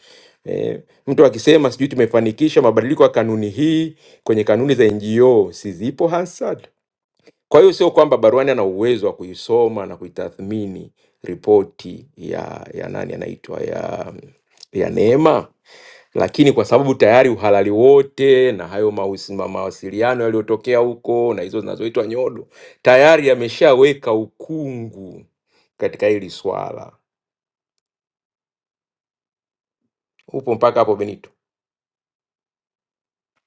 Speaker 25: Eh, mtu akisema sijui tumefanikisha mabadiliko ya kanuni hii kwenye kanuni za NGO, si zipo Hansard? Kwa hiyo sio kwamba Barwani ana uwezo wa kuisoma na kuitathmini ripoti ya ya nani anaitwa ya ya Neema, lakini kwa sababu tayari uhalali wote na hayo mahusi- ma- mawasiliano yaliyotokea huko na hizo zinazoitwa nyodo tayari yameshaweka ukungu katika hili swala. Upo mpaka hapo Benito?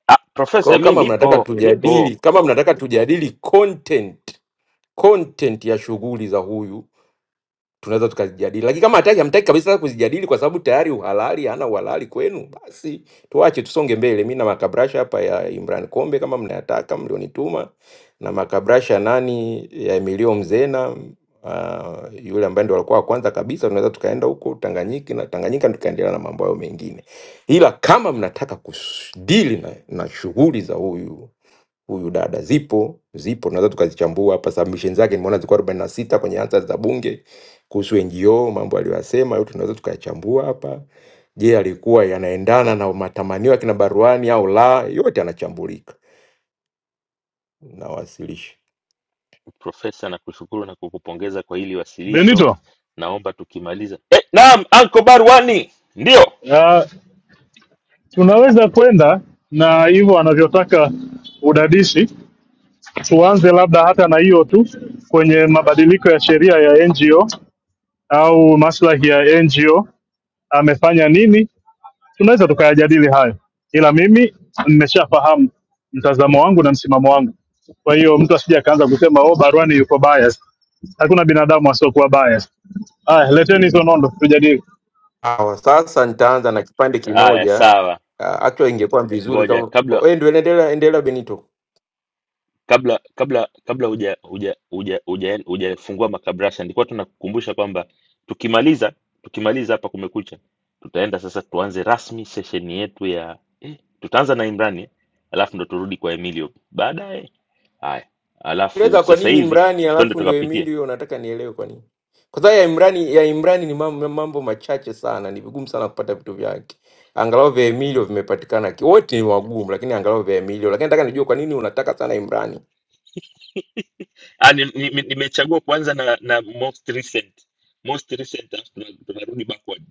Speaker 1: Ah,
Speaker 25: Kwa hiyo
Speaker 1: profesa mi
Speaker 25: kama mnataka
Speaker 1: nipo, nipo.
Speaker 25: tujadili, kama mnataka tujadili content content ya shughuli za huyu tunaweza tukazijadili, lakini kama hataki hamtaki kabisa kuzijadili kwa sababu tayari uhalali hana uhalali kwenu, basi tuache tusonge mbele. Mimi na makabrasha hapa ya Imran Kombe kama mnayataka mlionituma, na makabrasha nani ya Emilio Mzena uh, yule ambaye ndo alikuwa wa kwanza kabisa, tunaweza tukaenda huko Tanganyika na Tanganyika tukaendelea na mambo hayo mengine, ila kama mnataka kudili na, na shughuli za huyu huyu dada. Zipo zipo, tunaweza tukazichambua hapa. Submission zake nimeona zilikuwa arobaini na sita kwenye answers za bunge kuhusu NGO, mambo aliyoyasema yote tunaweza tukayachambua hapa. Je, alikuwa yanaendana na matamanio ya kina Baruani au la? Yote anachambulika na wasilisha.
Speaker 1: Profesa nakushukuru na kukupongeza kwa hili wasilisho.
Speaker 6: Benito.
Speaker 1: Naomba tukimaliza. Eh, naam, Uncle Barwani. Ndio.
Speaker 6: Uh, tunaweza kwenda na hivyo anavyotaka udadisi, tuanze labda hata na hiyo tu kwenye mabadiliko ya sheria ya NGO au maslahi ya NGO, amefanya nini tunaweza tukayajadili hayo, ila mimi nimeshafahamu mtazamo wangu na msimamo wangu. Kwa hiyo mtu asije akaanza kusema oh, Barwani yuko bias. Hakuna binadamu asiokuwa bias. Haya, leteni hizo nondo tujadili.
Speaker 25: Sawa, sasa nitaanza na kipande
Speaker 1: Haya,
Speaker 25: kimoja.
Speaker 1: sawa.
Speaker 25: Uh, actually ingekuwa vizuri
Speaker 1: Ngoja
Speaker 25: kama
Speaker 1: kabla
Speaker 25: oh, endelea endelea Benito
Speaker 1: kabla kabla kabla huja huja huja huja hujafungua makabrasha nilikuwa tunakukumbusha kwamba tukimaliza tukimaliza hapa kumekucha tutaenda sasa tuanze rasmi sesheni yetu ya eh, tutaanza na imrani alafu ndo turudi kwa emilio baadaye haya alafu
Speaker 25: Eleza kwa
Speaker 1: sasa
Speaker 25: nini
Speaker 1: hivi
Speaker 25: Imrani
Speaker 1: twende
Speaker 25: alafu ndo
Speaker 1: tukapitie
Speaker 25: Emilio, nataka nielewe kwa nini. Kwa sababu ya Imrani, ya Imrani ni mambo, mambo machache sana, ni vigumu sana kupata vitu vyake. Angalau vya Emilio vimepatikana, ki- wote ni wagumu, lakini angalau vya Emilio. Lakini nataka nijue kwa nini unataka sana Imrani.
Speaker 1: Ah, ni- ni- ni- nimechagua kuanza na na most recent most recent alafu tuna- tunarudi backward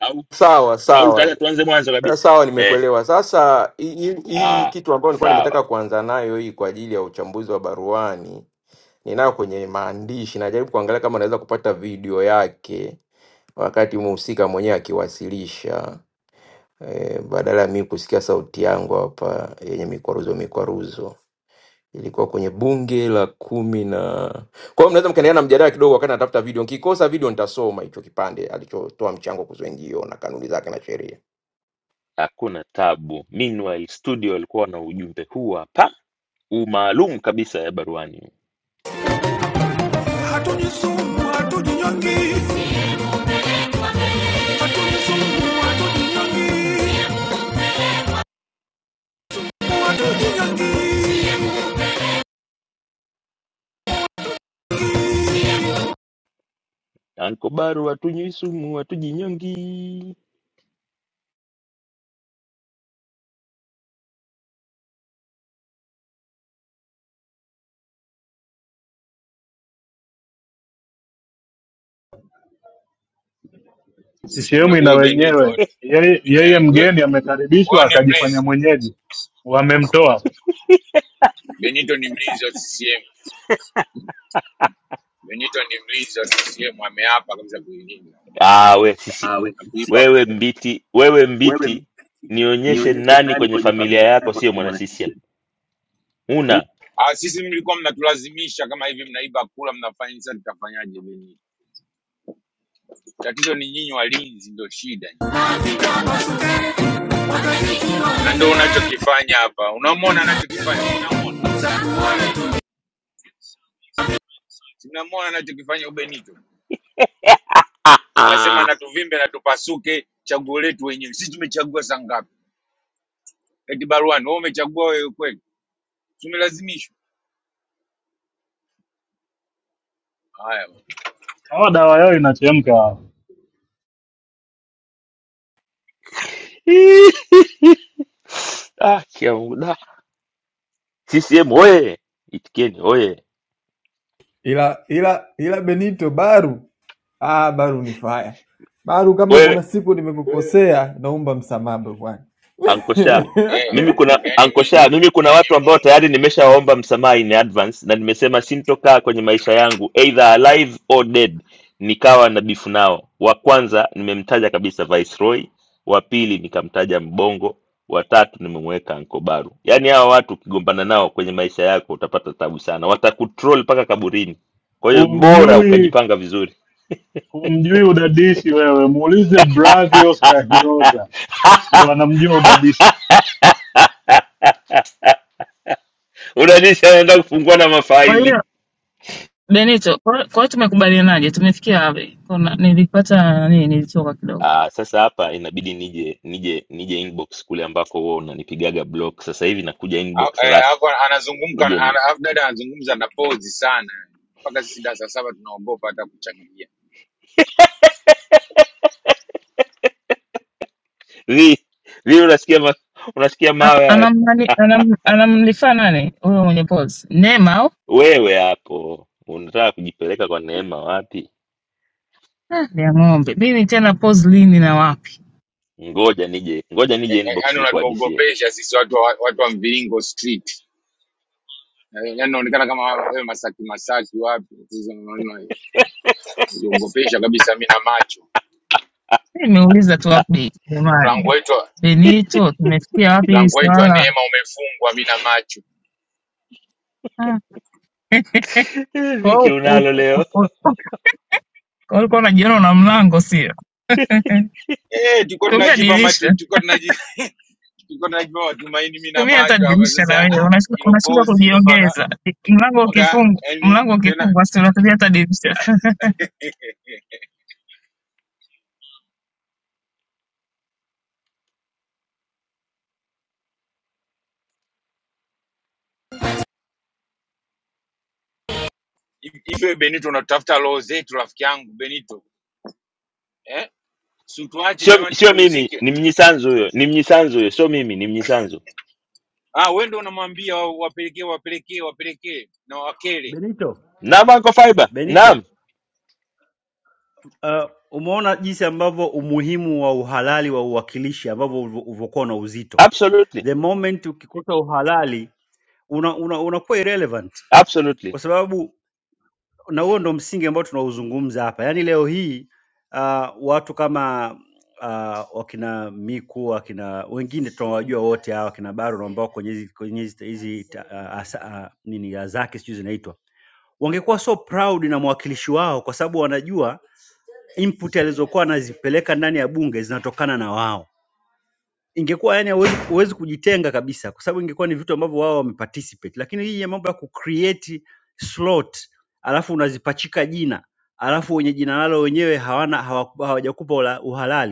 Speaker 1: au
Speaker 25: Sawa
Speaker 1: au
Speaker 25: sawa
Speaker 1: tutaanza tuanze mwanzo
Speaker 25: Eh,
Speaker 1: kabisa
Speaker 25: sawa,
Speaker 1: eh
Speaker 25: nimekuelewa. Sasa hii hii- hii
Speaker 1: ah
Speaker 25: kitu ambayo nilikuwa
Speaker 1: sawa
Speaker 25: nimetaka kuanza nayo hii kwa ajili ya uchambuzi wa baruani, ninayo kwenye maandishi, najaribu kuangalia kama naweza kupata video yake wakati mhusika mwenyewe akiwasilisha. e, badala ya mimi kusikia sauti yangu hapa yenye mikwaruzo mikwaruzo ilikuwa kwenye bunge la kumi na kwa hiyo mnaweza mkaendelea na mjadala kidogo wakati natafuta video nikikosa video nitasoma hicho kipande alichotoa mchango kuzwengio na kanuni zake na sheria
Speaker 1: Hakuna tabu. Meanwhile studio walikuwa na ujumbe huu hapa, huu maalum kabisa ya baruani. Anko Baru hatunywi sumu, hatujinyongi.
Speaker 6: CCM
Speaker 15: Huyo
Speaker 6: ina
Speaker 15: huyo Benito
Speaker 6: wenyewe, yeye, yeye
Speaker 15: eh, huyo
Speaker 6: mgeni
Speaker 15: huyo
Speaker 6: amekaribishwa
Speaker 15: ni
Speaker 6: akajifanya
Speaker 15: mlinzi.
Speaker 6: mwenyeji, wamemtoa
Speaker 15: Benito ni mlinzi wa CCM. Benito ni mlinzi wa CCM, ameapa kabisa kuilinda.
Speaker 1: Ah, we sisi
Speaker 5: Ah, we-
Speaker 15: na kuiba
Speaker 5: si-
Speaker 1: wewe
Speaker 15: kura.
Speaker 1: mbiti, wewe
Speaker 5: wewe
Speaker 1: mbiti,
Speaker 5: mtaki,
Speaker 1: nionyeshe
Speaker 5: nionyeshe
Speaker 1: nani
Speaker 5: nani
Speaker 1: kwenye
Speaker 5: kwenye
Speaker 1: familia
Speaker 5: familia
Speaker 1: yako
Speaker 5: yako
Speaker 1: sio
Speaker 5: si
Speaker 1: mwana
Speaker 5: mwana
Speaker 1: CCM.
Speaker 5: CCM.
Speaker 1: Una
Speaker 15: Ah, sisi mlikuwa mnatulazimisha kama hivi, mnaiba kura, mnafanya sasa, tutafanyaje? Nyinyi tatizo ni nyinyi walinzi, ndio shida nyinyi. na ndio unachokifanya hapa. Unamwona anachokifanya, si mnamwona? Si mnamwona anachokifanya Ubenito?
Speaker 1: ah,
Speaker 15: Anasema
Speaker 1: ah.
Speaker 15: natuvimbe na tupasuke, chaguo letu wenyewe. Sisi tumechagua saa ngapi? Eti baruani, wewe umechagua wewe kweli? Tumelazimishwa haya bwana.
Speaker 6: hawa. Dawa yao inachemka,
Speaker 1: *laughs* Ah, kia Mungu, da. CCM oye! Itikeni oye!
Speaker 19: ila ila ila Benito Baru Ah, Baru ni faya. Baru, kama
Speaker 1: Wewe
Speaker 19: kuna siku nimekukosea, naomba msamaha bro bwana.
Speaker 1: ankosha
Speaker 15: Eh,
Speaker 1: mimi
Speaker 19: *laughs*
Speaker 1: kuna
Speaker 15: yani mi-
Speaker 1: ankosha mimi kuna
Speaker 15: yani
Speaker 1: watu ambao
Speaker 15: Mungu
Speaker 1: tayari nimeshawaomba msamaha in advance na nimesema sintokaa kwenye maisha yangu either alive or dead nikawa na bifu nao wa kwanza nimemtaja kabisa viceroy wa pili nikamtaja mbongo wa tatu nimemweka ankobaru yaani hawa watu ukigombana nao kwenye maisha yako utapata tabu sana watakutroll mpaka kaburini kwa hiyo bora
Speaker 6: humjui
Speaker 1: ukajipanga vizuri
Speaker 6: humjui udadisi. Wewe muulize Bravios Kahioza, ndo anamjua udadisi.
Speaker 1: *laughs* unanisha naenda kufungua na
Speaker 4: Kwa
Speaker 1: mafaili
Speaker 4: hiyo Benito, kwa kwa hiyo tumekubalianaje? Tumefikia wapi? Kuna nilipata nini, nilitoka kidogo.
Speaker 1: Ah, sasa hapa inabidi nije nije nije inbox kule ambako wewe unanipigaga block. Sasa hivi nakuja
Speaker 15: a-
Speaker 1: inbox
Speaker 15: eh,
Speaker 1: rasmi.
Speaker 15: hapo anazungumka,
Speaker 1: Nije ni.
Speaker 15: ana- alafu dada anazungumza na pozi sana mpaka sisi darasa saba tunaogopa hata kuchangia.
Speaker 1: Vipi? Vipi unasikia ma, unasikia
Speaker 4: A-
Speaker 1: mawe hayo?
Speaker 4: Anamnani anam, anamlifaa nani huyo mwenye pause? Neema au
Speaker 1: Wewe hapo unataka kujipeleka kwa neema wapi?
Speaker 4: Ah, ni ya ng'ombe. Mimi tena pause lini na wapi?
Speaker 1: Ngoja nije. Ngoja nije inbox
Speaker 15: yaani
Speaker 1: nikuhadisie.
Speaker 15: unatuogopesha sisi watu wa, watu wa mviringo street Eh, yaani unaonekana kama wewe masaki wapi Sisi unaona, unajiogopesha kabisa mi na macho
Speaker 4: Mimi nimeuliza tu update
Speaker 15: mlango
Speaker 4: jamani.
Speaker 15: wetu wa-
Speaker 4: Benito, tumefikia wapi hili
Speaker 15: mlango wetu wa
Speaker 4: swala?
Speaker 15: neema umefungwa mi na macho
Speaker 4: Ah, *laughs* eh,
Speaker 1: Eh,
Speaker 4: Kwa
Speaker 1: Viki unalo leo.
Speaker 4: hiyo Kwa hiyo ulikuwa unajiona una mlango, sio?
Speaker 15: eh tulikuwa
Speaker 4: Tumia
Speaker 15: tunajipa
Speaker 4: dirisha,
Speaker 15: matu- tulikuwa tunaji *laughs* tulikuwa tunajipa matumaini mi na
Speaker 4: tumia hata
Speaker 15: macho hapa
Speaker 4: dirisha na
Speaker 15: sasa
Speaker 4: wewe
Speaker 15: ah,
Speaker 4: Unash-
Speaker 15: hilo
Speaker 4: unashindwa
Speaker 15: pozi hilo mpaka
Speaker 4: kujiongeza. Mlango
Speaker 15: mpaka
Speaker 4: ukifungwa,
Speaker 15: yaani
Speaker 4: mlango
Speaker 15: tena
Speaker 4: ukifungwa, si unatumia hata dirisha.
Speaker 15: eh, hivi hivi wewe Benito unatafuta roho zetu rafiki yangu Benito eh si tuache
Speaker 1: Sio
Speaker 15: jamani
Speaker 1: sio
Speaker 15: tupumzike
Speaker 1: mimi, ni Mnyisanzu huyo. Ni Mnyisanzu huyo, sio mimi, ni Mnyisanzu.
Speaker 15: ah, wewe ndio unamwambia wa- wapelekee wapelekee wapelekee na wakele.
Speaker 27: Benito.
Speaker 1: Naam Uncle Fiber.
Speaker 27: Benito,
Speaker 1: Naam.
Speaker 27: uh, umeona jinsi ambavyo umuhimu wa uhalali wa uwakilishi ambavyo ulivyo- ulivyokuwa na uzito.
Speaker 1: Absolutely.
Speaker 27: The moment ukikosa uhalali unakuwa una, una unakuwa irrelevant
Speaker 1: Absolutely.
Speaker 27: kwa sababu na huo ndo msingi ambao tunauzungumza hapa. Yaani leo hii uh, watu kama uh, wakina Miku, wakina wengine tunawajua wote hawa wakina Baru ambao kwenye hizi kwenye hizi hizi ta- uh, asa- uh, nini uh, zake sijui zinaitwa, wangekuwa so proud na mwakilishi wao, kwa sababu wanajua input alizokuwa anazipeleka ndani ya bunge zinatokana na wao ingekuwa yani huwezi huwezi kujitenga kabisa, kwa sababu ingekuwa ni vitu ambavyo wao wameparticipate, lakini hii ya mambo ya kucreate slot alafu unazipachika jina alafu wenye jina nalo wenyewe hawana hawaku- hawajakupa ula- uhalali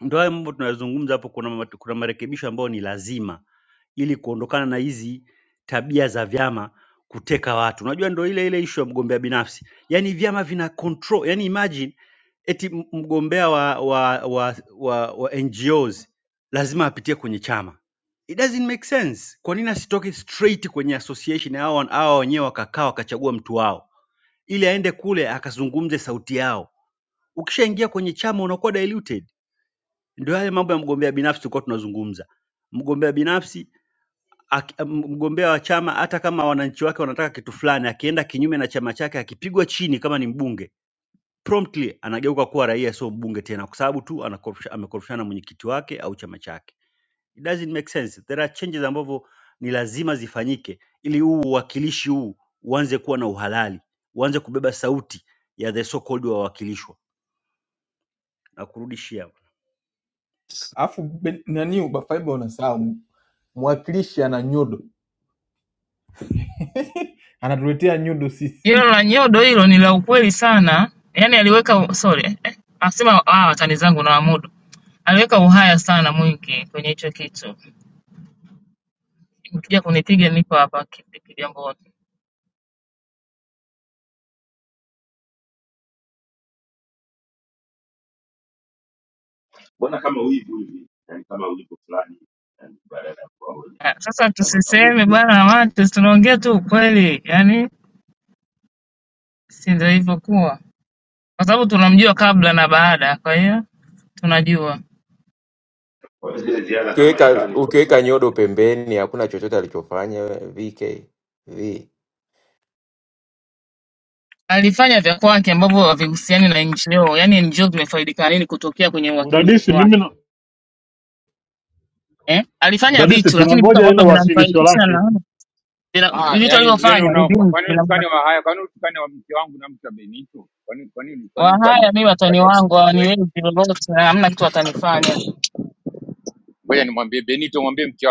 Speaker 27: ndio haya mambo tunayozungumza hapo, kuna, ma- kuna marekebisho ambayo ni lazima ili kuondokana na hizi tabia za vyama kuteka watu. Unajua ndio ile ile issue ya mgombea binafsi, yaani vyama vina control, yaani imagine eti m- mgombea wa, wa, wa, wa, wa NGOs lazima apitie kwenye chama. It doesn't make sense. Kwa nini asitoke straight kwenye association hao hao wenyewe wakakaa wakachagua mtu wao ili aende kule akazungumze sauti yao? Ukishaingia kwenye chama unakuwa diluted ndio haya mambo ya mgombea binafsi tulikuwa tunazungumza. Mgombea binafsi ak- mgombea wa chama, hata kama wananchi wake wanataka kitu fulani, akienda kinyume na chama chake, akipigwa chini kama ni mbunge, promptly anageuka kuwa raia, sio mbunge tena, kwa sababu tu anakorofisha- amekorofishana na mwenyekiti wake au chama chake. It doesn't make sense. There are changes ambavyo ni lazima zifanyike ili huu uwakilishi huu uanze kuwa na uhalali, uanze kubeba sauti ya the so called wawakilishwa. Na kurudishia
Speaker 19: Afu be- nani Ubafaiba unasahau mwakilishi ana nyudo, *laughs* anatuletea nyudo sisi.
Speaker 4: Hilo la nyodo hilo ni la ukweli sana, yaani aliweka sorry, eh, asema ah, watani zangu na wamudu, aliweka uhaya sana mwingi kwenye hicho kitu. Mkija kunipiga niko hapa ki- kigamboni.
Speaker 16: mbona kama wivu hivi yani kama wivu fulani yani badala ya kuwa wenye
Speaker 4: Ah, Sasa
Speaker 16: kama
Speaker 4: tusiseme
Speaker 16: kawivu hivi
Speaker 4: bwana, maana tunaongea tu ukweli, yaani si ndio ilivyokuwa. kwa sababu tunamjua kabla na baada, kwa hiyo tunajua
Speaker 16: Kwa hiyo zile ziara za
Speaker 25: ukiweka
Speaker 16: marekani sio
Speaker 25: ukiweka
Speaker 16: kama-
Speaker 25: nyodo pembeni hakuna chochote alichofanya vk v
Speaker 4: alifanya vya kwake ambavyo havihusiani na NGO. Yani NGO zimefaidika nini kutokea kwenye uwakilishi
Speaker 6: Udadisi
Speaker 4: wake
Speaker 6: mimi
Speaker 4: eh? Alifanya
Speaker 6: Mdadisi,
Speaker 4: vitu lakini vitu
Speaker 6: tunangoja
Speaker 4: ambavyo
Speaker 6: hilo wasilisho
Speaker 4: vinamfaidisha
Speaker 6: lake.
Speaker 4: na vina-
Speaker 15: Ah,
Speaker 4: vitu
Speaker 15: yani yani
Speaker 4: alivyofanya ni
Speaker 15: una
Speaker 4: vingi.
Speaker 15: kwa nini utukane
Speaker 4: vina-
Speaker 15: wa haya? Kwa nini utukane wa mke wangu na mke wa Benito? Kwa nini kwa nini kwa nini
Speaker 4: Wahaya mi watani
Speaker 15: tutukanie
Speaker 4: wangu
Speaker 15: usingizi wetu?
Speaker 4: hawaniwezi lolote, hamna kitu watanifanya.
Speaker 15: Ngoja nimwambie tumwambie mke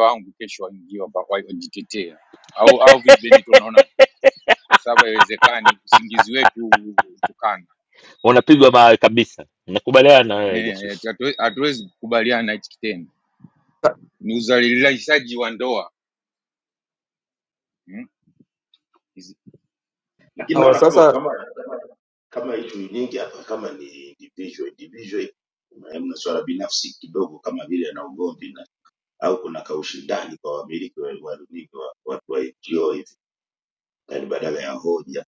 Speaker 15: wangu kesho aingie hapa wa- wajitetee. Au unaona kwa sababu haiwezekani usingizi wetu utukane.
Speaker 1: Unapigwa mawe kabisa. Nakubaliana na wewe
Speaker 15: Eh, eh,
Speaker 1: jasusi.
Speaker 15: tatizo na hichi kitendo. Ni uzaji wa ndoa.
Speaker 16: lakini
Speaker 25: sawa
Speaker 16: naona kama
Speaker 25: sasa
Speaker 16: kama kama ishu nyingi hapa kama ni individual individual na mna swala binafsi kidogo kama vile na ugomvi na au kuna kaushindani kwa wamiliki wa wa runinga wa watu wa NGO hivi yani badala ya hoja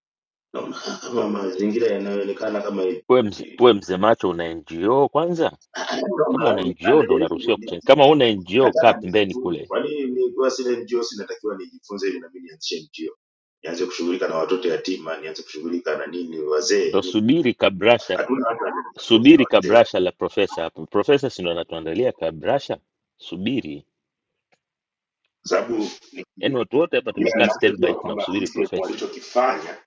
Speaker 16: naona *laughs* kama mazingira yanayoonekana kama hivi
Speaker 1: We, mze, we msemacho una NGO kwanza?
Speaker 16: Ah, naona
Speaker 1: Kama una
Speaker 16: yani
Speaker 1: NGO ndo unaruhusiwa
Speaker 16: anajaribu
Speaker 1: kuchangia. Kama una NGO kaa
Speaker 16: nataka
Speaker 1: pembeni
Speaker 16: nisifute.
Speaker 1: kule,
Speaker 16: Kwa nini nikiwa sina NGO sinatakiwa nijifunze ili nami nianzishe NGO, nianze kushughulika na watoto yatima, nianze kushughulika na nini wazee,
Speaker 1: ndo
Speaker 16: ni
Speaker 1: subiri kabrasha,
Speaker 16: hatuna watu wanatafuta
Speaker 1: subiri
Speaker 16: wazee, kwa
Speaker 1: kabrasha la profesa hapo. Profesa si ndo anatuandalia kabrasha? Subiri,
Speaker 16: sababu ni-
Speaker 1: yaani watu wote hapa
Speaker 16: ila
Speaker 1: tumekaa standby
Speaker 16: ninachojua kwamba
Speaker 1: tunamsubiri
Speaker 16: CCM
Speaker 1: profesa.
Speaker 16: walichokifanya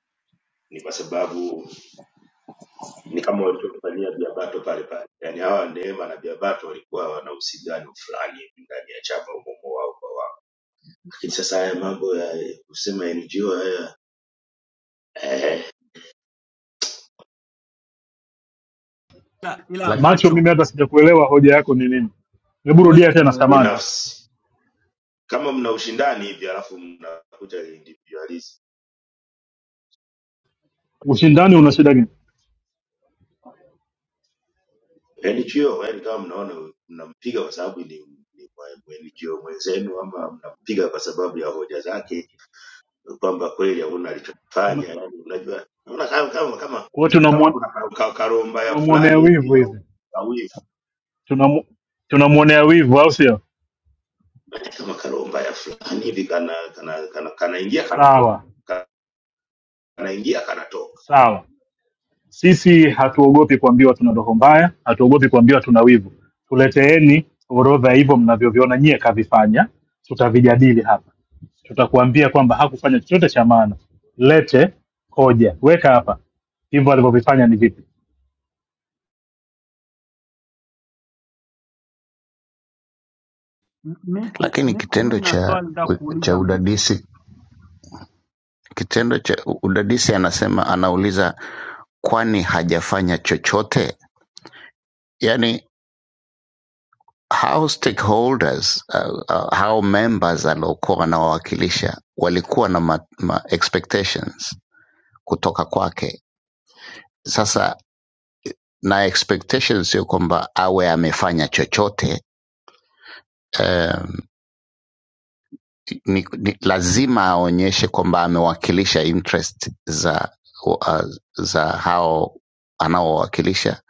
Speaker 16: ni kwa sababu ni kama walichokifanyia Biabato pale pale, yaani hawa Neema na Biabato walikuwa wana uhusiano fulani hivi ndani ya chama umomo wao kwa wao, lakini sasa haya mambo ya kusema NGO haya eh,
Speaker 27: ila, ila
Speaker 29: Lak-
Speaker 6: Macho,
Speaker 27: macho
Speaker 6: mimi hata sijakuelewa hoja yako ni nini. Hebu
Speaker 27: huwezi
Speaker 6: rudia tena,
Speaker 27: kumwelewa
Speaker 6: samani.
Speaker 16: binafsi kama mna ushindani hivi alafu mnakuta individualism
Speaker 6: Ushindani una shida gani?
Speaker 16: NGO yani kama mnaona mnampiga kwa sababu ni, ni mwa- mwa NGO mwenzenu ama mnampiga kwa sababu ya hoja zake kwamba kweli hakuna alichofanya
Speaker 6: Tuna-
Speaker 16: yani unajua naona kama kama kama
Speaker 6: Kwa hiyo
Speaker 16: kama
Speaker 6: tunamuon-
Speaker 16: kuna ka- ka- karomba ya
Speaker 6: tunamwonea
Speaker 16: fulani
Speaker 6: wivu
Speaker 16: hivi au
Speaker 6: hizi,
Speaker 16: kawivu
Speaker 6: Tunamu- tunamwonea wivu, au sio?
Speaker 16: yani kama karomba ya fulani hivi kana kana kana kanaingia kana
Speaker 6: Sawa
Speaker 16: kanaingia kanatoka
Speaker 6: sawa. Sisi hatuogopi kuambiwa tuna roho mbaya, hatuogopi kuambiwa tuna wivu. Tuleteeni orodha hivyo mnavyoviona nyie kavifanya, tutavijadili hapa. Tutakuambia kwamba hakufanya chochote cha maana, lete hoja, weka hapa hivyo alivyovifanya ni vipi.
Speaker 27: M- Miku,
Speaker 29: lakini
Speaker 27: Miku, mi
Speaker 29: kitendo
Speaker 27: na
Speaker 29: cha
Speaker 27: swali nataka
Speaker 29: cha
Speaker 27: kuuliza Miku.
Speaker 29: udadisi kitendo cha udadisi anasema anauliza kwani hajafanya chochote yani how stakeholders uh, uh, how members aliokuwa wanawawakilisha walikuwa na ma, ma expectations kutoka kwake sasa na expectations sio kwamba awe amefanya chochote um, ni, ni, lazima aonyeshe kwamba amewakilisha interest za uh, za hao anaowawakilisha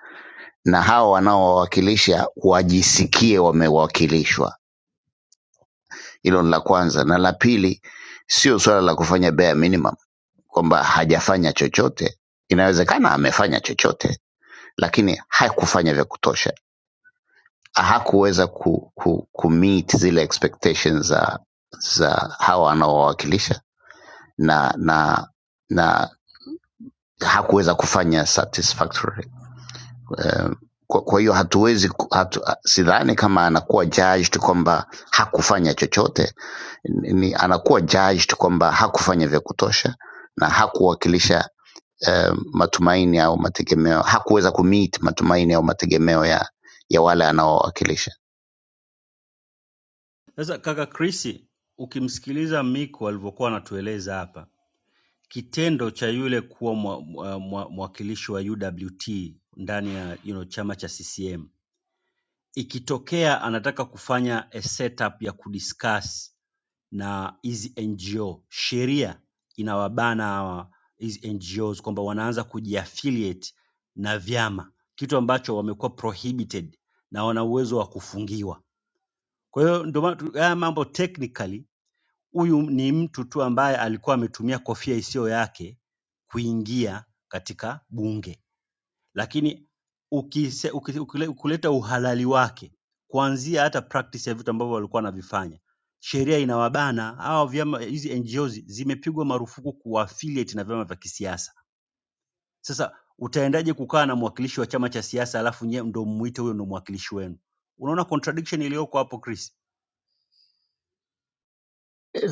Speaker 29: na hao wanaowawakilisha wajisikie wamewakilishwa. Hilo ni la kwanza, na la pili, sio suala la kufanya bare minimum kwamba hajafanya chochote. Inawezekana amefanya chochote, lakini hakufanya vya kutosha, hakuweza ku, ku, ku meet zile expectations za za hawa wanaowawakilisha na na na hakuweza kufanya satisfactory eh, kwa, kwa hiyo hatuwezi ku- hatu, sidhani kama anakuwa judged kwamba hakufanya chochote ni, ni- anakuwa judged kwamba hakufanya vya kutosha na hakuwakilisha eh, matumaini au mategemeo hakuweza kumeet matumaini au mategemeo ya, ya wale anaowakilisha
Speaker 27: Sasa kaka Chris, ukimsikiliza Miko alivyokuwa anatueleza hapa, kitendo cha yule kuwa mwa- mwa- mwa- mwakilishi wa UWT ndani ya you know, chama cha CCM ikitokea anataka kufanya a setup ya kudiscuss na hizi NGO, sheria inawabana hawa hizi NGOs kwamba wanaanza kujiaffiliate na vyama, kitu ambacho wamekuwa prohibited na wana uwezo wa kufungiwa. Kwa hiyo ndio maana tu- haya mambo technically, huyu ni mtu tu ambaye alikuwa ametumia kofia isiyo yake kuingia katika bunge lakini ukise, ukise, ukile, ukuleta uhalali wake kuanzia hata practice ya vitu ambavyo walikuwa wanavifanya sheria inawabana hawa vyama hizi NGOs zimepigwa marufuku kuaffiliate na vyama vya kisiasa sasa utaendaje kukaa na mwakilishi wa chama cha siasa alafu nyewe ndo mwite huyo ndo mwakilishi wenu unaona contradiction iliyoko hapo Chris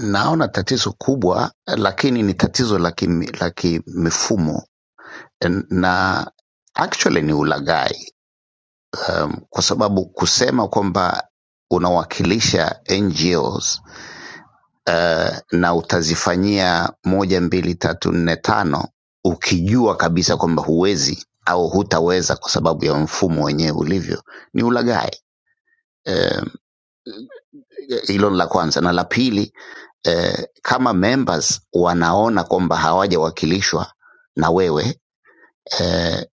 Speaker 29: naona tatizo kubwa lakini ni tatizo la kimi- la kimifumo na actually ni ulaghai kwa sababu kusema kwamba unawakilisha NGOs uh, na utazifanyia moja mbili tatu nne tano ukijua kabisa kwamba huwezi au hutaweza kwa sababu ya mfumo wenyewe ulivyo ni ulaghai Eh, hilo ni la kwanza na la pili eh, kama members wanaona kwamba hawajawakilishwa na wewe eh,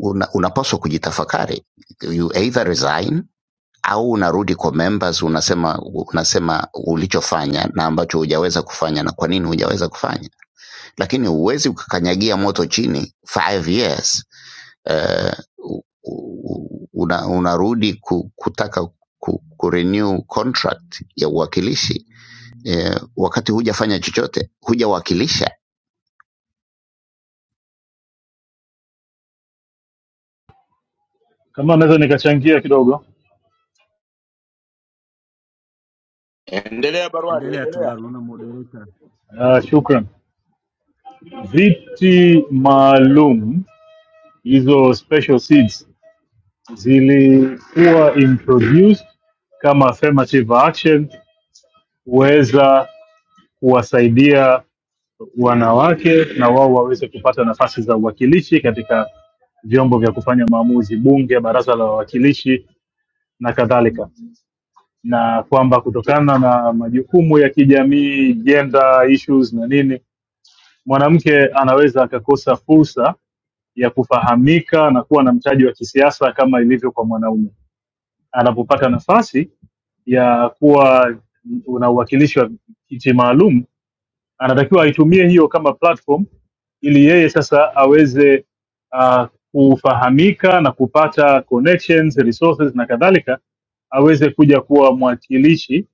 Speaker 29: una, unapaswa kujitafakari you either resign au unarudi kwa members unasema unasema ulichofanya na ambacho hujaweza kufanya na kwa nini hujaweza kufanya lakini huwezi ukakanyagia moto chini five years eh, u- u- una, unarudi ku, kutaka ku, ku renew contract ya uwakilishi eh, wakati hujafanya chochote hujawakilisha
Speaker 6: Kama naweza nikachangia kidogo,
Speaker 16: Endelea Barwani,
Speaker 27: endelea tu
Speaker 16: endelea.
Speaker 27: Baru unaona moderator
Speaker 6: uh, shukran. Viti maalum hizo special seats zilikuwa introduced kama affirmative action kuweza kuwasaidia wanawake na wao waweze kupata nafasi za uwakilishi katika vyombo vya kufanya maamuzi, bunge, baraza la wawakilishi na kadhalika, na kwamba kutokana na majukumu ya kijamii, gender issues na nini, mwanamke anaweza akakosa fursa ya kufahamika na kuwa na mtaji wa kisiasa kama ilivyo kwa mwanaume. Anapopata nafasi ya kuwa na uwakilishi wa kiti maalum, anatakiwa aitumie hiyo kama platform ili yeye sasa aweze uh, kufahamika na kupata connections, resources na kadhalika, aweze kuja kuwa mwakilishi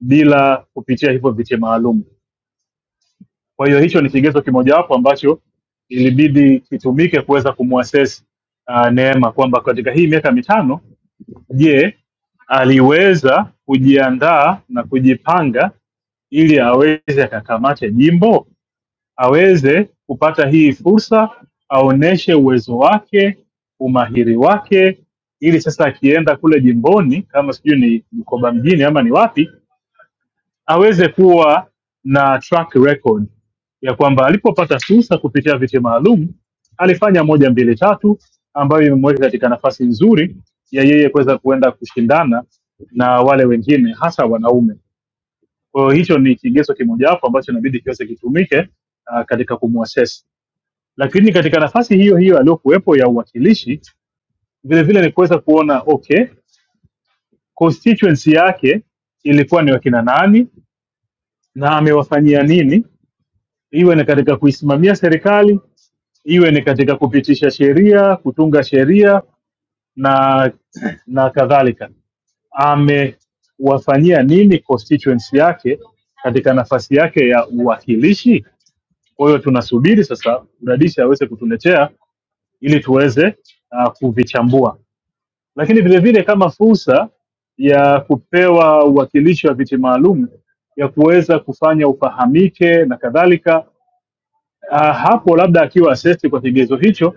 Speaker 6: bila kupitia hivyo viche maalum. Kwa hiyo hicho ni kigezo kimojawapo ambacho ilibidi kitumike kuweza kumwassess uh, Neema kwamba katika hii miaka mitano, je, aliweza kujiandaa na kujipanga ili aweze akakamata jimbo aweze kupata hii fursa, aoneshe uwezo wake, umahiri wake, ili sasa akienda kule jimboni, kama sijui ni Bukoba mjini ama ni wapi, aweze kuwa na track record ya kwamba alipopata fursa kupitia viti maalum alifanya moja mbili tatu, ambayo imemweka katika nafasi nzuri ya yeye kuweza kuenda kushindana na wale wengine, hasa wanaume. Kwa hiyo hicho ni kigezo kimojawapo ambacho inabidi kiweze kitumike uh, katika kumwasesi lakini katika nafasi hiyo hiyo aliyokuwepo ya uwakilishi vile vile ni kuweza kuona okay constituency yake ilikuwa ni wakina nani na amewafanyia nini iwe ni katika kuisimamia serikali iwe ni katika kupitisha sheria kutunga sheria na na kadhalika amewafanyia nini constituency yake katika nafasi yake ya uwakilishi kwa hiyo tunasubiri sasa udadisi aweze kutuletea ili tuweze uh, kuvichambua lakini vilevile kama fursa ya kupewa uwakilishi wa viti maalum ya kuweza kufanya ufahamike na kadhalika. Ah, Hapo labda akiwa assessed kwa kigezo hicho,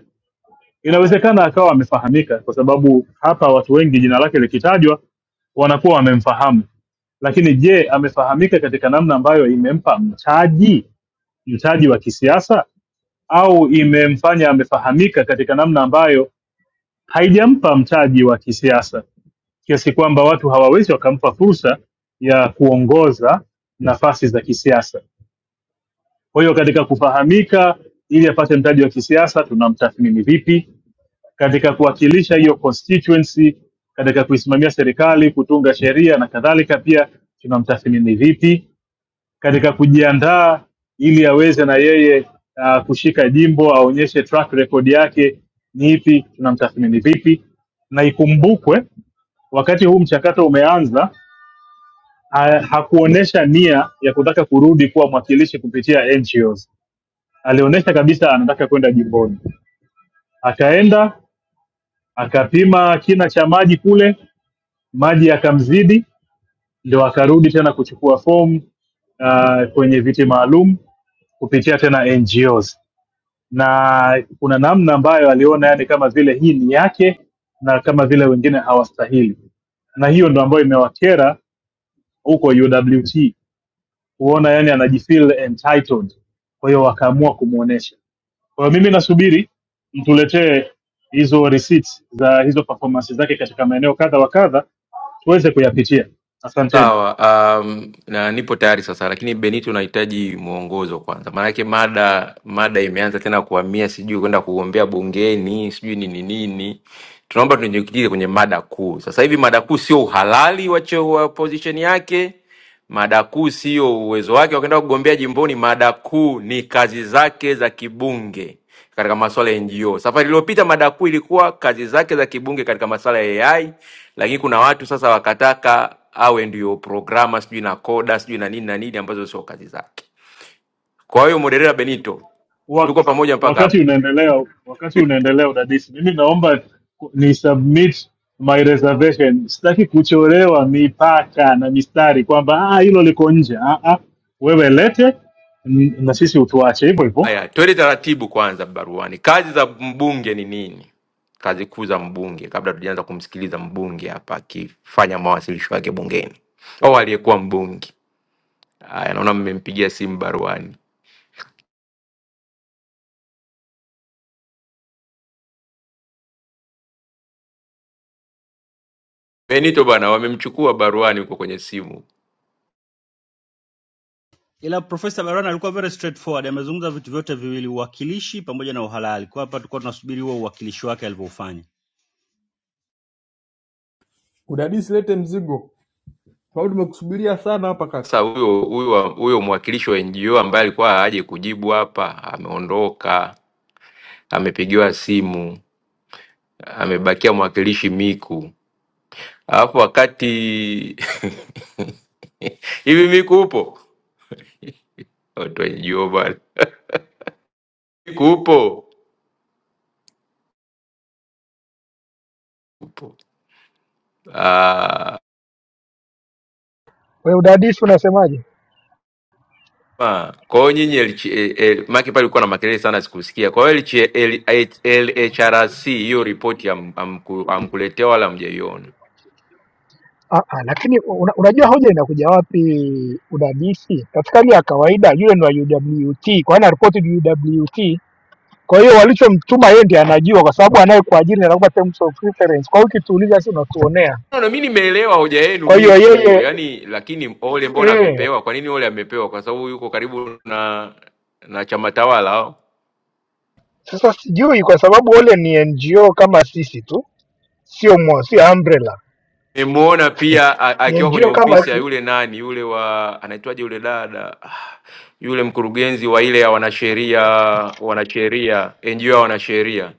Speaker 6: inawezekana akawa amefahamika, kwa sababu hapa watu wengi jina lake likitajwa wanakuwa wamemfahamu. Lakini je, amefahamika katika namna ambayo imempa mtaji, mtaji wa kisiasa, au imemfanya amefahamika katika namna ambayo haijampa mtaji wa kisiasa? kiasi kwamba watu hawawezi wakampa fursa ya kuongoza nafasi za kisiasa. Kwa hiyo katika kufahamika, ili apate mtaji wa kisiasa, tunamtathmini vipi? Katika kuwakilisha hiyo constituency, katika kuisimamia serikali, kutunga sheria na kadhalika, pia tunamtathmini vipi? Katika kujiandaa ili aweze na yeye uh, kushika jimbo, aonyeshe track record yake ni ipi, tunamtathmini vipi? Na ikumbukwe wakati huu mchakato umeanza ha, hakuonesha nia ya kutaka kurudi kuwa mwakilishi kupitia NGOs. Alionyesha kabisa anataka kwenda jimboni, akaenda akapima kina cha maji kule, maji yakamzidi, ndio akarudi tena kuchukua fomu uh, kwenye viti maalum kupitia tena NGOs na kuna namna ambayo aliona yani kama vile hii ni yake na kama vile wengine hawastahili, na hiyo ndo ambayo imewakera huko UWT kuona yani anajifeel entitled, kwa hiyo wakaamua kumuonesha. Kwa hiyo mimi nasubiri mtuletee hizo receipts za hizo performance zake katika maeneo kadha wa kadha tuweze kuyapitia. Asanteni.
Speaker 25: Sawa, um, na nipo tayari sasa, lakini Benito, unahitaji mwongozo kwanza, maanake mada mada imeanza tena kuhamia sijui kwenda kugombea bungeni sijui nini nini. Tunaomba tujikite kwenye mada kuu sasa hivi. Mada kuu sio uhalali wa cheo wa position yake, Mada kuu sio uwezo wake wa kwenda kugombea jimboni, mada kuu ni kazi zake za kibunge katika masuala ya NGO. Safari iliyopita mada kuu ilikuwa kazi zake za kibunge katika masuala ya AI, lakini kuna watu sasa wakataka awe ndio programa sijui na koda sijui na nini na nini ambazo sio kazi zake. Kwa hiyo moderator Benito,
Speaker 6: Wa,
Speaker 25: tuko pamoja mpaka hapo.
Speaker 6: wakati unaendelea wakati unaendelea udadisi, mimi naomba ku- ni submit my reservation. Sitaki kuchorewa mipaka na mistari kwamba ah, hilo liko nje. Ah, ah, wewe lete n- na sisi utuache hivyo hivyo
Speaker 25: Haya, twende taratibu kwanza baruani. Kazi za mbunge ni nini? Kazi kuu za mbunge, kabla tujaanza kumsikiliza mbunge hapa akifanya mawasilisho yake bungeni au aliyekuwa mbunge. Haya, naona mmempigia simu baruani. Benito bwana, wamemchukua baruani huko kwenye simu.
Speaker 27: ila Profesa Barana alikuwa very straightforward amezungumza vitu vyote viwili uwakilishi pamoja na uhalali kwa hapa tulikuwa tunasubiri huo uwakilishi wake alivyofanya
Speaker 19: Udadisi, lete mzigo, sababu tumekusubiria sana hapa kaka.
Speaker 25: Sasa huyo huyo wa- huyo mwakilishi wa NGO ambaye alikuwa aje kujibu hapa, ameondoka, amepigiwa simu, amebakia mwakilishi Miku. Alafu wakati *laughs* hivi Miku upo? Watu wa bwana kupo kupo. Ah,
Speaker 26: Wewe udadisi unasemaje?
Speaker 25: ma. Kwa hiyo nyinyi LH, eh, eh, maki pale ulikuwa na makelele sana sikusikia. Kwa hiyo LH, L- H- LHRC hiyo ripoti am- amku- amkuletea wala hamjaiona.
Speaker 26: Ah, ah, lakini una, unajua hoja inakuja wapi udadisi? Katika hali ya kawaida yule ni wa UWT, kwa hiyo anaripoti UWT. Kwa hiyo walichomtuma yeye ndiye anajua, kwa sababu anayekuajiri anakupa terms of reference. Kwa hiyo ukituuliza, si unatuonea.
Speaker 25: No, no, mi nimeelewa hoja yenu
Speaker 26: Kwa hiyo
Speaker 25: miku,
Speaker 26: yeye
Speaker 25: yani lakini Ole mbona
Speaker 26: eh,
Speaker 25: amepewa? Kwa nini Ole amepewa? Kwa sababu yuko karibu na na chama tawala.
Speaker 26: sasa sijui kwa sababu wale ni NGO kama sisi tu, sio mo, sio umbrella
Speaker 25: Nimemuona
Speaker 26: *laughs*
Speaker 25: pia a-
Speaker 26: ni
Speaker 25: akiwa kwenye
Speaker 26: NGO kama
Speaker 25: ofisi ya
Speaker 26: sisi
Speaker 25: yule nani yule wa anaitwaje yule dada Ah, yule mkurugenzi wa ile ya wanasheria wanasheria NGO ya wanasheria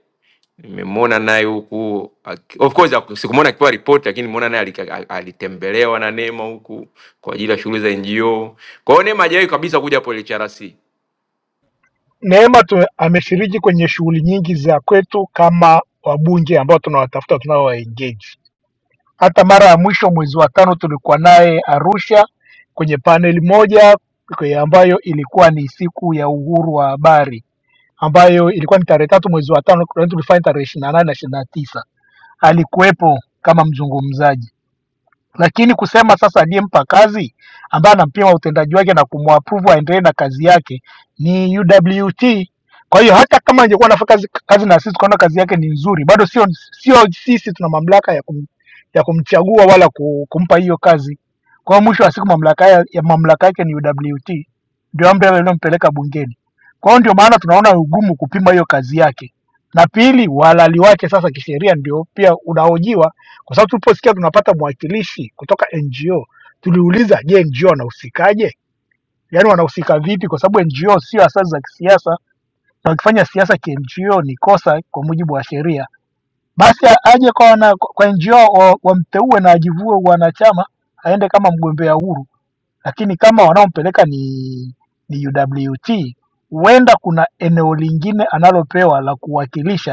Speaker 25: nimemuona naye huku aki- of course haku- sikumuona akipewa ripoti lakini nimeona naye alika- al- alitembelewa na Neema huku kwa ajili ya shughuli za NGO. Kwa hiyo Neema hajawahi kabisa kuja hapo LHRC.
Speaker 26: Neema tu ameshiriki kwenye shughuli nyingi za kwetu kama wabunge ambao tunawatafuta tunao engage. Hata mara ya mwisho mwezi wa tano tulikuwa naye Arusha kwenye paneli moja kwe- ambayo ilikuwa ni siku ya uhuru wa habari ambayo ilikuwa ni tarehe tatu mwezi wa tano, kwa hiyo tulifanya tarehe 28 na 29 Alikuwepo kama mzungumzaji lakini kusema sasa aliyempa kazi ambaye anampima utendaji wake na kumwapruvu aendelee na kazi yake ni UWT. Kwa hiyo hata kama angekuwa anafanya kazi, kazi na sisi tukaona kazi yake ni nzuri, bado sio sio sisi tuna mamlaka ya, kum, ya kumchagua wala ku- kumpa hiyo kazi. Kwa hiyo mwisho wa siku mamlaka ya, ya mamlaka yake ni UWT, ndio umbrella iliyompeleka bungeni. Kwa hiyo ndio maana tunaona ugumu kupima hiyo kazi yake, na pili uhalali wake sasa kisheria ndio pia unahojiwa kwa sababu tuliposikia tunapata mwakilishi kutoka ngo tuliuliza je ngo wanahusikaje yaani wanahusika vipi kwa sababu ngo sio asasi za kisiasa na wakifanya siasa kingo ni kosa kwa mujibu wa sheria basi aje kwa, wana, kwa ngo wa- wamteue na ajivue wanachama aende kama mgombea huru lakini kama wanaompeleka ni, ni uwt huenda kuna eneo lingine analopewa la kuwakilisha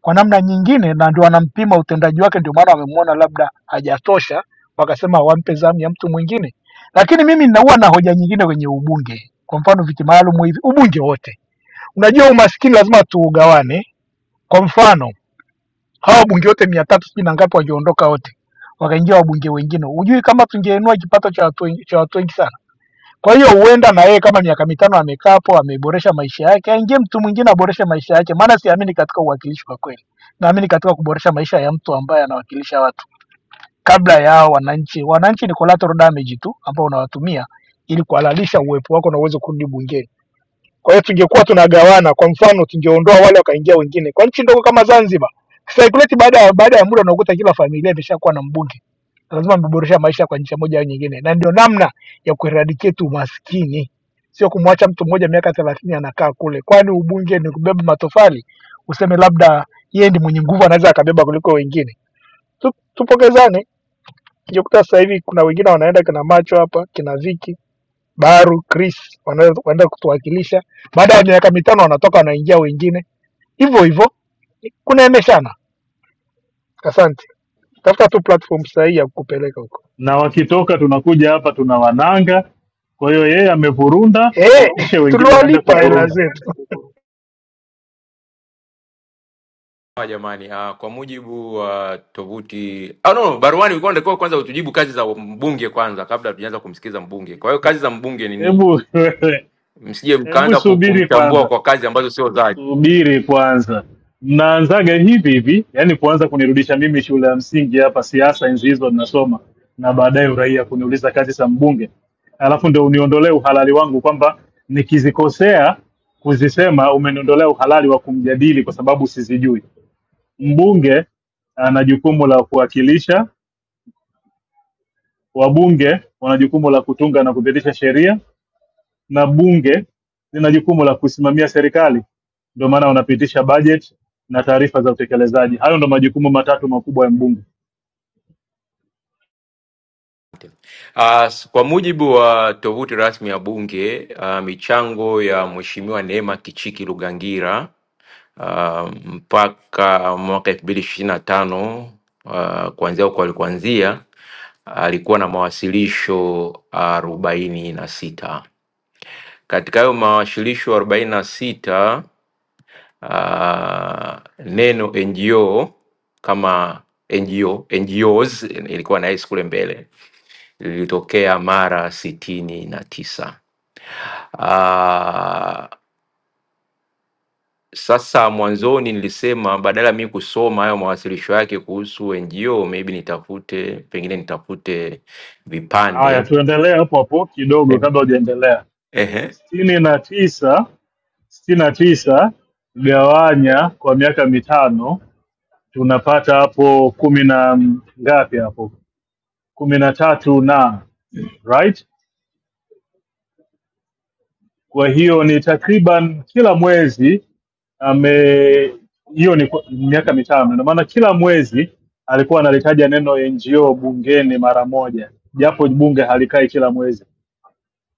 Speaker 26: kwa namna nyingine, na ndio anampima utendaji wake. Ndio maana wamemwona labda hajatosha, wakasema wampe zamu ya mtu mwingine. Lakini mimi naua na hoja nyingine kwenye ubunge, kwa mfano viti maalum hivi, ubunge wote. Unajua umaskini lazima tuugawane. Kwa mfano hawa wabunge wote mia tatu sijui na ngapi wangeondoka wote, wakaingia wabunge wengine, hujui kama tungeinua kipato cha watu wengi- cha watu wengi sana kwa hiyo huenda na yeye kama miaka mitano amekaa hapo, ameboresha maisha yake, aingie mtu mwingine aboreshe maisha yake, maana siamini katika uwakilishi kwa kweli. Naamini katika kuboresha maisha ya mtu ambaye anawakilisha watu kabla ya hao wananchi. Wananchi ni collateral damage tu ambao unawatumia ili kuhalalisha uwepo wako na uweze kurudi bungeni. Kwa hiyo tungekuwa tunagawana, kwa mfano tungeondoa wale wakaingia wengine. Kwa nchi ndogo kama Zanzibar, saikuleti baada ya baada ya muda unakuta kila familia imeshakuwa na mbunge lazima mmeboresha maisha kwa njia moja au nyingine, na ndio namna ya kueradicate umaskini, sio kumwacha mtu mmoja miaka thelathini anakaa kule. Kwani ubunge ni kubeba matofali, useme labda yeye ndi mwenye nguvu, anaweza akabeba kuliko wengine? Tu- Tupokezane. Ukikuta sasa hivi kuna wengine wanaenda kina macho hapa, kina Viki, Baru, Chris wanaweza- wanaenda kutuwakilisha, baada ya miaka mitano wanatoka wanaingia wengine, hivyo hivyo kunaemeshana. Asante, tafuta tu platform sahihi ya kupeleka huko.
Speaker 6: na wakitoka tunakuja hapa tunawananga. Kwa hiyo yeye amevurunda,
Speaker 26: Eh,
Speaker 6: apishe
Speaker 26: *laughs*
Speaker 6: wengine waende
Speaker 26: tuliwalipa hela
Speaker 6: kuvurunda.
Speaker 26: zetu.
Speaker 25: Ah, jamani ah, kwa mujibu wa tovuti ah, no, no, baruani ulikuwa unatakiwa kwanza utujibu kazi za mbunge kwanza kabla hatujaanza kumsikiza mbunge. Kwa hiyo kazi za mbunge ni nini?
Speaker 6: Hebu
Speaker 25: Msije
Speaker 6: *laughs* hebu
Speaker 25: mkaanza ku-
Speaker 6: subiri
Speaker 25: kumchambua
Speaker 6: kwanza,
Speaker 25: kwa kazi ambazo sio zake.
Speaker 6: subiri kwanza. Mnaanzaga hivi hivi, yani kuanza kunirudisha mimi shule ya msingi hapa, siasa enzi hizo ninasoma, na baadaye uraia, kuniuliza kazi za mbunge, alafu ndio uniondolee uhalali wangu kwamba nikizikosea kuzisema umeniondolea uhalali wa kumjadili kwa sababu sizijui. Mbunge ana jukumu la kuwakilisha, wabunge wana jukumu la kutunga na kupitisha sheria, na bunge lina jukumu la kusimamia serikali. Ndio maana wanapitisha bajeti na taarifa za utekelezaji. Hayo ndio majukumu matatu makubwa ya mbunge.
Speaker 25: Ah, s- kwa mujibu wa tovuti rasmi ya Bunge, ah, michango ya Mheshimiwa Neema Kichiki Lugangira ah, mpaka mwaka elfu mbili ishirini na tano ah, kuanzia huko alikuanzia alikuwa na mawasilisho arobaini na sita Katika hayo mawasilisho arobaini na sita ah, neno NGO kama NGO, NGOs ilikuwa na S kule mbele lilitokea mara sitini na tisa. Ah, Sasa mwanzoni nilisema badala ya mimi kusoma hayo mawasilisho yake kuhusu NGO, maybe nitafute pengine nitafute
Speaker 6: Haya,
Speaker 25: vipande
Speaker 6: tuendelee hapo hapo kidogo,
Speaker 25: eh.
Speaker 6: kabla hujaendelea.
Speaker 25: Ehe.
Speaker 6: sitini na tisa sitini na tisa gawanya kwa miaka mitano, tunapata hapo kumi na ngapi? Hapo kumi na tatu na right Kwa hiyo ni takriban kila mwezi ame hiyo ni kwa- miaka mitano, ndio maana kila mwezi alikuwa analitaja neno NGO bungeni mara moja, japo bunge halikai kila mwezi,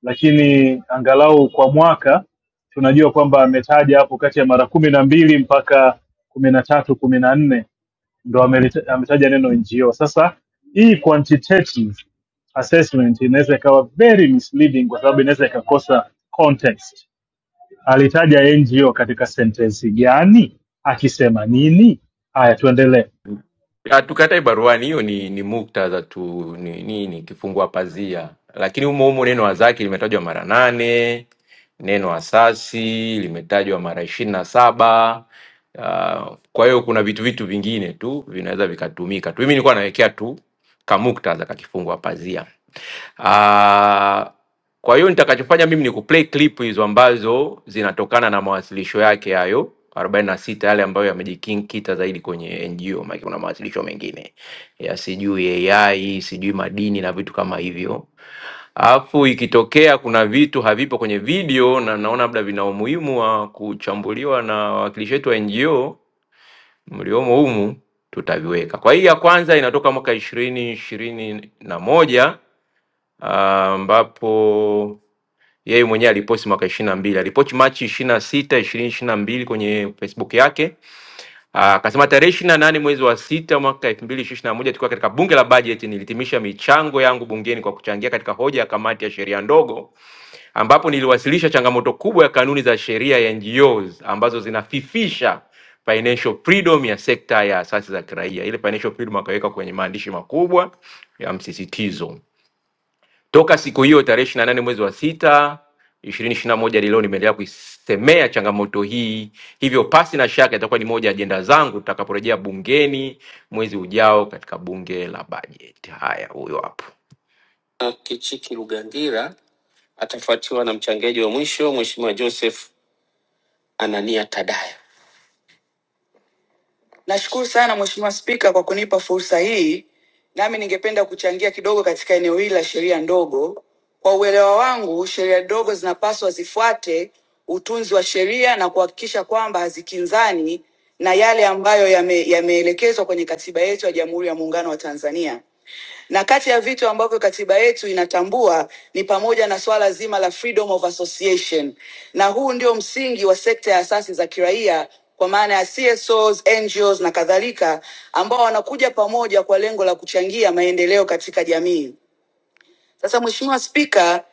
Speaker 6: lakini angalau kwa mwaka tunajua kwamba ametaja hapo kati ya mara kumi na mbili mpaka kumi na tatu kumi na nne ndo amelita- ametaja neno NGO. Sasa hii quantitative assessment inaweza ikawa very misleading kwa sababu inaweza ikakosa context Alitaja NGO katika sentensi gani? Akisema nini? Haya, tuendelee.
Speaker 25: hatukatai baruani hiyo ni, ni muktadha tu ni nini kifungua pazia lakini humo humo neno wazaki limetajwa mara nane neno asasi limetajwa mara ishirini na saba. Uh, kwa hiyo kuna vitu vitu vingine tu vinaweza vikatumika tu. Mimi nilikuwa nawekea tu kamuktadha kakifungu wa pazia. Uh, kwa hiyo nitakachofanya mimi ni kuplay clip hizo ambazo zinatokana na mawasilisho yake hayo 46 yale ambayo yamejikita zaidi kwenye NGO, maana kuna mawasilisho mengine ya sijui AI, sijui madini na vitu kama hivyo Alafu ikitokea kuna vitu havipo kwenye video na naona labda vina umuhimu wa kuchambuliwa na wawakilishi wetu wa NGO mliomo humu, tutaviweka. Kwa hii ya kwanza inatoka mwaka ishirini ishirini na moja ah, ambapo yeye mwenyewe aliposti mwaka ishirini na mbili aliposti Machi ishirini na sita ishirini ishirini na mbili kwenye Facebook yake Ah, akasema tarehe ishirini na nane mwezi wa sita mwaka elfu mbili ishirini na moja tukiwa katika bunge la bajeti, nilitimisha michango yangu bungeni kwa kuchangia katika hoja ya kamati ya sheria ndogo ambapo niliwasilisha changamoto kubwa ya kanuni za sheria ya NGOs ambazo zinafifisha financial freedom ya sekta ya asasi za kiraia. Ile financial freedom akaweka kwenye maandishi makubwa ya msisitizo. Toka siku hiyo tarehe 28 mwezi wa sita 2021 hadi leo nimeendelea kuisemea changamoto hii, hivyo pasi na shaka itakuwa ni moja ya ajenda zangu tutakaporejea bungeni mwezi ujao katika bunge la bajeti. Haya, huyo hapo. Kichiki Lugangira atafuatiwa na mchangiaji wa mwisho Mheshimiwa Joseph Anania Tadaya. Nashukuru sana Mheshimiwa Spika kwa kunipa fursa hii, nami ningependa kuchangia kidogo katika eneo hili la sheria ndogo. Kwa uelewa wangu, sheria ndogo zinapaswa zifuate utunzi wa sheria na kuhakikisha kwamba hazikinzani na yale ambayo yame- yameelekezwa yame kwenye katiba yetu ya Jamhuri ya Muungano wa Tanzania. na kati ya vitu ambavyo katiba yetu inatambua ni pamoja na swala zima la freedom of association, na huu ndio msingi wa sekta ya asasi za kiraia kwa maana ya CSOs, NGOs na kadhalika, ambao wanakuja pamoja kwa lengo la kuchangia maendeleo katika jamii. Sasa Mheshimiwa Spika,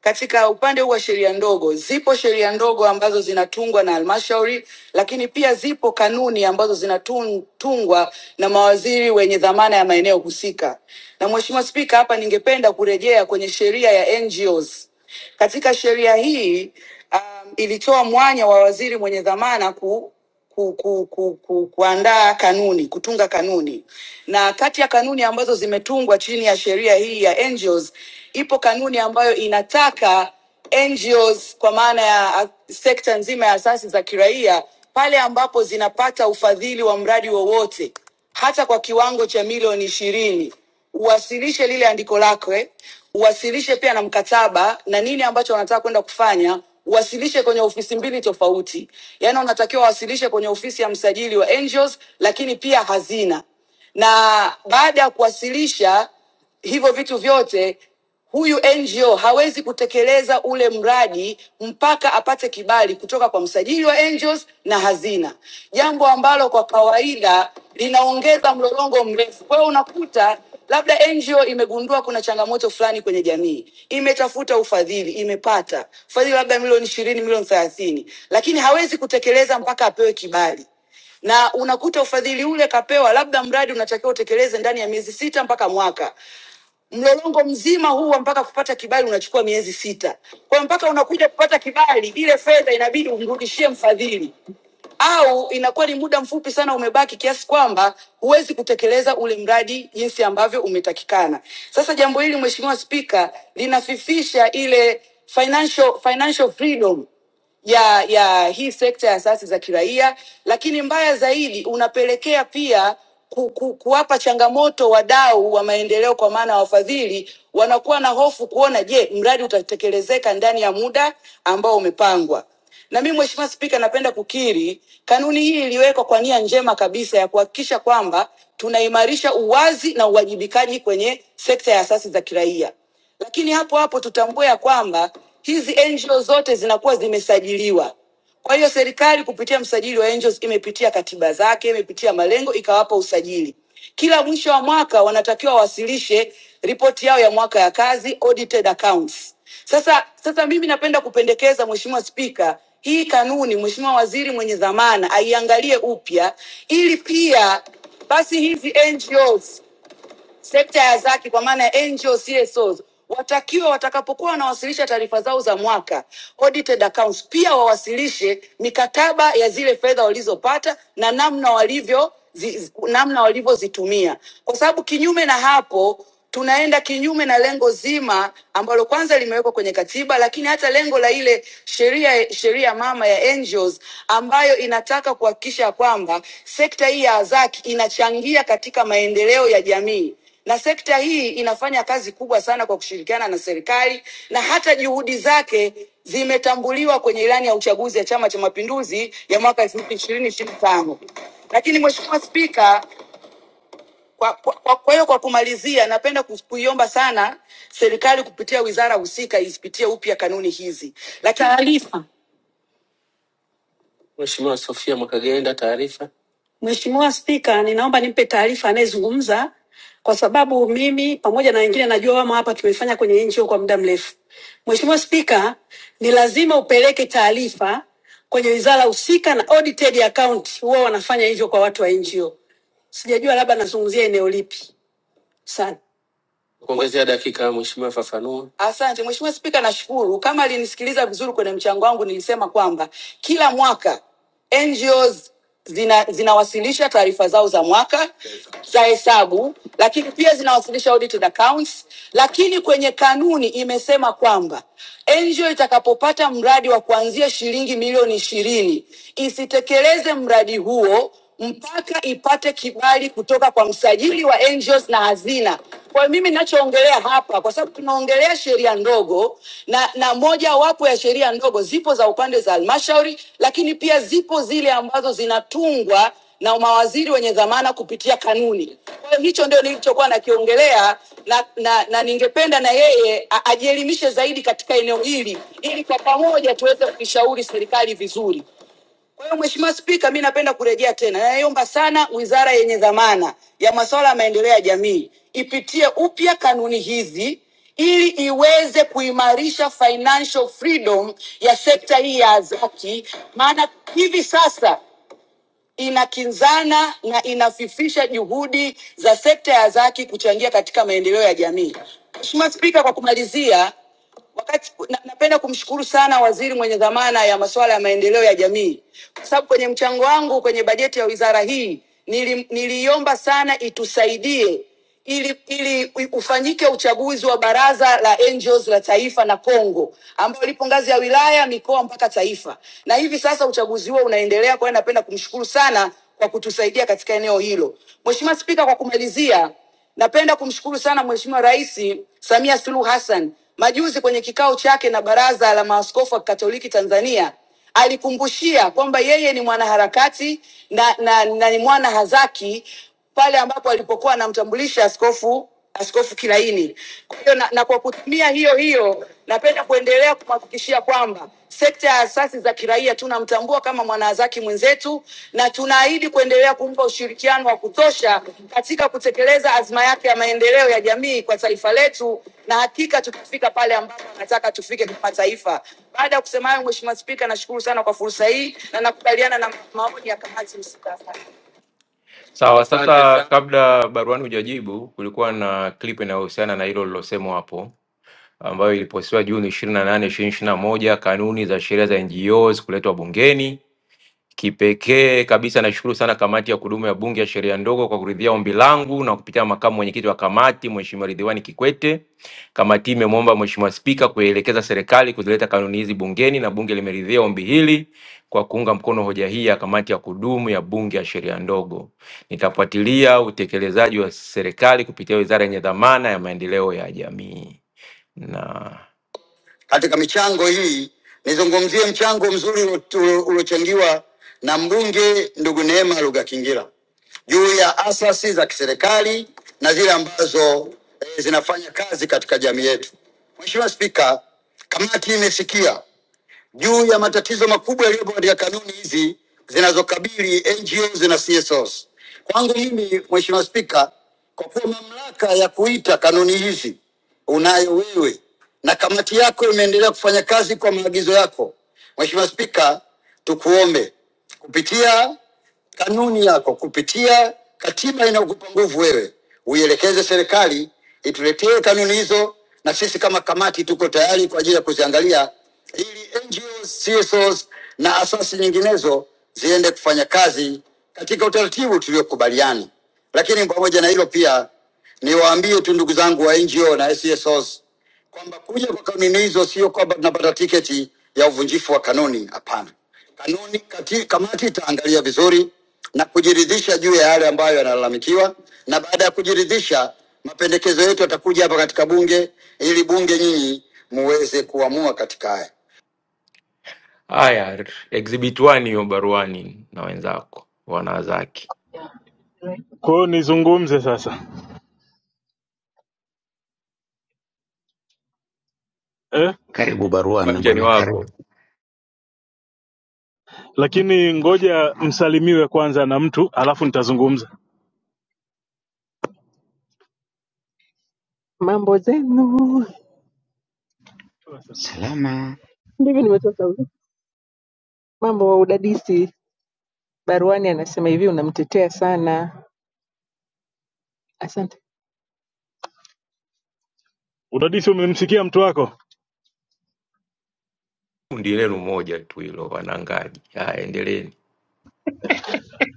Speaker 25: katika upande huu wa sheria ndogo, zipo sheria ndogo ambazo zinatungwa na halmashauri, lakini pia zipo kanuni ambazo zinatungwa na mawaziri wenye dhamana ya maeneo husika. Na Mheshimiwa Spika, hapa ningependa kurejea kwenye sheria ya NGOs. Katika sheria hii uh, um, ilitoa mwanya wa waziri mwenye dhamana ku, ku, ku, ku, ku, kuandaa kanuni, kutunga kanuni, na kati ya kanuni ambazo zimetungwa chini ya sheria hii ya NGOs ipo kanuni ambayo inataka NGOs kwa maana ya ah, sekta nzima ya asasi za kiraia pale ambapo zinapata ufadhili wa mradi wowote hata kwa kiwango cha milioni ishirini uwasilishe lile andiko lako, eh, uwasilishe pia na mkataba na nini ambacho wanataka kwenda kufanya uwasilishe kwenye ofisi mbili tofauti. Yaani unatakiwa wasilishe kwenye ofisi ya msajili wa Angels, lakini pia hazina na baada ya kuwasilisha hivyo vitu vyote huyu NGO hawezi kutekeleza ule mradi mpaka apate kibali kutoka kwa msajili wa NGOs na hazina, jambo ambalo kwa kawaida linaongeza mlolongo mrefu. Kwa hiyo unakuta labda NGO imegundua kuna changamoto fulani kwenye jamii, imetafuta ufadhili, imepata ufadhili labda milioni ishirini, milioni thelathini, lakini hawezi kutekeleza mpaka apewe kibali na unakuta ufadhili ule kapewa, labda mradi unatakiwa utekeleze ndani ya miezi sita mpaka mwaka, Mlolongo mzima huo mpaka kupata kibali unachukua miezi sita. Kwa hiyo mpaka unakuja kupata kibali, ile fedha inabidi umrudishie mfadhili, au inakuwa ni muda mfupi sana umebaki, kiasi kwamba huwezi kutekeleza ule mradi jinsi ambavyo umetakikana. Sasa jambo hili Mheshimiwa Spika linafifisha ile financial, financial freedom ya ya hii sekta ya asasi za kiraia, lakini mbaya zaidi unapelekea pia ku, ku, kuwapa changamoto wadau wa maendeleo, kwa maana wafadhili wanakuwa na hofu kuona, je, mradi utatekelezeka ndani ya muda ambao umepangwa. Na mimi Mheshimiwa Spika, napenda kukiri kanuni hii iliwekwa kwa nia njema kabisa ya kuhakikisha kwamba tunaimarisha uwazi na uwajibikaji kwenye sekta ya asasi za kiraia. Lakini hapo hapo tutambue ya kwamba hizi NGO zote zinakuwa zimesajiliwa. Kwa hiyo serikali kupitia msajili wa NGOs imepitia katiba zake, imepitia malengo, ikawapa usajili. Kila mwisho wa mwaka wanatakiwa wawasilishe ripoti yao ya mwaka ya kazi, audited accounts. Sasa sasa mimi napenda kupendekeza Mheshimiwa Spika, hii kanuni Mheshimiwa Waziri mwenye dhamana aiangalie upya ili pia basi hizi NGOs sekta ya zaki kwa maana ya NGO, CSOs watakiwa watakapokuwa wanawasilisha taarifa zao za mwaka audited accounts, pia wawasilishe mikataba ya zile fedha walizopata na namna walivyo zi, zi- namna walivyozitumia, kwa sababu kinyume na hapo tunaenda kinyume na lengo zima ambalo kwanza limewekwa kwenye katiba, lakini hata lengo la ile sheria sheria mama ya NGOs ambayo inataka kuhakikisha kwamba sekta hii ya azaki inachangia katika maendeleo ya jamii na sekta hii inafanya kazi kubwa sana kwa kushirikiana na serikali na hata juhudi zake zimetambuliwa kwenye ilani ya uchaguzi ya Chama cha Mapinduzi ya mwaka 2025. Lakini Mheshimiwa Spika, kwa kwa kwa- kwa hiyo kwa kumalizia, napenda kus- kuiomba sana serikali kupitia wizara husika isipitie upya kanuni hizi. Lakini taarifa Mheshimiwa Sofia Mwakagenda, taarifa. Mheshimiwa Spika, ninaomba nimpe taarifa anayezungumza kwa sababu mimi pamoja na wengine najua wamo hapa, tumefanya kwenye NGO kwa muda mrefu. Mheshimiwa Spika, ni lazima upeleke taarifa kwenye wizara husika na audited account huwa wanafanya hivyo kwa watu wa NGO. Sijajua labda nazungumzia eneo lipi. Asante. Kuongezea dakika mheshimiwa, fafanua. Asante Mheshimiwa Spika, nashukuru. Kama alinisikiliza vizuri kwenye mchango wangu, nilisema kwamba kila mwaka NGOs zina, zinawasilisha taarifa zao za mwaka za hesabu, lakini pia zinawasilisha audited accounts. Lakini kwenye kanuni imesema kwamba NGO itakapopata mradi wa kuanzia shilingi milioni ishirini isitekeleze mradi huo mpaka ipate kibali kutoka kwa msajili wa NGOs na hazina. Kwa mimi ninachoongelea hapa, kwa sababu tunaongelea sheria ndogo na, na moja wapo ya sheria ndogo zipo za upande za halmashauri, lakini pia zipo zile ambazo zinatungwa na mawaziri wenye dhamana kupitia kanuni. Kwa hiyo hicho ndio nilichokuwa nakiongelea na, na, na ningependa na yeye a- ajielimishe zaidi katika eneo hili ili kwa pamoja tuweze kuishauri serikali vizuri. Kwa hiyo Mheshimiwa Spika, mi napenda kurejea tena, naiomba sana wizara yenye dhamana ya masuala ya maendeleo ya jamii ipitie upya kanuni hizi ili iweze kuimarisha financial freedom ya sekta hii ya AZAKI, maana hivi sasa inakinzana na inafifisha juhudi za sekta ya zaki kuchangia katika maendeleo ya jamii. Mheshimiwa Spika, kwa kumalizia, wakati na, napenda kumshukuru sana waziri mwenye dhamana ya masuala ya maendeleo ya jamii, kwa sababu kwenye mchango wangu kwenye bajeti ya wizara hii nili- niliiomba sana itusaidie ili, ili ufanyike uchaguzi wa baraza la Angels la taifa na Kongo ambao lipo ngazi ya wilaya, mikoa mpaka taifa, na hivi sasa uchaguzi huo unaendelea. Kwa hiyo napenda kumshukuru sana kwa kutusaidia katika eneo hilo. Mheshimiwa Spika, kwa kumalizia, napenda kumshukuru sana Mheshimiwa Rais Samia Suluhu Hassan majuzi kwenye kikao chake na Baraza la Maaskofu wa Katoliki Tanzania alikumbushia kwamba yeye ni mwanaharakati na, na, na ni mwana hazaki pale ambapo alipokuwa anamtambulisha askofu askofu Kilaini. Kwa hiyo na, na kwa kutumia hiyo hiyo napenda kuendelea kumhakikishia kwamba sekta ya asasi za kiraia tunamtambua kama mwanahazaki mwenzetu na tunaahidi kuendelea kumpa ushirikiano wa kutosha katika kutekeleza azma yake ya maendeleo ya jamii kwa taifa letu, na hakika tutafika pale ambapo anataka tufike kama taifa. Baada ya kusema hayo, Mheshimiwa Spika, nashukuru sana kwa fursa hii na nakubaliana na maoni ya kamati husika. Asante. Sawa, sasa kabla baruani hujajibu, kulikuwa na clip inayohusiana na hilo lilosemwa hapo ambayo ilipostiwa Juni ishirini na nane ishirini na moja kanuni za sheria za NGOs kuletwa bungeni Kipekee kabisa naishukuru sana kamati ya kudumu ya Bunge ya Sheria Ndogo kwa kuridhia ombi langu na kupitia makamu mwenyekiti wa kamati Mheshimiwa Ridhiwani Kikwete. Kamati hii imemwomba Mheshimiwa Spika kuielekeza serikali kuzileta kanuni hizi bungeni na Bunge limeridhia ombi hili kwa kuunga mkono hoja hii ya kamati ya kudumu ya Bunge ya Sheria Ndogo. Nitafuatilia utekelezaji wa serikali kupitia wizara yenye dhamana ya maendeleo ya jamii na katika michango hii nizungumzie mchango mzuri ulo- uliochangiwa na mbunge ndugu Neema Lugha Kingira juu ya asasi za kiserikali na zile ambazo eh, zinafanya kazi katika jamii yetu. Mheshimiwa Spika, kamati imesikia juu ya matatizo makubwa yaliyopo katika kanuni hizi zinazokabili NGOs na CSOs. Kwangu mimi, Mheshimiwa Spika, kwa kuwa mamlaka ya kuita kanuni hizi unayo wewe na kamati yako imeendelea kufanya kazi kwa maagizo yako, Mheshimiwa Spika, tukuombe kupitia Kanuni yako kupitia katiba inayokupa nguvu wewe, uielekeze serikali ituletee kanuni hizo, na sisi kama kamati tuko tayari kwa ajili ya kuziangalia, ili NGOs, CSOs na asasi nyinginezo ziende kufanya kazi katika utaratibu tuliokubaliana. Lakini pamoja na hilo pia niwaambie tu ndugu zangu wa NGO na CSOs kwamba kuja kwa kanuni hizo sio kwamba tunapata tiketi ya uvunjifu wa kanuni. Hapana, kanuni kati, kamati itaangalia vizuri na kujiridhisha juu ya yale ambayo yanalalamikiwa, na baada ya kujiridhisha, mapendekezo yetu yatakuja hapa katika bunge ili bunge nyinyi muweze kuamua katika haya. Haya, exhibit 1 hiyo baruani na wenzako wanawazaki,
Speaker 6: Kwa hiyo nizungumze sasa eh?
Speaker 29: karibu baruani
Speaker 25: uwanja ni
Speaker 29: bwana karibu
Speaker 25: wako,
Speaker 6: Lakini ngoja msalimiwe kwanza na mtu alafu nitazungumza. mambo zenu
Speaker 29: salama
Speaker 6: ndivyo nimechoka mambo wa udadisi baruani anasema hivi unamtetea sana asante Udadisi, umemsikia mtu wako?
Speaker 25: kundi lenu moja tu hilo, wanangaji. Haya, endeleeni.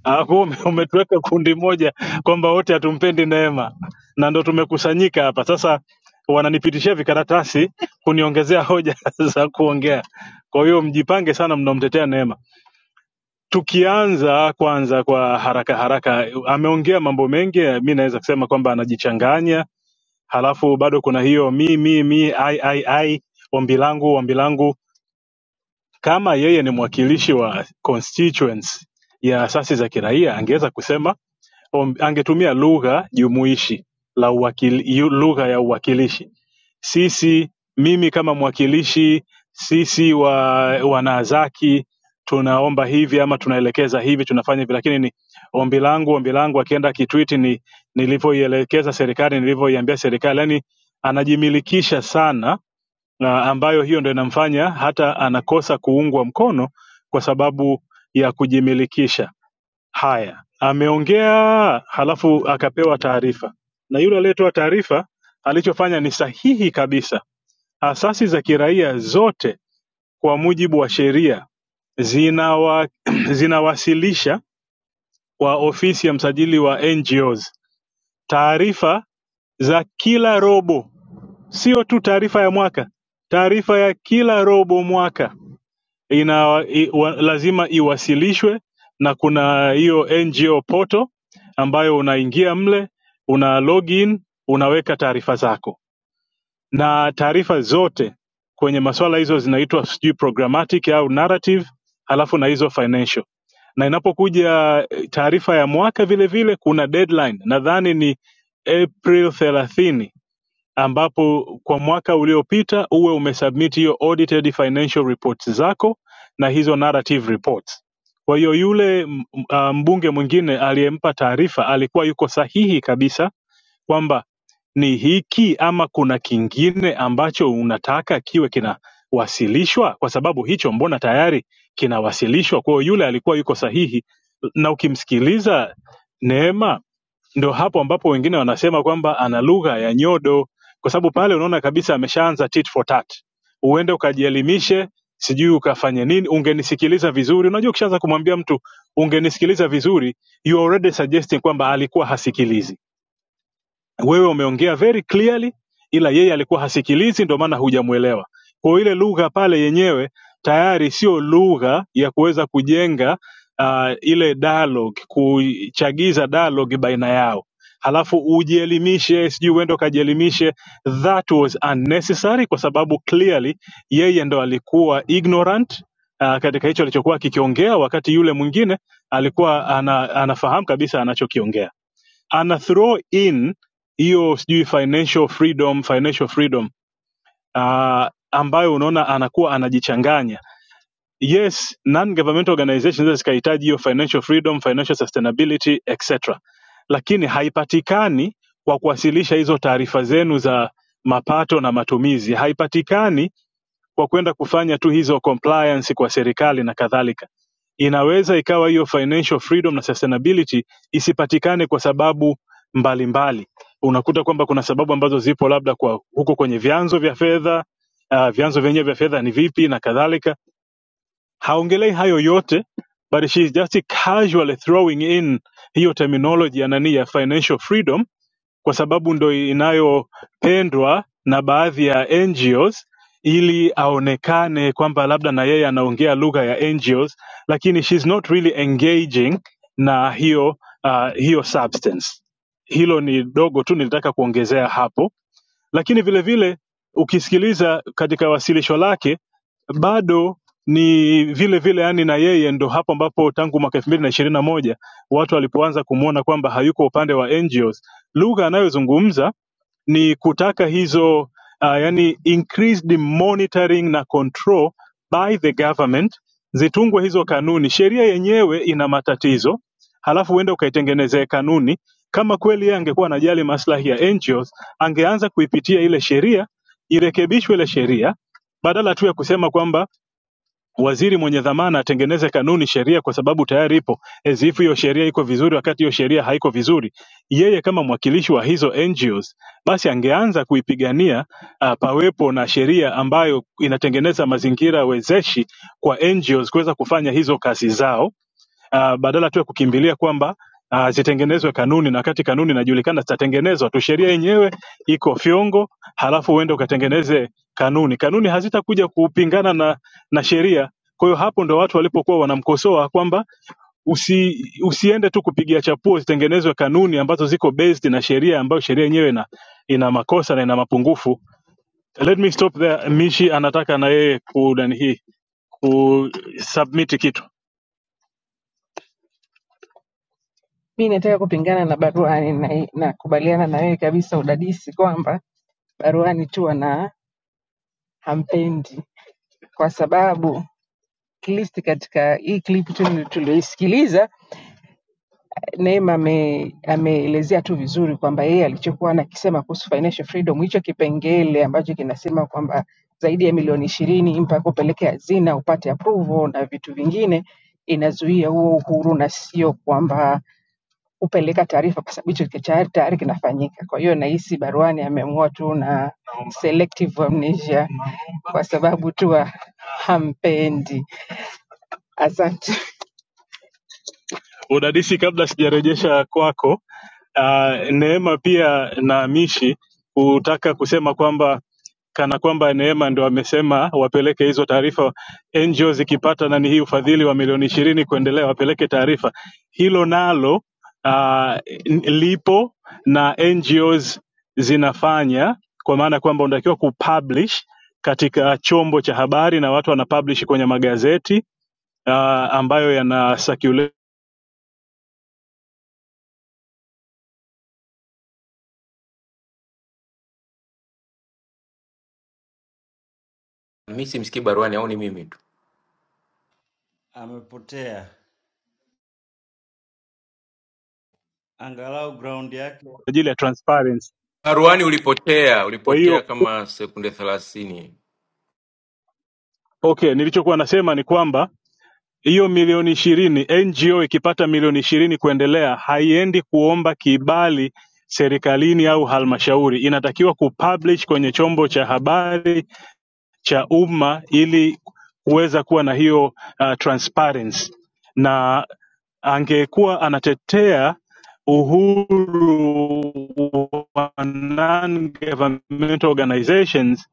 Speaker 6: Ah, kwa ume- umetuweka kundi moja kwamba wote hatumpendi Neema na ndo tumekusanyika hapa sasa, wananipitishia vikaratasi kuniongezea hoja *laughs* za kuongea. Kwa hiyo mjipange sana mnaomtetea Neema. Tukianza kwanza kwa haraka haraka, ameongea mambo mengi, mi naweza kusema kwamba anajichanganya, halafu bado kuna hiyo mi mi mi ai ai ai, ombi langu ombi langu. Kama yeye ni mwakilishi wa constituents ya asasi za kiraia, angeweza kusema ombi- angetumia lugha jumuishi la uwakili, yu- lugha ya uwakilishi sisi mimi kama mwakilishi sisi wa wanazaki tunaomba hivi ama tunaelekeza hivi tunafanya hivi lakini ni ombi langu ombi langu akienda kitwiti ni nilivyoielekeza serikali nilivyoiambia serikali yani anajimilikisha sana na ambayo hiyo ndo inamfanya hata anakosa kuungwa mkono kwa sababu ya kujimilikisha Haya, ameongea halafu akapewa taarifa, na yule aliyetoa taarifa alichofanya ni sahihi kabisa. Asasi za kiraia zote kwa mujibu wa sheria zinawa, *clears throat* zinawasilisha kwa ofisi ya msajili wa NGOs taarifa za kila robo, sio tu taarifa ya mwaka, taarifa ya kila robo mwaka ina i, wa, lazima iwasilishwe na kuna hiyo ngo poto ambayo unaingia mle una login unaweka taarifa zako na taarifa zote kwenye masuala hizo zinaitwa sijui programmatic au narrative halafu na hizo financial na inapokuja eh, taarifa ya mwaka vile vile kuna deadline nadhani ni april 30 ambapo kwa mwaka uliopita uwe umesubmit hiyo audited financial reports zako na hizo narrative reports. Kwa hiyo yule m- m- ah, mbunge mwingine aliyempa taarifa alikuwa yuko sahihi kabisa kwamba ni hiki ama kuna kingine ambacho unataka kiwe kinawasilishwa, kwa sababu hicho mbona tayari kinawasilishwa. Kwa hiyo yule alikuwa yuko sahihi, na ukimsikiliza Neema, ndio hapo ambapo wengine wanasema kwamba ana lugha ya nyodo, kwa sababu pale unaona kabisa ameshaanza tit for tat. Uende ukajielimishe, sijui ukafanye nini, ungenisikiliza vizuri. Unajua, ukishaanza kumwambia mtu ungenisikiliza vizuri, you are already suggesting kwamba alikuwa hasikilizi wewe umeongea very clearly ila yeye alikuwa hasikilizi ndio maana hujamuelewa kwa hiyo ile lugha pale yenyewe tayari sio lugha ya kuweza kujenga uh, ile dialogue kuchagiza dialogue baina yao halafu ujielimishe sijui uende ukajielimishe that was unnecessary kwa sababu clearly yeye ndo alikuwa ignorant uh, katika hicho alichokuwa akikiongea wakati yule mwingine alikuwa ana, anafahamu kabisa anachokiongea ana throw in hiyo sijui financial freedom financial freedom uh, ambayo unaona anakuwa anajichanganya yes non governmental organizations zinaweza zikahitaji hiyo financial freedom financial sustainability etc lakini haipatikani kwa kuwasilisha hizo taarifa zenu za mapato na matumizi haipatikani kwa kwenda kufanya tu hizo compliance kwa serikali na kadhalika inaweza ikawa hiyo financial freedom na sustainability isipatikane kwa sababu mbalimbali mbali. unakuta kwamba kuna sababu ambazo zipo labda kwa huko kwenye vyanzo vya fedha uh, vyanzo vyenyewe vya fedha ni vipi na kadhalika haongelei hayo yote but she is just casually throwing in hiyo terminology ya nani ya financial freedom kwa sababu ndo inayopendwa na baadhi ya NGOs ili aonekane kwamba labda na yeye anaongea lugha ya NGOs, lakini she's not really engaging na hiyo uh, hiyo substance. Hilo ni dogo tu nilitaka kuongezea hapo lakini vile vile ukisikiliza katika wasilisho lake bado ni vile vile yani na yeye ndo hapo ambapo tangu mwaka elfu mbili na ishirini na moja watu walipoanza kumwona kwamba hayuko upande wa NGOs. Lugha anayozungumza ni kutaka hizo uh, yani increased monitoring na control by the government zitungwe hizo kanuni. Sheria yenyewe ina matatizo, halafu uende ukaitengenezee kanuni kama kweli yeye angekuwa anajali maslahi ya NGOs, angeanza kuipitia ile sheria, irekebishwe ile sheria badala tu ya kusema kwamba waziri mwenye dhamana atengeneze kanuni sheria kwa sababu tayari ipo as if hiyo sheria iko vizuri wakati hiyo sheria haiko vizuri yeye kama mwakilishi wa hizo NGOs basi angeanza kuipigania uh, pawepo na sheria ambayo inatengeneza mazingira wezeshi kwa NGOs kuweza kufanya hizo kazi zao uh, badala tu ya kukimbilia kwamba uh, zitengenezwe kanuni na wakati kanuni inajulikana zitatengenezwa tu sheria yenyewe iko fyongo halafu uende ukatengeneze kanuni kanuni hazitakuja kupingana na na sheria. Kwa hiyo hapo ndo watu walipokuwa wanamkosoa kwamba usi, usiende tu kupigia chapuo, zitengenezwe kanuni ambazo ziko based na sheria ambayo sheria yenyewe ina, ina makosa na ina mapungufu. Let me stop there. Mishi anataka na yeye kunani hii kusubmit kitu. Mi nataka kupingana na baruani na nakubaliana na wewe kabisa udadisi kwamba baruani tu ana hampendi, kwa sababu at least katika hii clip tu tulioisikiliza Neema ame- ameelezea tu vizuri kwamba yeye alichokuwa anakisema kuhusu financial freedom, hicho kipengele ambacho kinasema kwamba zaidi ya milioni ishirini mpaka upeleke hazina upate approval na vitu vingine, inazuia huo uhuru na sio kwamba kupeleka taarifa, kwa sababu hicho kicha- tayari kinafanyika. Kwa hiyo nahisi Baruani ameamua tu na selective amnesia kwa sababu tu wa- hampendi. Asante. Udadisi kabla sijarejesha kwako, uh, Neema pia na Mishi kutaka kusema kwamba kana kwamba Neema ndo amesema wapeleke hizo taarifa NGO zikipata nani hii ufadhili wa milioni ishirini kuendelea wapeleke taarifa. Hilo nalo uh, lipo na NGOs zinafanya, kwa maana kwamba unatakiwa kupublish katika chombo cha habari na watu wanapublish kwenye magazeti uh, ambayo yana circulate
Speaker 25: Mi simsikii baruani au ni mimi tu?
Speaker 27: amepotea. Angalau ground yake.
Speaker 6: ajili ya transparency.
Speaker 25: Baruani ulipotea,
Speaker 6: Kwa
Speaker 25: ulipotea
Speaker 6: hiyo
Speaker 25: kama sekunde thelathini.
Speaker 6: okay, nilichokuwa nasema ni kwamba hiyo milioni ishirini NGO ikipata milioni ishirini kuendelea haiendi kuomba kibali serikalini au halmashauri, inatakiwa kupublish kwenye chombo cha habari cha umma ili kuweza kuwa na hiyo uh, transparency na angekuwa anatetea uhuru wa non-governmental organizations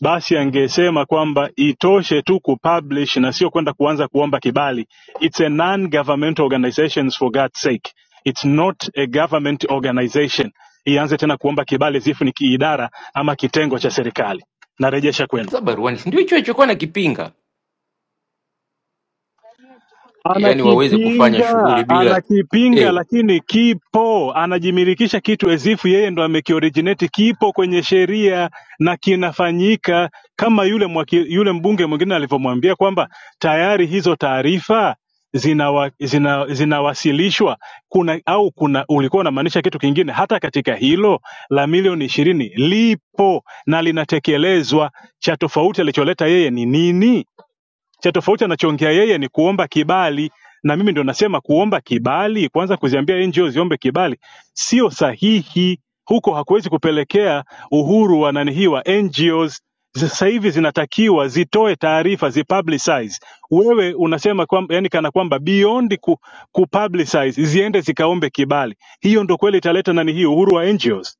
Speaker 6: basi angesema kwamba itoshe tu kupublish na sio kwenda kuanza kuomba kibali it's a non governmental organizations for God's sake it's not a government organization ianze tena kuomba kibali zifu ni kiidara ama kitengo cha serikali narejesha kwenu
Speaker 25: Sasa baruani si ndio hicho alichokuwa nakipinga, yaani waweze kufanya
Speaker 6: anakipinga
Speaker 25: shughuli bila
Speaker 6: anakipinga
Speaker 25: eh,
Speaker 6: lakini kipo anajimilikisha kitu ezifu yeye ndo amekioriginate kipo kwenye sheria na kinafanyika kama yule mwaki, yule mbunge mwingine alivyomwambia kwamba tayari hizo taarifa zinawa, zina, zinawasilishwa kuna au kuna ulikuwa unamaanisha kitu kingine hata katika hilo la milioni ishirini lipo na linatekelezwa cha tofauti alicholeta yeye ni nini cha tofauti anachoongea yeye ni kuomba kibali na mimi ndo nasema kuomba kibali kwanza kuziambia ngo ziombe kibali sio sahihi huko hakuwezi kupelekea uhuru wa nani hii wa ngos sasa hivi zinatakiwa zitoe taarifa zipublicize wewe unasema kwamba yani kana kwamba beyond ku, kupublicize ziende zikaombe kibali hiyo ndo kweli italeta nani hii uhuru wa ngos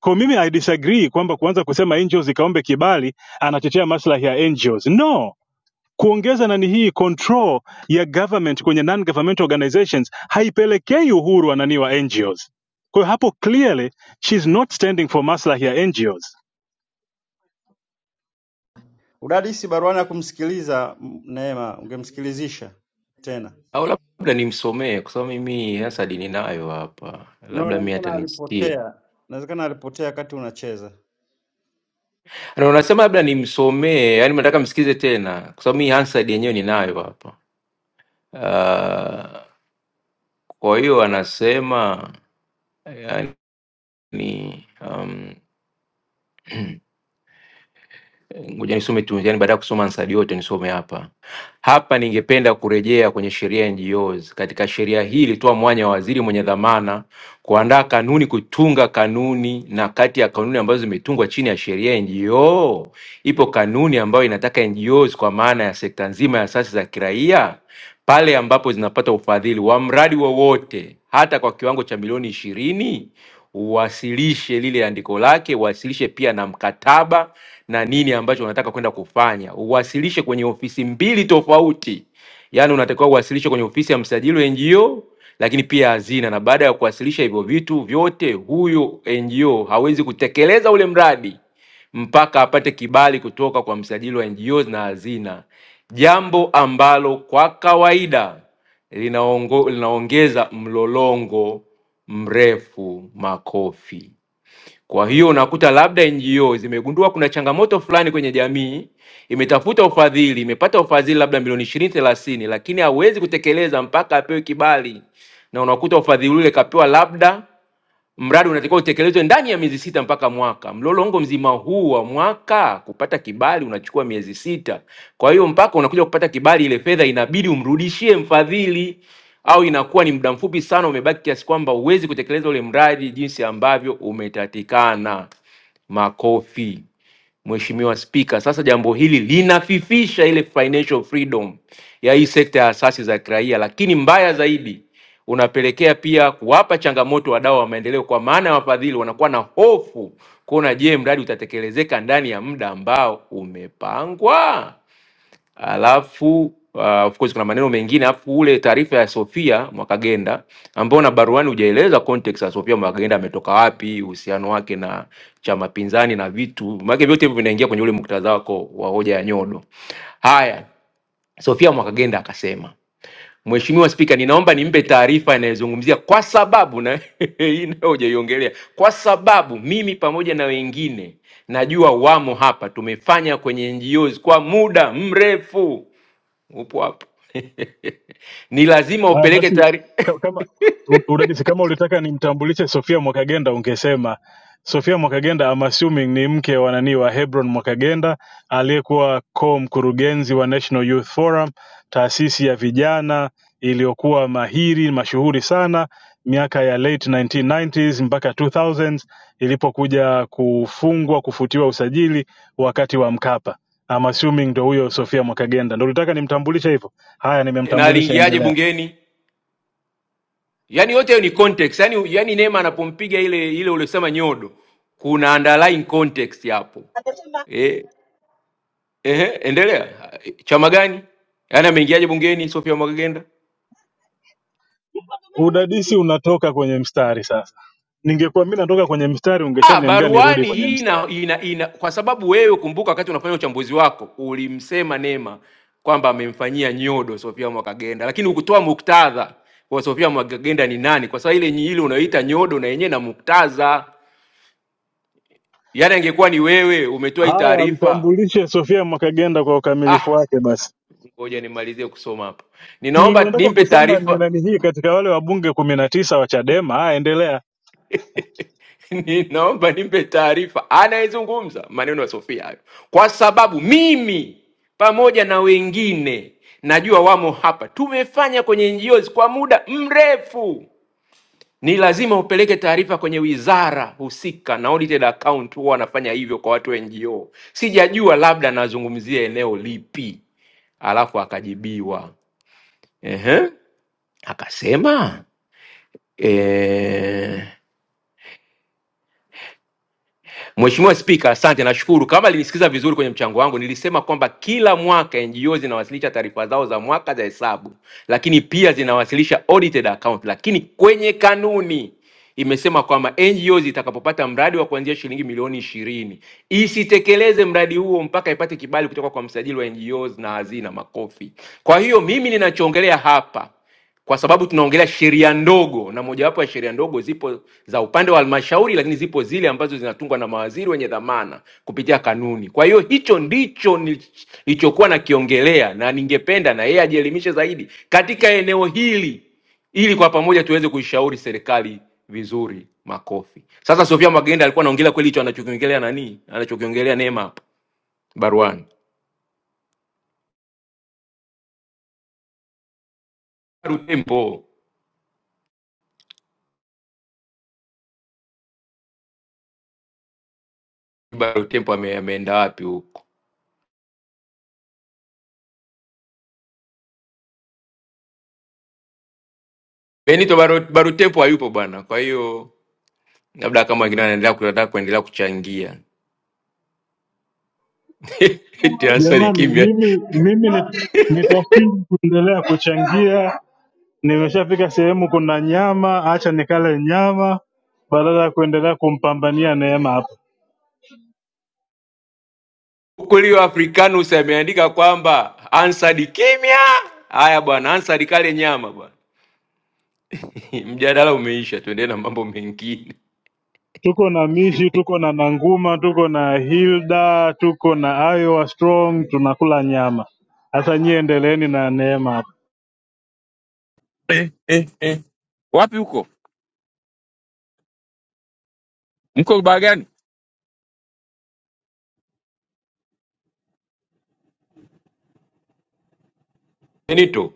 Speaker 6: kwa mimi i disagree kwamba kuanza kusema ngos zikaombe kibali anatetea maslahi ya ngos no kuongeza nani hii control ya government kwenye non governmental organizations haipelekei uhuru wa nani wa NGOs. Kwa hiyo hapo clearly she's not standing for maslahi ya NGOs.
Speaker 27: Udadisi baruani hakumsikiliza M- Neema, ungemsikilizisha tena.
Speaker 25: au labda nimsomee kwa sababu mimi Hasad ninayo hapa,
Speaker 27: No,
Speaker 25: labda mimi
Speaker 27: inawezekana
Speaker 25: atanisikie.
Speaker 27: alipotea, inawezekana alipotea wakati unacheza.
Speaker 25: Na unasema labda nimsomee, yaani nataka msikize tena kwa sababu mimi Hasad yenyewe ninayo hapa. Uh, kwa hiyo anasema yani, um, ngoja nisome tu, yani baada ya kusoma ansari yote nisome hapa hapa. Ningependa kurejea kwenye sheria ya NGOs. Katika sheria hii ilitoa mwanya wa waziri mwenye dhamana kuandaa kanuni, kutunga kanuni na kati ya kanuni ambazo zimetungwa chini ya sheria ya NGO Ipo kanuni ambayo inataka NGOs kwa maana ya sekta nzima ya asasi za kiraia pale ambapo zinapata ufadhili wa mradi wowote hata kwa kiwango cha milioni ishirini uwasilishe lile andiko lake, uwasilishe pia na mkataba na nini ambacho unataka kwenda kufanya, uwasilishe kwenye ofisi mbili tofauti. Yaani unatakiwa uwasilishe kwenye ofisi ya msajili wa NGO lakini pia hazina, na baada ya kuwasilisha hivyo vitu vyote, huyo NGO hawezi kutekeleza ule mradi mpaka apate kibali kutoka kwa msajili wa NGOs na hazina, jambo ambalo kwa kawaida linaongo, linaongeza mlolongo mrefu makofi. Kwa hiyo unakuta labda NGO zimegundua kuna changamoto fulani kwenye jamii, imetafuta ufadhili, imepata ufadhili labda milioni ishirini thelathini, lakini hawezi kutekeleza mpaka apewe kibali, na unakuta ufadhili ule kapewa labda Mradi unatakiwa utekelezwe ndani ya miezi sita mpaka mwaka. Mlolongo mzima huu wa mwaka kupata kibali unachukua miezi sita. Kwa hiyo mpaka unakuja kupata kibali, ile fedha inabidi umrudishie mfadhili, au inakuwa ni muda mfupi sana umebaki, kiasi kwamba huwezi kutekeleza ule mradi jinsi ambavyo umetatikana. Makofi. Mheshimiwa Spika, sasa jambo hili linafifisha ile financial freedom ya hii sekta ya asasi za kiraia, lakini mbaya zaidi unapelekea pia kuwapa changamoto wadau wa maendeleo, kwa maana ya wafadhili wanakuwa na hofu kuona, je, mradi utatekelezeka ndani ya muda ambao umepangwa? Alafu uh, of course kuna maneno mengine, alafu ule taarifa ya Sofia Mwakagenda ambao na baruani hujaeleza context ya Sofia Mwakagenda ametoka wapi, uhusiano wake na chama pinzani na vitu, maana vyote hivyo vinaingia kwenye ule muktadha wako wa hoja ya nyodo. Haya, Sofia Mwakagenda akasema Mheshimiwa Spika, ninaomba nimpe taarifa inayozungumzia kwa sababu na *laughs* hii nayo hujaiongelea, kwa sababu mimi pamoja na wengine najua wamo hapa, tumefanya kwenye NGOs kwa muda mrefu upo hapo *laughs* ni lazima
Speaker 6: Haya
Speaker 25: upeleke
Speaker 6: basi,
Speaker 25: taarifa
Speaker 6: ka- kama u- udadisi, kama ulitaka nimtambulishe Sofia Mwakagenda ungesema Sofia Mwakagenda, I'm assuming ni mke wa nani wa Hebron Mwakagenda aliyekuwa co mkurugenzi wa National Youth Forum, taasisi ya vijana iliyokuwa mahiri mashuhuri sana miaka ya late 1990s mpaka 2000s ilipokuja kufungwa kufutiwa usajili wakati wa Mkapa. I'm assuming ndo huyo Sofia Mwakagenda, ndo ulitaka nimtambulishe hivyo. Haya,
Speaker 25: *laughs* na
Speaker 6: nimemtambulisha, endelea.
Speaker 25: aliingiaje bungeni yani yote hiyo ni context yani, yani neema anapompiga ile ile uliosema nyodo kuna underlying context hapo eh, eh, endelea chama gani yani ameingiaje bungeni sofia mwakagenda
Speaker 6: Udadisi unatoka kwenye mstari sasa. Ningekuwa mimi natoka kwenye mstari,
Speaker 25: Ah,
Speaker 6: ungeshaniambia nirudi
Speaker 25: baruani
Speaker 6: kwenye
Speaker 25: hii ina,
Speaker 6: mstari.
Speaker 25: ina, ina kwa sababu wewe kumbuka, wakati unafanya uchambuzi wako ulimsema Nema kwamba amemfanyia nyodo Sofia Mwakagenda, lakini ukutoa muktadha kwa Sofia Mwakagenda ni nani, kwa sababu ile nyi- ile unayoita nyodo na yenyewe na muktadha, yaani angekuwa ni wewe umetoa hii
Speaker 6: Haya,
Speaker 25: taarifa.
Speaker 6: mtambulishe Sofia Mwakagenda kwa
Speaker 25: Ah,
Speaker 6: ukamilifu wake basi.
Speaker 25: ngoja nimalizie kusoma hapa.
Speaker 6: Si
Speaker 25: Ninaomba
Speaker 6: unataka
Speaker 25: nimpe
Speaker 6: kusema ni
Speaker 25: taarifa
Speaker 6: nani hii katika wale wabunge kumi na tisa wa Chadema? Haya, endelea
Speaker 25: *laughs* Ni- naomba nimpe taarifa anayezungumza maneno ya Sofia hayo, kwa sababu mimi pamoja na wengine najua wamo hapa, tumefanya kwenye NGOs kwa muda mrefu. Ni lazima upeleke taarifa kwenye wizara husika, na audited account huwa wanafanya hivyo kwa watu wa NGO. Sijajua labda anazungumzia eneo lipi, alafu akajibiwa ehe, akasema eh Mheshimiwa Spika, asante, nashukuru. Kama nilisikiza vizuri kwenye mchango wangu, nilisema kwamba kila mwaka NGO zinawasilisha taarifa zao za mwaka za hesabu, lakini pia zinawasilisha audited account, lakini kwenye kanuni imesema kwamba NGOs itakapopata mradi wa kuanzia shilingi milioni ishirini isitekeleze mradi huo mpaka ipate kibali kutoka kwa msajili wa NGOs na hazina. Makofi. Kwa hiyo mimi ninachoongelea hapa kwa sababu tunaongelea sheria ndogo, na mojawapo ya sheria ndogo zipo za upande wa halmashauri, lakini zipo zile ambazo zinatungwa na mawaziri wenye dhamana kupitia kanuni. Kwa hiyo hicho ndicho ni- nilichokuwa nakiongelea, na ningependa na yeye ajielimishe zaidi katika eneo hili, ili kwa pamoja tuweze kuishauri serikali vizuri. Makofi. Sasa Sofia Magenda alikuwa anaongelea kweli hicho anachokiongelea nani, anachokiongelea Neema hapa baruani. Baru Tempo, Baru Tempo ame- ameenda wapi huko? Benito Baru- Barutepo hayupo bwana, kwa hiyo labda kama wengine wanaendelea kutaka kuendelea kuchangia *laughs* Ansari
Speaker 6: jamani.
Speaker 25: kimya
Speaker 6: Mimi mimi ni- nitashindwa kuendelea kuchangia. Nimeshafika sehemu kuna nyama, acha nikale nyama badala ya kuendelea kumpambania Neema hapa.
Speaker 25: hukulio Africanus ameandika kwamba ansari kimya. Haya bwana, ansari kale nyama bwana. *laughs* Mjadala umeisha, tuendelee na mambo mengine.
Speaker 6: Tuko na Mishi, tuko na Nanguma, tuko na Hilda, tuko na Iowa Strong, tunakula nyama. Sasa nyie endeleeni na neema
Speaker 2: eh, eh, eh. wapi huko mko baa gani
Speaker 25: Benito,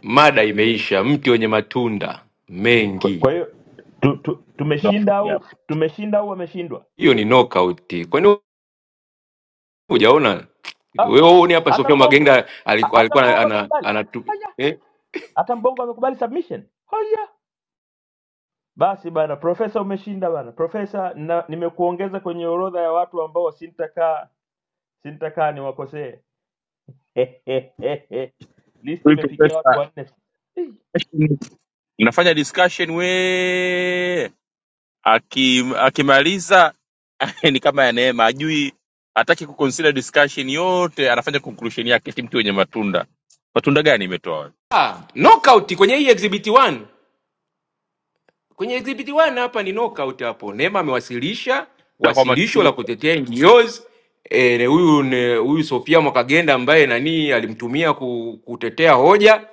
Speaker 25: mada imeisha. Mti wenye matunda
Speaker 1: Kwa
Speaker 25: mengi,
Speaker 1: kwa hiyo tu, tu,
Speaker 2: no,
Speaker 1: tumeshinda
Speaker 2: yeah.
Speaker 1: au tumeshinda au wameshindwa?
Speaker 25: hiyo ni knockout. Kwani hujaona
Speaker 1: Ah,
Speaker 25: wewe? Huoni hapa
Speaker 1: hata
Speaker 25: Sofia
Speaker 1: Mbongo,
Speaker 25: Magenda
Speaker 1: ha-
Speaker 25: alikuwa
Speaker 1: hata
Speaker 25: alikuwa ana,
Speaker 1: Mbongo
Speaker 25: ana,
Speaker 1: amekubali.
Speaker 25: ana, ana
Speaker 1: Haya,
Speaker 25: eh?
Speaker 1: hata Mbongo amekubali submission. Haya, Basi bana profesa, umeshinda bana profesa. Na, nimekuongeza kwenye orodha ya watu ambao sintakaa sintakaa niwakosee. *laughs* Listi
Speaker 2: Huyu
Speaker 1: imefikia watu
Speaker 2: profesa
Speaker 1: wanne.
Speaker 2: mnafanya discussion we Aki, akimaliza *laughs* ni kama ya neema ajui hataki kuconsider discussion yote anafanya conclusion yake ti mtu wenye matunda matunda gani imetoa wewe?
Speaker 25: Ah, knockout kwenye hii exhibit 1 Kwenye exhibit 1 hapa ni knockout hapo. Neema amewasilisha
Speaker 2: Sikiliza kwa
Speaker 25: wasilisho
Speaker 2: makini
Speaker 25: la kutetea NGOs. Eh, huyu ne- huyu Sofia Mwakagenda ambaye nani alimtumia ku, kutetea hoja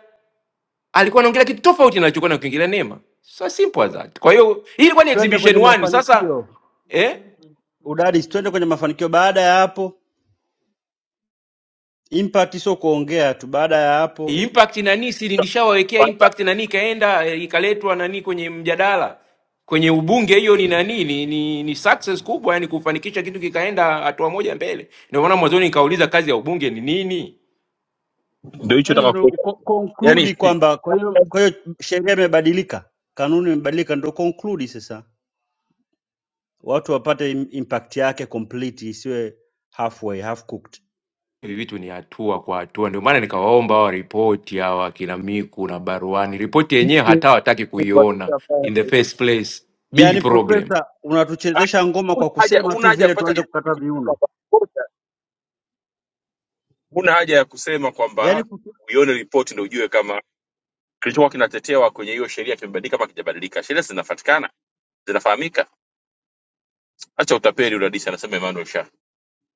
Speaker 25: alikuwa anaongelea kitu tofauti na alichokuwa nakiongelea Neema. So simple as that. Kwa hiyo hii ilikuwa ni
Speaker 27: Twende
Speaker 25: exhibition
Speaker 27: kwenye
Speaker 25: 1. Sasa
Speaker 27: mafanikio.
Speaker 25: eh?
Speaker 27: Udadisi, twende kwenye mafanikio. Baada ya hapo, impact sio kuongea tu. Baada ya hapo,
Speaker 25: impact nani sili nishawawekea impact nani ikaenda eh, ikaletwa nani kwenye mjadala kwenye ubunge hiyo ni nani ni, ni, ni success kubwa yani kufanikisha kitu kikaenda hatua moja mbele ndio maana mwanzoni nikauliza kazi ya ubunge ni nini
Speaker 2: ndio hicho
Speaker 27: yani
Speaker 2: nataka
Speaker 27: ndo
Speaker 2: kuweka
Speaker 27: ko-
Speaker 2: yani
Speaker 27: conclude
Speaker 2: *laughs*
Speaker 27: kwamba kwa hiyo kwa hiyo sheria imebadilika, kanuni imebadilika, ndo conclude sasa watu wapate im- impact yake complete, isiwe halfway, half cooked.
Speaker 25: hivi vitu ni hatua kwa hatua ndio maana nikawaomba hawa ripoti hawa kina miku na baruani ripoti yenyewe hata wataki kuiona in the first place big
Speaker 27: Yaani
Speaker 25: problem
Speaker 27: profesa,
Speaker 2: ah,
Speaker 27: unatuchezesha ngoma
Speaker 2: huna
Speaker 27: kwa
Speaker 2: haja
Speaker 27: kusema
Speaker 2: huna
Speaker 27: tu
Speaker 2: haja ya
Speaker 27: vile
Speaker 2: kupata
Speaker 27: tuanze
Speaker 2: ripoti
Speaker 27: kukata
Speaker 2: kutoka
Speaker 27: viuno.
Speaker 2: kwa kocha. huna haja ya kusema
Speaker 27: Yaani
Speaker 2: kwamba
Speaker 27: ku-
Speaker 2: uione ripoti ndio ujue kama kilichokuwa kinatetewa kwenye hiyo sheria kimebadilika ama kijabadilika sheria zinafatikana zinafahamika acha utapeli udadisi anasema Emmanuel Sha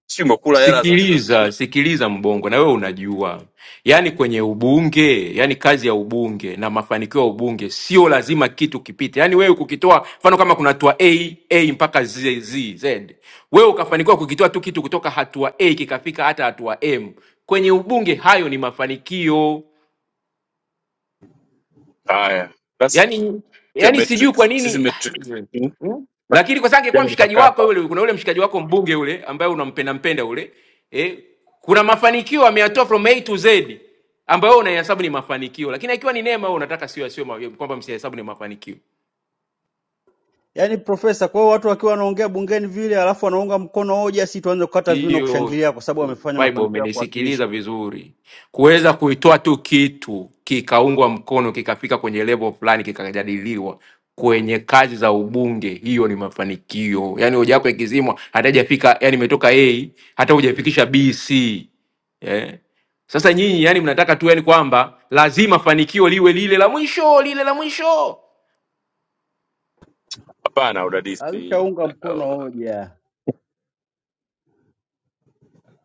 Speaker 2: sio umekula hela za za-
Speaker 25: Sikiliza, sikiliza Mbongo, na wewe unajua, yaani kwenye ubunge, yaani kazi ya ubunge na mafanikio ya ubunge sio lazima kitu kipite. Yaani wewe kukitoa, mfano kama kuna hatua A, A mpaka Z, Z, Z, wewe ukafanikiwa kukitoa tu kitu kutoka hatua A kikafika hata hatua M, kwenye ubunge hayo ni mafanikio.
Speaker 2: haya that's
Speaker 25: yani
Speaker 2: your
Speaker 25: yani sijui kwa
Speaker 2: matrix sisi
Speaker 25: nini
Speaker 2: matrix
Speaker 25: *sighs* hmm? lakini kwa sababu angekuwa
Speaker 2: jana ni
Speaker 25: mshikaji wako
Speaker 2: makamba
Speaker 25: yule kuna yule mshikaji wako mbunge yule ambaye unampenda mpenda yule eh, kuna mafanikio ameyatoa from A to Z ambayo wewe unahesabu ni mafanikio lakini akiwa ni neema wewe unataka sio sio kwamba msihesabu ni mafanikio
Speaker 27: yaani profesa, kwa hiyo watu wakiwa wanaongea bungeni vile alafu wanaunga mkono hoja, si tuanze kukata viuno
Speaker 25: hiyo
Speaker 27: kushangilia kwa sababu wamefanya
Speaker 25: fiber,
Speaker 27: mafanikio ya kuwakilisha.
Speaker 25: umenisikiliza vizuri, kuweza kuitoa tu kitu kikaungwa mkono kikafika kwenye level fulani kikajadiliwa kwenye kazi za ubunge, hiyo ni mafanikio. Yani hoja yako ikizimwa, hata hajafika yani, imetoka A hata hujafikisha B, C eh. Sasa nyinyi yani mnataka tu yani kwamba lazima fanikio liwe lile la mwisho, lile la mwisho.
Speaker 2: hapana udadisi
Speaker 27: Alishaunga mkono hoja.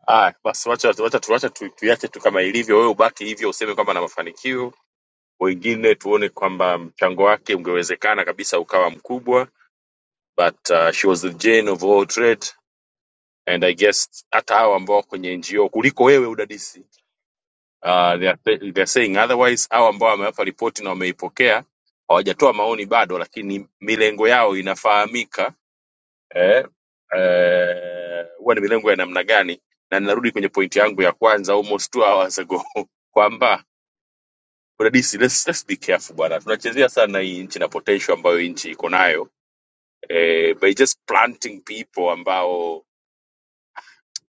Speaker 2: Ah, basi wacha wacha wacha tuache tu, tuiache tu kama ilivyo, wewe ubaki hivyo useme kwamba na mafanikio wengine tuone kwamba mchango wake ungewezekana kabisa ukawa mkubwa but uh, she was the jane of all trade and i guess hata hao ambao wako kwenye ngo kuliko wewe udadisi uh, they, are, they are saying otherwise hao ambao wamewapa ripoti na wameipokea hawajatoa maoni bado lakini milengo yao inafahamika eh, eh, huwa ni milengo ya namna gani na ninarudi kwenye pointi yangu ya kwanza almost two hours ago *laughs* kwamba Udadisi, let's, let's be careful bwana, tunachezea sana hii nchi na potential ambayo hii nchi iko nayo eh, by just planting people ambao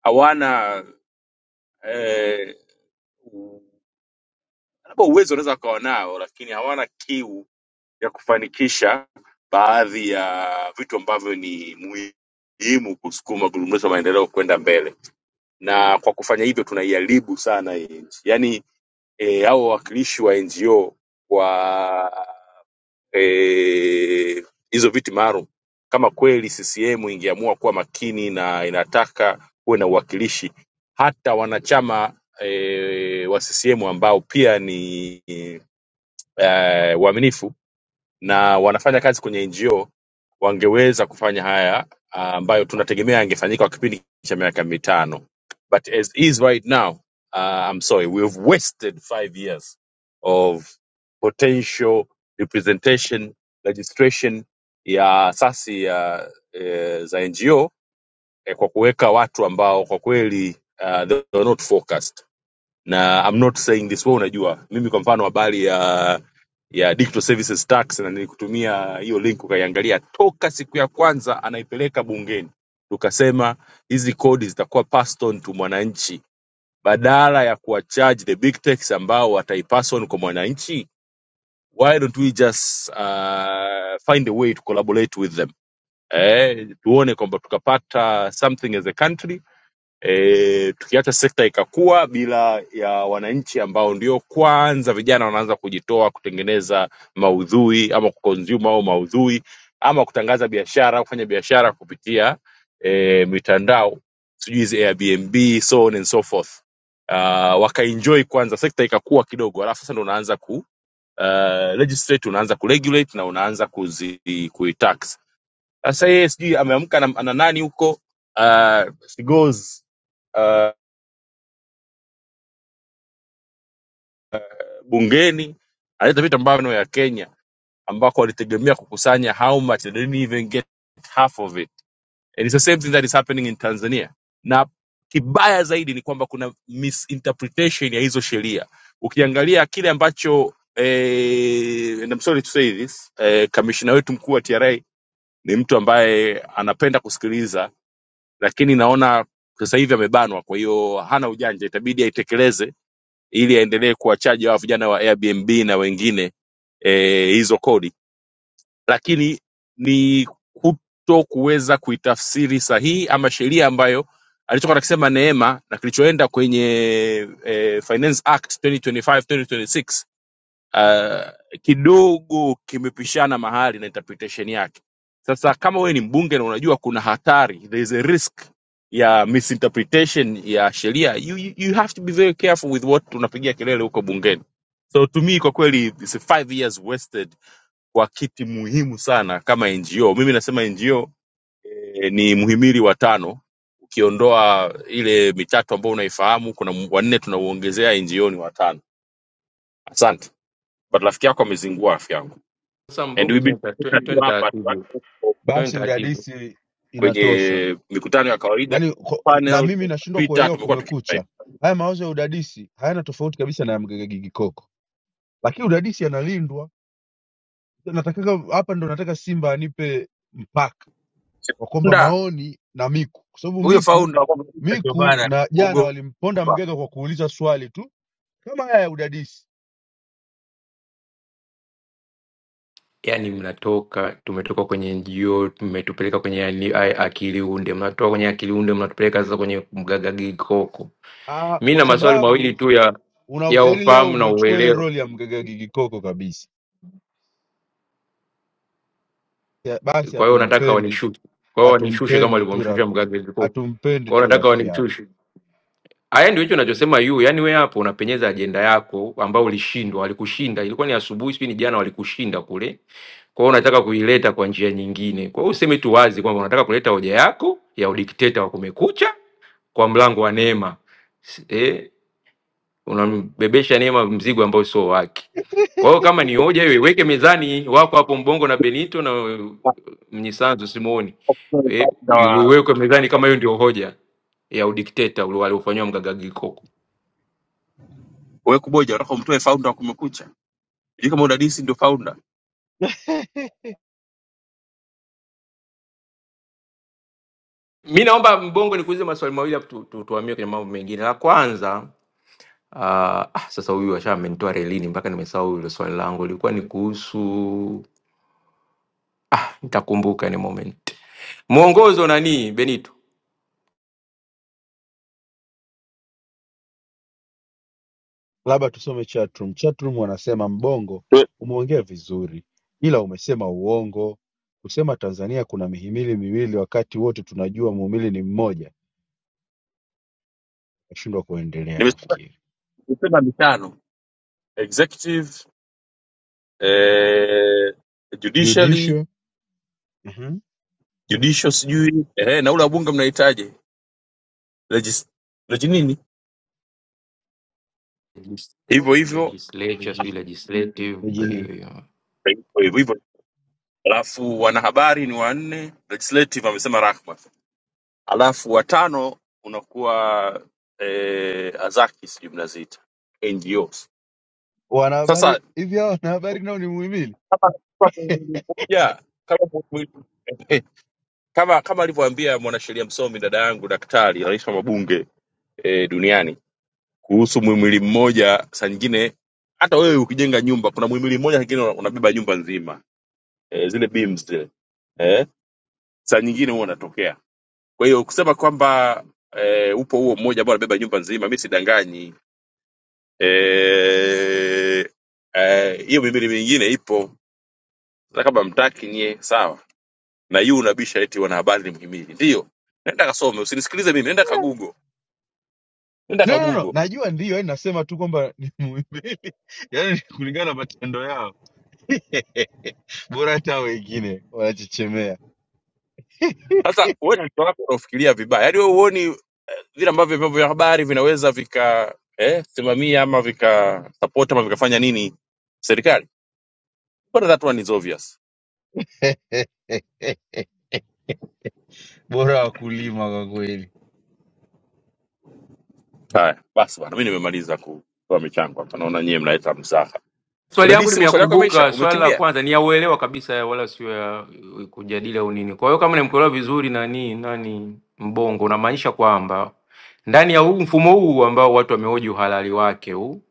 Speaker 2: hawana eh, u- labda uwezo unaweza wakawa nao, lakini hawana kiu ya kufanikisha baadhi ya vitu ambavyo ni muhimu kusukuma gurudumu la maendeleo kwenda mbele, na kwa kufanya hivyo tunaiharibu sana hii nchi. Yaani eh, hao wawakilishi wa NGO eh, hizo viti maalum kama kweli CCM ingeamua kuwa makini na inataka kuwe na uwakilishi hata wanachama e, wa CCM ambao pia ni e, waaminifu na wanafanya kazi kwenye NGO wangeweza kufanya haya ah, ambayo tunategemea yangefanyika kwa kipindi cha miaka mitano but as is right now uh, I'm sorry we have wasted five years of potential representation registration ya asasi ya eh, za NGO eh, kwa kuweka watu ambao kwa kweli uh, they are not focused na I'm not saying this wewe unajua mimi kwa mfano habari ya ya digital services tax na nilikutumia hiyo link ukaiangalia toka siku ya kwanza anaipeleka bungeni tukasema hizi kodi zitakuwa passed on to mwananchi badala ya kuwacharge the big techs ambao wataipass on kwa mwananchi why don't we just uh, find a way to collaborate with them eh, tuone kwamba tukapata something as a country e, tukiacha sekta ikakua bila ya wananchi ambao ndio kwanza vijana wanaanza kujitoa kutengeneza maudhui ama kuconsume au maudhui ama kutangaza biashara kufanya biashara kupitia e, mitandao sijui hizi airbnb so on and so forth uh, wakaenjoy kwanza sekta ikakua kidogo alafu sasa ndo unaanza ku uh, legislate unaanza kuregulate na unaanza kuzi kuitax sasa yeye sijui ameamka na, na nani huko uh, she goes bungeni alileta vitu ambavyo ya Kenya ambako walitegemea kukusanya how much they didn't even get half of it and it's the same thing that is happening in Tanzania na kibaya zaidi ni kwamba kuna misinterpretation ya hizo sheria ukiangalia kile ambacho eh, and I'm sorry to say this eh, kamishina wetu mkuu wa TRA ni mtu ambaye anapenda kusikiliza lakini naona sasa hivi amebanwa kwa hiyo hana ujanja itabidi aitekeleze ili aendelee kuwachaji hawa vijana wa Airbnb na wengine eh, hizo kodi, lakini ni kuto kuweza kuitafsiri sahihi ama sheria ambayo alichokuwa nakisema Neema na kilichoenda kwenye eh, Finance Act 2025 2026 ah, kidogo kimepishana mahali na interpretation yake. Sasa kama wewe ni mbunge na unajua kuna hatari, there is a risk ya misinterpretation ya sheria, you, you, you have to be very careful with what tunapigia kelele huko bungeni. So to me kwa kweli it's a five years wasted kwa kiti muhimu sana kama NGO. Mimi nasema NGO eh, ni muhimili wa tano, ukiondoa ile mitatu ambayo unaifahamu, kuna mu- wanne tunauongezea, NGO ni watano. Asante, but rafiki yako amezingua rafiki yangu,
Speaker 25: Sasa
Speaker 2: and we've
Speaker 25: mbongo,
Speaker 2: been
Speaker 25: twende taratibu,
Speaker 2: talking tu
Speaker 25: twende
Speaker 2: hapa tu- hata
Speaker 25: taratibu.
Speaker 2: huko
Speaker 25: twende
Speaker 3: Basi
Speaker 25: taratibu.
Speaker 3: udadisi inatosha.
Speaker 2: kwenye mikutano ya kawaida
Speaker 3: Yaani ko- na
Speaker 2: panel
Speaker 3: mimi nashindwa
Speaker 2: Twitter,
Speaker 3: kuelewa
Speaker 2: tumekuwa tukifanya
Speaker 3: kumekucha.
Speaker 2: hivi.
Speaker 3: Haya mauzo ya udadisi hayana tofauti kabisa na ya Mgaga Gigikoko. Lakini udadisi analindwa. Natakaga hapa ndo nataka Simba anipe mpaka. wa kwamba
Speaker 2: Founder,
Speaker 3: maoni na Miku, kwa sababu
Speaker 2: huyo
Speaker 3: Miku
Speaker 2: founder wa Computer ndio
Speaker 3: Miku
Speaker 2: bana
Speaker 3: na jana walimponda
Speaker 2: kuogopa
Speaker 3: mgega kwa kuuliza swali tu kama haya ya udadisi.
Speaker 25: yani mnatoka tumetoka kwenye NGO mmetupeleka kwenye yani haya akili unde, mnatoka kwenye akili unde mnatupeleka sasa kwenye mgagagikoko.
Speaker 3: Ah,
Speaker 25: Mi na
Speaker 3: kwa
Speaker 25: maswali mawili
Speaker 3: sababu
Speaker 25: tu ya
Speaker 3: una,
Speaker 25: ya
Speaker 3: yani leo
Speaker 25: ufahamu na
Speaker 3: umechukua ile
Speaker 25: uelewa,
Speaker 3: roli ya mgega gigikoko kabisa. Ya, basi
Speaker 25: kwa hiyo nataka
Speaker 3: hatumpendi
Speaker 25: wanishushe, kwa hiyo wanishushe kama
Speaker 3: hatumpendi tu ra-
Speaker 25: walivyomshusha mgagagikoko,
Speaker 3: hatumpendi
Speaker 25: kwa hiyo
Speaker 3: tu
Speaker 25: nataka
Speaker 3: rafiki yako.
Speaker 25: wanishushe. Aya, ndio hicho nachosema yu, yaani we hapo unapenyeza ajenda yako ambayo ulishindwa, walikushinda. Ilikuwa ni asubuhi, sijui ni jana, walikushinda kule. Kwa hiyo unataka kuileta kwa njia nyingine. Kwa hiyo useme tu wazi kwamba unataka kuleta hoja yako ya udikteta wa Kumekucha kwa mlango wa Neema. S- Eh, unambebesha Neema mzigo ambao sio wake. Kwa hiyo kama ni hoja hiyo iweke mezani, wako hapo Mbongo na Benito na eh, Mnyisanzu Simoni. Eh,
Speaker 2: Founder wa-
Speaker 25: iwekwe mezani kama hiyo ndio hoja ya udikteta ule waliofanyiwa mgagagi Koko.
Speaker 2: wewe kuboja unataka umtoe founder wa kumekucha sijui kama udadisi ndio founder
Speaker 3: *laughs*
Speaker 25: Mi naomba Mbongo nikuulize maswali mawili hapo tu, tu, tuhamie kwenye mambo mengine. La kwanza uh, ah, sasa huyu washa amenitoa relini mpaka nimesahau hilo swali langu, lilikuwa ni kuhusu ah, nitakumbuka ni moment. Mwongozo nani Benito?
Speaker 3: Labda tusome chatroom. Chatroom wanasema Mbongo, umeongea vizuri ila umesema uongo. Kusema Tanzania kuna mihimili miwili wakati wote tunajua muhimili ni mmoja. Nashindwa kuendelea nafikiri.
Speaker 2: Nimesema mitano executive eh, judiciary
Speaker 3: Judicial, mhm,
Speaker 2: judicial sijui eh, na ule wabunge mnahitaji legis legi nini
Speaker 25: Legis-
Speaker 2: hivyo hivyo
Speaker 25: Legislature sijui
Speaker 3: legis-
Speaker 25: legislative hiyo
Speaker 3: legini.
Speaker 25: hiyo.
Speaker 2: hivyo hivyo hivyo. alafu wanahabari ni wanne legislative amesema Rahma alafu watano unakuwa eh, azaki sijui mnaziita NGOs sasa
Speaker 3: Wanahabari hivi hao wanahabari nao ni muhimili?
Speaker 2: yeah, kama mu- mu- eh, kama kama alivyoambia mwanasheria msomi dada yangu daktari rais wa mabunge eh, duniani kuhusu muhimili mmoja saa nyingine hata wewe ukijenga nyumba kuna muhimili mmoja saa nyingine una- unabeba nyumba nzima e, zile beams zile e, saa nyingine huwa unatokea kwa hiyo kusema kwamba e, upo huo mmoja ambao unabeba nyumba nzima mi sidanganyi Eh, eh, hiyo mihimili mingine ipo hata kama mtaki nyie sawa na hiyo unabisha eti wanahabari ni mhimili ndiyo nenda kasome usinisikilize mimi nenda
Speaker 3: Yeah.
Speaker 2: kagugo nenda
Speaker 3: No, no, no.
Speaker 2: kagugo
Speaker 3: Najua ndio, yani nasema tu kwamba ni muhimili. *laughs* Yaani ni kulingana na matendo yao. *laughs* Bora hata wengine wanachechemea.
Speaker 2: sasa wewe na mtoto wako unafikiria vibaya yaani wewe huoni vile ambavyo vyombo vya habari vinaweza vika eh, simamia ama vika support ama vikafanya nini serikali. But that one is obvious.
Speaker 3: *laughs* Bora wakulima kwa kweli.
Speaker 2: Haya, basi bwana, mimi nimemaliza kutoa michango hapa. Naona nyewe mnaleta mzaha.
Speaker 25: Swali yangu
Speaker 2: Udadisi, maswali yako yameisha,
Speaker 25: nimeyakumbuka. Swali la
Speaker 2: umekimbia.
Speaker 25: kwanza ni ya uelewa kabisa, wala sio ya uh, kujadili au nini. Kwa hiyo kama nimekuelewa vizuri, nani nani Mbongo, unamaanisha kwamba ndani ya huu mfumo huu ambao watu wamehoji uhalali wake huu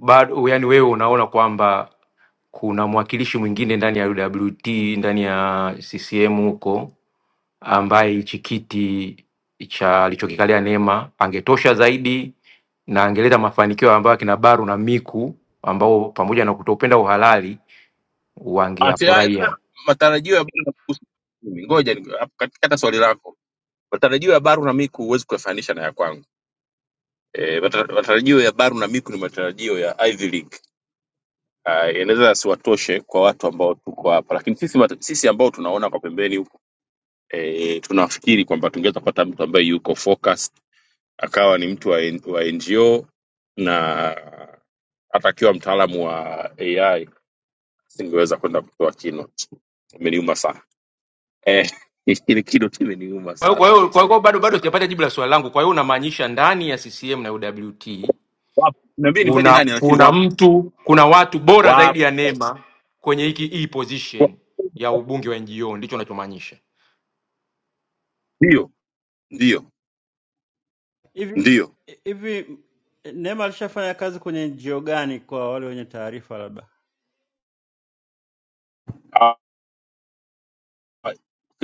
Speaker 25: bado, yani wewe unaona kwamba kuna mwakilishi mwingine ndani ya UWT, ndani ya CCM huko ambaye hichi kiti cha alichokikalia Neema angetosha zaidi na angeleta mafanikio ambayo akina Baru na Miku ambao pamoja na kutopenda uhalali
Speaker 2: Ati ah, sasa
Speaker 25: wangeyafurahia.
Speaker 2: matarajio ya Baru na Miku mimi. Ngoja ni- hapo katikata swali lako. Matarajio ya Baru na Miku huwezi kuyafanisha na ya kwangu. E, matarajio ya Baru na Miku ni matarajio ya Ivy League. Uh, inaweza yasiwatoshe kwa watu ambao tuko hapa, lakini sisi, mata- sisi ambao tunaona kwa pembeni e, tunafikiri kwamba tungeweza kupata mtu ambaye yuko focused akawa ni mtu wa, N- wa NGO na hata akiwa mtaalamu wa AI singeweza kwenda kutoa keynote. Imeniuma sana eh, *laughs* ile keynote imeniuma
Speaker 25: Kwa hiyo kwa
Speaker 2: sana.
Speaker 25: hiyo kwa hiyo bado bado sijapata jibu la swali langu. Kwa hiyo unamaanisha ndani ya CCM na UWT
Speaker 2: Wapo niambie nimtaje
Speaker 25: kuna
Speaker 2: nani, lakini
Speaker 25: kuna
Speaker 2: wapo
Speaker 25: mtu kuna watu bora zaidi
Speaker 2: wapo,
Speaker 25: ya Neema kwenye hiki hii position ya ubunge wa NGO, ndicho unachomaanisha?
Speaker 2: ndio ndio
Speaker 27: Hivi
Speaker 2: ndio.
Speaker 27: hivi Neema alishafanya kazi kwenye NGO gani kwa wale wenye taarifa labda?
Speaker 2: Ah,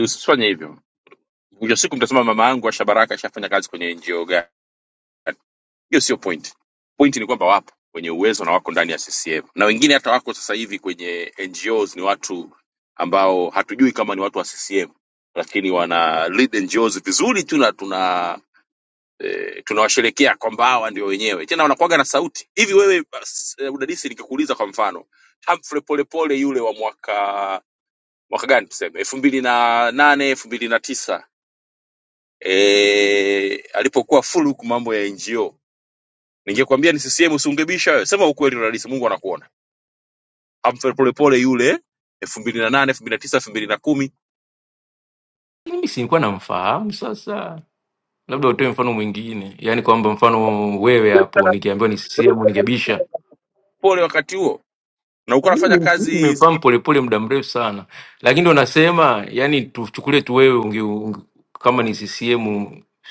Speaker 2: Usifanye hivyo, mwisho wa siku mtasema mama yangu Asha Baraka ashafanya kazi kwenye NGO gani? hiyo sio point point ni kwamba wapo wenye uwezo na wako ndani ya ccm na wengine hata wako sasa hivi kwenye ngos ni watu ambao hatujui kama ni watu wa ccm lakini wana lead ngos vizuri tu na tuna eh, tunawasherekea kwamba hawa ndio wenyewe tena wanakuaga na sauti hivi wewe bas, eh, udadisi nikikuuliza kwa mfano Humphrey polepole yule wa mwaka mwaka gani tuseme elfu mbili na nane elfu mbili na tisa eh, alipokuwa full huku mambo ya ngo Ningekwambia ni CCM usiungebisha wewe. Sema ukweli rais, Mungu anakuona. Humphrey Polepole yule elfu mbili na nane elfu mbili na tisa elfu mbili na kumi
Speaker 25: Mimi si nilikuwa namfahamu sasa. labda utoe mfano mwingine, yaani kwamba mfano wewe hapo, nikiambiwa ni CCM ningebisha.
Speaker 2: pole wakati huo, na ulikuwa unafanya
Speaker 25: Mimi
Speaker 2: kazi
Speaker 25: nimefahamu polepole muda mrefu sana, lakini ndo nasema yani, tuchukulie tu wewe unge, unge, kama ni CCM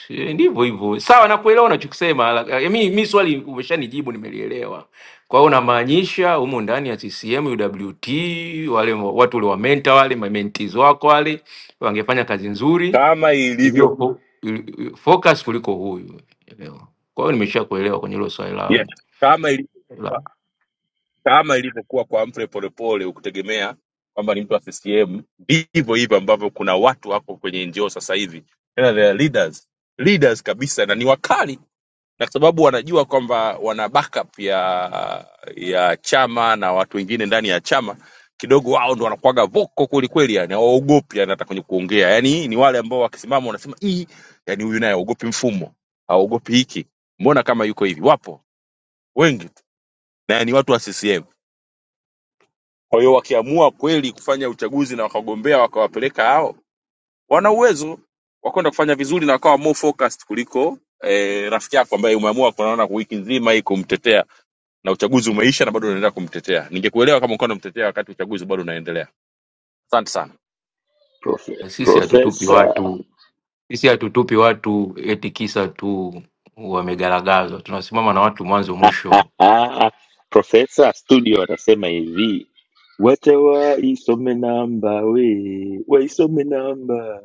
Speaker 25: si- ndivyo hivyo. Sawa, nakuelewa unachokisema. la- eh, Mi mi swali umeshanijibu, nimelielewa. Kwa hiyo unamaanisha humo ndani ya CCM UWT, wale wa- watu wale wa menta wale ma- mentees wako wale wangefanya kazi nzuri
Speaker 2: kama
Speaker 25: iliyo
Speaker 2: ilivyo
Speaker 25: fo- ili- focus kuliko huyu elewa. Kwa hiyo nimesha kuelewa kwenye hilo swali
Speaker 2: yes,
Speaker 25: langu
Speaker 2: kama ilivyo
Speaker 25: la
Speaker 2: kama ilivyokuwa kwa Humphrey Polepole, ukutegemea kwamba ni mtu wa CCM. Ndivyo hivyo ambavyo kuna watu wako kwenye NGO sasa hivi, tena they are leaders leaders kabisa, na ni wakali na kwa sababu wanajua kwamba wana backup ya ya chama na watu wengine ndani ya chama kidogo wao ndo wanakuwaga voko kwelikweli yani hawaogopi yani hata kwenye kuongea yani ni wale ambao wakisimama wanasema hii yani huyu naye haogopi mfumo haogopi hiki mbona kama yuko hivi wapo wengi tu na ni watu wa ccm kwa hiyo wakiamua kweli kufanya uchaguzi na wakagombea wakawapeleka hao wana uwezo wakwenda kufanya vizuri na wakawa more focused kuliko eh, rafiki yako ambaye umeamua kunaona kwa wiki nzima hii kumtetea na uchaguzi umeisha na bado unaendelea kumtetea ningekuelewa kama ungekuwa unamtetea wakati uchaguzi bado unaendelea asante sana
Speaker 1: Profe-
Speaker 25: sisi hatutupi
Speaker 1: Profesa
Speaker 25: watu sisi hatutupi watu eti kisa tu wamegaragazwa, tunasimama na watu mwanzo mwisho
Speaker 1: *laughs* Profesa studio anasema hivi, wacha waisome namba we, waisome namba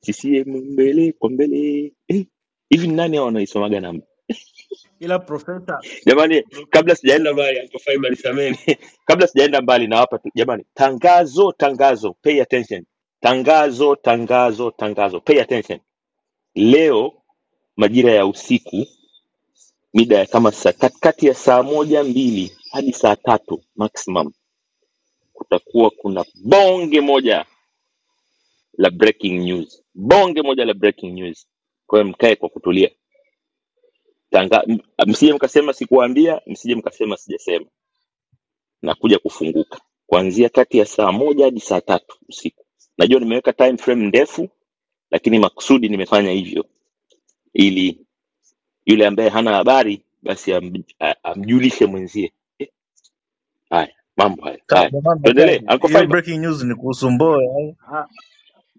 Speaker 1: CCM mbele kwa mbele. Eh, Hivi ni nani hao wanaisomaga namba?
Speaker 27: Ila profesa,
Speaker 1: Jamani,
Speaker 27: profe,
Speaker 1: kabla sijaenda mbali, Uncle Simon sameni, *laughs* kabla sijaenda mbali nawapa tu jamani, tangazo tangazo, pay attention, tangazo tangazo tangazo, pay attention. Leo majira ya usiku, mida ya kama saa katikati ya saa moja mbili hadi saa tatu maximum, kutakuwa kuna bonge moja la breaking news, bonge moja la breaking news. Kwa hiyo mkae kwa kutulia, Tanga, m- msije mkasema sikuwaambia, msije mkasema sijasema na kuja kufunguka kuanzia kati ya saa moja hadi saa tatu usiku. Najua nimeweka time frame ndefu, lakini makusudi nimefanya hivyo ili yule ambaye hana habari basi am, a- amjulishe mwenzie. Eh, Haya, mambo haya
Speaker 30: Ka-
Speaker 1: haya,
Speaker 30: Jamani,
Speaker 1: tuendelee.
Speaker 30: naswaje?
Speaker 1: Uncle
Speaker 30: hiyo
Speaker 1: Fiber,
Speaker 30: breaking news ni kuhusu Mbowe. eh?
Speaker 27: ah,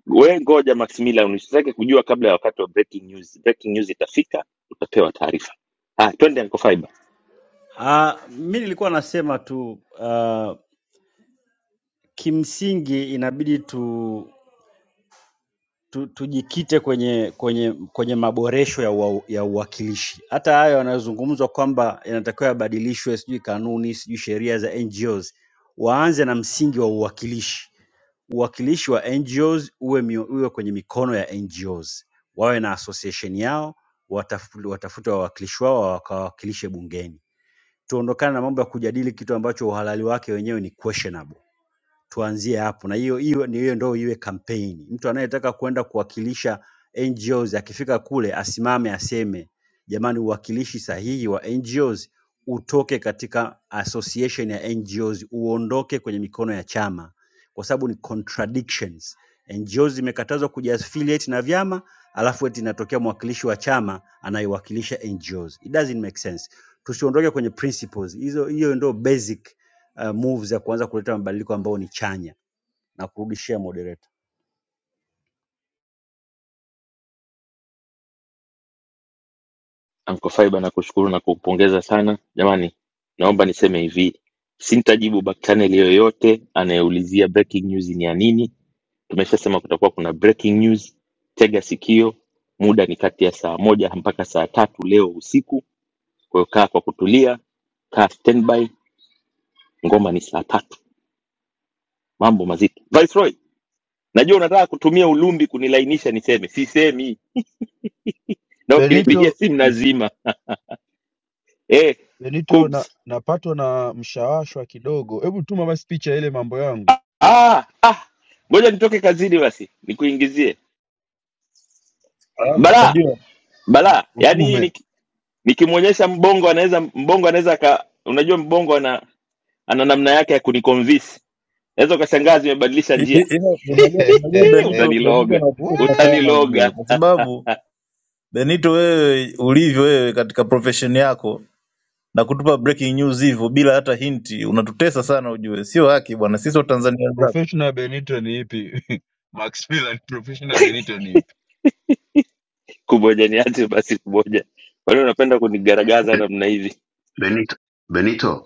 Speaker 1: we ngoja Maximilian, usitake kujua kabla ya wakati wa breaking news. Breaking news itafika, utapewa taarifa. Haya, twende Uncle Fiber.
Speaker 27: ah, mi nilikuwa nasema tu ah, kimsingi inabidi tu tu, tujikite kwenye kwenye kwenye maboresho ya, uwa, ya uwakilishi. Hata hayo yanayozungumzwa kwamba yanatakiwa yabadilishwe, sijui kanuni, sijui sheria za NGOs, waanze na msingi wa uwakilishi. Uwakilishi wa NGOs uwe, mio, uwe kwenye mikono ya NGOs, wawe na association yao, watafute, watafute wawakilishi wao wakawakilishe bungeni. Tuondokane na mambo ya kujadili kitu ambacho uhalali wake wenyewe ni questionable tuanzie hapo, na hiyo hiyo ni hiyo ndio iwe kampeni. Mtu anayetaka kwenda kuwakilisha NGOs akifika kule asimame aseme, jamani, uwakilishi sahihi wa NGOs utoke katika association ya NGOs, uondoke kwenye mikono ya chama, kwa sababu ni contradictions. NGOs zimekatazwa kujiaffiliate na vyama, alafu eti inatokea mwakilishi wa chama anayewakilisha NGOs. It doesn't make sense. Tusiondoke kwenye principles hizo, hiyo ndio basic uh, moves ya kuanza kuleta mabadiliko ambayo ni chanya na kurudishia moderator
Speaker 1: Anko Faiba, nakushukuru na kukupongeza sana. Jamani, naomba niseme hivi, sintajibu back channel yoyote anayeulizia breaking news ni ya nini. Tumeshasema kutakuwa kuna breaking news, tega sikio. Muda ni kati ya saa moja mpaka saa tatu leo usiku, kwa hiyo kaa kwa kutulia, kaa standby. Ngoma ni saa tatu, mambo mazito. Viceroy, najua unataka kutumia ulumbi kunilainisha niseme, sisemi na ukinipigia
Speaker 3: Benito
Speaker 1: simu nazima eh,
Speaker 3: Benito
Speaker 1: Kubs.
Speaker 3: na napatwa na mshawashwa kidogo. Hebu tuma basi picha ya ile mambo yangu.
Speaker 1: Ah, ah, ngoja nitoke kazini basi nikuingizie
Speaker 30: Alafu
Speaker 3: Wala
Speaker 1: balaa
Speaker 30: unajua
Speaker 1: balaa. Yaani hii
Speaker 3: utume.
Speaker 1: niki- nikimwonyesha mbongo anaweza mbongo anaweza aka, unajua mbongo ana ana namna yake ya kuniconvince. Naweza ukashangaa zimebadilisha
Speaker 30: hi- hi-
Speaker 1: njia.
Speaker 30: hilo- unajua
Speaker 1: *laughs*
Speaker 30: unajua
Speaker 1: Hii,
Speaker 3: *laughs*
Speaker 30: Benito Benito
Speaker 1: Utaniloga,
Speaker 30: anakukosa sana
Speaker 3: Wee!
Speaker 30: ujue,
Speaker 1: utaniloga.
Speaker 30: kwa sababu Benito, wewe ulivyo wewe katika profession yako na kutupa breaking news hivyo bila hata hinti, unatutesa sana ujue. Sio haki bwana, sisi wa Tanzania zako.
Speaker 3: professional benito ni ipi *laughs* max Miller ni professional benito ni ipi
Speaker 1: Kumoja niache basi kumoja. Wale unapenda kunigaragaza namna hivi.
Speaker 29: Benito, Benito,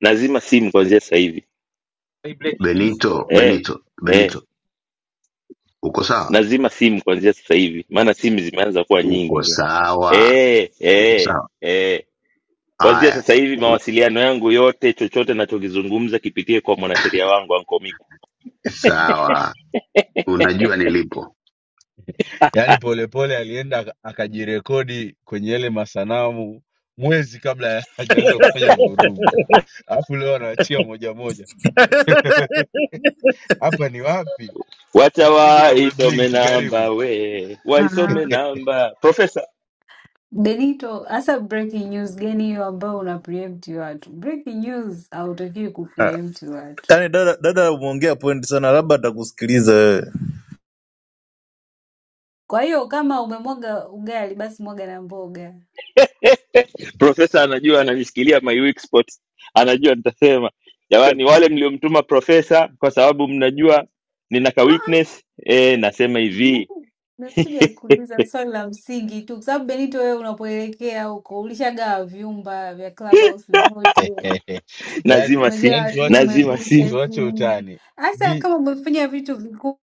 Speaker 1: Nazima simu kuanzia sasa hivi.
Speaker 31: Ni breaking news.
Speaker 29: Benito,
Speaker 1: Eh,
Speaker 29: Benito,
Speaker 1: eh,
Speaker 29: Benito, uko sawa?
Speaker 1: nazima simu kuanzia sasa hivi, maana simu zimeanza kuwa
Speaker 29: Uko
Speaker 1: nyingi.
Speaker 29: sawa?
Speaker 1: Eh,
Speaker 29: Uko
Speaker 1: eh,
Speaker 29: sawa?
Speaker 1: eh. Kwanzia
Speaker 29: Haya,
Speaker 1: sasa hivi
Speaker 29: un-
Speaker 1: mawasiliano yangu yote, chochote nachokizungumza kipitie kwa mwanasheria wangu Anko Miku.
Speaker 29: sawa. Unajua nilipo,
Speaker 3: yaani polepole alienda aka- akajirekodi kwenye yale masanamu mwezi kabla ya- *laughs* hajaanza kufanya vurugu alafu leo anaachia moja moja *laughs* hapa ni wapi
Speaker 1: Wacha
Speaker 3: ije
Speaker 1: waisome
Speaker 3: umeblinki
Speaker 1: namba
Speaker 3: karibu
Speaker 1: we, waisome namba. Profesa
Speaker 22: Benito, hasa breaking news gani hiyo ambayo una preempt watu? Breaking news hautakiwi
Speaker 30: Ah,
Speaker 22: kupreempt watu.
Speaker 30: Yaani dada dada umeongea point sana, labda atakusikiliza wewe.
Speaker 22: Kwa hiyo kama umemwaga ugali, basi mwaga na mboga.
Speaker 1: profesa anajua, ananishikilia my weak spot, anajua nitasema jamani, wale mliomtuma profesa, kwa sababu mnajua nina ka
Speaker 22: Ah,
Speaker 1: weakness eh, nasema
Speaker 22: no.
Speaker 1: hivi,
Speaker 22: Nimekuja kuuliza swali la msingi tu, kwa sababu Benito, wewe unapoelekea huko ulishagawa vyumba vya Clubhouse vyote,
Speaker 3: *laughs* yaani
Speaker 1: nazima si
Speaker 3: yaani
Speaker 22: umegawa sijui
Speaker 3: tuache
Speaker 1: nazima si
Speaker 22: kumekucha sijui
Speaker 3: tuache
Speaker 22: nini.
Speaker 3: utani
Speaker 22: Hasa kama umefanya vitu vikubwa,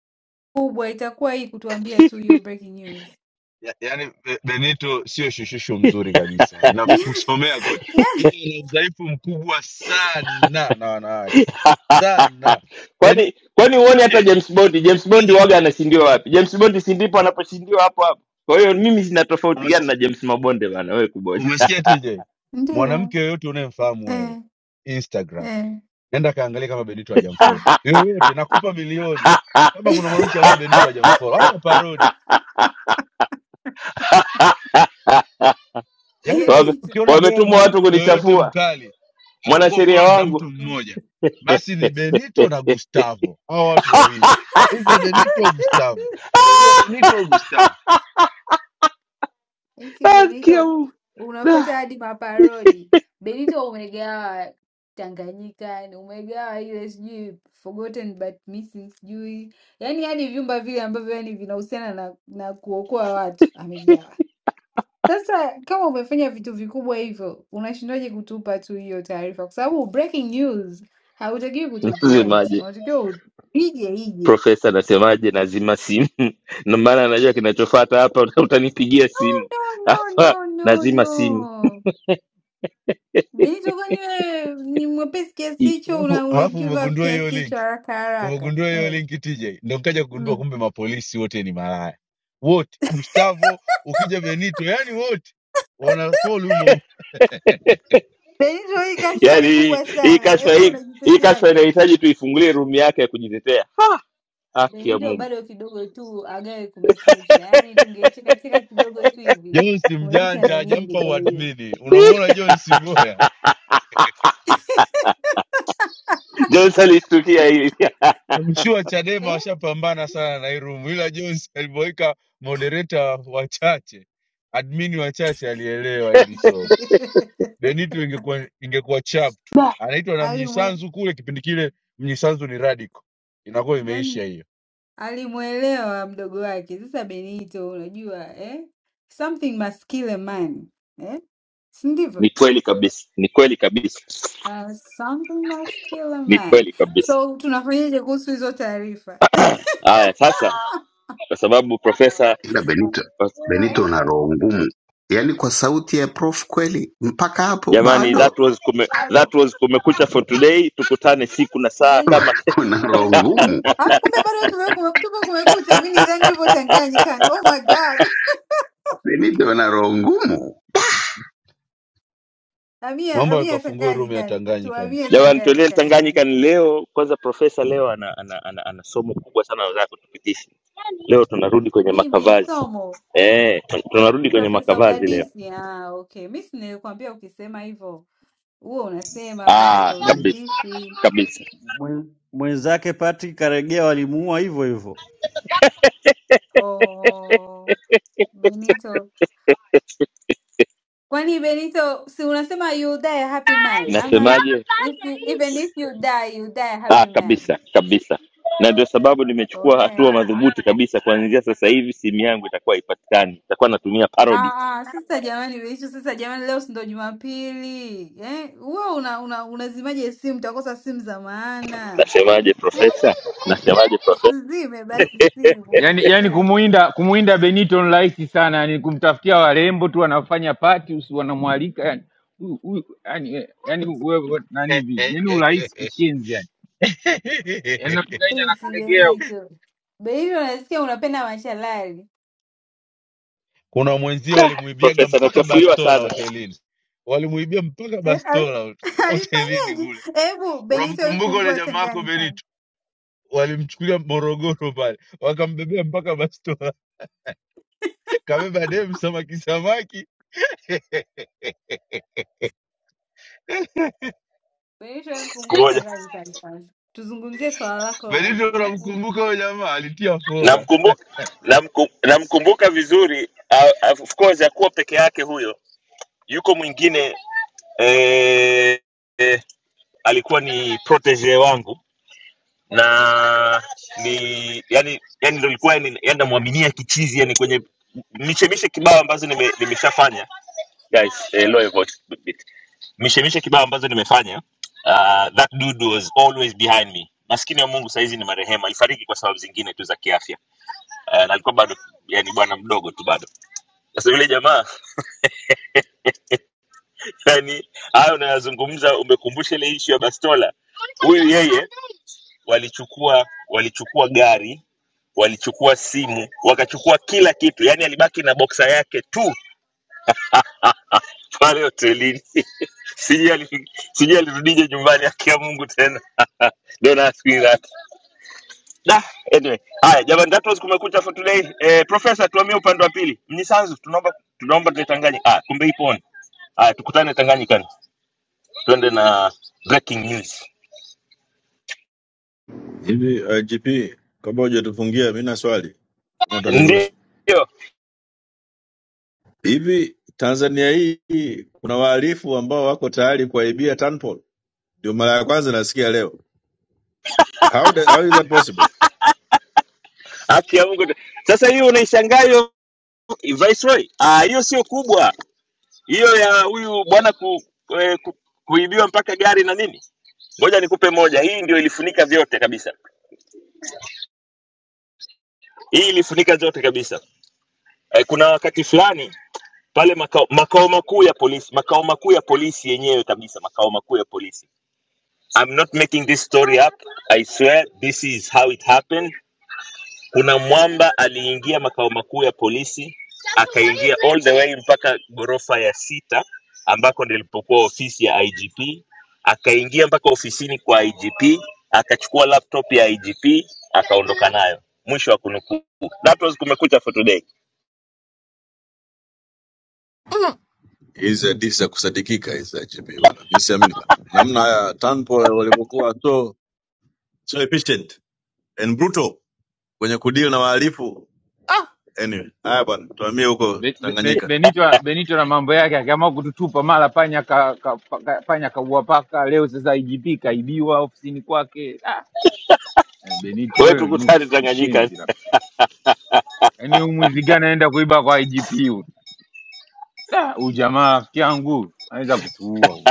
Speaker 22: itakuwa hii kutuambia tu hiyo breaking news.
Speaker 3: Ya- yaani Be- benito sio shushisho mzuri kabisa
Speaker 22: *laughs*
Speaker 3: ninakusomea kote
Speaker 22: Yeah,
Speaker 3: ila ana udhaifu mkubwa sana na wanawake
Speaker 1: *laughs*
Speaker 3: sana Beni,
Speaker 1: kwani kwani huoni hata
Speaker 3: tj
Speaker 1: James Bond James Bond
Speaker 3: tj
Speaker 1: waga anashindiwa wapi? James Bond si ndipo anaposhindiwa hapo hapo. Kwa hiyo mimi sina tofauti gani
Speaker 3: umesikia
Speaker 1: na James Mabonde bana, wewe kuboja.
Speaker 3: umesikia tj
Speaker 22: ndiyo
Speaker 3: mwanamke yoyote unayemfahamu wewe
Speaker 22: eh,
Speaker 3: instagram
Speaker 22: eh.
Speaker 3: nenda kaangalia kama benito hajamfollow
Speaker 22: Ah,
Speaker 3: yoyote nakupa milioni
Speaker 1: *laughs*
Speaker 3: kama kuna
Speaker 22: *laughs*
Speaker 3: mwanamke ambaye benito hajamfollow hata parodi yaani hata
Speaker 1: Wame-
Speaker 22: Benito *laughs*
Speaker 3: ukiona
Speaker 1: Wametumwa
Speaker 3: demu
Speaker 1: watu
Speaker 3: yoyote
Speaker 1: kunichafua
Speaker 3: mkali amekuwa
Speaker 1: mwanasheria
Speaker 3: followed na
Speaker 1: wangu
Speaker 3: mtu mmoja basi ni benito na gustavo hao watu wawili either benito au gustavo either
Speaker 1: *laughs*
Speaker 3: benito au gustavo
Speaker 22: eti
Speaker 1: Ah, sikia
Speaker 22: Benito
Speaker 1: huu.
Speaker 22: unafuata
Speaker 1: Da.
Speaker 22: hadi maparodi. Benito umegawa Tanganyika, yani umegawa ile sijui forgotten but missing, sijui yani yani vyumba vile ambavyo yani vinahusiana na, na kuokoa watu amegawa. Sasa kama umefanya vitu vikubwa hivyo, unashindwaje kutupa tu hiyo taarifa? Kwa sababu breaking news hautakiwi kuto preempt,
Speaker 1: Nasemaje?
Speaker 22: unatakiwa upige ije.
Speaker 1: Profesa anasemaje? Nazima simu *laughs* Ndio maana anajua kinachofuata hapa, uta- utanipigia simu *laughs*
Speaker 22: No,
Speaker 1: hapa,
Speaker 22: no, no,
Speaker 1: nazima simu
Speaker 22: no. Bito, kwani wewe ni mwepesi kiasi hicho,
Speaker 3: alafu
Speaker 22: una, una
Speaker 3: alafu
Speaker 22: give up
Speaker 3: umegundua hiyo
Speaker 22: kiasi
Speaker 3: link
Speaker 22: hicho haraka haraka
Speaker 3: umegundua hiyo
Speaker 22: eh?
Speaker 3: link tj ndo nkaja kugundua
Speaker 22: mm.
Speaker 3: kumbe mapolisi wote ni malaya wote gustavo ukija benito yani wote wana follow humo humo.
Speaker 22: Benito, hii kashfa
Speaker 1: yani
Speaker 22: ni
Speaker 1: hii
Speaker 22: kubwa
Speaker 1: hii
Speaker 22: sana,
Speaker 1: kashfa
Speaker 22: hebu
Speaker 1: hii hii kashfa
Speaker 22: unajiteteaje?
Speaker 1: inahitaji tuifungulie room yake ya kujitetea haki ya
Speaker 22: Benito
Speaker 1: mungu
Speaker 22: bado kidogo tu agawe kumekucha, yaani tungecheka cheka kidogo tu hivi
Speaker 3: jones
Speaker 22: kumekucha na
Speaker 3: mjanja
Speaker 22: yenyewe
Speaker 3: hajampa
Speaker 22: ingegawiwa
Speaker 3: uadmini unamuona jones boya
Speaker 1: jones alistukia hili *laughs*
Speaker 3: Namshua Chadema
Speaker 22: eh?
Speaker 3: washapambana sana na hii room, ila Jones *laughs* alivyoweka moderator wachache, admin wachache, alielewa hili somo.
Speaker 22: *laughs*
Speaker 3: Benito ingekuwa ingekuwa chapt, anaitwa na
Speaker 22: Alimwe
Speaker 3: Mnyisanzu kule, kipindi kile Mnyisanzu ni radical, inakuwa imeisha
Speaker 22: Yaani
Speaker 3: hiyo.
Speaker 22: alimwelewa mdogo wake. Sasa Benito, unajua eh? Something must kill *laughs* a man eh? si ndivyo?
Speaker 1: ni kweli kabisa ni kweli kabisa
Speaker 22: Uh, something must kill a
Speaker 1: ni
Speaker 22: man.
Speaker 1: kweli kabisa
Speaker 22: So tunafanyaje kuhusu hizo taarifa *laughs*
Speaker 1: haya sasa kwa sababu profesa
Speaker 29: ila Benito,
Speaker 22: eh?
Speaker 29: Benito una roho ngumu, yaani kwa sauti ya prof kweli, mpaka hapo
Speaker 1: jamani that
Speaker 29: bado
Speaker 1: was kume, that
Speaker 22: Hapo
Speaker 1: was kumekucha for today tukutane siku na saa
Speaker 22: Beida,
Speaker 1: kama *laughs*
Speaker 29: *laughs*
Speaker 1: kesho.
Speaker 29: una
Speaker 22: uh,
Speaker 29: roho
Speaker 22: uh,
Speaker 29: ngumu
Speaker 22: alafu kumbe bado tume- kume- tuko kumekucha. Mi nidhani tupo Tanganyikani. Oh my God,
Speaker 29: Benito, una roho ngumu.
Speaker 22: *laughs* amia
Speaker 3: Naomba
Speaker 22: amia
Speaker 3: nikafungue room ya
Speaker 22: Tanganyikani,
Speaker 3: Tanganyika.
Speaker 22: tuamie
Speaker 1: jamani tuendee
Speaker 22: Tanganyikani.
Speaker 1: tanganyika ni
Speaker 22: Benito,
Speaker 1: leo kwanza profesa leo ana, ana, ana, ana somo kubwa sana anataka kutupitisha leo tunarudi kwenye
Speaker 22: mimi
Speaker 1: makavazi
Speaker 22: somo
Speaker 1: Eh, tunarudi kwenye
Speaker 22: Profesa
Speaker 1: makavazi leo
Speaker 22: Udadisi. Ah, okay, mi si nilikwambia ukisema hivyo huo unasema
Speaker 1: Ah,
Speaker 22: Profesa
Speaker 27: Mwen-
Speaker 1: kabisa
Speaker 22: Udadisi.
Speaker 1: kabisa.
Speaker 27: mwen- mwenzake Patrick Karegeya walimuua hivyo hivyo
Speaker 22: Oh, Benito
Speaker 1: *laughs*
Speaker 22: Kwani Benito, si unasema you die a happy man ama
Speaker 1: Nasemaje?
Speaker 22: if you, even if you die you die a
Speaker 1: Ah,
Speaker 22: happy man.
Speaker 1: kabisa kabisa, na ndio sababu nimechukua
Speaker 22: Okay.
Speaker 1: hatua madhubuti kabisa. Kuanzia sasa hivi simu yangu itakuwa haipatikani, itakuwa natumia parody.
Speaker 22: Ah, ah, sasa jamani Benito, sasa jamani leo si ndo Jumapili. Eh, wewe una, una unazimaje simu? Utakosa simu za maana.
Speaker 1: Nasemaje profesa? Nasemaje profesa?
Speaker 22: Usizime basi simu.
Speaker 31: Yani, yani
Speaker 22: Eh,
Speaker 31: kumuinda kumuinda Benito ni rahisi sana, yani kumtafutia warembo tu wanafanya pati usi wanamwalika yani huyu- huyu- yani eh, yani wewe wewe nani vipi? Yani urahisi
Speaker 3: *laughs*
Speaker 31: kishenzi yani. Yani tunaenda na
Speaker 22: eti
Speaker 31: Kalegea huyu.
Speaker 22: Benito. Benito nasikia unapenda machalali.
Speaker 3: Kuna mwenzio walimuibiaga
Speaker 1: Profesa
Speaker 3: mpaka
Speaker 1: anachafuliwa
Speaker 3: bastola
Speaker 1: sana
Speaker 3: hotelini, walimuibia mpaka
Speaker 22: Eh, ali-
Speaker 3: bastola
Speaker 22: *laughs*
Speaker 3: hotelini
Speaker 22: alifanyaje?
Speaker 3: kule.
Speaker 22: Hebu Benito
Speaker 3: Unamkumbuka ule
Speaker 22: ifungue
Speaker 3: jamaa wako
Speaker 22: Tanganyika.
Speaker 3: Benito? walimchukulia Morogoro pale, wakambebea mpaka bastola, kabeba dem samaki samaki. *laughs*
Speaker 22: Benito, hebu
Speaker 1: siku
Speaker 22: fungua
Speaker 1: moja.
Speaker 22: Tanganyika kwanza, tuzungumzie swala lako na
Speaker 3: Benito, unamkumbuka huyo jamaa, alitia fora.
Speaker 1: Namkumbuka namku, namkumbuka vizuri. ah, of course hakuwa peke yake huyo, yuko mwingine eh, eh, alikuwa ni protege wangu na ni yani yani ndo ilikuwa yani, yani namwaminia kichizi yani kwenye mishemishe kibao ambazo nime, nimeshafanya guys eh, lower voice a bit. mishemishe kibao ambazo nimefanya uh, that dude was always behind me maskini ya mungu saizi ni marehemu alifariki kwa sababu zingine tu za kiafya uh, na alikuwa bado yani bwana mdogo tu bado sasa yule jamaa *laughs* yani hayo unayazungumza umekumbusha ile ishu ya bastola huyu yeye walichukua walichukua gari walichukua simu wakachukua kila kitu yani alibaki na boksa yake tu pale hotelini *laughs* sijui ali- sijui alirudije nyumbani akia mungu tena *laughs* don't ask me that da anyway haya jamani that was kumekucha for today eh, professor tuamie upande wa pili mnyisanzu tunaomba tunaomba tuletanganye ah kumbe ipo on haya tukutane tanganyikani tuende na breaking news
Speaker 13: Hivi IGP, kabla hujatufungia, mi na swali kama
Speaker 1: ndio
Speaker 13: utaniruhusu. Hivi Tanzania hii kuna wahalifu ambao wako tayari kuaibia Tanpol? Ndio mara ya kwanza nasikia leo. How, the, how is that possible?
Speaker 1: afya ya mungu sasa hiyo unaishangaa hiyo viceroy ah hiyo sio kubwa hiyo ya huyu bwana ku, eh, ku, kuibiwa mpaka gari na nini ngoja nikupe moja hii ndio ilifunika vyote kabisa hii ilifunika vyote kabisa eh, kuna wakati fulani pale makao, makao makuu ya polisi makao makuu ya polisi yenyewe kabisa makao makuu ya polisi I'm not making this story up I swear this is how it happened Kuna mwamba aliingia makao makuu ya polisi akaingia all the way mpaka ghorofa ya sita ambako nilipokuwa ofisi ya IGP, akaingia mpaka ofisini kwa IGP, akachukua laptop ya IGP akaondoka nayo. Mwisho wa kunukuu. That was Kumekucha for today.
Speaker 13: hizi hadithi za kusadikika hizi IGP bwana, mi siamini bwana. Namna ya Tanpol walivyokuwa so, so efficient and brutal kwenye kudeal na wahalifu. Anyway, haya bwana, tuhamie huko
Speaker 31: Be, be, Be-
Speaker 13: Tanganyika.
Speaker 31: Benito Benito na mambo yake akaamua kututupa mara panya ka, ka, ka, panya kaua paka leo sasa IGP kaibiwa ofisini kwake. Ah, eh, Benito
Speaker 1: Wewe
Speaker 31: wewe
Speaker 1: tukutane
Speaker 31: nusu
Speaker 1: Tanganyika.
Speaker 31: kishenzi labda. Yaani huyu mwizi gani anaenda kuiba kwa IGP huyu? Da, huyu jamaa rafiki yangu anaweza kutuua huyu